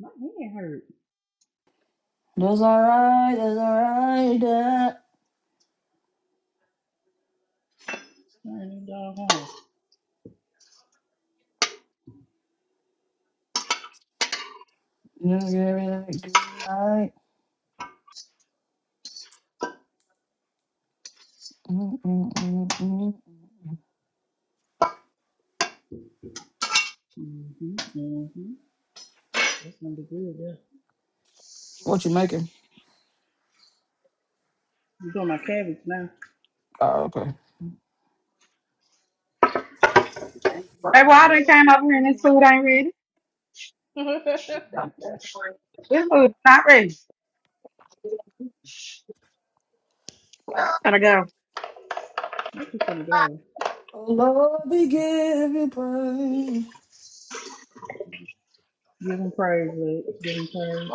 Speaker 4: my hand hurts.
Speaker 21: That's all right. That's all right. Dad.
Speaker 4: Turn that dog home.
Speaker 21: You know, give me that green light. Mm, mm, mm, mm.
Speaker 4: Mm-hmm, mm-hmm. That's gonna be good, yeah.
Speaker 21: What you making?
Speaker 4: You got my cabbage now.
Speaker 21: Oh, okay.
Speaker 29: Hey,
Speaker 4: Good for
Speaker 29: why
Speaker 4: me.
Speaker 29: they came up here and this food ain't ready? This food's not ready. Gotta go.
Speaker 4: I'm just gonna go.
Speaker 21: Oh, Lord, we give you
Speaker 4: Give him praise, Luke. Give him praise.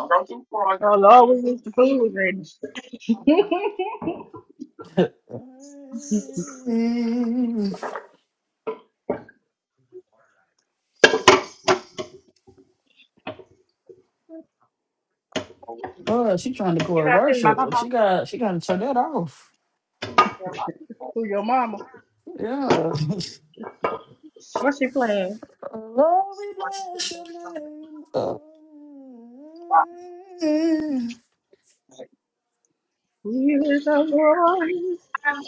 Speaker 29: Oh Lord, we wish the food was ready.
Speaker 21: praise. Oh, she trying to go
Speaker 29: You
Speaker 21: and
Speaker 29: got sitting by
Speaker 21: worship.
Speaker 29: Papa.
Speaker 21: She got she got to turn that off.
Speaker 4: Who your mama?
Speaker 21: Yeah.
Speaker 29: What's she playing?
Speaker 21: Lord, we bless your name.
Speaker 29: You is a Lord.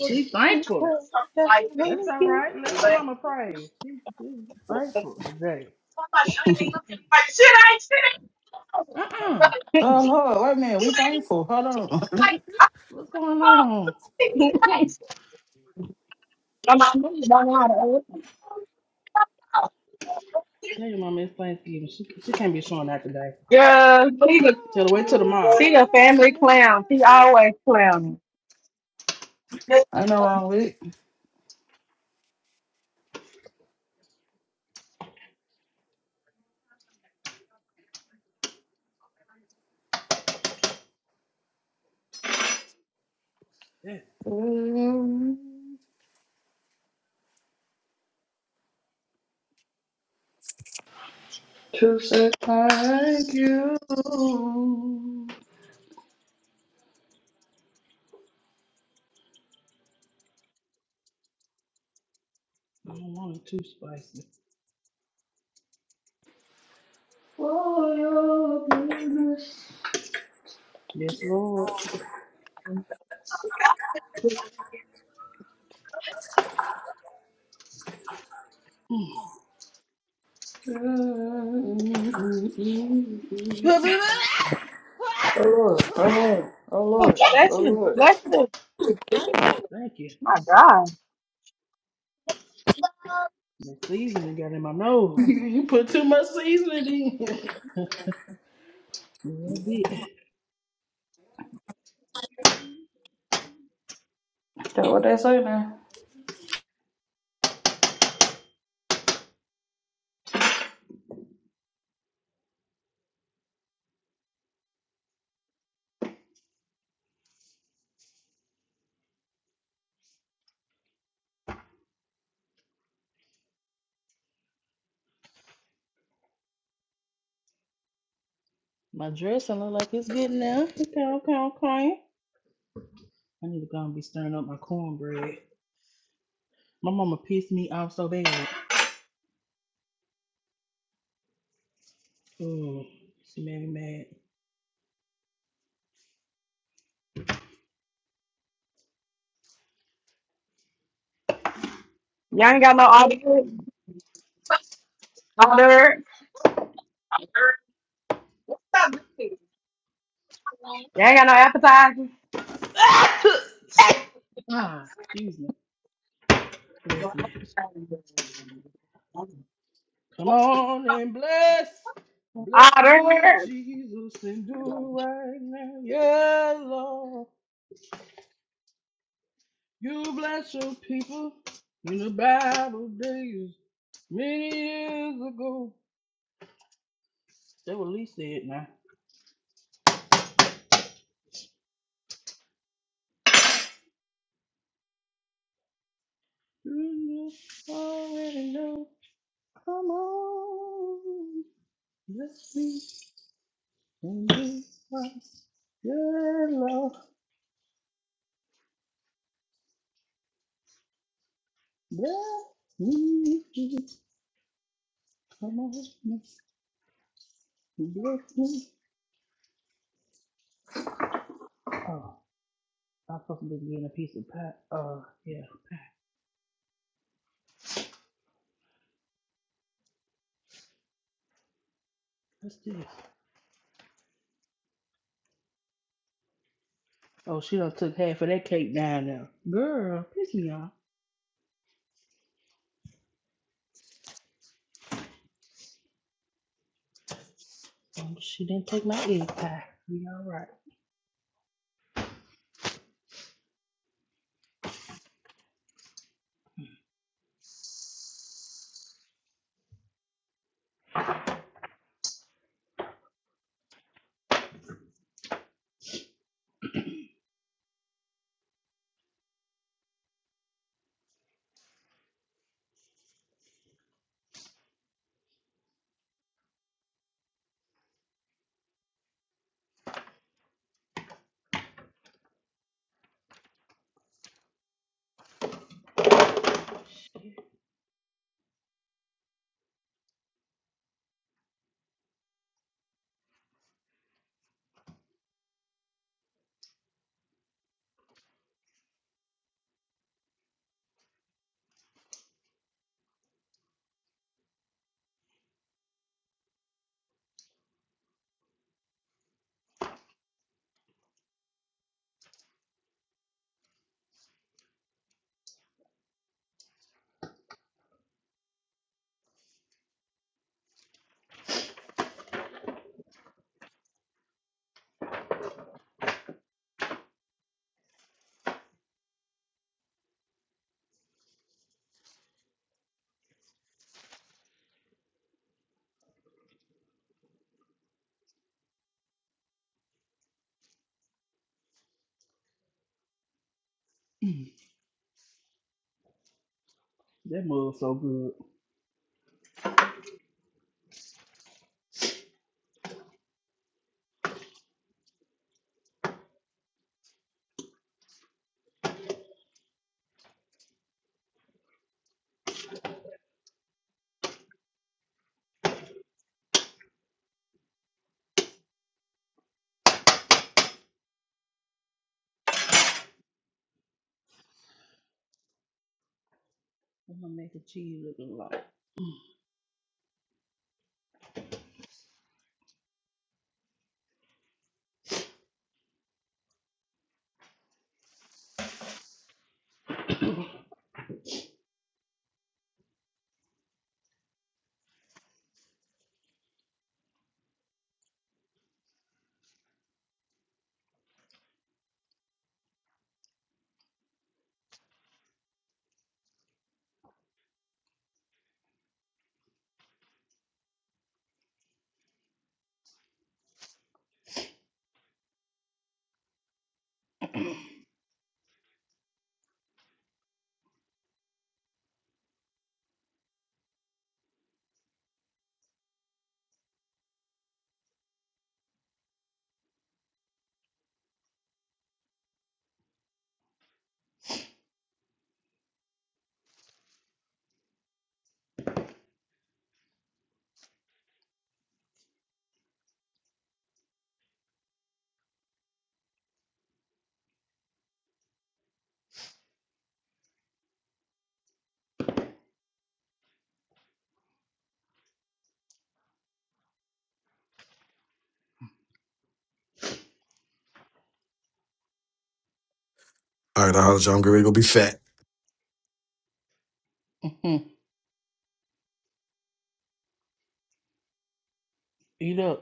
Speaker 4: She thankful. That's all right. Let your mama praise. She she's thankful today. Uh uh
Speaker 21: Oh,
Speaker 29: I'm
Speaker 21: Lord, wait a minute. We thankful. Hold on.
Speaker 4: What's going on?
Speaker 29: not moving.
Speaker 4: Tell your mama it's Thanksgiving. She she can't be showing out today.
Speaker 29: Yeah, see the
Speaker 4: Tell her wait till tomorrow.
Speaker 29: see the family clown. She always clowning.
Speaker 21: I know I'm weak.
Speaker 4: Yeah.
Speaker 21: Thank you
Speaker 4: I don't want it too spicy.
Speaker 21: for your goodness.
Speaker 4: Yes, Lord. Mm.
Speaker 21: Oh Lord, oh Lord, oh Lord,
Speaker 4: Oh,
Speaker 21: oh
Speaker 29: Bless you,
Speaker 4: Jesus.
Speaker 21: Lord.
Speaker 29: bless you.
Speaker 4: Ooh, Thank you.
Speaker 29: My God,
Speaker 4: The seasoning got in my nose.
Speaker 21: you put too much seasoning in.
Speaker 4: A little bit.
Speaker 21: That's what they say now.
Speaker 4: My dressing look like it's getting there. Okay, okay, okay. I need to go and be stirring up my cornbread. My mama pissed me off so bad. Oh, she made me mad.
Speaker 29: y'all ain't got no order. Order. Y'all ain't got no appetizers.
Speaker 4: Ah, excuse me. Listen. Come on and bless. Bless me,
Speaker 29: Order.
Speaker 4: Jesus, and do right now. Yeah, Lord. You bless your people in the Bible days many years ago. That's what Lee said now. You know, already know. Come on. Bless me. Your love, bless Come on, bless me. Oh, I'm supposed to be getting a piece of pie. Oh, yeah. What's this? Oh, she done took half of that cake down there. Girl, piss me off. Oh, she didn't take my egg pie. We all right. That mug so good. I'm gonna make the cheese looking like?
Speaker 14: I holler at you. I'm gonna go be fat.
Speaker 4: mm hmm Eat up.